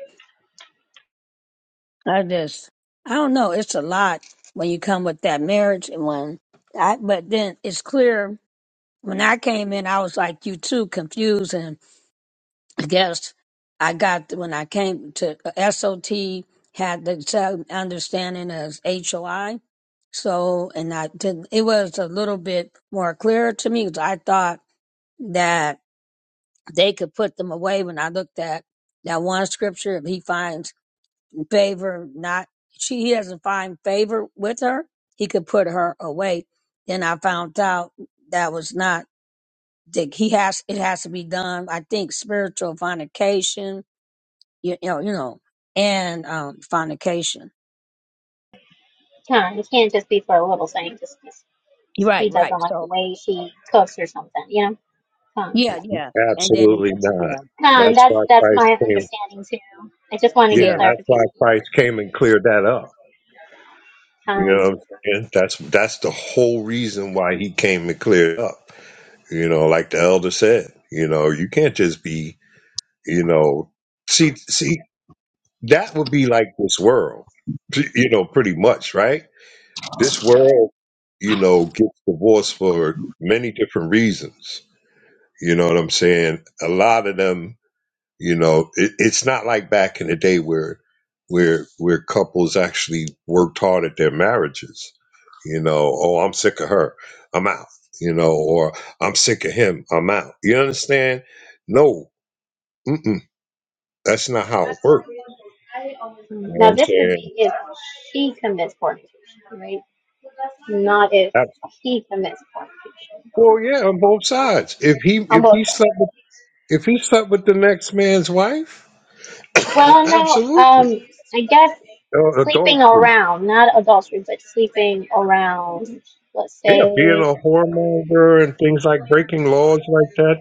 [SPEAKER 12] Khan. It can't just be for a little thing. Just, just he doesn't like the way she cooks or something. You know, Khan,
[SPEAKER 9] Absolutely not.
[SPEAKER 12] Khan.
[SPEAKER 9] That's
[SPEAKER 12] That's
[SPEAKER 9] why
[SPEAKER 12] that's
[SPEAKER 9] Christ
[SPEAKER 12] my
[SPEAKER 9] came.
[SPEAKER 12] understanding too. I just want to
[SPEAKER 9] Yeah,
[SPEAKER 12] get
[SPEAKER 9] that's why
[SPEAKER 12] clarification.
[SPEAKER 9] Christ came and cleared that up. You
[SPEAKER 12] Khan.
[SPEAKER 9] know what I'm saying? That's that's the whole reason why he came and cleared up. You know, like the elder said, you know, you can't just be, you know, see see that would be like this world. p- You know, pretty much, right? This world, you know, gets divorced for many different reasons. You know what I'm saying? A lot of them you know, it, it's not like back in the day where where where couples actually worked hard at their marriages. You know, oh, I'm sick of her, I'm out. You know, or I'm sick of him, I'm out. You understand? No, mm-mm, that's not how it worked. You know what
[SPEAKER 12] Now
[SPEAKER 9] I'm
[SPEAKER 12] this would
[SPEAKER 9] saying?
[SPEAKER 12] be if she commits fornication, right? Not if
[SPEAKER 9] That-
[SPEAKER 12] he commits fornication
[SPEAKER 9] well, yeah, on both sides. If he if he slept with, if he slept with the next man's wife,
[SPEAKER 12] Well, no,
[SPEAKER 9] absolutely
[SPEAKER 12] um, I guess
[SPEAKER 9] Uh,
[SPEAKER 12] sleeping
[SPEAKER 9] adultery.
[SPEAKER 12] around, not adultery, but sleeping around, let's
[SPEAKER 9] Yeah, being
[SPEAKER 12] say,
[SPEAKER 9] a whoremonger and things like breaking laws like that.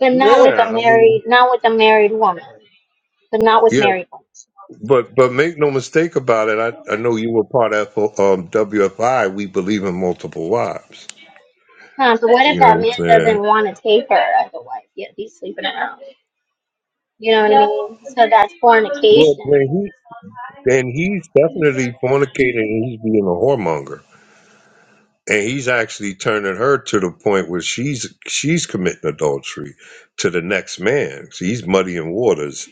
[SPEAKER 12] but not
[SPEAKER 9] Yeah,
[SPEAKER 12] with a
[SPEAKER 9] I mean,
[SPEAKER 12] married, not with a married woman, but not with
[SPEAKER 9] yeah,
[SPEAKER 12] married women.
[SPEAKER 9] but but make no mistake about it. I, I know you were part of um, WFI. We believe in multiple wives.
[SPEAKER 12] Huh, but what if
[SPEAKER 9] You know
[SPEAKER 12] that
[SPEAKER 9] what
[SPEAKER 12] man
[SPEAKER 9] I'm
[SPEAKER 12] doesn't
[SPEAKER 9] saying?
[SPEAKER 12] want to take her as a wife, yet he's sleeping around? You know what I mean? So that's
[SPEAKER 9] Well,
[SPEAKER 12] fornication.
[SPEAKER 9] then he then he's definitely fornicating. and He's being a whoremonger, and he's actually turning her to the point where she's she's committing adultery to the next man. So he's muddying waters.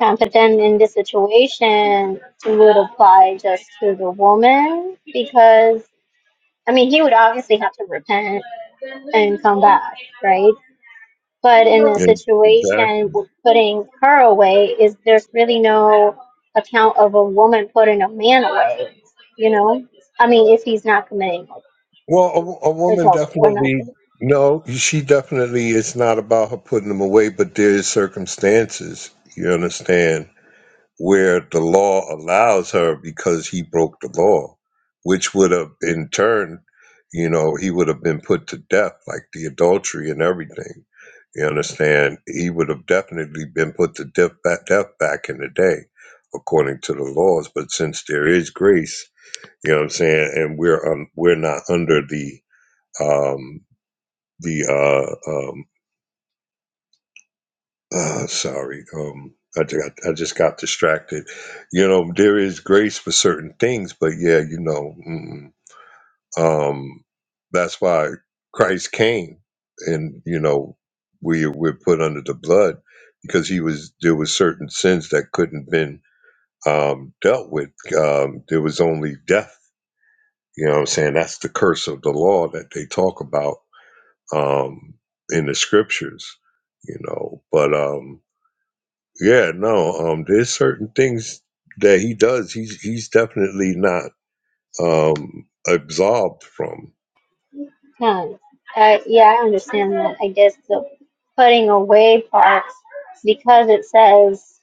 [SPEAKER 12] Um, but then in this situation, it would apply just to the woman because, I mean, he would obviously have to repent and come back, right? But in a
[SPEAKER 9] And- Exactly.
[SPEAKER 12] situation with putting her away, is there's really no account of a woman putting a man away, you know? I mean, if he's not committing
[SPEAKER 9] Well, a, wo- a woman
[SPEAKER 12] adultery, we're not
[SPEAKER 9] definitely
[SPEAKER 12] saying.
[SPEAKER 9] no, she definitely it's not about her putting them away, but there's circumstances you understand where the law allows her because he broke the law, which would have in turn, you know, he would have been put to death, like the adultery and everything. You understand? He would have definitely been put to death back, death back in the day, according to the laws. But since there is grace, you know what I'm saying, and we're um, we're not under the um, the uh, um, uh, sorry, um, I, ju- I just got distracted. You know, there is grace for certain things, but yeah, you know, mm, um, that's why Christ came, and you know, we we're put under the blood because he was there was certain sins that couldn't been um, dealt with. Um, there was only death. You know what I'm saying? That's the curse of the law that they talk about um, in the scriptures, you know. But um, yeah, no, um, there's certain things that he does. He's he's definitely not um, absolved from.
[SPEAKER 12] Hmm. Uh, yeah, I understand that. I guess the putting away part, because it says,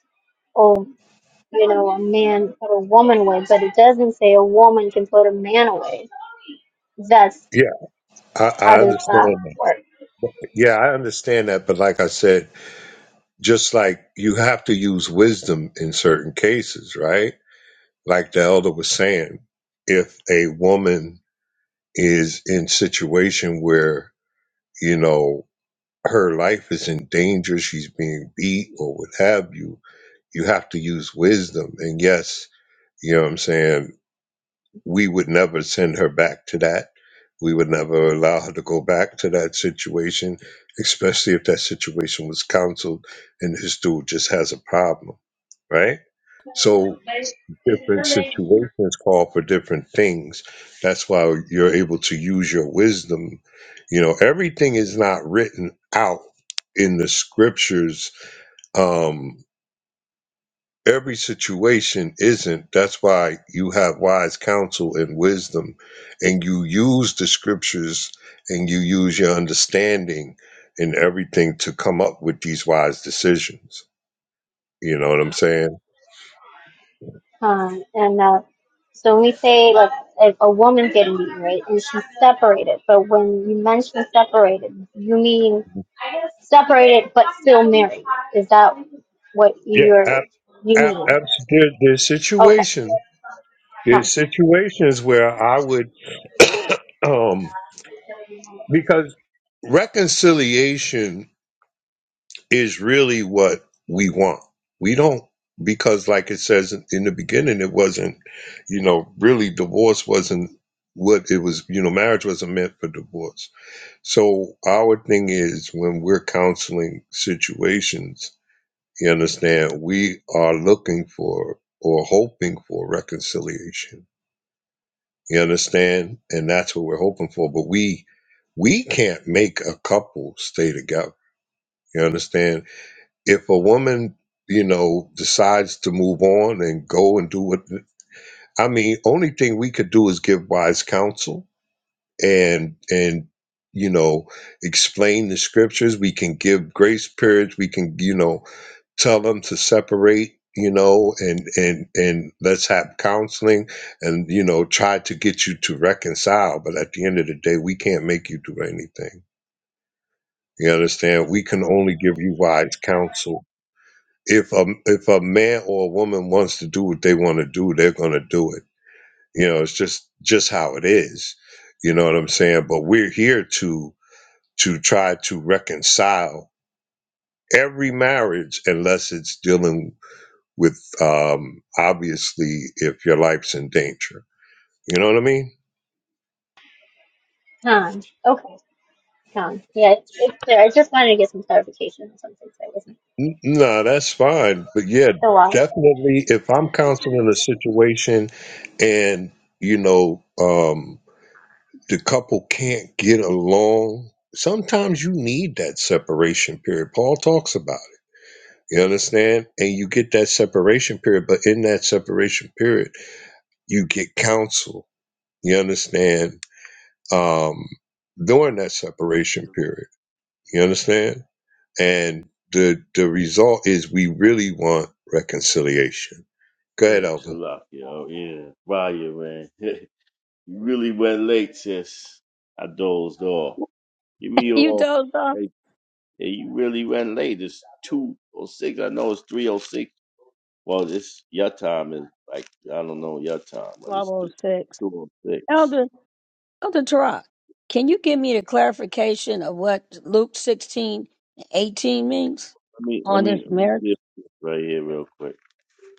[SPEAKER 12] oh, you know, a man put a woman away, but it doesn't say a woman can put a man away. That's
[SPEAKER 9] Yeah, I,
[SPEAKER 12] how
[SPEAKER 9] I
[SPEAKER 12] does that
[SPEAKER 9] understand that.
[SPEAKER 12] work?
[SPEAKER 9] Yeah, I understand that. But like I said, just like you have to use wisdom in certain cases, right? Like the elder was saying, if a woman is in situation where you know her life is in danger, she's being beat or what have you, you have to use wisdom. And yes, you know what I'm saying? We would never send her back to that. We would never allow her to go back to that situation, especially if that situation was counseled and this dude just has a problem, right? So different situations call for different things. That's why you're able to use your wisdom. You know, everything is not written out in the scriptures. Um, every situation isn't. That's why you have wise counsel and wisdom, and you use the scriptures and you use your understanding and everything to come up with these wise decisions. You know what I'm saying?
[SPEAKER 12] Con. And uh, so we say like if a woman's getting beaten, right, and she's separated. But when you mention separated, you mean separated but still married. Is that what
[SPEAKER 9] Yeah,
[SPEAKER 12] you're
[SPEAKER 9] ab-
[SPEAKER 12] you
[SPEAKER 9] ab-
[SPEAKER 12] mean?
[SPEAKER 9] abs- there, there's
[SPEAKER 12] Okay.
[SPEAKER 9] situations.
[SPEAKER 12] Con.
[SPEAKER 9] There's situations where I would, um, because reconciliation is really what we want. We don't, because like it says in the beginning, it wasn't, you know, really divorce wasn't what it was, you know, marriage wasn't meant for divorce. So our thing is when we're counseling situations, you understand, we are looking for or hoping for reconciliation You understand? And that's what we're hoping for. But we we can't make a couple stay together. You understand? If a woman, you know, decides to move on and go and do what I mean, only thing we could do is give wise counsel and and you know explain the scriptures we can give grace periods we can you know tell them to separate you know and and and let's have counseling and you know try to get you to reconcile but at the end of the day we can't make you do anything you understand we can only give you wise counsel if a if a man or a woman wants to do what they want to do they're going to do it you know it's just just how it is you know what i'm saying but we're here to to try to reconcile every marriage unless it's dealing with um obviously if your life's in danger you know what i mean
[SPEAKER 12] Con. Okay. Con. Yeah, it's, it's clear. I just wanted to get some clarification on something so I wasn't
[SPEAKER 9] N- no that's fine but yeah
[SPEAKER 12] so why.
[SPEAKER 9] definitely if i'm counseling a situation and you know um the couple can't get along sometimes you need that separation period paul talks about it you understand and you get that separation period but in that separation period you get counsel You understand? Um, during that separation period, you understand? And the the result is we really want reconciliation. Go ahead,
[SPEAKER 11] Yeah,
[SPEAKER 9] Elder.
[SPEAKER 11] Shalak, yo. Yeah, Raya, man. you really went late, sis. I dozed off. Give me your all. Hey, hey, you really went late. It's 2.06. I know it's 3.06. Well, it's your time is like, I don't know your time, but it's 2.06. Let me, let me, let me get this right here real quick.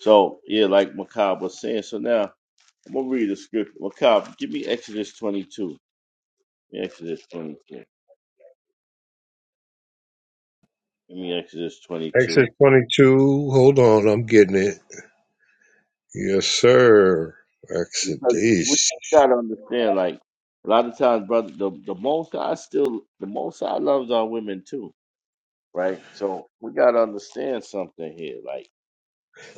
[SPEAKER 11] So yeah, like Macab was saying. So now I'm gonna read the scripture. Macab, give me Exodus 22. Exodus 22. Give me Exodus
[SPEAKER 9] Exit
[SPEAKER 11] 22.
[SPEAKER 9] 22. Hold on, I'm getting it. Yes, sir. Exit
[SPEAKER 11] Because we
[SPEAKER 9] these.
[SPEAKER 11] gotta understand, like a lot of times, brother, the the most I still the most I loves our women too, right? So we gotta understand something here, like.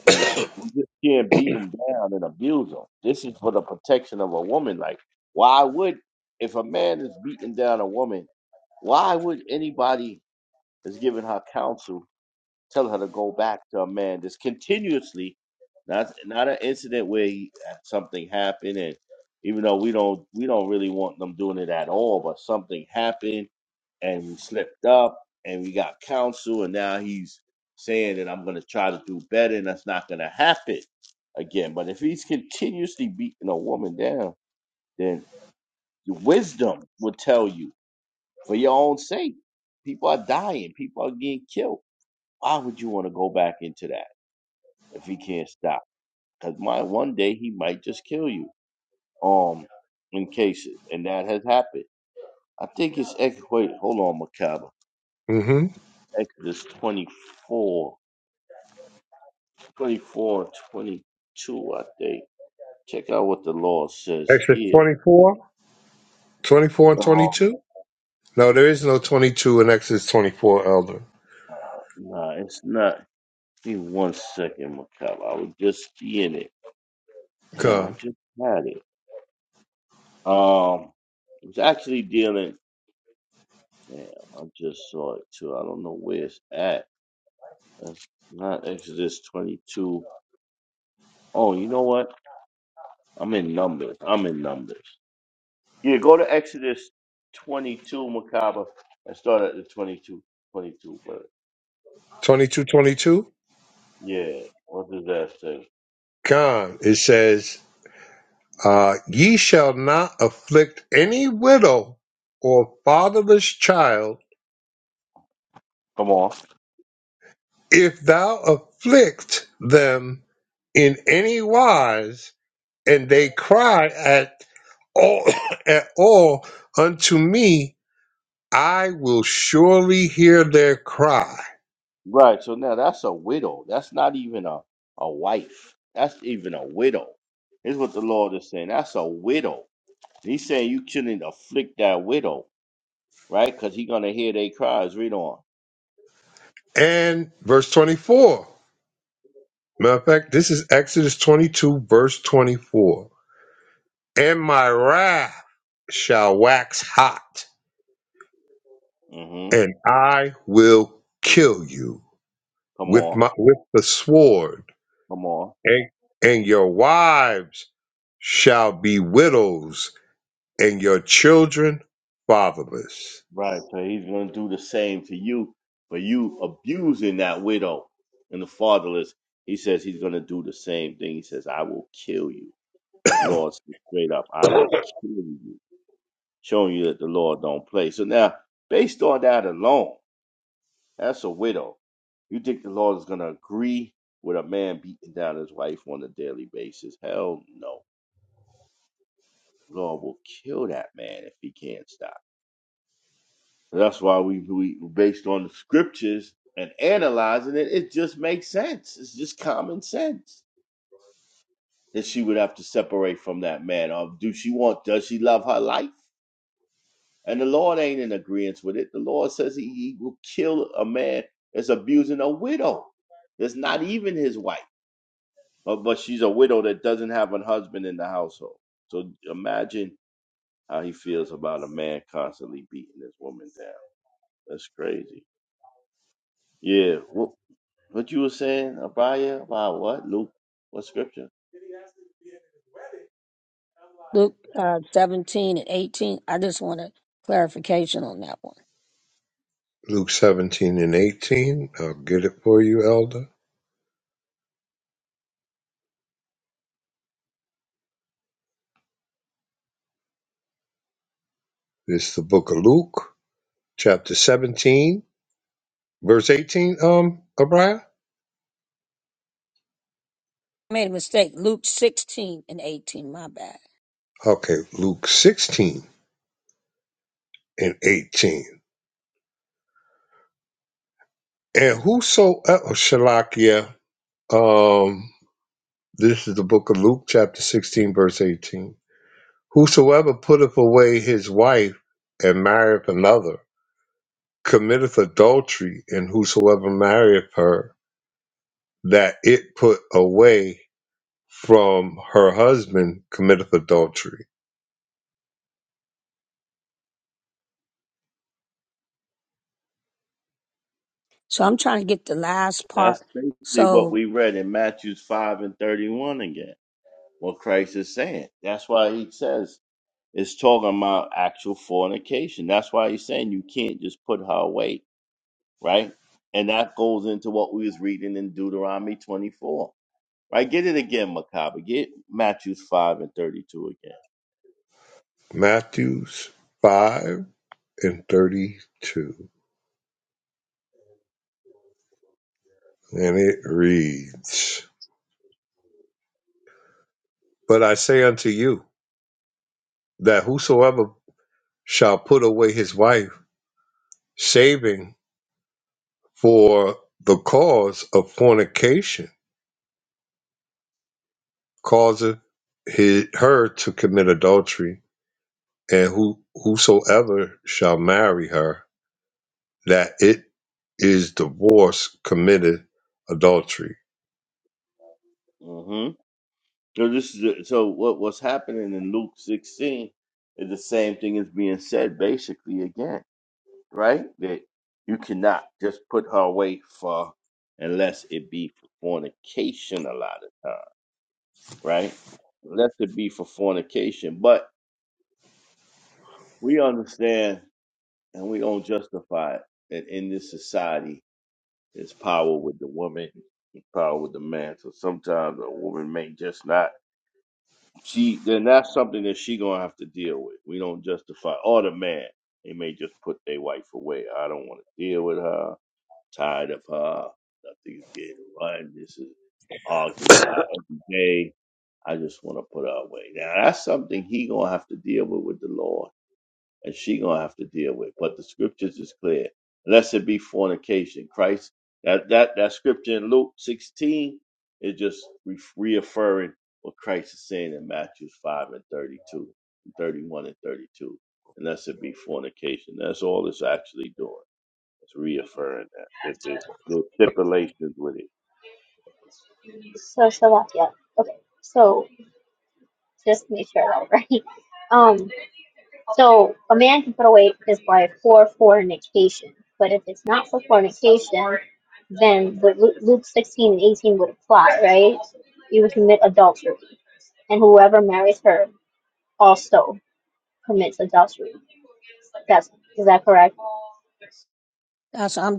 [SPEAKER 11] You know, we just can't beat them down and abuse them. This is for the protection of a woman. Like, why would if a man is beating down a woman, why would anybody is giving her counsel, telling her to go back to a man that's continuously not not an incident where he, uh, something happened, and even though we don't we don't really want them doing it at all, but something happened and we slipped up and we got counsel, and now he's saying that I'm going to try to do better, and that's not going to happen again. But if he's continuously beating a woman down, then your wisdom would tell you for your own sake. People are dying. People are getting killed why would you want to go back into that if he can't stop? Because my one day he might just kill you. Um, in cases, and that has happened. I think it's ex. Wait, hold on, Macabre.
[SPEAKER 9] Mm-hmm.
[SPEAKER 11] Exodus twenty four, twenty four, twenty two. I think. Check out what the Lord says
[SPEAKER 9] Exit
[SPEAKER 11] here.
[SPEAKER 9] 24. 24 and
[SPEAKER 11] Um,
[SPEAKER 9] 22? No, there is no 22 in Exodus 24, Elder.
[SPEAKER 11] nah, nah, it's not. Give me one second, Macabre. I was just seeing it. Damn, I
[SPEAKER 9] Con.
[SPEAKER 11] just had it. Um, it's actually dealing. Man, I just saw it too. I don't know where it's at. That's not Exodus 22. Oh, you know what? I'm in numbers. I'm in numbers. Yeah, go to Exodus 22, Macabre, and start at the 22, 22. But
[SPEAKER 9] twenty two, twenty two. 22?
[SPEAKER 11] yeah, what does that say?
[SPEAKER 9] Con. It says Uh, ye shall not afflict any widow or fatherless child.
[SPEAKER 11] Come on.
[SPEAKER 9] If thou afflict them in any wise, and they cry at all, at all unto me, I will surely hear their cry.
[SPEAKER 11] Right. So now that's a widow. That's not even a, a wife. That's even a widow. Here's what the Lord is saying. That's a widow. He's saying you shouldn't afflict that widow, right? Because he's gonna hear their cries. Read on.
[SPEAKER 9] And verse 24. Matter of fact, this is Exodus 22, verse 24. And my wrath shall wax hot
[SPEAKER 11] hmm
[SPEAKER 9] and I will kill you
[SPEAKER 11] Come
[SPEAKER 9] with
[SPEAKER 11] on.
[SPEAKER 9] my with the sword,
[SPEAKER 11] Come on.
[SPEAKER 9] and, and your wives shall be widows, and your children fatherless.
[SPEAKER 11] Right. So he's going to do the same to you for you abusing that widow and the fatherless. He says he's going to do the same thing. He says, I will kill you. The Lord said straight up, I will kill you, showing you that the Lord don't play. So now, based on that alone, that's a widow. You think the Lord is going to agree with a man beating down his wife on a daily basis? Hell no. Lord will kill that man if he can't stop. That's why we, we based on the scriptures and analyzing it, it just makes sense. It's just common sense that she would have to separate from that man. Or do she want, does she love her life? And the Lord ain't in agreement with it. The Lord says he, he will kill a man that's abusing a widow. That's not even his wife. But, but she's a widow that doesn't have a husband in the household. So imagine how he feels about a man constantly beating this woman down. That's crazy. Yeah. What What you were saying, Abaya, about what? Luke, what scripture?
[SPEAKER 9] Luke 17 and 18. I'll get it for you, Elder. It's the book of Luke, chapter 17, verse 18, um, Abriah? Okay, Luke 16 and 18. And whosoever, Shalakia, um, This is the book of Luke, chapter 16, verse 18. Whosoever putteth away his wife and marrieth another committeth adultery, and whosoever marrieth her that it put away from her husband committeth adultery.
[SPEAKER 11] That's basically what we read in Matthews 5 and 31 again, what Christ is saying. That's why he says it's talking about actual fornication. That's why he's saying you can't just put her away, right? And that goes into what we was reading in Deuteronomy 24. Right? Get it again, Macabre. Get Matthews 5 and 32 again.
[SPEAKER 9] Matthews 5 and 32. And it reads, But I say unto you, that whosoever shall put away his wife, saving." for the cause of fornication causeth his, her to commit adultery, and who whosoever shall marry her, that it is divorce committed adultery.
[SPEAKER 11] Mm-hmm. So this is the- so what what's happening in Luke 16 is the same thing is being said basically again, right? That you cannot just put her away for unless it be for fornication a lot of time, right? Unless it be for fornication. But we understand and we don't justify it that in this society there's power with the woman, and power with the man. So sometimes a woman may just not She then that's something that she gonna have to deal with. We don't justify or the man. They may just put their wife away. I don't want to deal with her. Tired of her. Nothing's getting right. This is arguing with her every day. I just want to put her away. Now that's something he gonna have to deal with with the Lord and she gonna have to deal with. But the scriptures is clear. Unless it be fornication. Christ that that that scripture in Luke 16 is just re- reaffirming what Christ is saying in Matthew 5 and 32, 31 and 32. Unless it be fornication. That's all it's actually doing. It's reaffirming that. That there's, there's stipulations with it.
[SPEAKER 12] So so that's yeah. Okay. So just make sure I got it right. Um. So a man can put away his wife for fornication, but if it's not for fornication, then what Lu- Luke 16 and 18 would apply, right? You would commit adultery, and whoever marries her also commits adultery. That's is that correct?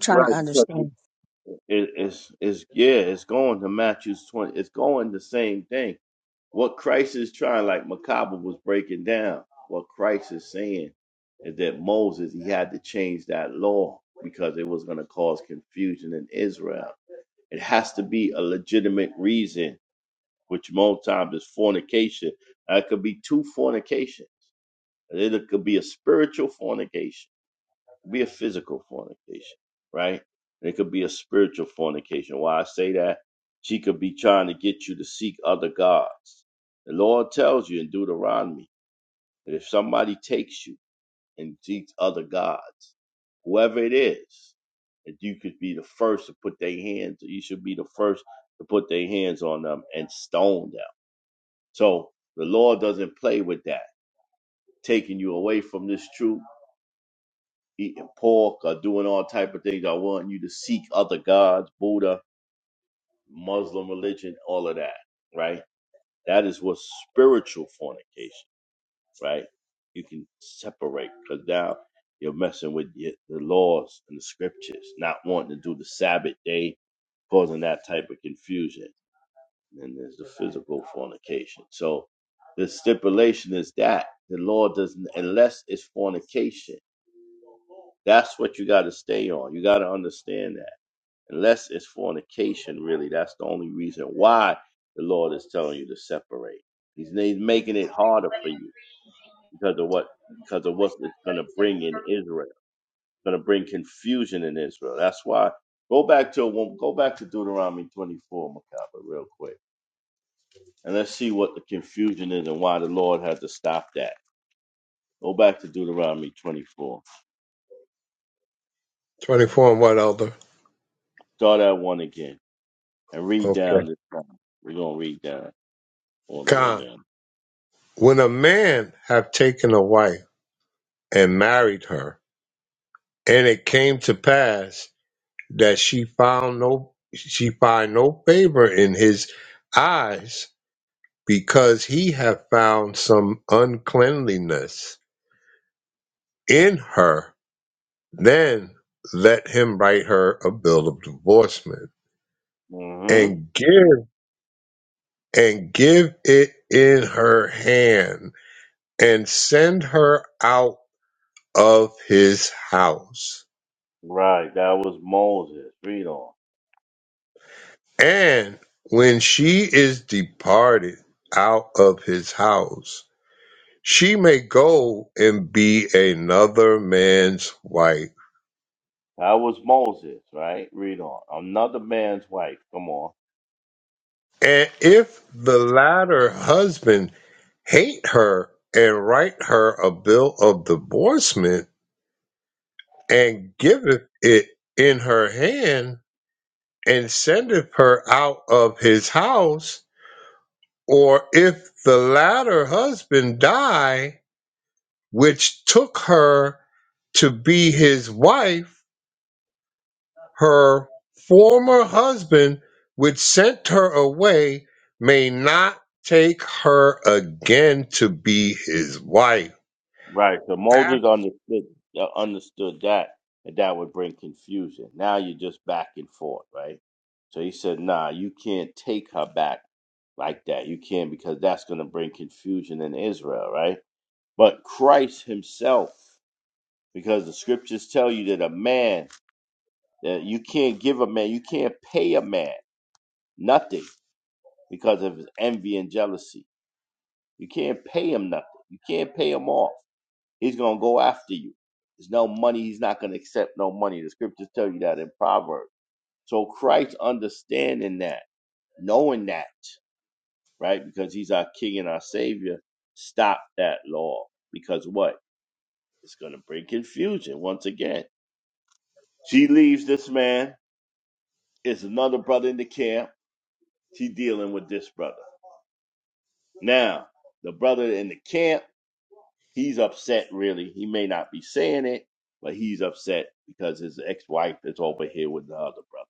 [SPEAKER 11] Right, because it, it- it's it's yeah, it's going to Matthew's twenty. It's going the same thing What Christ is trying, like Macabre was breaking down, what Christ is saying is that Moses, he had to change that law because it was going to cause confusion in Israel. It has to be a legitimate reason, which most times is fornication. That could be two fornications. It could be a spiritual fornication be a physical fornication, right? And it could be a spiritual fornication. Why I say that? She could be trying to get you to seek other gods. The Lord tells you in Deuteronomy that if somebody takes you and seeks other gods, whoever it is, that you could be the first to put their hands, you should be the first to put their hands on them and stone them. So the Lord doesn't play with that, taking you away from this truth eating pork or doing all type of things. I want you to seek other gods, Buddha, Muslim religion, all of that, right? That is what spiritual fornication, right? You can separate because now you're messing with your, the laws and the scriptures, not wanting to do the Sabbath day, causing that type of confusion. And there's the physical fornication. So the stipulation is that the law doesn't, unless it's fornication. That's what you got to stay on. You got to understand that unless it's fornication, really. That's the only reason why the Lord is telling you to separate. He's, he's making it harder for you because of what because of what it's going to bring in Israel. It's going to bring confusion in Israel. That's why go back to well, go back to Deuteronomy 24, Macabre, real quick, and let's see what the confusion is and why the Lord had to stop that. Go back to Deuteronomy 24.
[SPEAKER 9] Twenty four and what elder?
[SPEAKER 11] Start at one again and read
[SPEAKER 9] Okay.
[SPEAKER 11] down this time. We're gonna read down all the way
[SPEAKER 9] God,
[SPEAKER 11] down.
[SPEAKER 9] when a man have taken a wife and married her, and it came to pass that she found no she find no favor in his eyes because he had found some uncleanliness in her, then let him write her a bill of divorcement
[SPEAKER 11] Mm-hmm.
[SPEAKER 9] and give and give it in her hand and send her out of his house.
[SPEAKER 11] Right, that was Moses. Read on.
[SPEAKER 9] And when she is departed out of his house, she may go and be another man's wife
[SPEAKER 11] That was Moses, right? Read on. Another man's wife. Come on.
[SPEAKER 9] And if the latter husband hate her and write her a bill of divorcement and giveth it in her hand and sendeth her out of his house, or if the latter husband die, which took her to be his wife, her former husband, which sent her away, may not take her again to be his wife.
[SPEAKER 11] Right. So
[SPEAKER 9] After
[SPEAKER 11] Moses understood uh, understood that, and that would bring confusion. Now you're just back and forth, right? So he said, "Nah, you can't take her back like that. You can't because that's going to bring confusion in Israel, right? But Christ Himself, because the Scriptures tell you that a man that you can't give a man, you can't pay a man nothing." because of his envy and jealousy. You can't pay him nothing. You can't pay him off. He's gonna go after you. There's no money. He's not gonna accept no money. The scriptures tell you that in Proverbs. So Christ understanding that, knowing that, right? Because he's our King and our Savior, stop that law. Because what? It's gonna bring confusion once again. She leaves this man. It's another brother in the camp. She dealing with this brother. Now, the brother in the camp He's upset, really. He may not be saying it, but he's upset because his ex wife is over here with the other brother.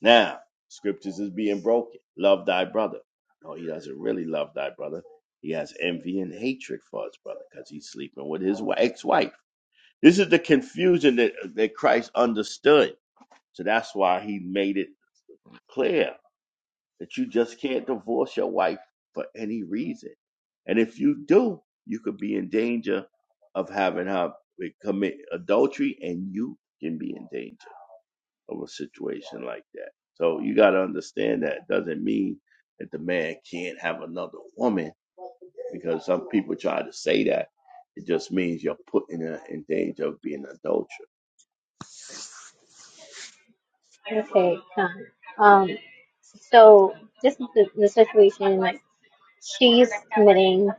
[SPEAKER 11] Now, scriptures is being broken. Love thy brother. No, he doesn't really love thy brother. He has envy and hatred for his brother because he's sleeping with his ex wife. This is the confusion that, that Christ understood. So that's why he made it clear that you just can't divorce your wife for any reason. And if you do, you could be in danger of having her commit adultery and you can be in danger of a situation like that. So you got to understand that it doesn't mean that the man can't have another woman because some people try to say that. It just means you're putting her in danger of being adulterous.
[SPEAKER 12] Okay. fine. Um. So this is the, the situation. like, She's committing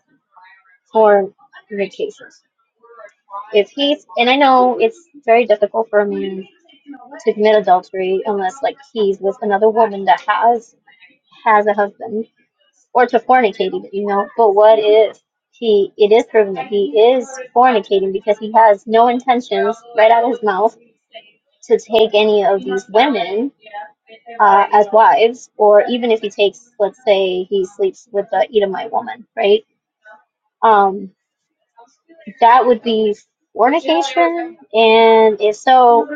[SPEAKER 12] fornication. If he's, and I know it's very difficult for a man to commit adultery unless like he's with another woman that has has a husband or to fornicate even, you know but what if he it is proven that he is fornicating because he has no intentions right out of his mouth to take any of these women uh, as wives or even if he takes let's say he sleeps with the edomite woman right um, that would be fornication, and if so,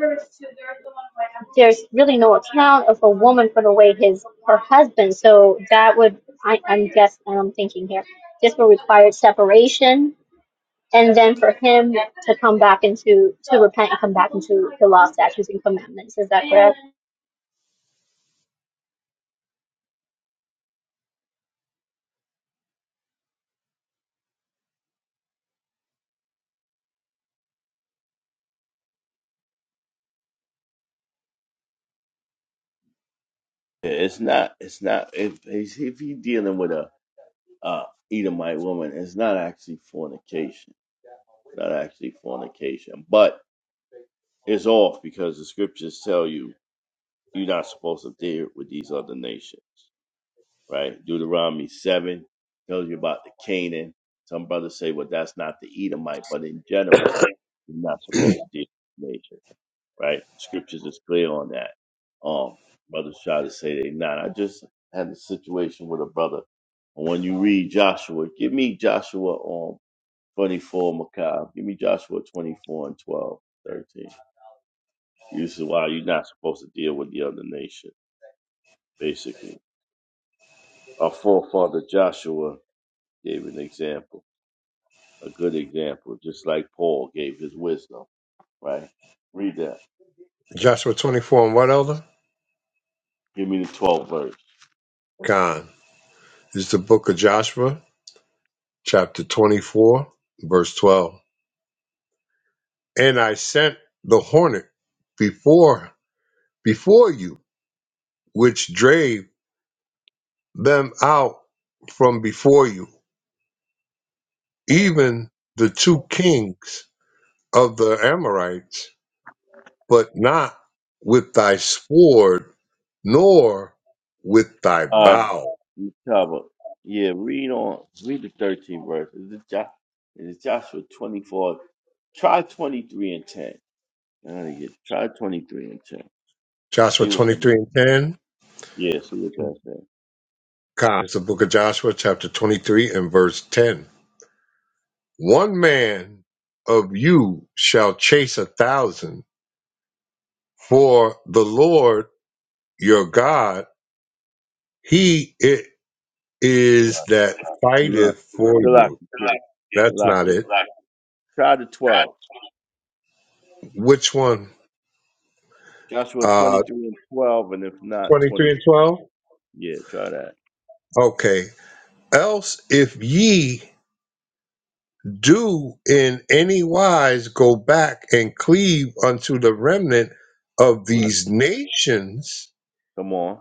[SPEAKER 12] there's really no account of a woman for the way his her husband. So that would I, I'm guessing I'm thinking here. This would require separation, and then for him to come back into to repent and come back into the law, statutes, and commandments. Is that correct?
[SPEAKER 11] Yeah, It's not, it's not, if, if you're dealing with a, a Edomite woman, it's not actually fornication not actually fornication, but it's off because the scriptures tell you you're not supposed to deal with these other nations, right? Deuteronomy 7 tells you about the Canaan. Some brothers say, well, that's not the Edomite, but in general, you're not supposed to deal with nations, right? Scriptures is clear on that. Um, brothers try to say they not. I just had a situation with a brother. And when you read Joshua, give me Joshua on 24, Macab. Give me Joshua 24 and 12, 13. This is why you're not supposed to deal with the other nation, basically. Our forefather Joshua gave an example, a good example, just like Paul gave his wisdom, right? Read that.
[SPEAKER 9] Joshua 24 and what, Elder?
[SPEAKER 11] Give me the 12 verse.
[SPEAKER 9] Gone. This is the book of Joshua, chapter 24, verse 12. And I sent the hornet before before you, which drave them out from before you, even the two kings of the Amorites but not with thy sword, nor with thy
[SPEAKER 11] All right,
[SPEAKER 9] bow.
[SPEAKER 11] Macab. Yeah, read on. Read the 13 verse. Is it, jo- is it Joshua 24? Try 23 and 10. I gotta get try 23 and 10.
[SPEAKER 9] Joshua
[SPEAKER 11] See what's going
[SPEAKER 9] 23 and
[SPEAKER 11] to
[SPEAKER 9] 10.
[SPEAKER 11] Yeah, see what that says.
[SPEAKER 9] God, it's the book of Joshua, chapter 23 and verse 10. One man of you shall chase a thousand, for the Lord your God, he it is that
[SPEAKER 11] Salakia,
[SPEAKER 9] fighteth for
[SPEAKER 11] Salakia,
[SPEAKER 9] you.
[SPEAKER 11] King.
[SPEAKER 9] That's not
[SPEAKER 11] Salakia.
[SPEAKER 9] it.
[SPEAKER 11] Try the 12.
[SPEAKER 9] Which one?
[SPEAKER 11] Joshua
[SPEAKER 9] Uh,
[SPEAKER 11] 23 and 12, and if not,
[SPEAKER 9] 23 and
[SPEAKER 11] 24.
[SPEAKER 9] 12?
[SPEAKER 11] Yeah, try that.
[SPEAKER 9] Okay. Else if ye do in any wise go back and cleave unto the remnant of
[SPEAKER 11] Right.
[SPEAKER 9] these nations,
[SPEAKER 11] Come on.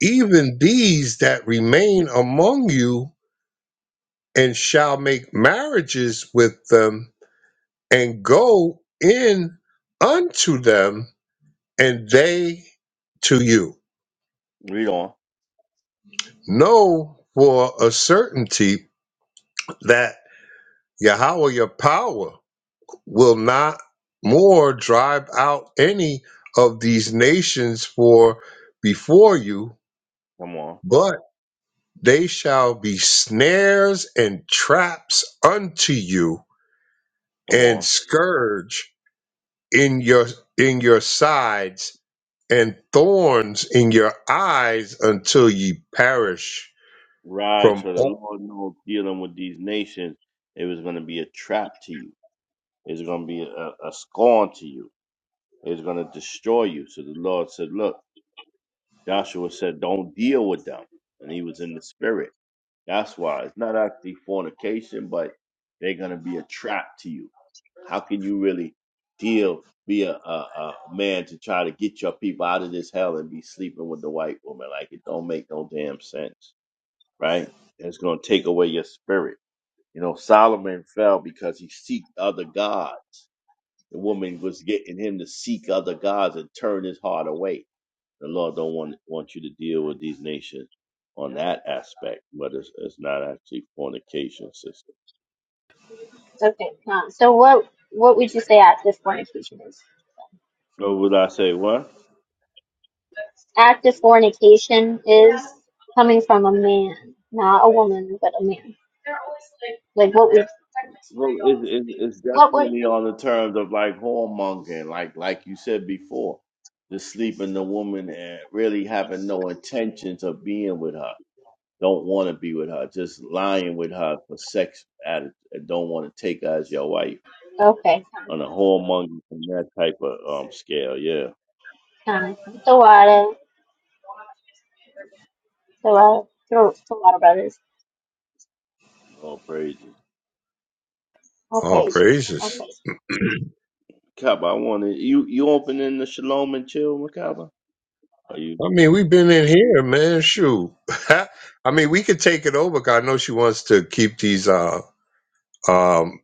[SPEAKER 9] even these that remain among you, and shall make marriages with them, and go in unto them, and they to you.
[SPEAKER 11] Read on.
[SPEAKER 9] Know for a certainty that Yahweh your power will not more drive out any of these nations for before you,
[SPEAKER 11] Come on.
[SPEAKER 9] but they shall be snares and traps unto you,
[SPEAKER 11] Come
[SPEAKER 9] and
[SPEAKER 11] on.
[SPEAKER 9] scourge in your in your sides, and thorns in your eyes until ye perish
[SPEAKER 11] Right.
[SPEAKER 9] from
[SPEAKER 11] So the
[SPEAKER 9] all,
[SPEAKER 11] Lord knows dealing with these nations, it was going to be a trap to you. It's going to be a, a scorn to you. It's going to destroy you. So the Lord said, Look, Joshua said, Don't deal with them. And he was in the spirit. That's why it's not actually fornication, but they're going to be a trap to you How can you really deal, be a, a, a man to try to get your people out of this hell and be sleeping with the white woman? Like it don't make no damn sense, right? it's gonna take away your spirit. You know, Solomon fell because he seeked other gods. The woman was getting him to seek other gods and turn his heart away. The Lord don't want want you to deal with these nations on that aspect, but it's, it's not actually fornication system.
[SPEAKER 12] Okay. Uh, so what what would you say at this fornication is?
[SPEAKER 11] So would I say what?
[SPEAKER 12] Act of fornication is coming from a man, not a woman, but a man. Like what would
[SPEAKER 11] Well, it, it, it's
[SPEAKER 12] what would
[SPEAKER 11] definitely on the terms of like whoremongering, like like you said before, just sleeping the woman and really having no intentions of being with her. Don't want to be with her, just lying with her for sex attitude. and Don't want to take her as your wife
[SPEAKER 12] okay?
[SPEAKER 11] on a whoremonger and that type of um scale. Yeah,
[SPEAKER 12] Kind of. The water, the water, the water brothers.
[SPEAKER 11] all praises.
[SPEAKER 9] all
[SPEAKER 12] Okay,
[SPEAKER 9] praises.
[SPEAKER 12] okay.
[SPEAKER 11] Makaba, I wanted you you opening the shalom and chill, Makaba. Are you,
[SPEAKER 9] I mean, we've been in here, man. Shoot. I mean, we could take it over. 'cause I know she wants to keep these. Uh, Um,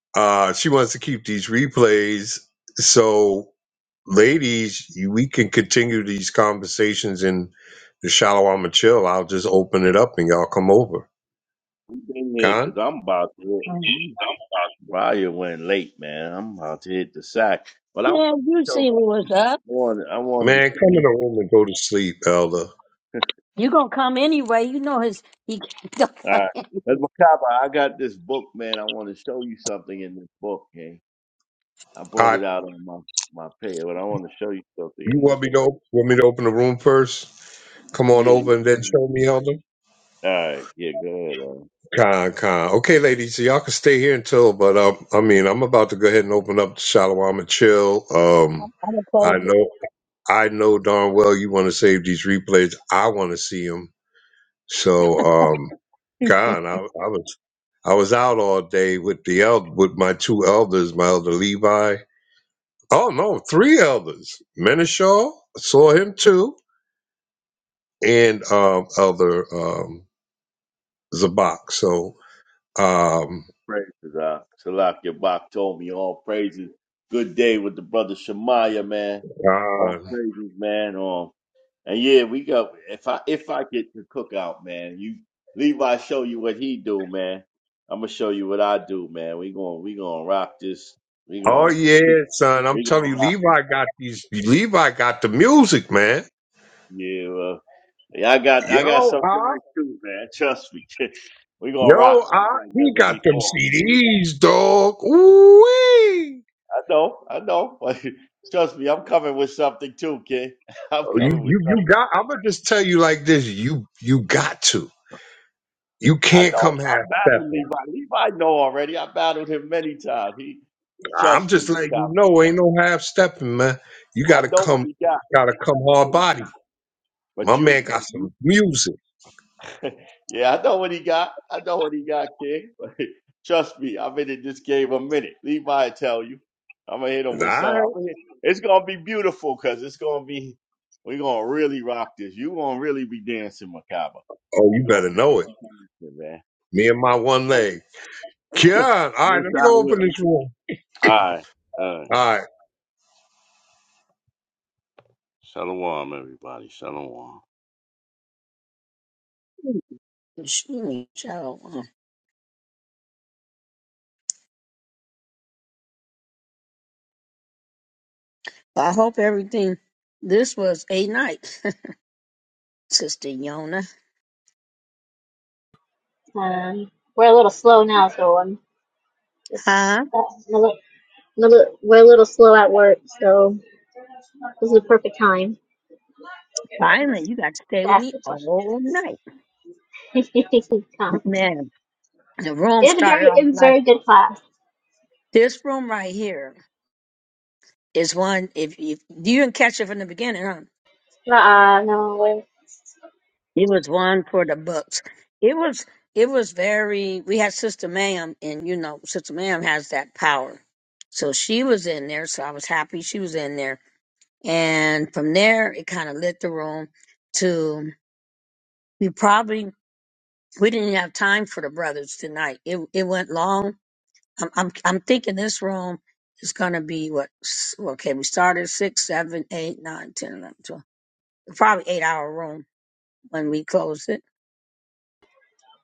[SPEAKER 9] uh, she wants to keep these replays. So, ladies, you- we can continue these conversations in the Shalom Chill. I'll just open it up and y'all come over.
[SPEAKER 11] you been here? Cause
[SPEAKER 9] Con?
[SPEAKER 11] I'm about to. Raya went late, man. I'm about to hit the sack. But I wanted to show one. I wanted
[SPEAKER 9] Man,
[SPEAKER 11] to show
[SPEAKER 9] come in
[SPEAKER 11] you.
[SPEAKER 9] the room and go to sleep, Elder.
[SPEAKER 11] All right. That's Macabre, I got this book, man. I want to show you something in this book, gang. I brought
[SPEAKER 9] Hot.
[SPEAKER 11] it out on my, my page, but I want to show you something
[SPEAKER 9] You
[SPEAKER 11] in this
[SPEAKER 9] want me to
[SPEAKER 11] book.
[SPEAKER 9] op- want me to open the room first? Come on
[SPEAKER 11] Yeah. yeah,
[SPEAKER 9] over and then
[SPEAKER 11] sure.
[SPEAKER 9] show me, Elder.
[SPEAKER 11] All right. Yeah, go ahead. Uh,
[SPEAKER 9] Con, con. Okay, ladies, so y'all can stay here until, but um, I mean, I'm about to go ahead and open up the Shalom and Chill. Um, I know. I know darn well you want to save these replays. I want to see them. So, um, God, I, I was I was out all day with the el- with my two elders, my elder Levi. Oh no, three elders. Menishaw saw him too, and um, elder um, Zabak. So, um,
[SPEAKER 11] praises. Uh, Salak Yabak told me all praises. Good day with the brother Shemaya, man. All
[SPEAKER 9] God.
[SPEAKER 11] praises, man. And yeah, we go. If I if I get the cookout, man, you Levi show you what he do, man. I'm gonna show you what I do, man. We going we gonna rock this. We
[SPEAKER 9] oh
[SPEAKER 11] gonna
[SPEAKER 9] yeah, son, I'm
[SPEAKER 11] we
[SPEAKER 9] telling you,
[SPEAKER 11] gonna rock.
[SPEAKER 9] Levi got these. Levi got the music, man.
[SPEAKER 11] Yeah, well, yeah, I got I got something
[SPEAKER 9] Yo,
[SPEAKER 11] like too, man. Trust me, we gonna rock
[SPEAKER 9] Yo,
[SPEAKER 11] this
[SPEAKER 9] I,
[SPEAKER 11] like
[SPEAKER 9] he
[SPEAKER 11] never
[SPEAKER 9] got them
[SPEAKER 11] before.
[SPEAKER 9] CDs, dog. Ooh, you,
[SPEAKER 11] I know, I know. But Trust me, I'm coming with something too, kid. I'm coming with
[SPEAKER 9] you, you
[SPEAKER 11] something.
[SPEAKER 9] got. I'm gonna just tell you like this. You, you got to. You
[SPEAKER 11] I
[SPEAKER 9] can't
[SPEAKER 11] know.
[SPEAKER 9] come half
[SPEAKER 11] I battled
[SPEAKER 9] stepping.
[SPEAKER 11] Levi. Levi know already. I battled him many times. He
[SPEAKER 9] I'm
[SPEAKER 11] trust
[SPEAKER 9] just
[SPEAKER 11] me.
[SPEAKER 9] letting you know, ain't no half stepping, man. You
[SPEAKER 11] I
[SPEAKER 9] gotta
[SPEAKER 11] know what
[SPEAKER 9] come,
[SPEAKER 11] he got.
[SPEAKER 9] gotta
[SPEAKER 11] I
[SPEAKER 9] come
[SPEAKER 11] know
[SPEAKER 9] hard
[SPEAKER 11] what he
[SPEAKER 9] body.
[SPEAKER 11] got.
[SPEAKER 9] My
[SPEAKER 11] But you,
[SPEAKER 9] man
[SPEAKER 11] but
[SPEAKER 9] got
[SPEAKER 11] you,
[SPEAKER 9] some music.
[SPEAKER 11] yeah, I know what he got. I know what he got, King. But Trust me, I've been in this game a minute. Levi, I tell you, I'm gonna hit
[SPEAKER 9] All
[SPEAKER 11] him with something. I'm
[SPEAKER 9] right.
[SPEAKER 11] gonna hit. It's gonna be beautiful because it's gonna be. We're gonna really rock this. You gonna really be dancing, Macabre.
[SPEAKER 9] Oh,
[SPEAKER 11] You
[SPEAKER 9] you
[SPEAKER 11] gonna
[SPEAKER 9] better know it.
[SPEAKER 11] really be dancing,
[SPEAKER 9] Me and my one leg.
[SPEAKER 11] man.
[SPEAKER 9] Yeah. All right.
[SPEAKER 11] Most
[SPEAKER 9] Let me
[SPEAKER 11] I
[SPEAKER 9] go
[SPEAKER 11] will.
[SPEAKER 9] open this room.
[SPEAKER 11] All right, all right.
[SPEAKER 9] All right.
[SPEAKER 11] Shalom, everybody. Shalom.
[SPEAKER 12] Um, we're a little slow now, so I'm just uh, I'm a little, I'm a little- we're a little slow at work, so this is the perfect time to ask the question. Comments. It was a very, it was a very good class. Uh, uh no,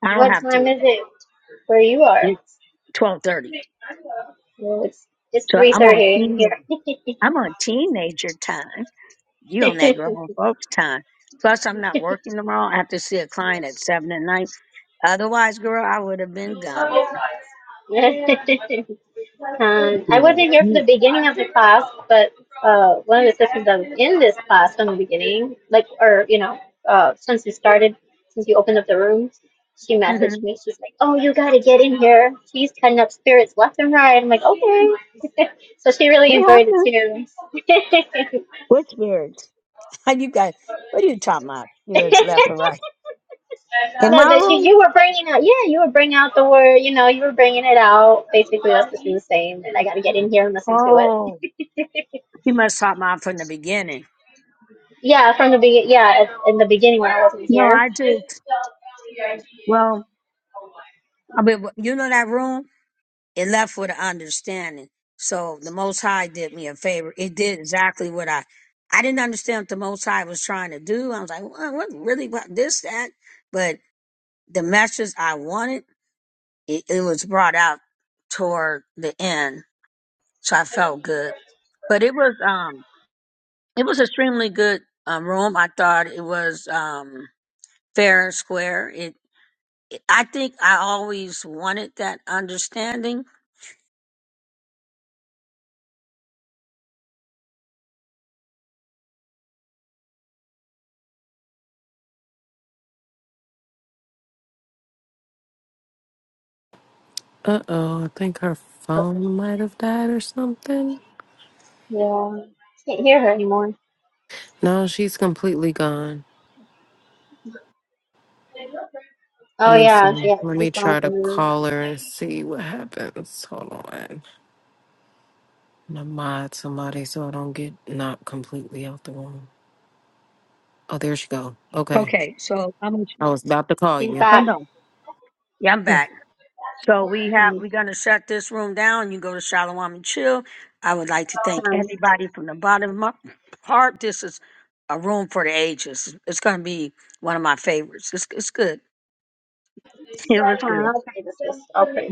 [SPEAKER 12] What time is it where you are? Well, it's it's three thirty a.m. here. um, I wasn't here for the beginning of the class, but uh, one of the sisters that was in this class from the beginning, like, or you know, uh, since you started, since you opened up the room, she messaged me. She's like, "Oh, you gotta get in here. She's cutting up spirits left and right." I'm like, "Okay." so she really enjoyed it too. no, that you, you were bringing out, yeah, you were bringing out the word, you know, you were bringing it out. Basically, that's just do the same, and I got to get in here and listen to it. Yeah, from the beginning, yeah, at, in the beginning when I wasn't here.
[SPEAKER 2] Uh oh, I think her phone might have died or something.
[SPEAKER 12] Yeah, can't hear her anymore.
[SPEAKER 2] No, she's completely gone.
[SPEAKER 12] Oh,
[SPEAKER 2] Let me
[SPEAKER 12] yeah,
[SPEAKER 2] see.
[SPEAKER 12] yeah,
[SPEAKER 2] Let
[SPEAKER 12] she's
[SPEAKER 2] me
[SPEAKER 12] gone
[SPEAKER 2] try to
[SPEAKER 12] from the room.
[SPEAKER 2] call her and see what happens. Hold on. I'm gonna mod somebody so I don't get knocked completely out the room. Oh, there she go. Okay. I was about to call
[SPEAKER 12] She's
[SPEAKER 2] you.
[SPEAKER 12] back. Hmm. Huh. Huh, I'll pray this. is- I'll pray.